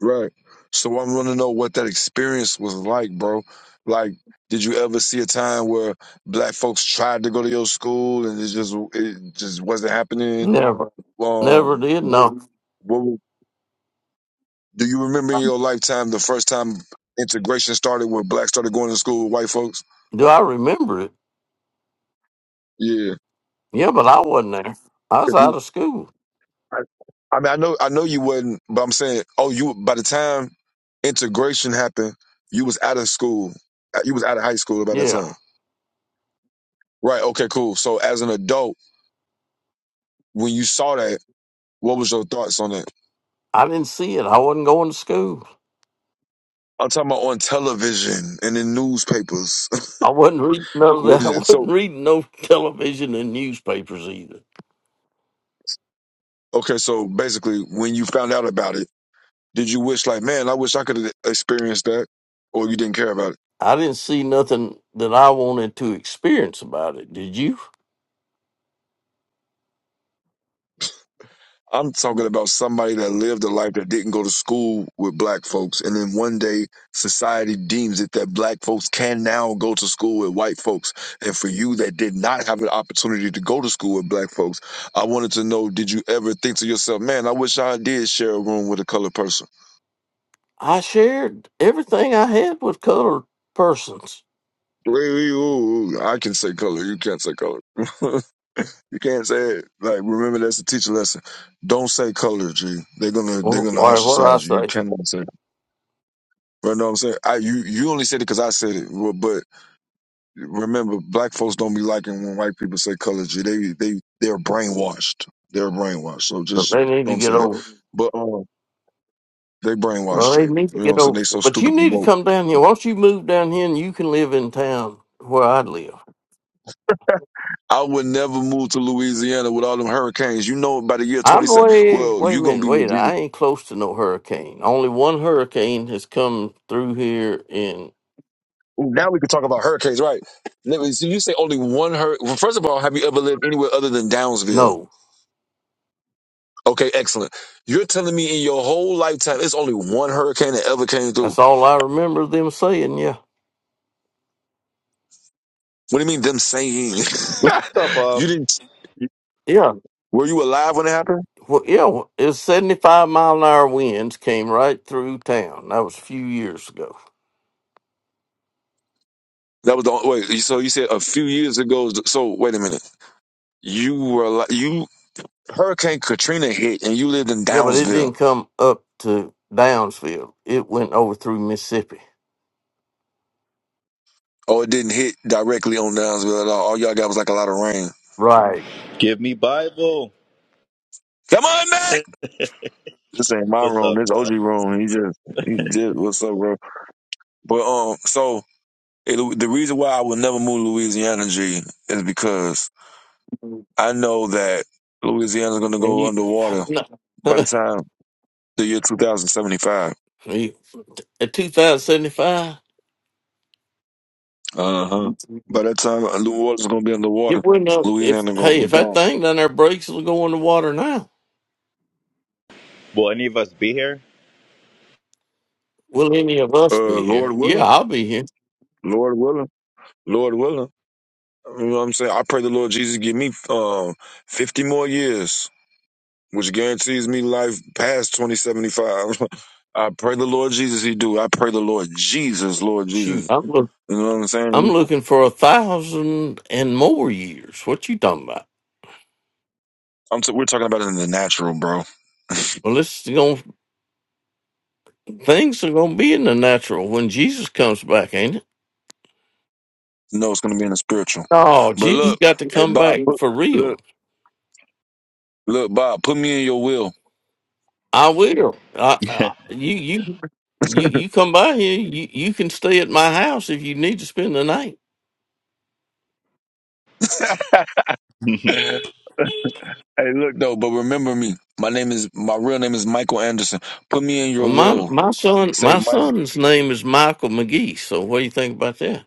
Speaker 12: Right. So I want to know what that experience was like, bro. Like, did you ever see a time where black folks tried to go to your school and it just it just wasn't happening?
Speaker 5: Never, never
Speaker 12: Um,
Speaker 5: did.
Speaker 12: what,
Speaker 5: No,
Speaker 12: what do you remember in your lifetime the first time integration started where blacks started going to school with white folks?
Speaker 5: do I remember it?
Speaker 12: Yeah.
Speaker 5: Yeah, but I wasn't there. I was out of school.
Speaker 12: I, I mean, I know, I know you wouldn't, but I'm saying, oh, you by the time integration happened, you was out of school, Uh, you was out of high school by that
Speaker 5: Yeah,
Speaker 12: time, right? Okay, cool. So as an adult, when you saw that, what was your thoughts on it?
Speaker 5: I didn't see it. I wasn't going to school.
Speaker 12: I'm talking about on television and in newspapers.
Speaker 5: I wasn't reading none
Speaker 12: (laughs)
Speaker 5: of
Speaker 12: what
Speaker 5: that. (laughs) I
Speaker 12: is it? So
Speaker 5: wasn't reading no television and newspapers either.
Speaker 12: okay, so basically, when you found out about it, did you wish like, man, I wish I could have experienced that, or you didn't care about it?
Speaker 5: I didn't see nothing that I wanted to experience about it. Did you?
Speaker 12: I'm talking about somebody that lived a life that didn't go to school with black folks, and then one day society deems it that black folks can now go to school with white folks. And for you that did not have an opportunity to go to school with black folks, I wanted to know: Did you ever think to yourself, "Man, I wish I did share a room with a colored person"?
Speaker 5: I shared everything I had with colored persons.
Speaker 12: Wait, wait, ooh, ooh, I can say color. You can't say color. (laughs) you can't say it. Like remember, that's a teacher lesson. Don't say color, G. They're gonna they're
Speaker 5: Well,
Speaker 12: gonna
Speaker 5: all right, what do I
Speaker 12: ostracize you. You
Speaker 5: say?
Speaker 12: cannot say You know what I'm saying? I you you only said it because I said it, but, but remember, black folks don't be liking when white people say color G. They they they're brainwashed. They're brainwashed. So
Speaker 5: Well,
Speaker 12: just
Speaker 5: They need to
Speaker 12: don't
Speaker 5: get
Speaker 12: say that.
Speaker 5: over.
Speaker 12: But um, they brainwashed
Speaker 5: Well,
Speaker 12: G.
Speaker 5: they
Speaker 12: You
Speaker 5: need to
Speaker 12: know what
Speaker 5: get
Speaker 12: I'm saying?
Speaker 5: over.
Speaker 12: They so
Speaker 5: But you
Speaker 12: stupid and
Speaker 5: need to
Speaker 12: woke.
Speaker 5: come down here. Once you move down here and you can live in town where I live.
Speaker 12: I would never move to Louisiana with all them hurricanes. You know, by the year
Speaker 5: I'm
Speaker 12: 27,
Speaker 5: way,
Speaker 12: well,
Speaker 5: wait a
Speaker 12: you gonna
Speaker 5: minute,
Speaker 12: be with
Speaker 5: wait,
Speaker 12: Jesus.
Speaker 5: I ain't close to no hurricane. Only one hurricane has come through here in,
Speaker 12: Ooh, now we can talk about hurricanes, right? Let me- So you say only one hurricane. Well, first of all, have you ever lived anywhere other than Downsville?
Speaker 5: no.
Speaker 12: Okay, excellent. You're telling me in your whole lifetime, it's only one hurricane that ever came through.
Speaker 5: That's all I remember them saying. Yeah,
Speaker 12: What do you mean them saying?
Speaker 13: What's up,
Speaker 12: (laughs) you
Speaker 13: Bob?
Speaker 12: didn't,
Speaker 5: yeah,
Speaker 12: were you alive when it happened?
Speaker 5: well, yeah. well, It's seventy-five mile an hour winds came right through town. That was a few years ago.
Speaker 12: That was the, wait, so you said a few years ago. So wait a minute. You were, ali- you, Hurricane Katrina hit and you lived in
Speaker 5: Yeah, but it
Speaker 12: Downsville.
Speaker 5: didn't come up to Downsville. It went over through Mississippi.
Speaker 12: Oh, it didn't hit directly on Downsville at all. All y'all got was like a lot of rain.
Speaker 5: Right.
Speaker 13: Give me Bible.
Speaker 12: Come on, Mac! This ain't my
Speaker 13: What's
Speaker 12: room.
Speaker 13: up,
Speaker 12: This OG
Speaker 13: y'all?
Speaker 12: room. He just, he just, what's up, bro? But, um, so It, the reason why I will never move Louisiana, G, is because
Speaker 5: And
Speaker 12: I know that Louisiana's going to go
Speaker 5: you, (sighs)
Speaker 12: underwater
Speaker 5: (laughs) no.
Speaker 12: by the
Speaker 5: (laughs)
Speaker 12: time the year 2075.
Speaker 5: You- at two thousand seventy-five.
Speaker 12: Uh huh. By that time, uh, New Orleans is going to be underwater. Louisiana going
Speaker 5: Hey,
Speaker 12: to
Speaker 5: if
Speaker 12: be
Speaker 5: that
Speaker 12: gone.
Speaker 5: thing down there breaks, it'll go in the water now.
Speaker 13: Will any of us be here?
Speaker 5: We'll
Speaker 12: Uh,
Speaker 5: be
Speaker 12: Lord
Speaker 5: here. Yeah,
Speaker 12: willing,
Speaker 5: I'll be here.
Speaker 12: Lord willing, Lord willing. You know what I'm saying? I pray the Lord Jesus give me um 50 more years, which guarantees me life past 2075. (laughs) I pray the Lord Jesus he do. I pray the Lord Jesus, Lord
Speaker 5: Shoot,
Speaker 12: Jesus.
Speaker 5: I'm look,
Speaker 12: You know what I'm saying?
Speaker 5: I'm looking for a thousand and more years. What you talking about?
Speaker 12: I'm t- we're talking about it in the natural, bro.
Speaker 5: Well, it's going things are going to be in the natural when Jesus comes back, ain't it?
Speaker 12: No, it's gonna be in the spiritual.
Speaker 5: Oh,
Speaker 12: But
Speaker 5: Jesus
Speaker 12: look,
Speaker 5: got to
Speaker 12: hey
Speaker 5: come
Speaker 12: Bob,
Speaker 5: back
Speaker 12: put,
Speaker 5: for real.
Speaker 12: look, look, Bob, put me in your will.
Speaker 5: I will. I,
Speaker 13: (laughs)
Speaker 5: I, you you you you come by here. You you can stay at my house if you need to spend the night.
Speaker 12: (laughs)
Speaker 13: you
Speaker 12: hey, look though, but remember me. My name is my real name is Michael Anderson. Put me in
Speaker 5: Well,
Speaker 12: your
Speaker 5: my
Speaker 12: will.
Speaker 5: my son
Speaker 12: Say
Speaker 5: my
Speaker 12: Mike
Speaker 5: son's name is Michael McGee. So what do you think about that?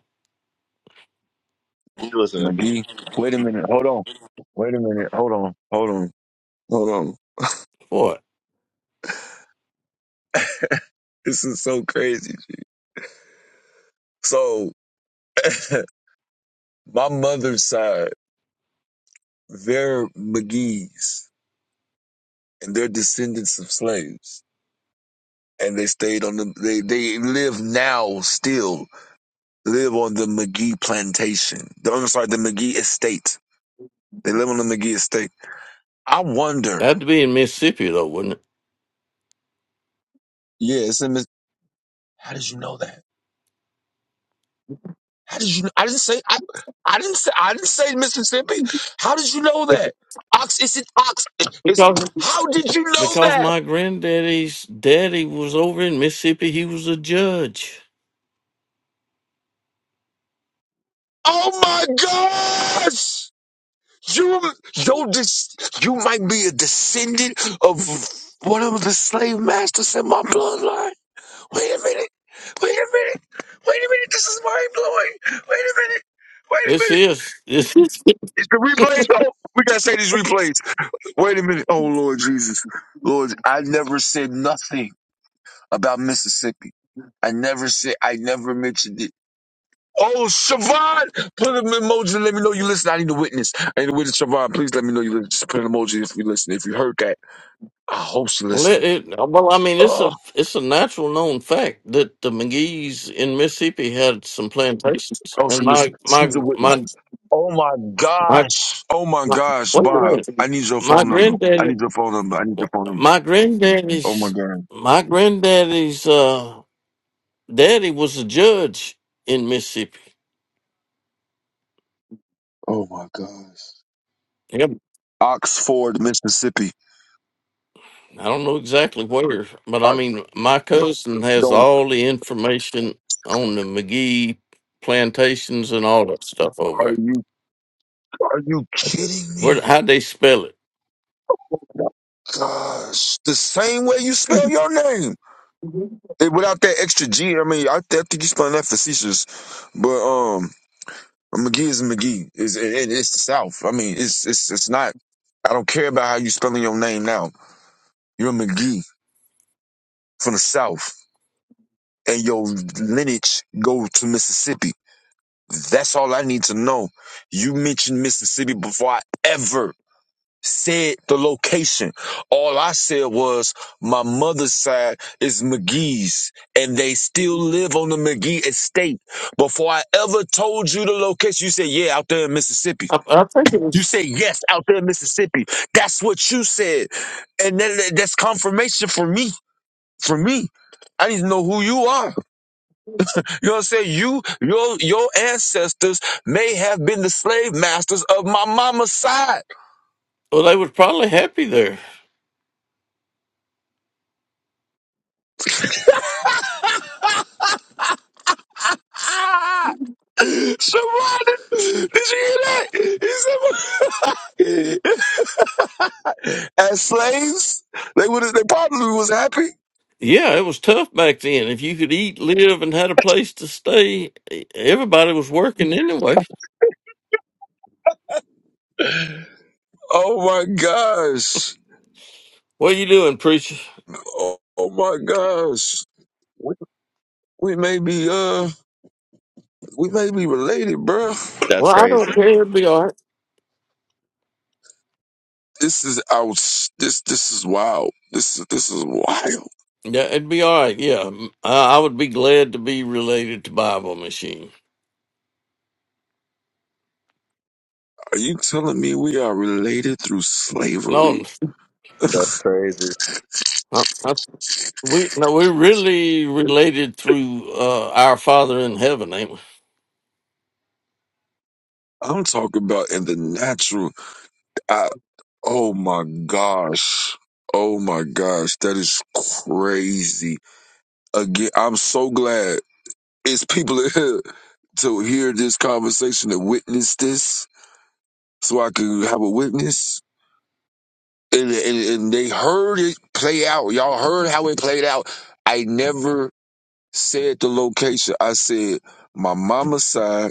Speaker 13: listen to me.
Speaker 12: McGee. Wait a minute. Hold on. Wait a minute. Hold on. Hold on. Hold on.
Speaker 5: Boy,
Speaker 12: This is so crazy. So (laughs) my mother's side, they're McGee's and they're descendants of slaves and they stayed on the they they live now still live on the McGee plantation. The I'm sorry, the McGee estate. They live on the McGee estate. I wonder.
Speaker 5: that'd be in Mississippi though, wouldn't
Speaker 12: Yeah, it's in. Miss- How did you know that? How did you? kn- I didn't say. I, I didn't say. I didn't say Mississippi. How did you know
Speaker 5: it?
Speaker 12: that? Ox. It's in Ox. It's.
Speaker 5: Because
Speaker 12: How did you know
Speaker 5: because
Speaker 12: that?
Speaker 5: my granddaddy's daddy was over in Mississippi. He was a judge.
Speaker 12: Oh my gosh! You, yo, this, you might be a descendant of one of the slave masters in my bloodline. Wait a minute. Wait a minute. Wait a minute. This is mind blowing. Wait a minute. Wait a
Speaker 5: This
Speaker 12: minute.
Speaker 5: is this is
Speaker 12: Is the replays on? We gotta say these replays. Wait a minute. Oh Lord Jesus. Lord, I never said nothing about Mississippi. I never said I never mentioned it. Oh Siobhan, put an emoji and let me know you listen. I need a witness. I need a witness, Siobhan. Please let me know you listen. Just put an emoji if you listen. If you heard that, I hope she
Speaker 5: Well, it,
Speaker 12: listening.
Speaker 5: it well, I mean, it's
Speaker 12: Oh,
Speaker 5: a it's a natural known fact that the McGee's in Mississippi had some plantations,
Speaker 12: I hope she
Speaker 5: and my
Speaker 12: listening.
Speaker 5: my
Speaker 12: She's a witness.
Speaker 5: my
Speaker 12: Oh my
Speaker 5: my
Speaker 12: gosh. Oh my
Speaker 5: my
Speaker 12: gosh,
Speaker 5: wait a
Speaker 12: Bob. I
Speaker 5: minute.
Speaker 12: need your
Speaker 5: my
Speaker 12: phone number. I
Speaker 5: granddaddy,
Speaker 12: need your phone number. I need your phone number.
Speaker 5: my
Speaker 12: Oh my
Speaker 5: granddaddy's
Speaker 12: god.
Speaker 5: my granddaddy's uh daddy was a judge in Mississippi.
Speaker 12: Oh my gosh.
Speaker 5: Yep.
Speaker 12: Oxford, Mississippi.
Speaker 5: I don't know exactly where, but I
Speaker 12: I
Speaker 5: mean, my cousin has
Speaker 12: don't
Speaker 5: all the information on the McGee plantations and all that stuff over
Speaker 12: are
Speaker 5: there.
Speaker 12: you are you kidding
Speaker 5: Where?
Speaker 12: me?
Speaker 5: How they spell it?
Speaker 12: Gosh. The same way you spell your name. Eh, Without that extra G, I mean, I, th- I think you spelling that facetious, but um, McGee is McGee. Is it, it, it's the South. I mean, it's it's it's not. I don't care about how you spelling your name now. You're McGee from the South. and your lineage go to Mississippi. That's all I need to know. You mentioned Mississippi before I ever said the location. All I said was my mother's side is McGee's and they still live on the McGee estate. Before I ever told you the location, you said, yeah, out there in Mississippi.
Speaker 5: I, I think it
Speaker 12: You
Speaker 5: was.
Speaker 12: said, yes, out there in Mississippi. That's what you said. And that, that- that's confirmation for me. For me. I need to know who you are. You know what I'm saying? You, your, your ancestors may have been the slave masters of my mama's side.
Speaker 5: Well, they were probably happy there.
Speaker 12: Ah! Sharonda, did you hear that? He said, (laughs) As slaves, they would have, they probably was happy.
Speaker 5: Yeah, it was tough back then. If you could eat, live, and had a place to stay, e- everybody was working anyway.
Speaker 12: Oh my gosh.
Speaker 5: What you doing, preacher?
Speaker 12: Oh, oh my gosh. We, we may be, uh, we may be related, bruh.
Speaker 13: That's
Speaker 5: Well, I
Speaker 13: crazy.
Speaker 5: don't care. It'd be all right.
Speaker 12: This is out. This this is wild. This is this is wild.
Speaker 5: Yeah, it'd be all right. Yeah, I, I would be glad to be related to Bible Machine.
Speaker 12: Are you telling me we are related through
Speaker 5: No,
Speaker 12: slavery?
Speaker 13: That's crazy.
Speaker 5: I, I, we no, we're really related through uh, our Father in Heaven, ain't
Speaker 12: I'm talking about in the natural. I, oh my gosh. Oh my gosh. That is crazy. Again, I'm so glad it's people (laughs) in here to hear this conversation and witness this so I can have a witness. And, and, and they heard it play out. Y'all heard how it played out. I never said the location. I said my mama's side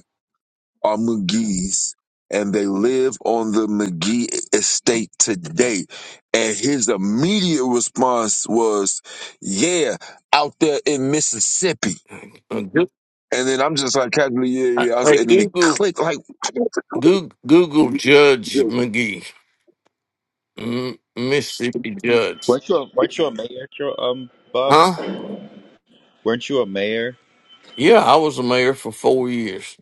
Speaker 12: are McGee's, and they live on the McGee estate today. And his immediate response was, "Yeah, out there in Mississippi."
Speaker 5: we? Uh, Go-
Speaker 12: And then I'm just like, casually, yeah, yeah.
Speaker 5: I-
Speaker 12: yeah. I was,
Speaker 5: Hey,
Speaker 12: and then it
Speaker 5: Google,
Speaker 12: clicked. Like, (laughs)
Speaker 5: Google, Google Judge McGee. M- Mississippi judge.
Speaker 13: Weren't you a, weren't you a mayor, Tro- um, Bob?
Speaker 5: Huh?
Speaker 13: Weren't you a mayor?
Speaker 5: Yeah, I was a mayor for four years.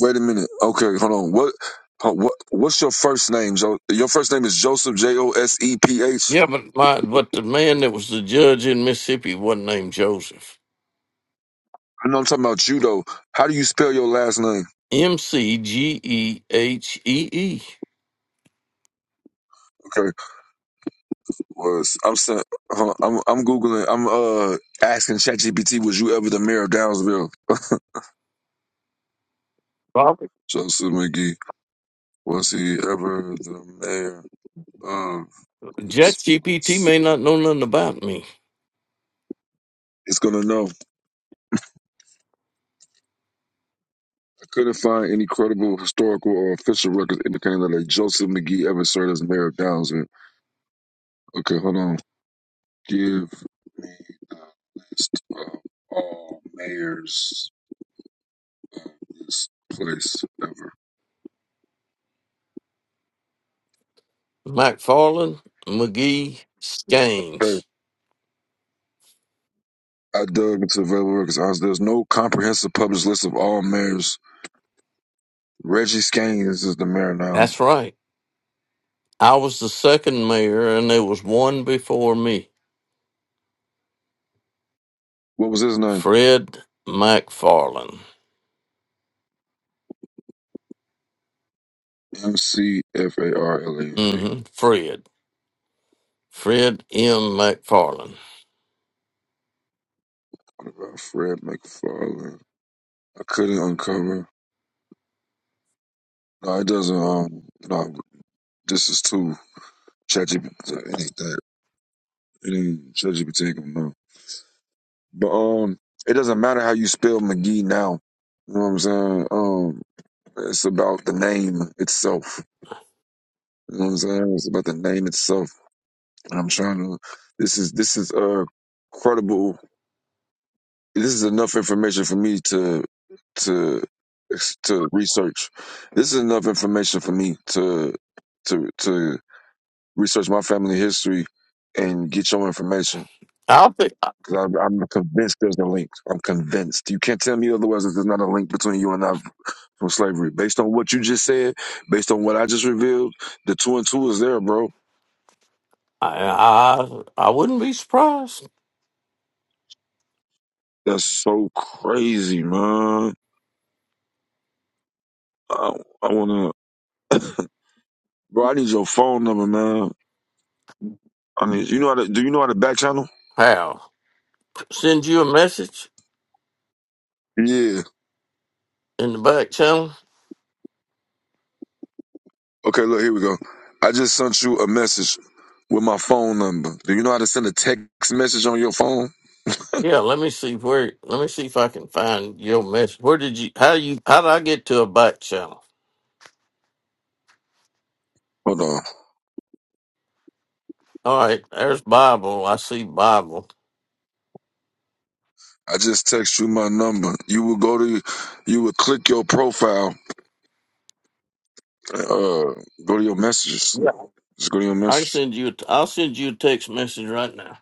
Speaker 12: wait a minute. Okay, hold on. What? huh, What? What's your first name? Jo- Your first name is Joseph J O S E P H.
Speaker 5: Yeah, but my but the man that was the judge in Mississippi wasn't named Joseph.
Speaker 12: I know I'm talking about you though. How do you spell your last name?
Speaker 5: M C G E H E E.
Speaker 12: Okay. was I'm sa- huh, I'm I'm googling. I'm uh asking ChatGPT, was you ever the mayor of Downsville?
Speaker 5: Bobby.
Speaker 12: Joseph McGee was he ever the mayor of this
Speaker 5: ChatGPT
Speaker 12: place?
Speaker 5: may not know nothing about me.
Speaker 12: It's gonna know. I couldn't find any credible historical or official records indicating that a Joseph McGee ever served as mayor of Downsville. Okay, hold on. Give me list of all mayors this place ever.
Speaker 5: McFarland, McGee,
Speaker 12: Hey.
Speaker 5: Skanes.
Speaker 12: I dug into available records. I was- There's no comprehensive published list of all mayors Reggie Skanes is the mayor now.
Speaker 5: That's right. I was the second mayor, and there was one before me.
Speaker 12: What was his name?
Speaker 5: Fred McFarland.
Speaker 12: M C F A R L A N D.
Speaker 5: Mm-hmm. Fred. Fred M. McFarland.
Speaker 12: What About Fred McFarland. I couldn't uncover. No, it doesn't. Um, no, this is too ChatGPT. It ain't that. It ain't ChatGPT. gonna know. But um, it doesn't matter how you spell McGee now. You know what I'm saying? Um, it's about the name itself. You know what I'm saying? It's about the name itself. And I'm trying to. This is this is uh credible this is enough information for me to to to research. This is enough information for me to to to research my family history and get your information.
Speaker 5: I think I,
Speaker 12: Cause I'm, I'm convinced there's a link. I'm convinced. You can't tell me otherwise. that There's not a link between you and I from slavery. Based on what you just said, based on what I just revealed, the two and two is there, bro.
Speaker 5: I I wouldn't be surprised.
Speaker 12: That's so crazy, man. I, I wanna, bro. I need your phone number, man. I need. You know how to? Do you know how to back channel?
Speaker 5: How send you a message
Speaker 12: Yeah.
Speaker 5: in the back channel?
Speaker 12: Okay, look, here we go. I just sent you a message with my phone number. Do you know how to send a text message on your phone?
Speaker 5: Yeah, let me see where. Let me see if I can find your message. Where did you? How you? How did I get to a back channel?
Speaker 12: Hold on.
Speaker 5: All right, there's Bible. I see Bible.
Speaker 12: I just text you my number. You will go to you will click your profile. Uh go to your messages.
Speaker 5: Yeah,
Speaker 12: Just go to your
Speaker 5: I can
Speaker 12: messages.
Speaker 5: send you. a- I'll send you a text message right now.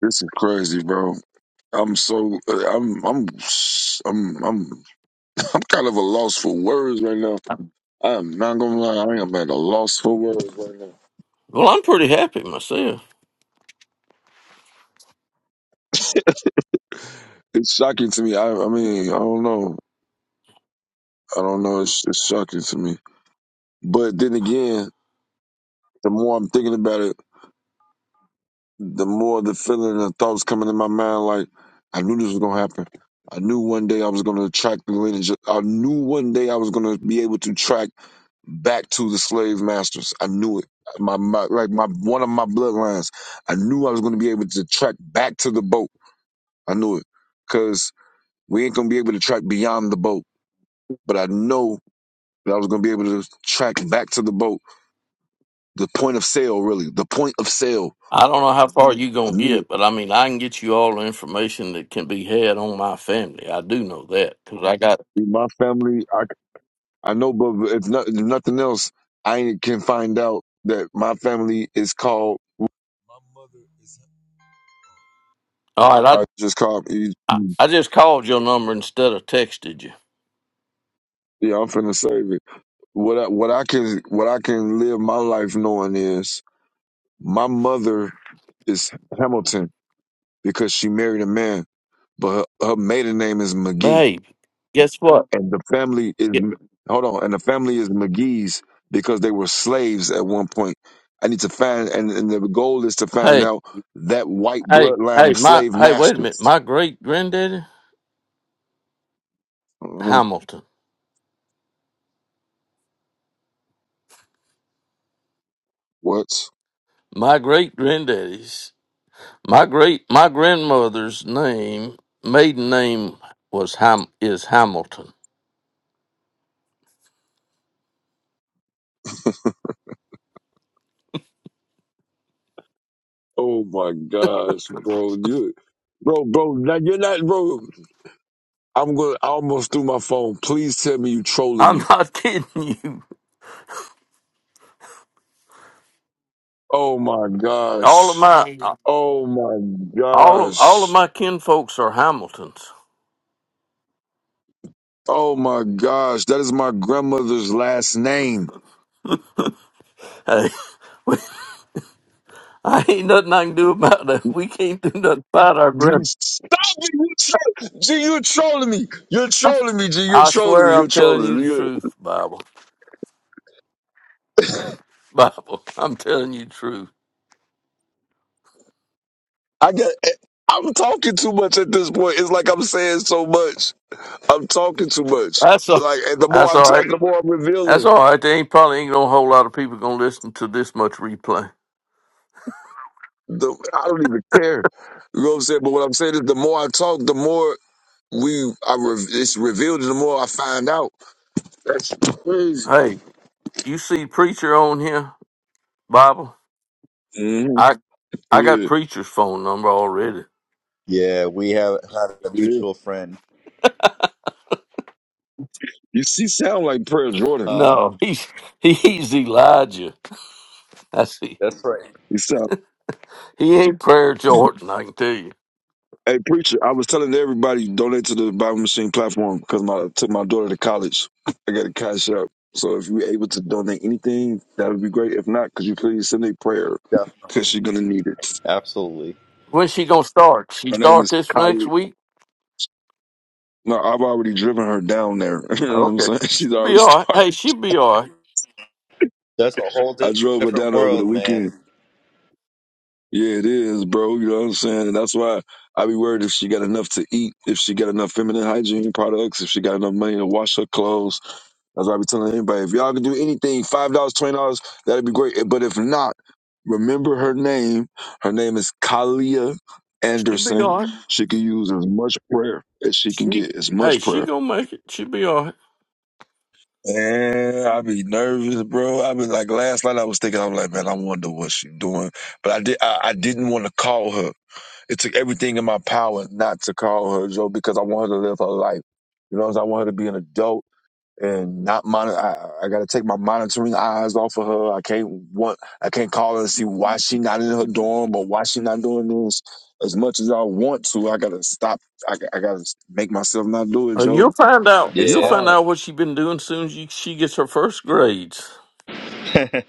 Speaker 12: This is crazy, bro. I'm so uh, I'm I'm I'm I'm (laughs) I'm kind of a loss for words right now. I'm not gonna lie, I am at a loss for words right
Speaker 5: Well, I'm pretty happy myself.
Speaker 12: now. (laughs) It's shocking to me. I I mean, I don't know. I don't know. It's, it's shocking to me. But then again, the more I'm thinking about it, the more the feeling and the thoughts coming in my mind. Like I knew this was gonna happen. I knew one day I was gonna attract the lineage. I knew one day I was gonna be able to track back to the slave masters. I knew it. My, my like my one of my bloodlines. I knew I was gonna be able to track back to the boat. I knew it because we ain't gonna be able to track beyond the boat. But I know that I was gonna be able to track back to the boat the point of sale, really. The point of sale.
Speaker 5: I don't know how far you
Speaker 12: I
Speaker 5: gonna
Speaker 12: knew
Speaker 5: get,
Speaker 12: it.
Speaker 5: but I mean, I can get you all the information that can be had on my family. I do know that because I got.
Speaker 12: In My family, I, I know, but if, not, if nothing else, I can find out that my family is called. My mother is.
Speaker 5: All right,
Speaker 12: I just called.
Speaker 5: I, I just called your number instead of texted you.
Speaker 12: Yeah, I'm finna save it. What I, what I can what I can live my life knowing is my mother is Hamilton because she married a man, but her, her maiden name is McGee
Speaker 5: Babe, guess what?
Speaker 12: and the family is
Speaker 5: Ye-
Speaker 12: hold on, and the family is McGee's because they were slaves at one point. I need to find, and, and the goal is to find
Speaker 5: Hey,
Speaker 12: out that white
Speaker 5: hey,
Speaker 12: bloodline
Speaker 5: hey,
Speaker 12: of
Speaker 5: my
Speaker 12: slave
Speaker 5: hey, wait a minute.
Speaker 12: masters.
Speaker 5: My great granddaddy
Speaker 12: Mhm.
Speaker 5: Hamilton.
Speaker 12: What,
Speaker 5: My great granddaddy's my great my grandmother's name maiden name was Ham is Hamilton.
Speaker 12: Oh my gosh, bro. You bro, bro? Now you're not, bro. I'm gonna. I almost threw my phone. Please tell me you trolling
Speaker 5: I'm
Speaker 12: me.
Speaker 5: not (laughs) kidding you.
Speaker 12: Oh my
Speaker 5: All of
Speaker 12: gosh.
Speaker 5: my
Speaker 12: Oh my
Speaker 5: all of all of
Speaker 12: gosh.
Speaker 5: my kin folks are Hamiltons.
Speaker 12: Oh my gosh. That is my grandmother's last name.
Speaker 5: Hey, (laughs) I ain't nothing I can do about that. We can't do nothing about our
Speaker 12: G,
Speaker 5: grandparents.
Speaker 12: Stop it! You troll, G, you trolling me. You're trolling me, G. You're
Speaker 5: I
Speaker 12: trolling
Speaker 5: swear
Speaker 12: me.
Speaker 5: I'm
Speaker 12: You're
Speaker 5: telling
Speaker 12: trolling
Speaker 5: you
Speaker 12: me.
Speaker 5: the
Speaker 12: You're-
Speaker 5: truth, Bible. (laughs) Bible. I'm telling you the truth.
Speaker 12: I get. eh, I'm talking too much at this point. It's like I'm saying so much. I'm talking too much.
Speaker 5: That's all.
Speaker 12: Like and the more
Speaker 5: That's
Speaker 12: I
Speaker 5: all right.
Speaker 12: talk, the more I'm
Speaker 5: That's
Speaker 12: revealing.
Speaker 5: all right. There ain't probably ain't gonna a whole lot of people gonna listen to this much replay.
Speaker 12: The I don't even care. You know what I'm saying? But what I'm saying is, the more I talk, the more we I re, it's revealed, and the more I find out. That's crazy.
Speaker 5: Hey, you see preacher on here, Bible?
Speaker 12: hmm
Speaker 5: I I got
Speaker 12: Yeah,
Speaker 5: preacher's phone number already.
Speaker 13: Yeah, we have had a
Speaker 12: yeah.
Speaker 13: mutual friend.
Speaker 12: You see, sound like Prayer Jordan.
Speaker 13: Huh?
Speaker 5: No, (laughs) he's he's Elijah. I see.
Speaker 13: That's right.
Speaker 12: You sound.
Speaker 5: He ain't prayer Jordan. I can tell you.
Speaker 12: Hey, preacher, I was telling everybody donate to the Bible Machine platform because my took my daughter to college. I got a cash up. So if you're able to donate anything, that would be great. If not, could you please send a prayer because
Speaker 13: Definitely.
Speaker 12: she's gonna need it.
Speaker 13: Absolutely.
Speaker 5: When's she gonna start? She
Speaker 12: Her name
Speaker 5: start
Speaker 12: is
Speaker 5: this next
Speaker 12: Kylie.
Speaker 5: week.
Speaker 12: No, I've already driven her down there. (laughs) You know what I'm
Speaker 5: Okay,
Speaker 12: saying? (laughs) She's
Speaker 5: she'll be
Speaker 12: already
Speaker 5: all right.
Speaker 12: started.
Speaker 5: Hey, she'll be all right.
Speaker 13: That's a whole di-
Speaker 12: I drove her
Speaker 13: different
Speaker 12: down there over the
Speaker 13: world, man.
Speaker 12: weekend. Yeah, it is, bro. You know what I'm saying? And that's why i be worried if she got enough to eat, if she got enough feminine hygiene products, if she got enough money to wash her clothes That's why I be telling anybody, if y'all can do anything, five dollars, twenty dollars, that'd be great. But if not, remember her name. Her name is Kalia
Speaker 5: She'll be
Speaker 12: Anderson.
Speaker 5: all right.
Speaker 12: She can use as much prayer as she can
Speaker 5: She,
Speaker 12: get, as
Speaker 5: hey,
Speaker 12: much
Speaker 5: she
Speaker 12: prayer.
Speaker 5: gonna make it. She'll be all right.
Speaker 12: And I be nervous, bro. I be like last night I was thinking, I'm like, man, I wonder what she doing. But I did I, I didn't want to call her. It took everything in my power not to call her, Joe, because I want her to live her life. You know what I'm saying? I want her to be an adult and not monitor. I, I got to take my monitoring eyes off of her. I can't want. I can't call her and see why she not in her dorm or why she not doing this. As much as I want to, I gotta stop. I, I gotta make myself not do it,
Speaker 5: Uh,
Speaker 12: Joe.
Speaker 5: you'll find out.
Speaker 12: It's
Speaker 5: You'll
Speaker 13: Yeah.
Speaker 5: find
Speaker 12: hard.
Speaker 5: out what she been doing soon as you, she gets her first grades.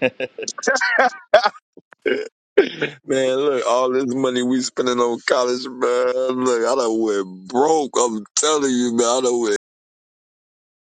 Speaker 13: (laughs)
Speaker 12: (laughs) Man, look, all this money we spending on college, man. Look, I done went broke. I'm telling you, man. I done went